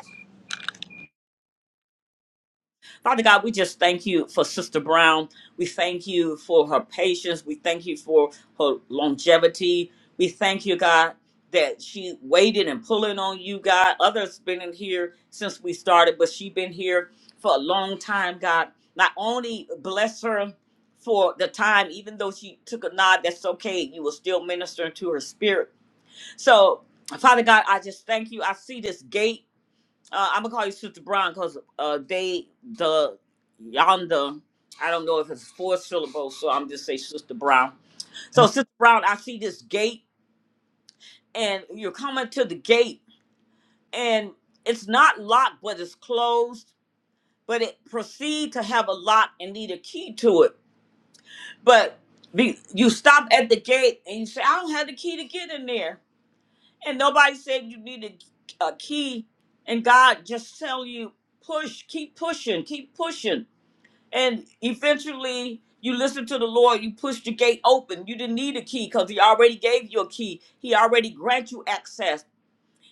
Father God, we just thank you for Sister Brown. We thank you for her patience. We thank you for her longevity. We thank you, God, that she waited and pulling on you, God. Others been in here since we started, but she been here for a long time, God. Not only bless her for the time, even though she took a nod, that's okay. You were still ministering to her spirit. So, Father God, I just thank you. I see this gate uh, I'm gonna call you Sister Brown because uh, they the yonder. I don't know if it's four syllables, so I'm just say Sister Brown. So Sister Brown, I see this gate, and you're coming to the gate, and it's not locked, but it's closed. But it proceed to have a lock and need a key to it. But be, you stop at the gate and you say, "I don't have the key to get in there," and nobody said you need a, a key. And God just tell you, push, keep pushing, keep pushing And eventually, you listen to the Lord. You push the gate open. You didn't need a key because He already gave you a key. He already grant you access.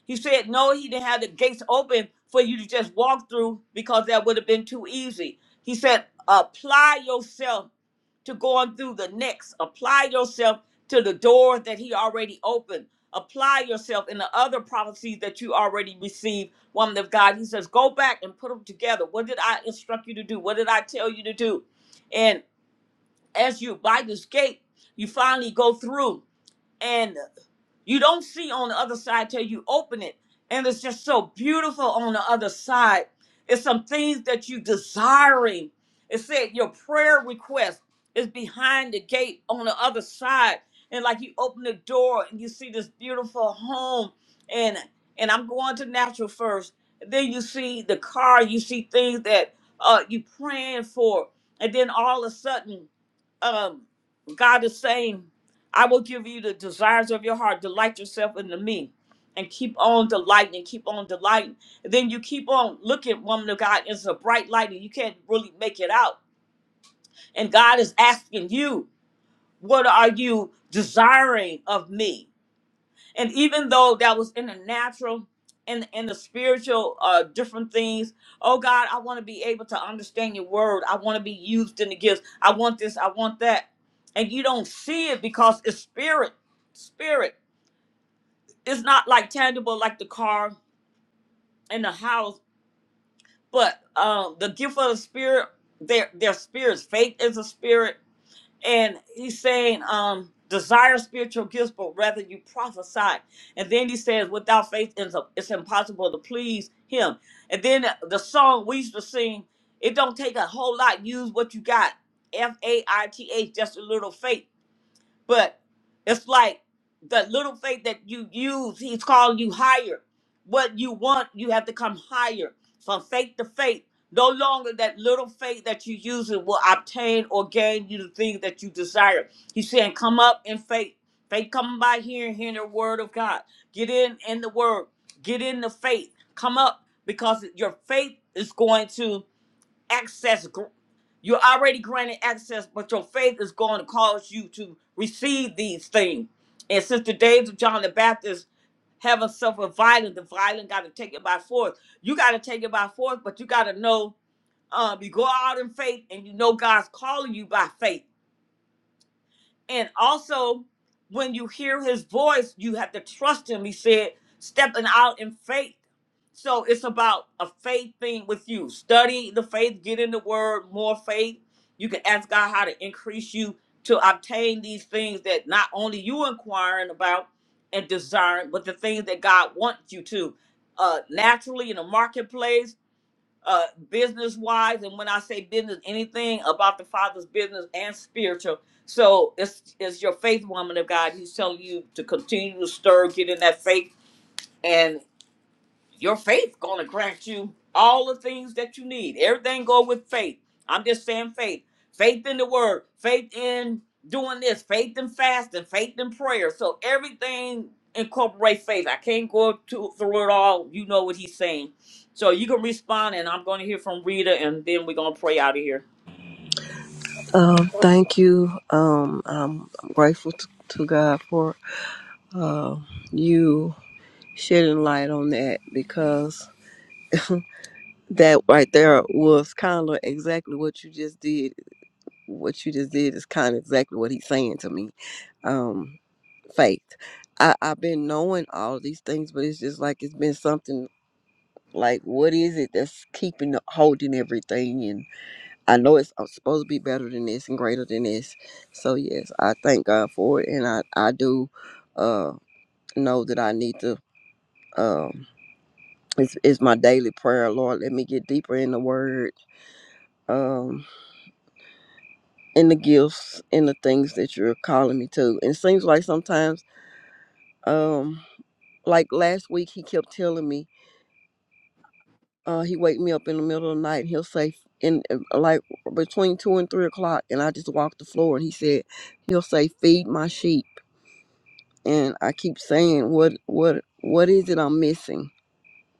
He said, no, he didn't have the gates open for you to just walk through because that would have been too easy. He said, apply yourself to going through the next. Apply yourself to the door that he already opened. Apply yourself in the other prophecies that you already received, woman of God. He says, go back and put them together. What did I instruct you to do? What did I tell you to do? And as you by this gate, you finally go through. You don't see on the other side till you open it. And it's just so beautiful on the other side. It's some things that you desiring. It said your prayer request is behind the gate on the other side. And like you open the door and you see this beautiful home. And and I'm going to natural first. Then you see the car, you see things that uh you praying for. And then all of a sudden, um, God is saying I will give you the desires of your heart. Delight yourself in me. And keep on delighting and keep on delighting. And then you keep on looking, woman of God, it's a bright light and you can't really make it out. And God is asking you, what are you desiring of me? And even though that was in the natural and in the spiritual, uh, different things, oh God, I want to be able to understand your word. I want to be used in the gifts. I want this, I want that. And you don't see it because it's spirit, spirit. it's not like tangible like the car and the house, but um, the gift of the spirit, their their spirits. Faith is a spirit, and he's saying um, desire spiritual gifts, but rather you prophesy. And then he says, without faith, it's, a, it's impossible to please him. And then the song we used to sing, it don't take a whole lot. Use what you got. F A I T H, just a little faith. But it's like the little faith that you use, he's calling you higher. What you want, you have to come higher from faith to faith. No longer that little faith that you use it will obtain or gain you the things that you desire. He's saying, come up in faith. Faith coming by hearing, hearing the word of God. Get in in the word. Get in the faith. Come up because your faith is going to access. gr- You're already granted access, but your faith is going to cause you to receive these things. And since the days of John the Baptist, heaven suffered violence. The violent got to take it by force. You got to take it by force, but you got to know um, you go out in faith and you know God's calling you by faith. And also, when you hear his voice, you have to trust him. He said, stepping out in faith. So it's about a faith thing with you. Study the faith, get in the word, more faith. You can ask God how to increase you to obtain these things that not only you inquiring about and desiring, but the things that God wants you to. Uh, naturally in the marketplace, uh business wise and when i say business anything about the father's business and spiritual so it's it's your faith woman of god he's telling you to continue to stir get in that faith and your faith gonna grant you all the things that you need. Everything go with faith. I'm just saying faith. Faith in the word, faith in doing this, faith in fasting, faith in prayer. So everything incorporate faith. I can't go to, through it all. You know what he's saying. So you can respond and I'm gonna hear from Rita and then we're gonna pray out of here.
Um, thank you. Um, I'm, I'm grateful to, to God for uh, you shedding light on that because that right there was kind of exactly what you just did. What you just did is kind of exactly what he's saying to me. Um, faith. I, I've been knowing all these things, but it's just like it's been something Like, what is it that's keeping holding everything? And I know it's uh, supposed to be better than this and greater than this. So yes, I thank God for it, and I I do uh, know that I need to. Um, it's, it's my daily prayer, Lord. Let me get deeper in the Word, um, in the gifts, in the things that you're calling me to. And it seems like sometimes, um, like last week, He kept telling me Uh, he wake me up in the middle of the night. And he'll say, in uh, like between two and three o'clock, and I just walk the floor. And he said, he'll say, "Feed my sheep." And I keep saying, "What, what, what is it I'm missing?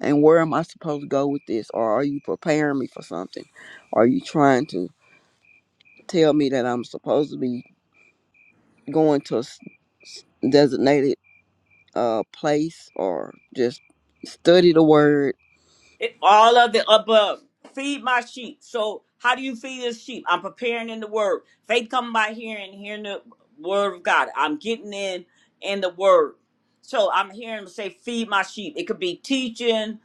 And where am I supposed to go with this? Or are you preparing me for something? Are you trying to tell me that I'm supposed to be going to a s- s- designated uh place, or just study the word?"
It, all of the above. Feed my sheep. So how do you feed his sheep? I'm preparing in the word. Faith come by hearing, hearing the word of God. I'm getting in in the word. So I'm hearing him say, feed my sheep. It could be teaching,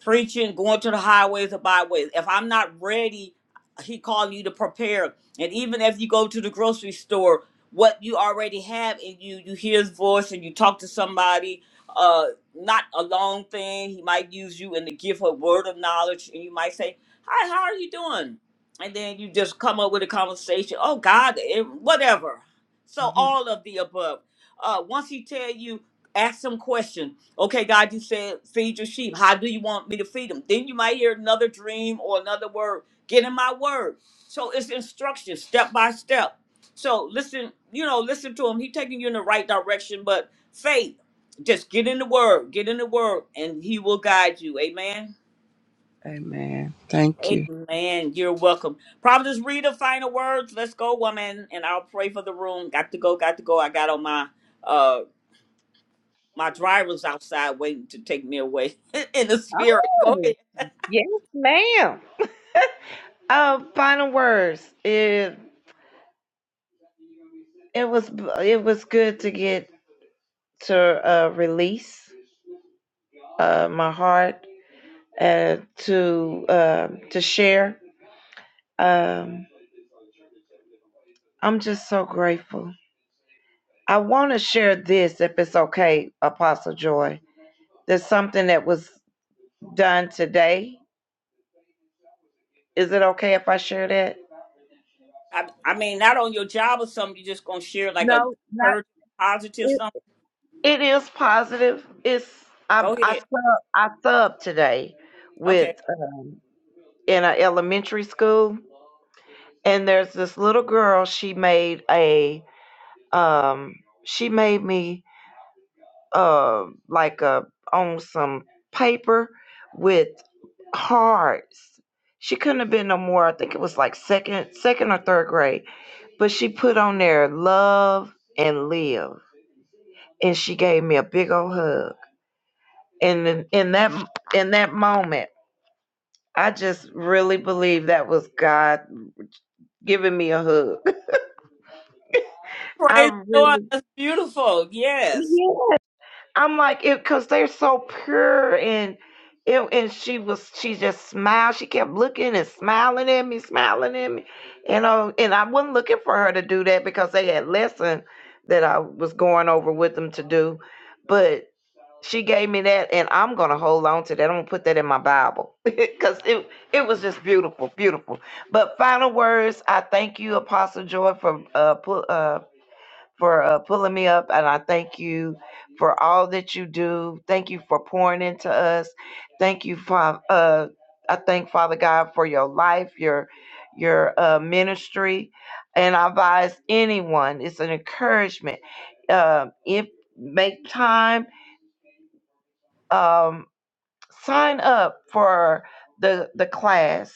preaching, going to the highways or byways. If I'm not ready, he calling you to prepare. And even if you go to the grocery store, what you already have in you, you hear his voice and you talk to somebody uh, not a long thing. He might use you and to give her word of knowledge, and you might say, "Hi, how are you doing?" And then you just come up with a conversation. Oh God, it, whatever. So
Mhm.
all of the above. Uh, once he tell you, ask some question. Okay, God, you said feed your sheep. How do you want me to feed them? Then you might hear another dream or another word. Get in my word. So it's instruction, step by step. So listen, you know, listen to him. He taking you in the right direction, but faith. Just get in the word, get in the word, and he will guide you. Amen.
Amen. Thank you.
Amen. You're welcome. Providence, read the final words. Let's go, woman, and I'll pray for the room. Got to go, got to go. I got on my uh my driver's outside waiting to take me away in the spirit. Go
oh
ahead.
yes ma'am uh, final words if. It was it was good to get to uh, release uh, my heart uh, to uh, to share. Um, I'm just so grateful. I want to share this, if it's okay, Apostle Joy. There's something that was done today. Is it okay if I share that?
I, I mean, not on your job or something. You're just gonna share like a
No, not
encouraging, positive
it.
something.
It is positive. It's I
Go
I
ahead.
sub I sub today
Okay.
with uh, in an elementary school. and there's this little girl she made a um she made me uh like a on some paper with hearts she couldn't have been no more i think it was like second second or third grade but she put on there love and live and she gave me a big old hug and in, in that in that moment i just really believe that was god giving me a hug i
Praise the Lord.
really
That's beautiful. Yes.
yeah. I'm like it because they're so pure and it, and she was she just smiled. She kept looking and smiling at me, smiling at me, you know. And I wasn't looking for her to do that because they had lesson that I was going over with them to do, but she gave me that, and I'm gonna hold on to that. I'm gonna put that in my Bible because it it was just beautiful, beautiful. But final words, I thank you, Apostle Joy, for uh, pu- uh for uh, pulling me up, and I thank you for all that you do. Thank you for pouring into us. Thank you, Father. Uh, I thank Father God for your life, your your uh, ministry, and I advise anyone. It's an encouragement. Um, if make time, um, sign up for the the class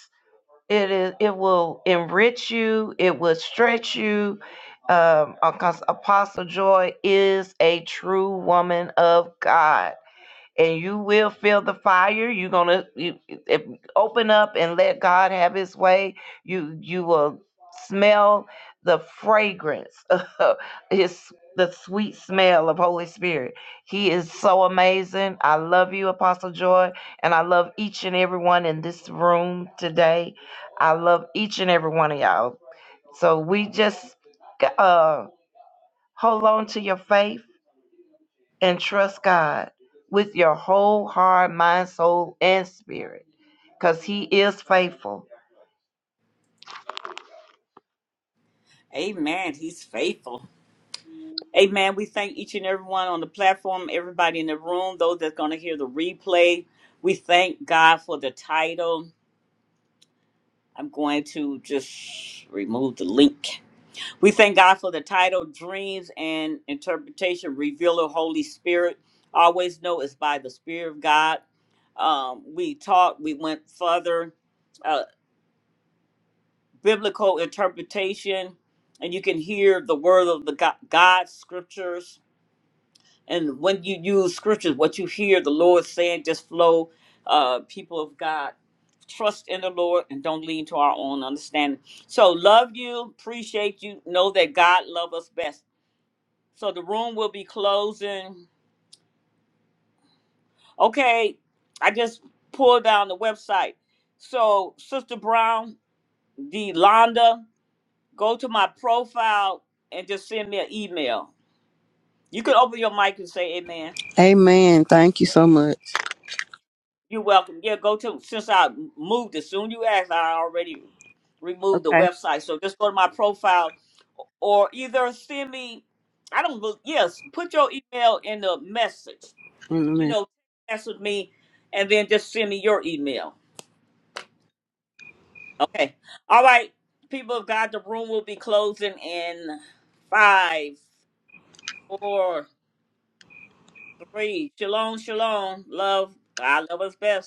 it is it will enrich you it will stretch you um because apostle joy is a true woman of god and you will feel the fire. You're gonna you, if, open up and let God have His way. You you will smell the fragrance, of His the sweet smell of Holy Spirit. He is so amazing. I love you, Apostle Joy, and I love each and everyone in this room today. I love each and every one of y'all. So we just uh, hold on to your faith and trust God with your whole heart, mind, soul, and spirit because He is faithful.
Amen. He's faithful. Amen. We thank each and everyone on the platform, everybody in the room, those that's going to hear the replay. We thank God for the title. I'm going to just remove the link. We thank God for the title, Dreams and Interpretation, Revealer, Holy Spirit. Always know it's by the Spirit of God. Um, we talked, we went further, uh, biblical interpretation, and you can hear the word of the God, God scriptures and when you use scriptures, what you hear the Lord saying, just flow. Uh, people of God, trust in the Lord and don't lean to our own understanding. So love you, appreciate you, know that God loves us best. So the room will be closing. Okay, I just pulled down the website. So Sister Brown, Delonda, go to my profile and just send me an email. You can open your mic and say Amen.
Amen. Thank you so much.
You're welcome. Yeah, go to since I moved as soon you asked, I already removed the
Okay.
website. So just go to my profile or either send me I don't look yes, put your email in the message.
Wait a minute.
You know, message me and then just send me your email. Okay. All right. People of God, the room will be closing in five, four, three. Shalom, shalom. Love. God love us best.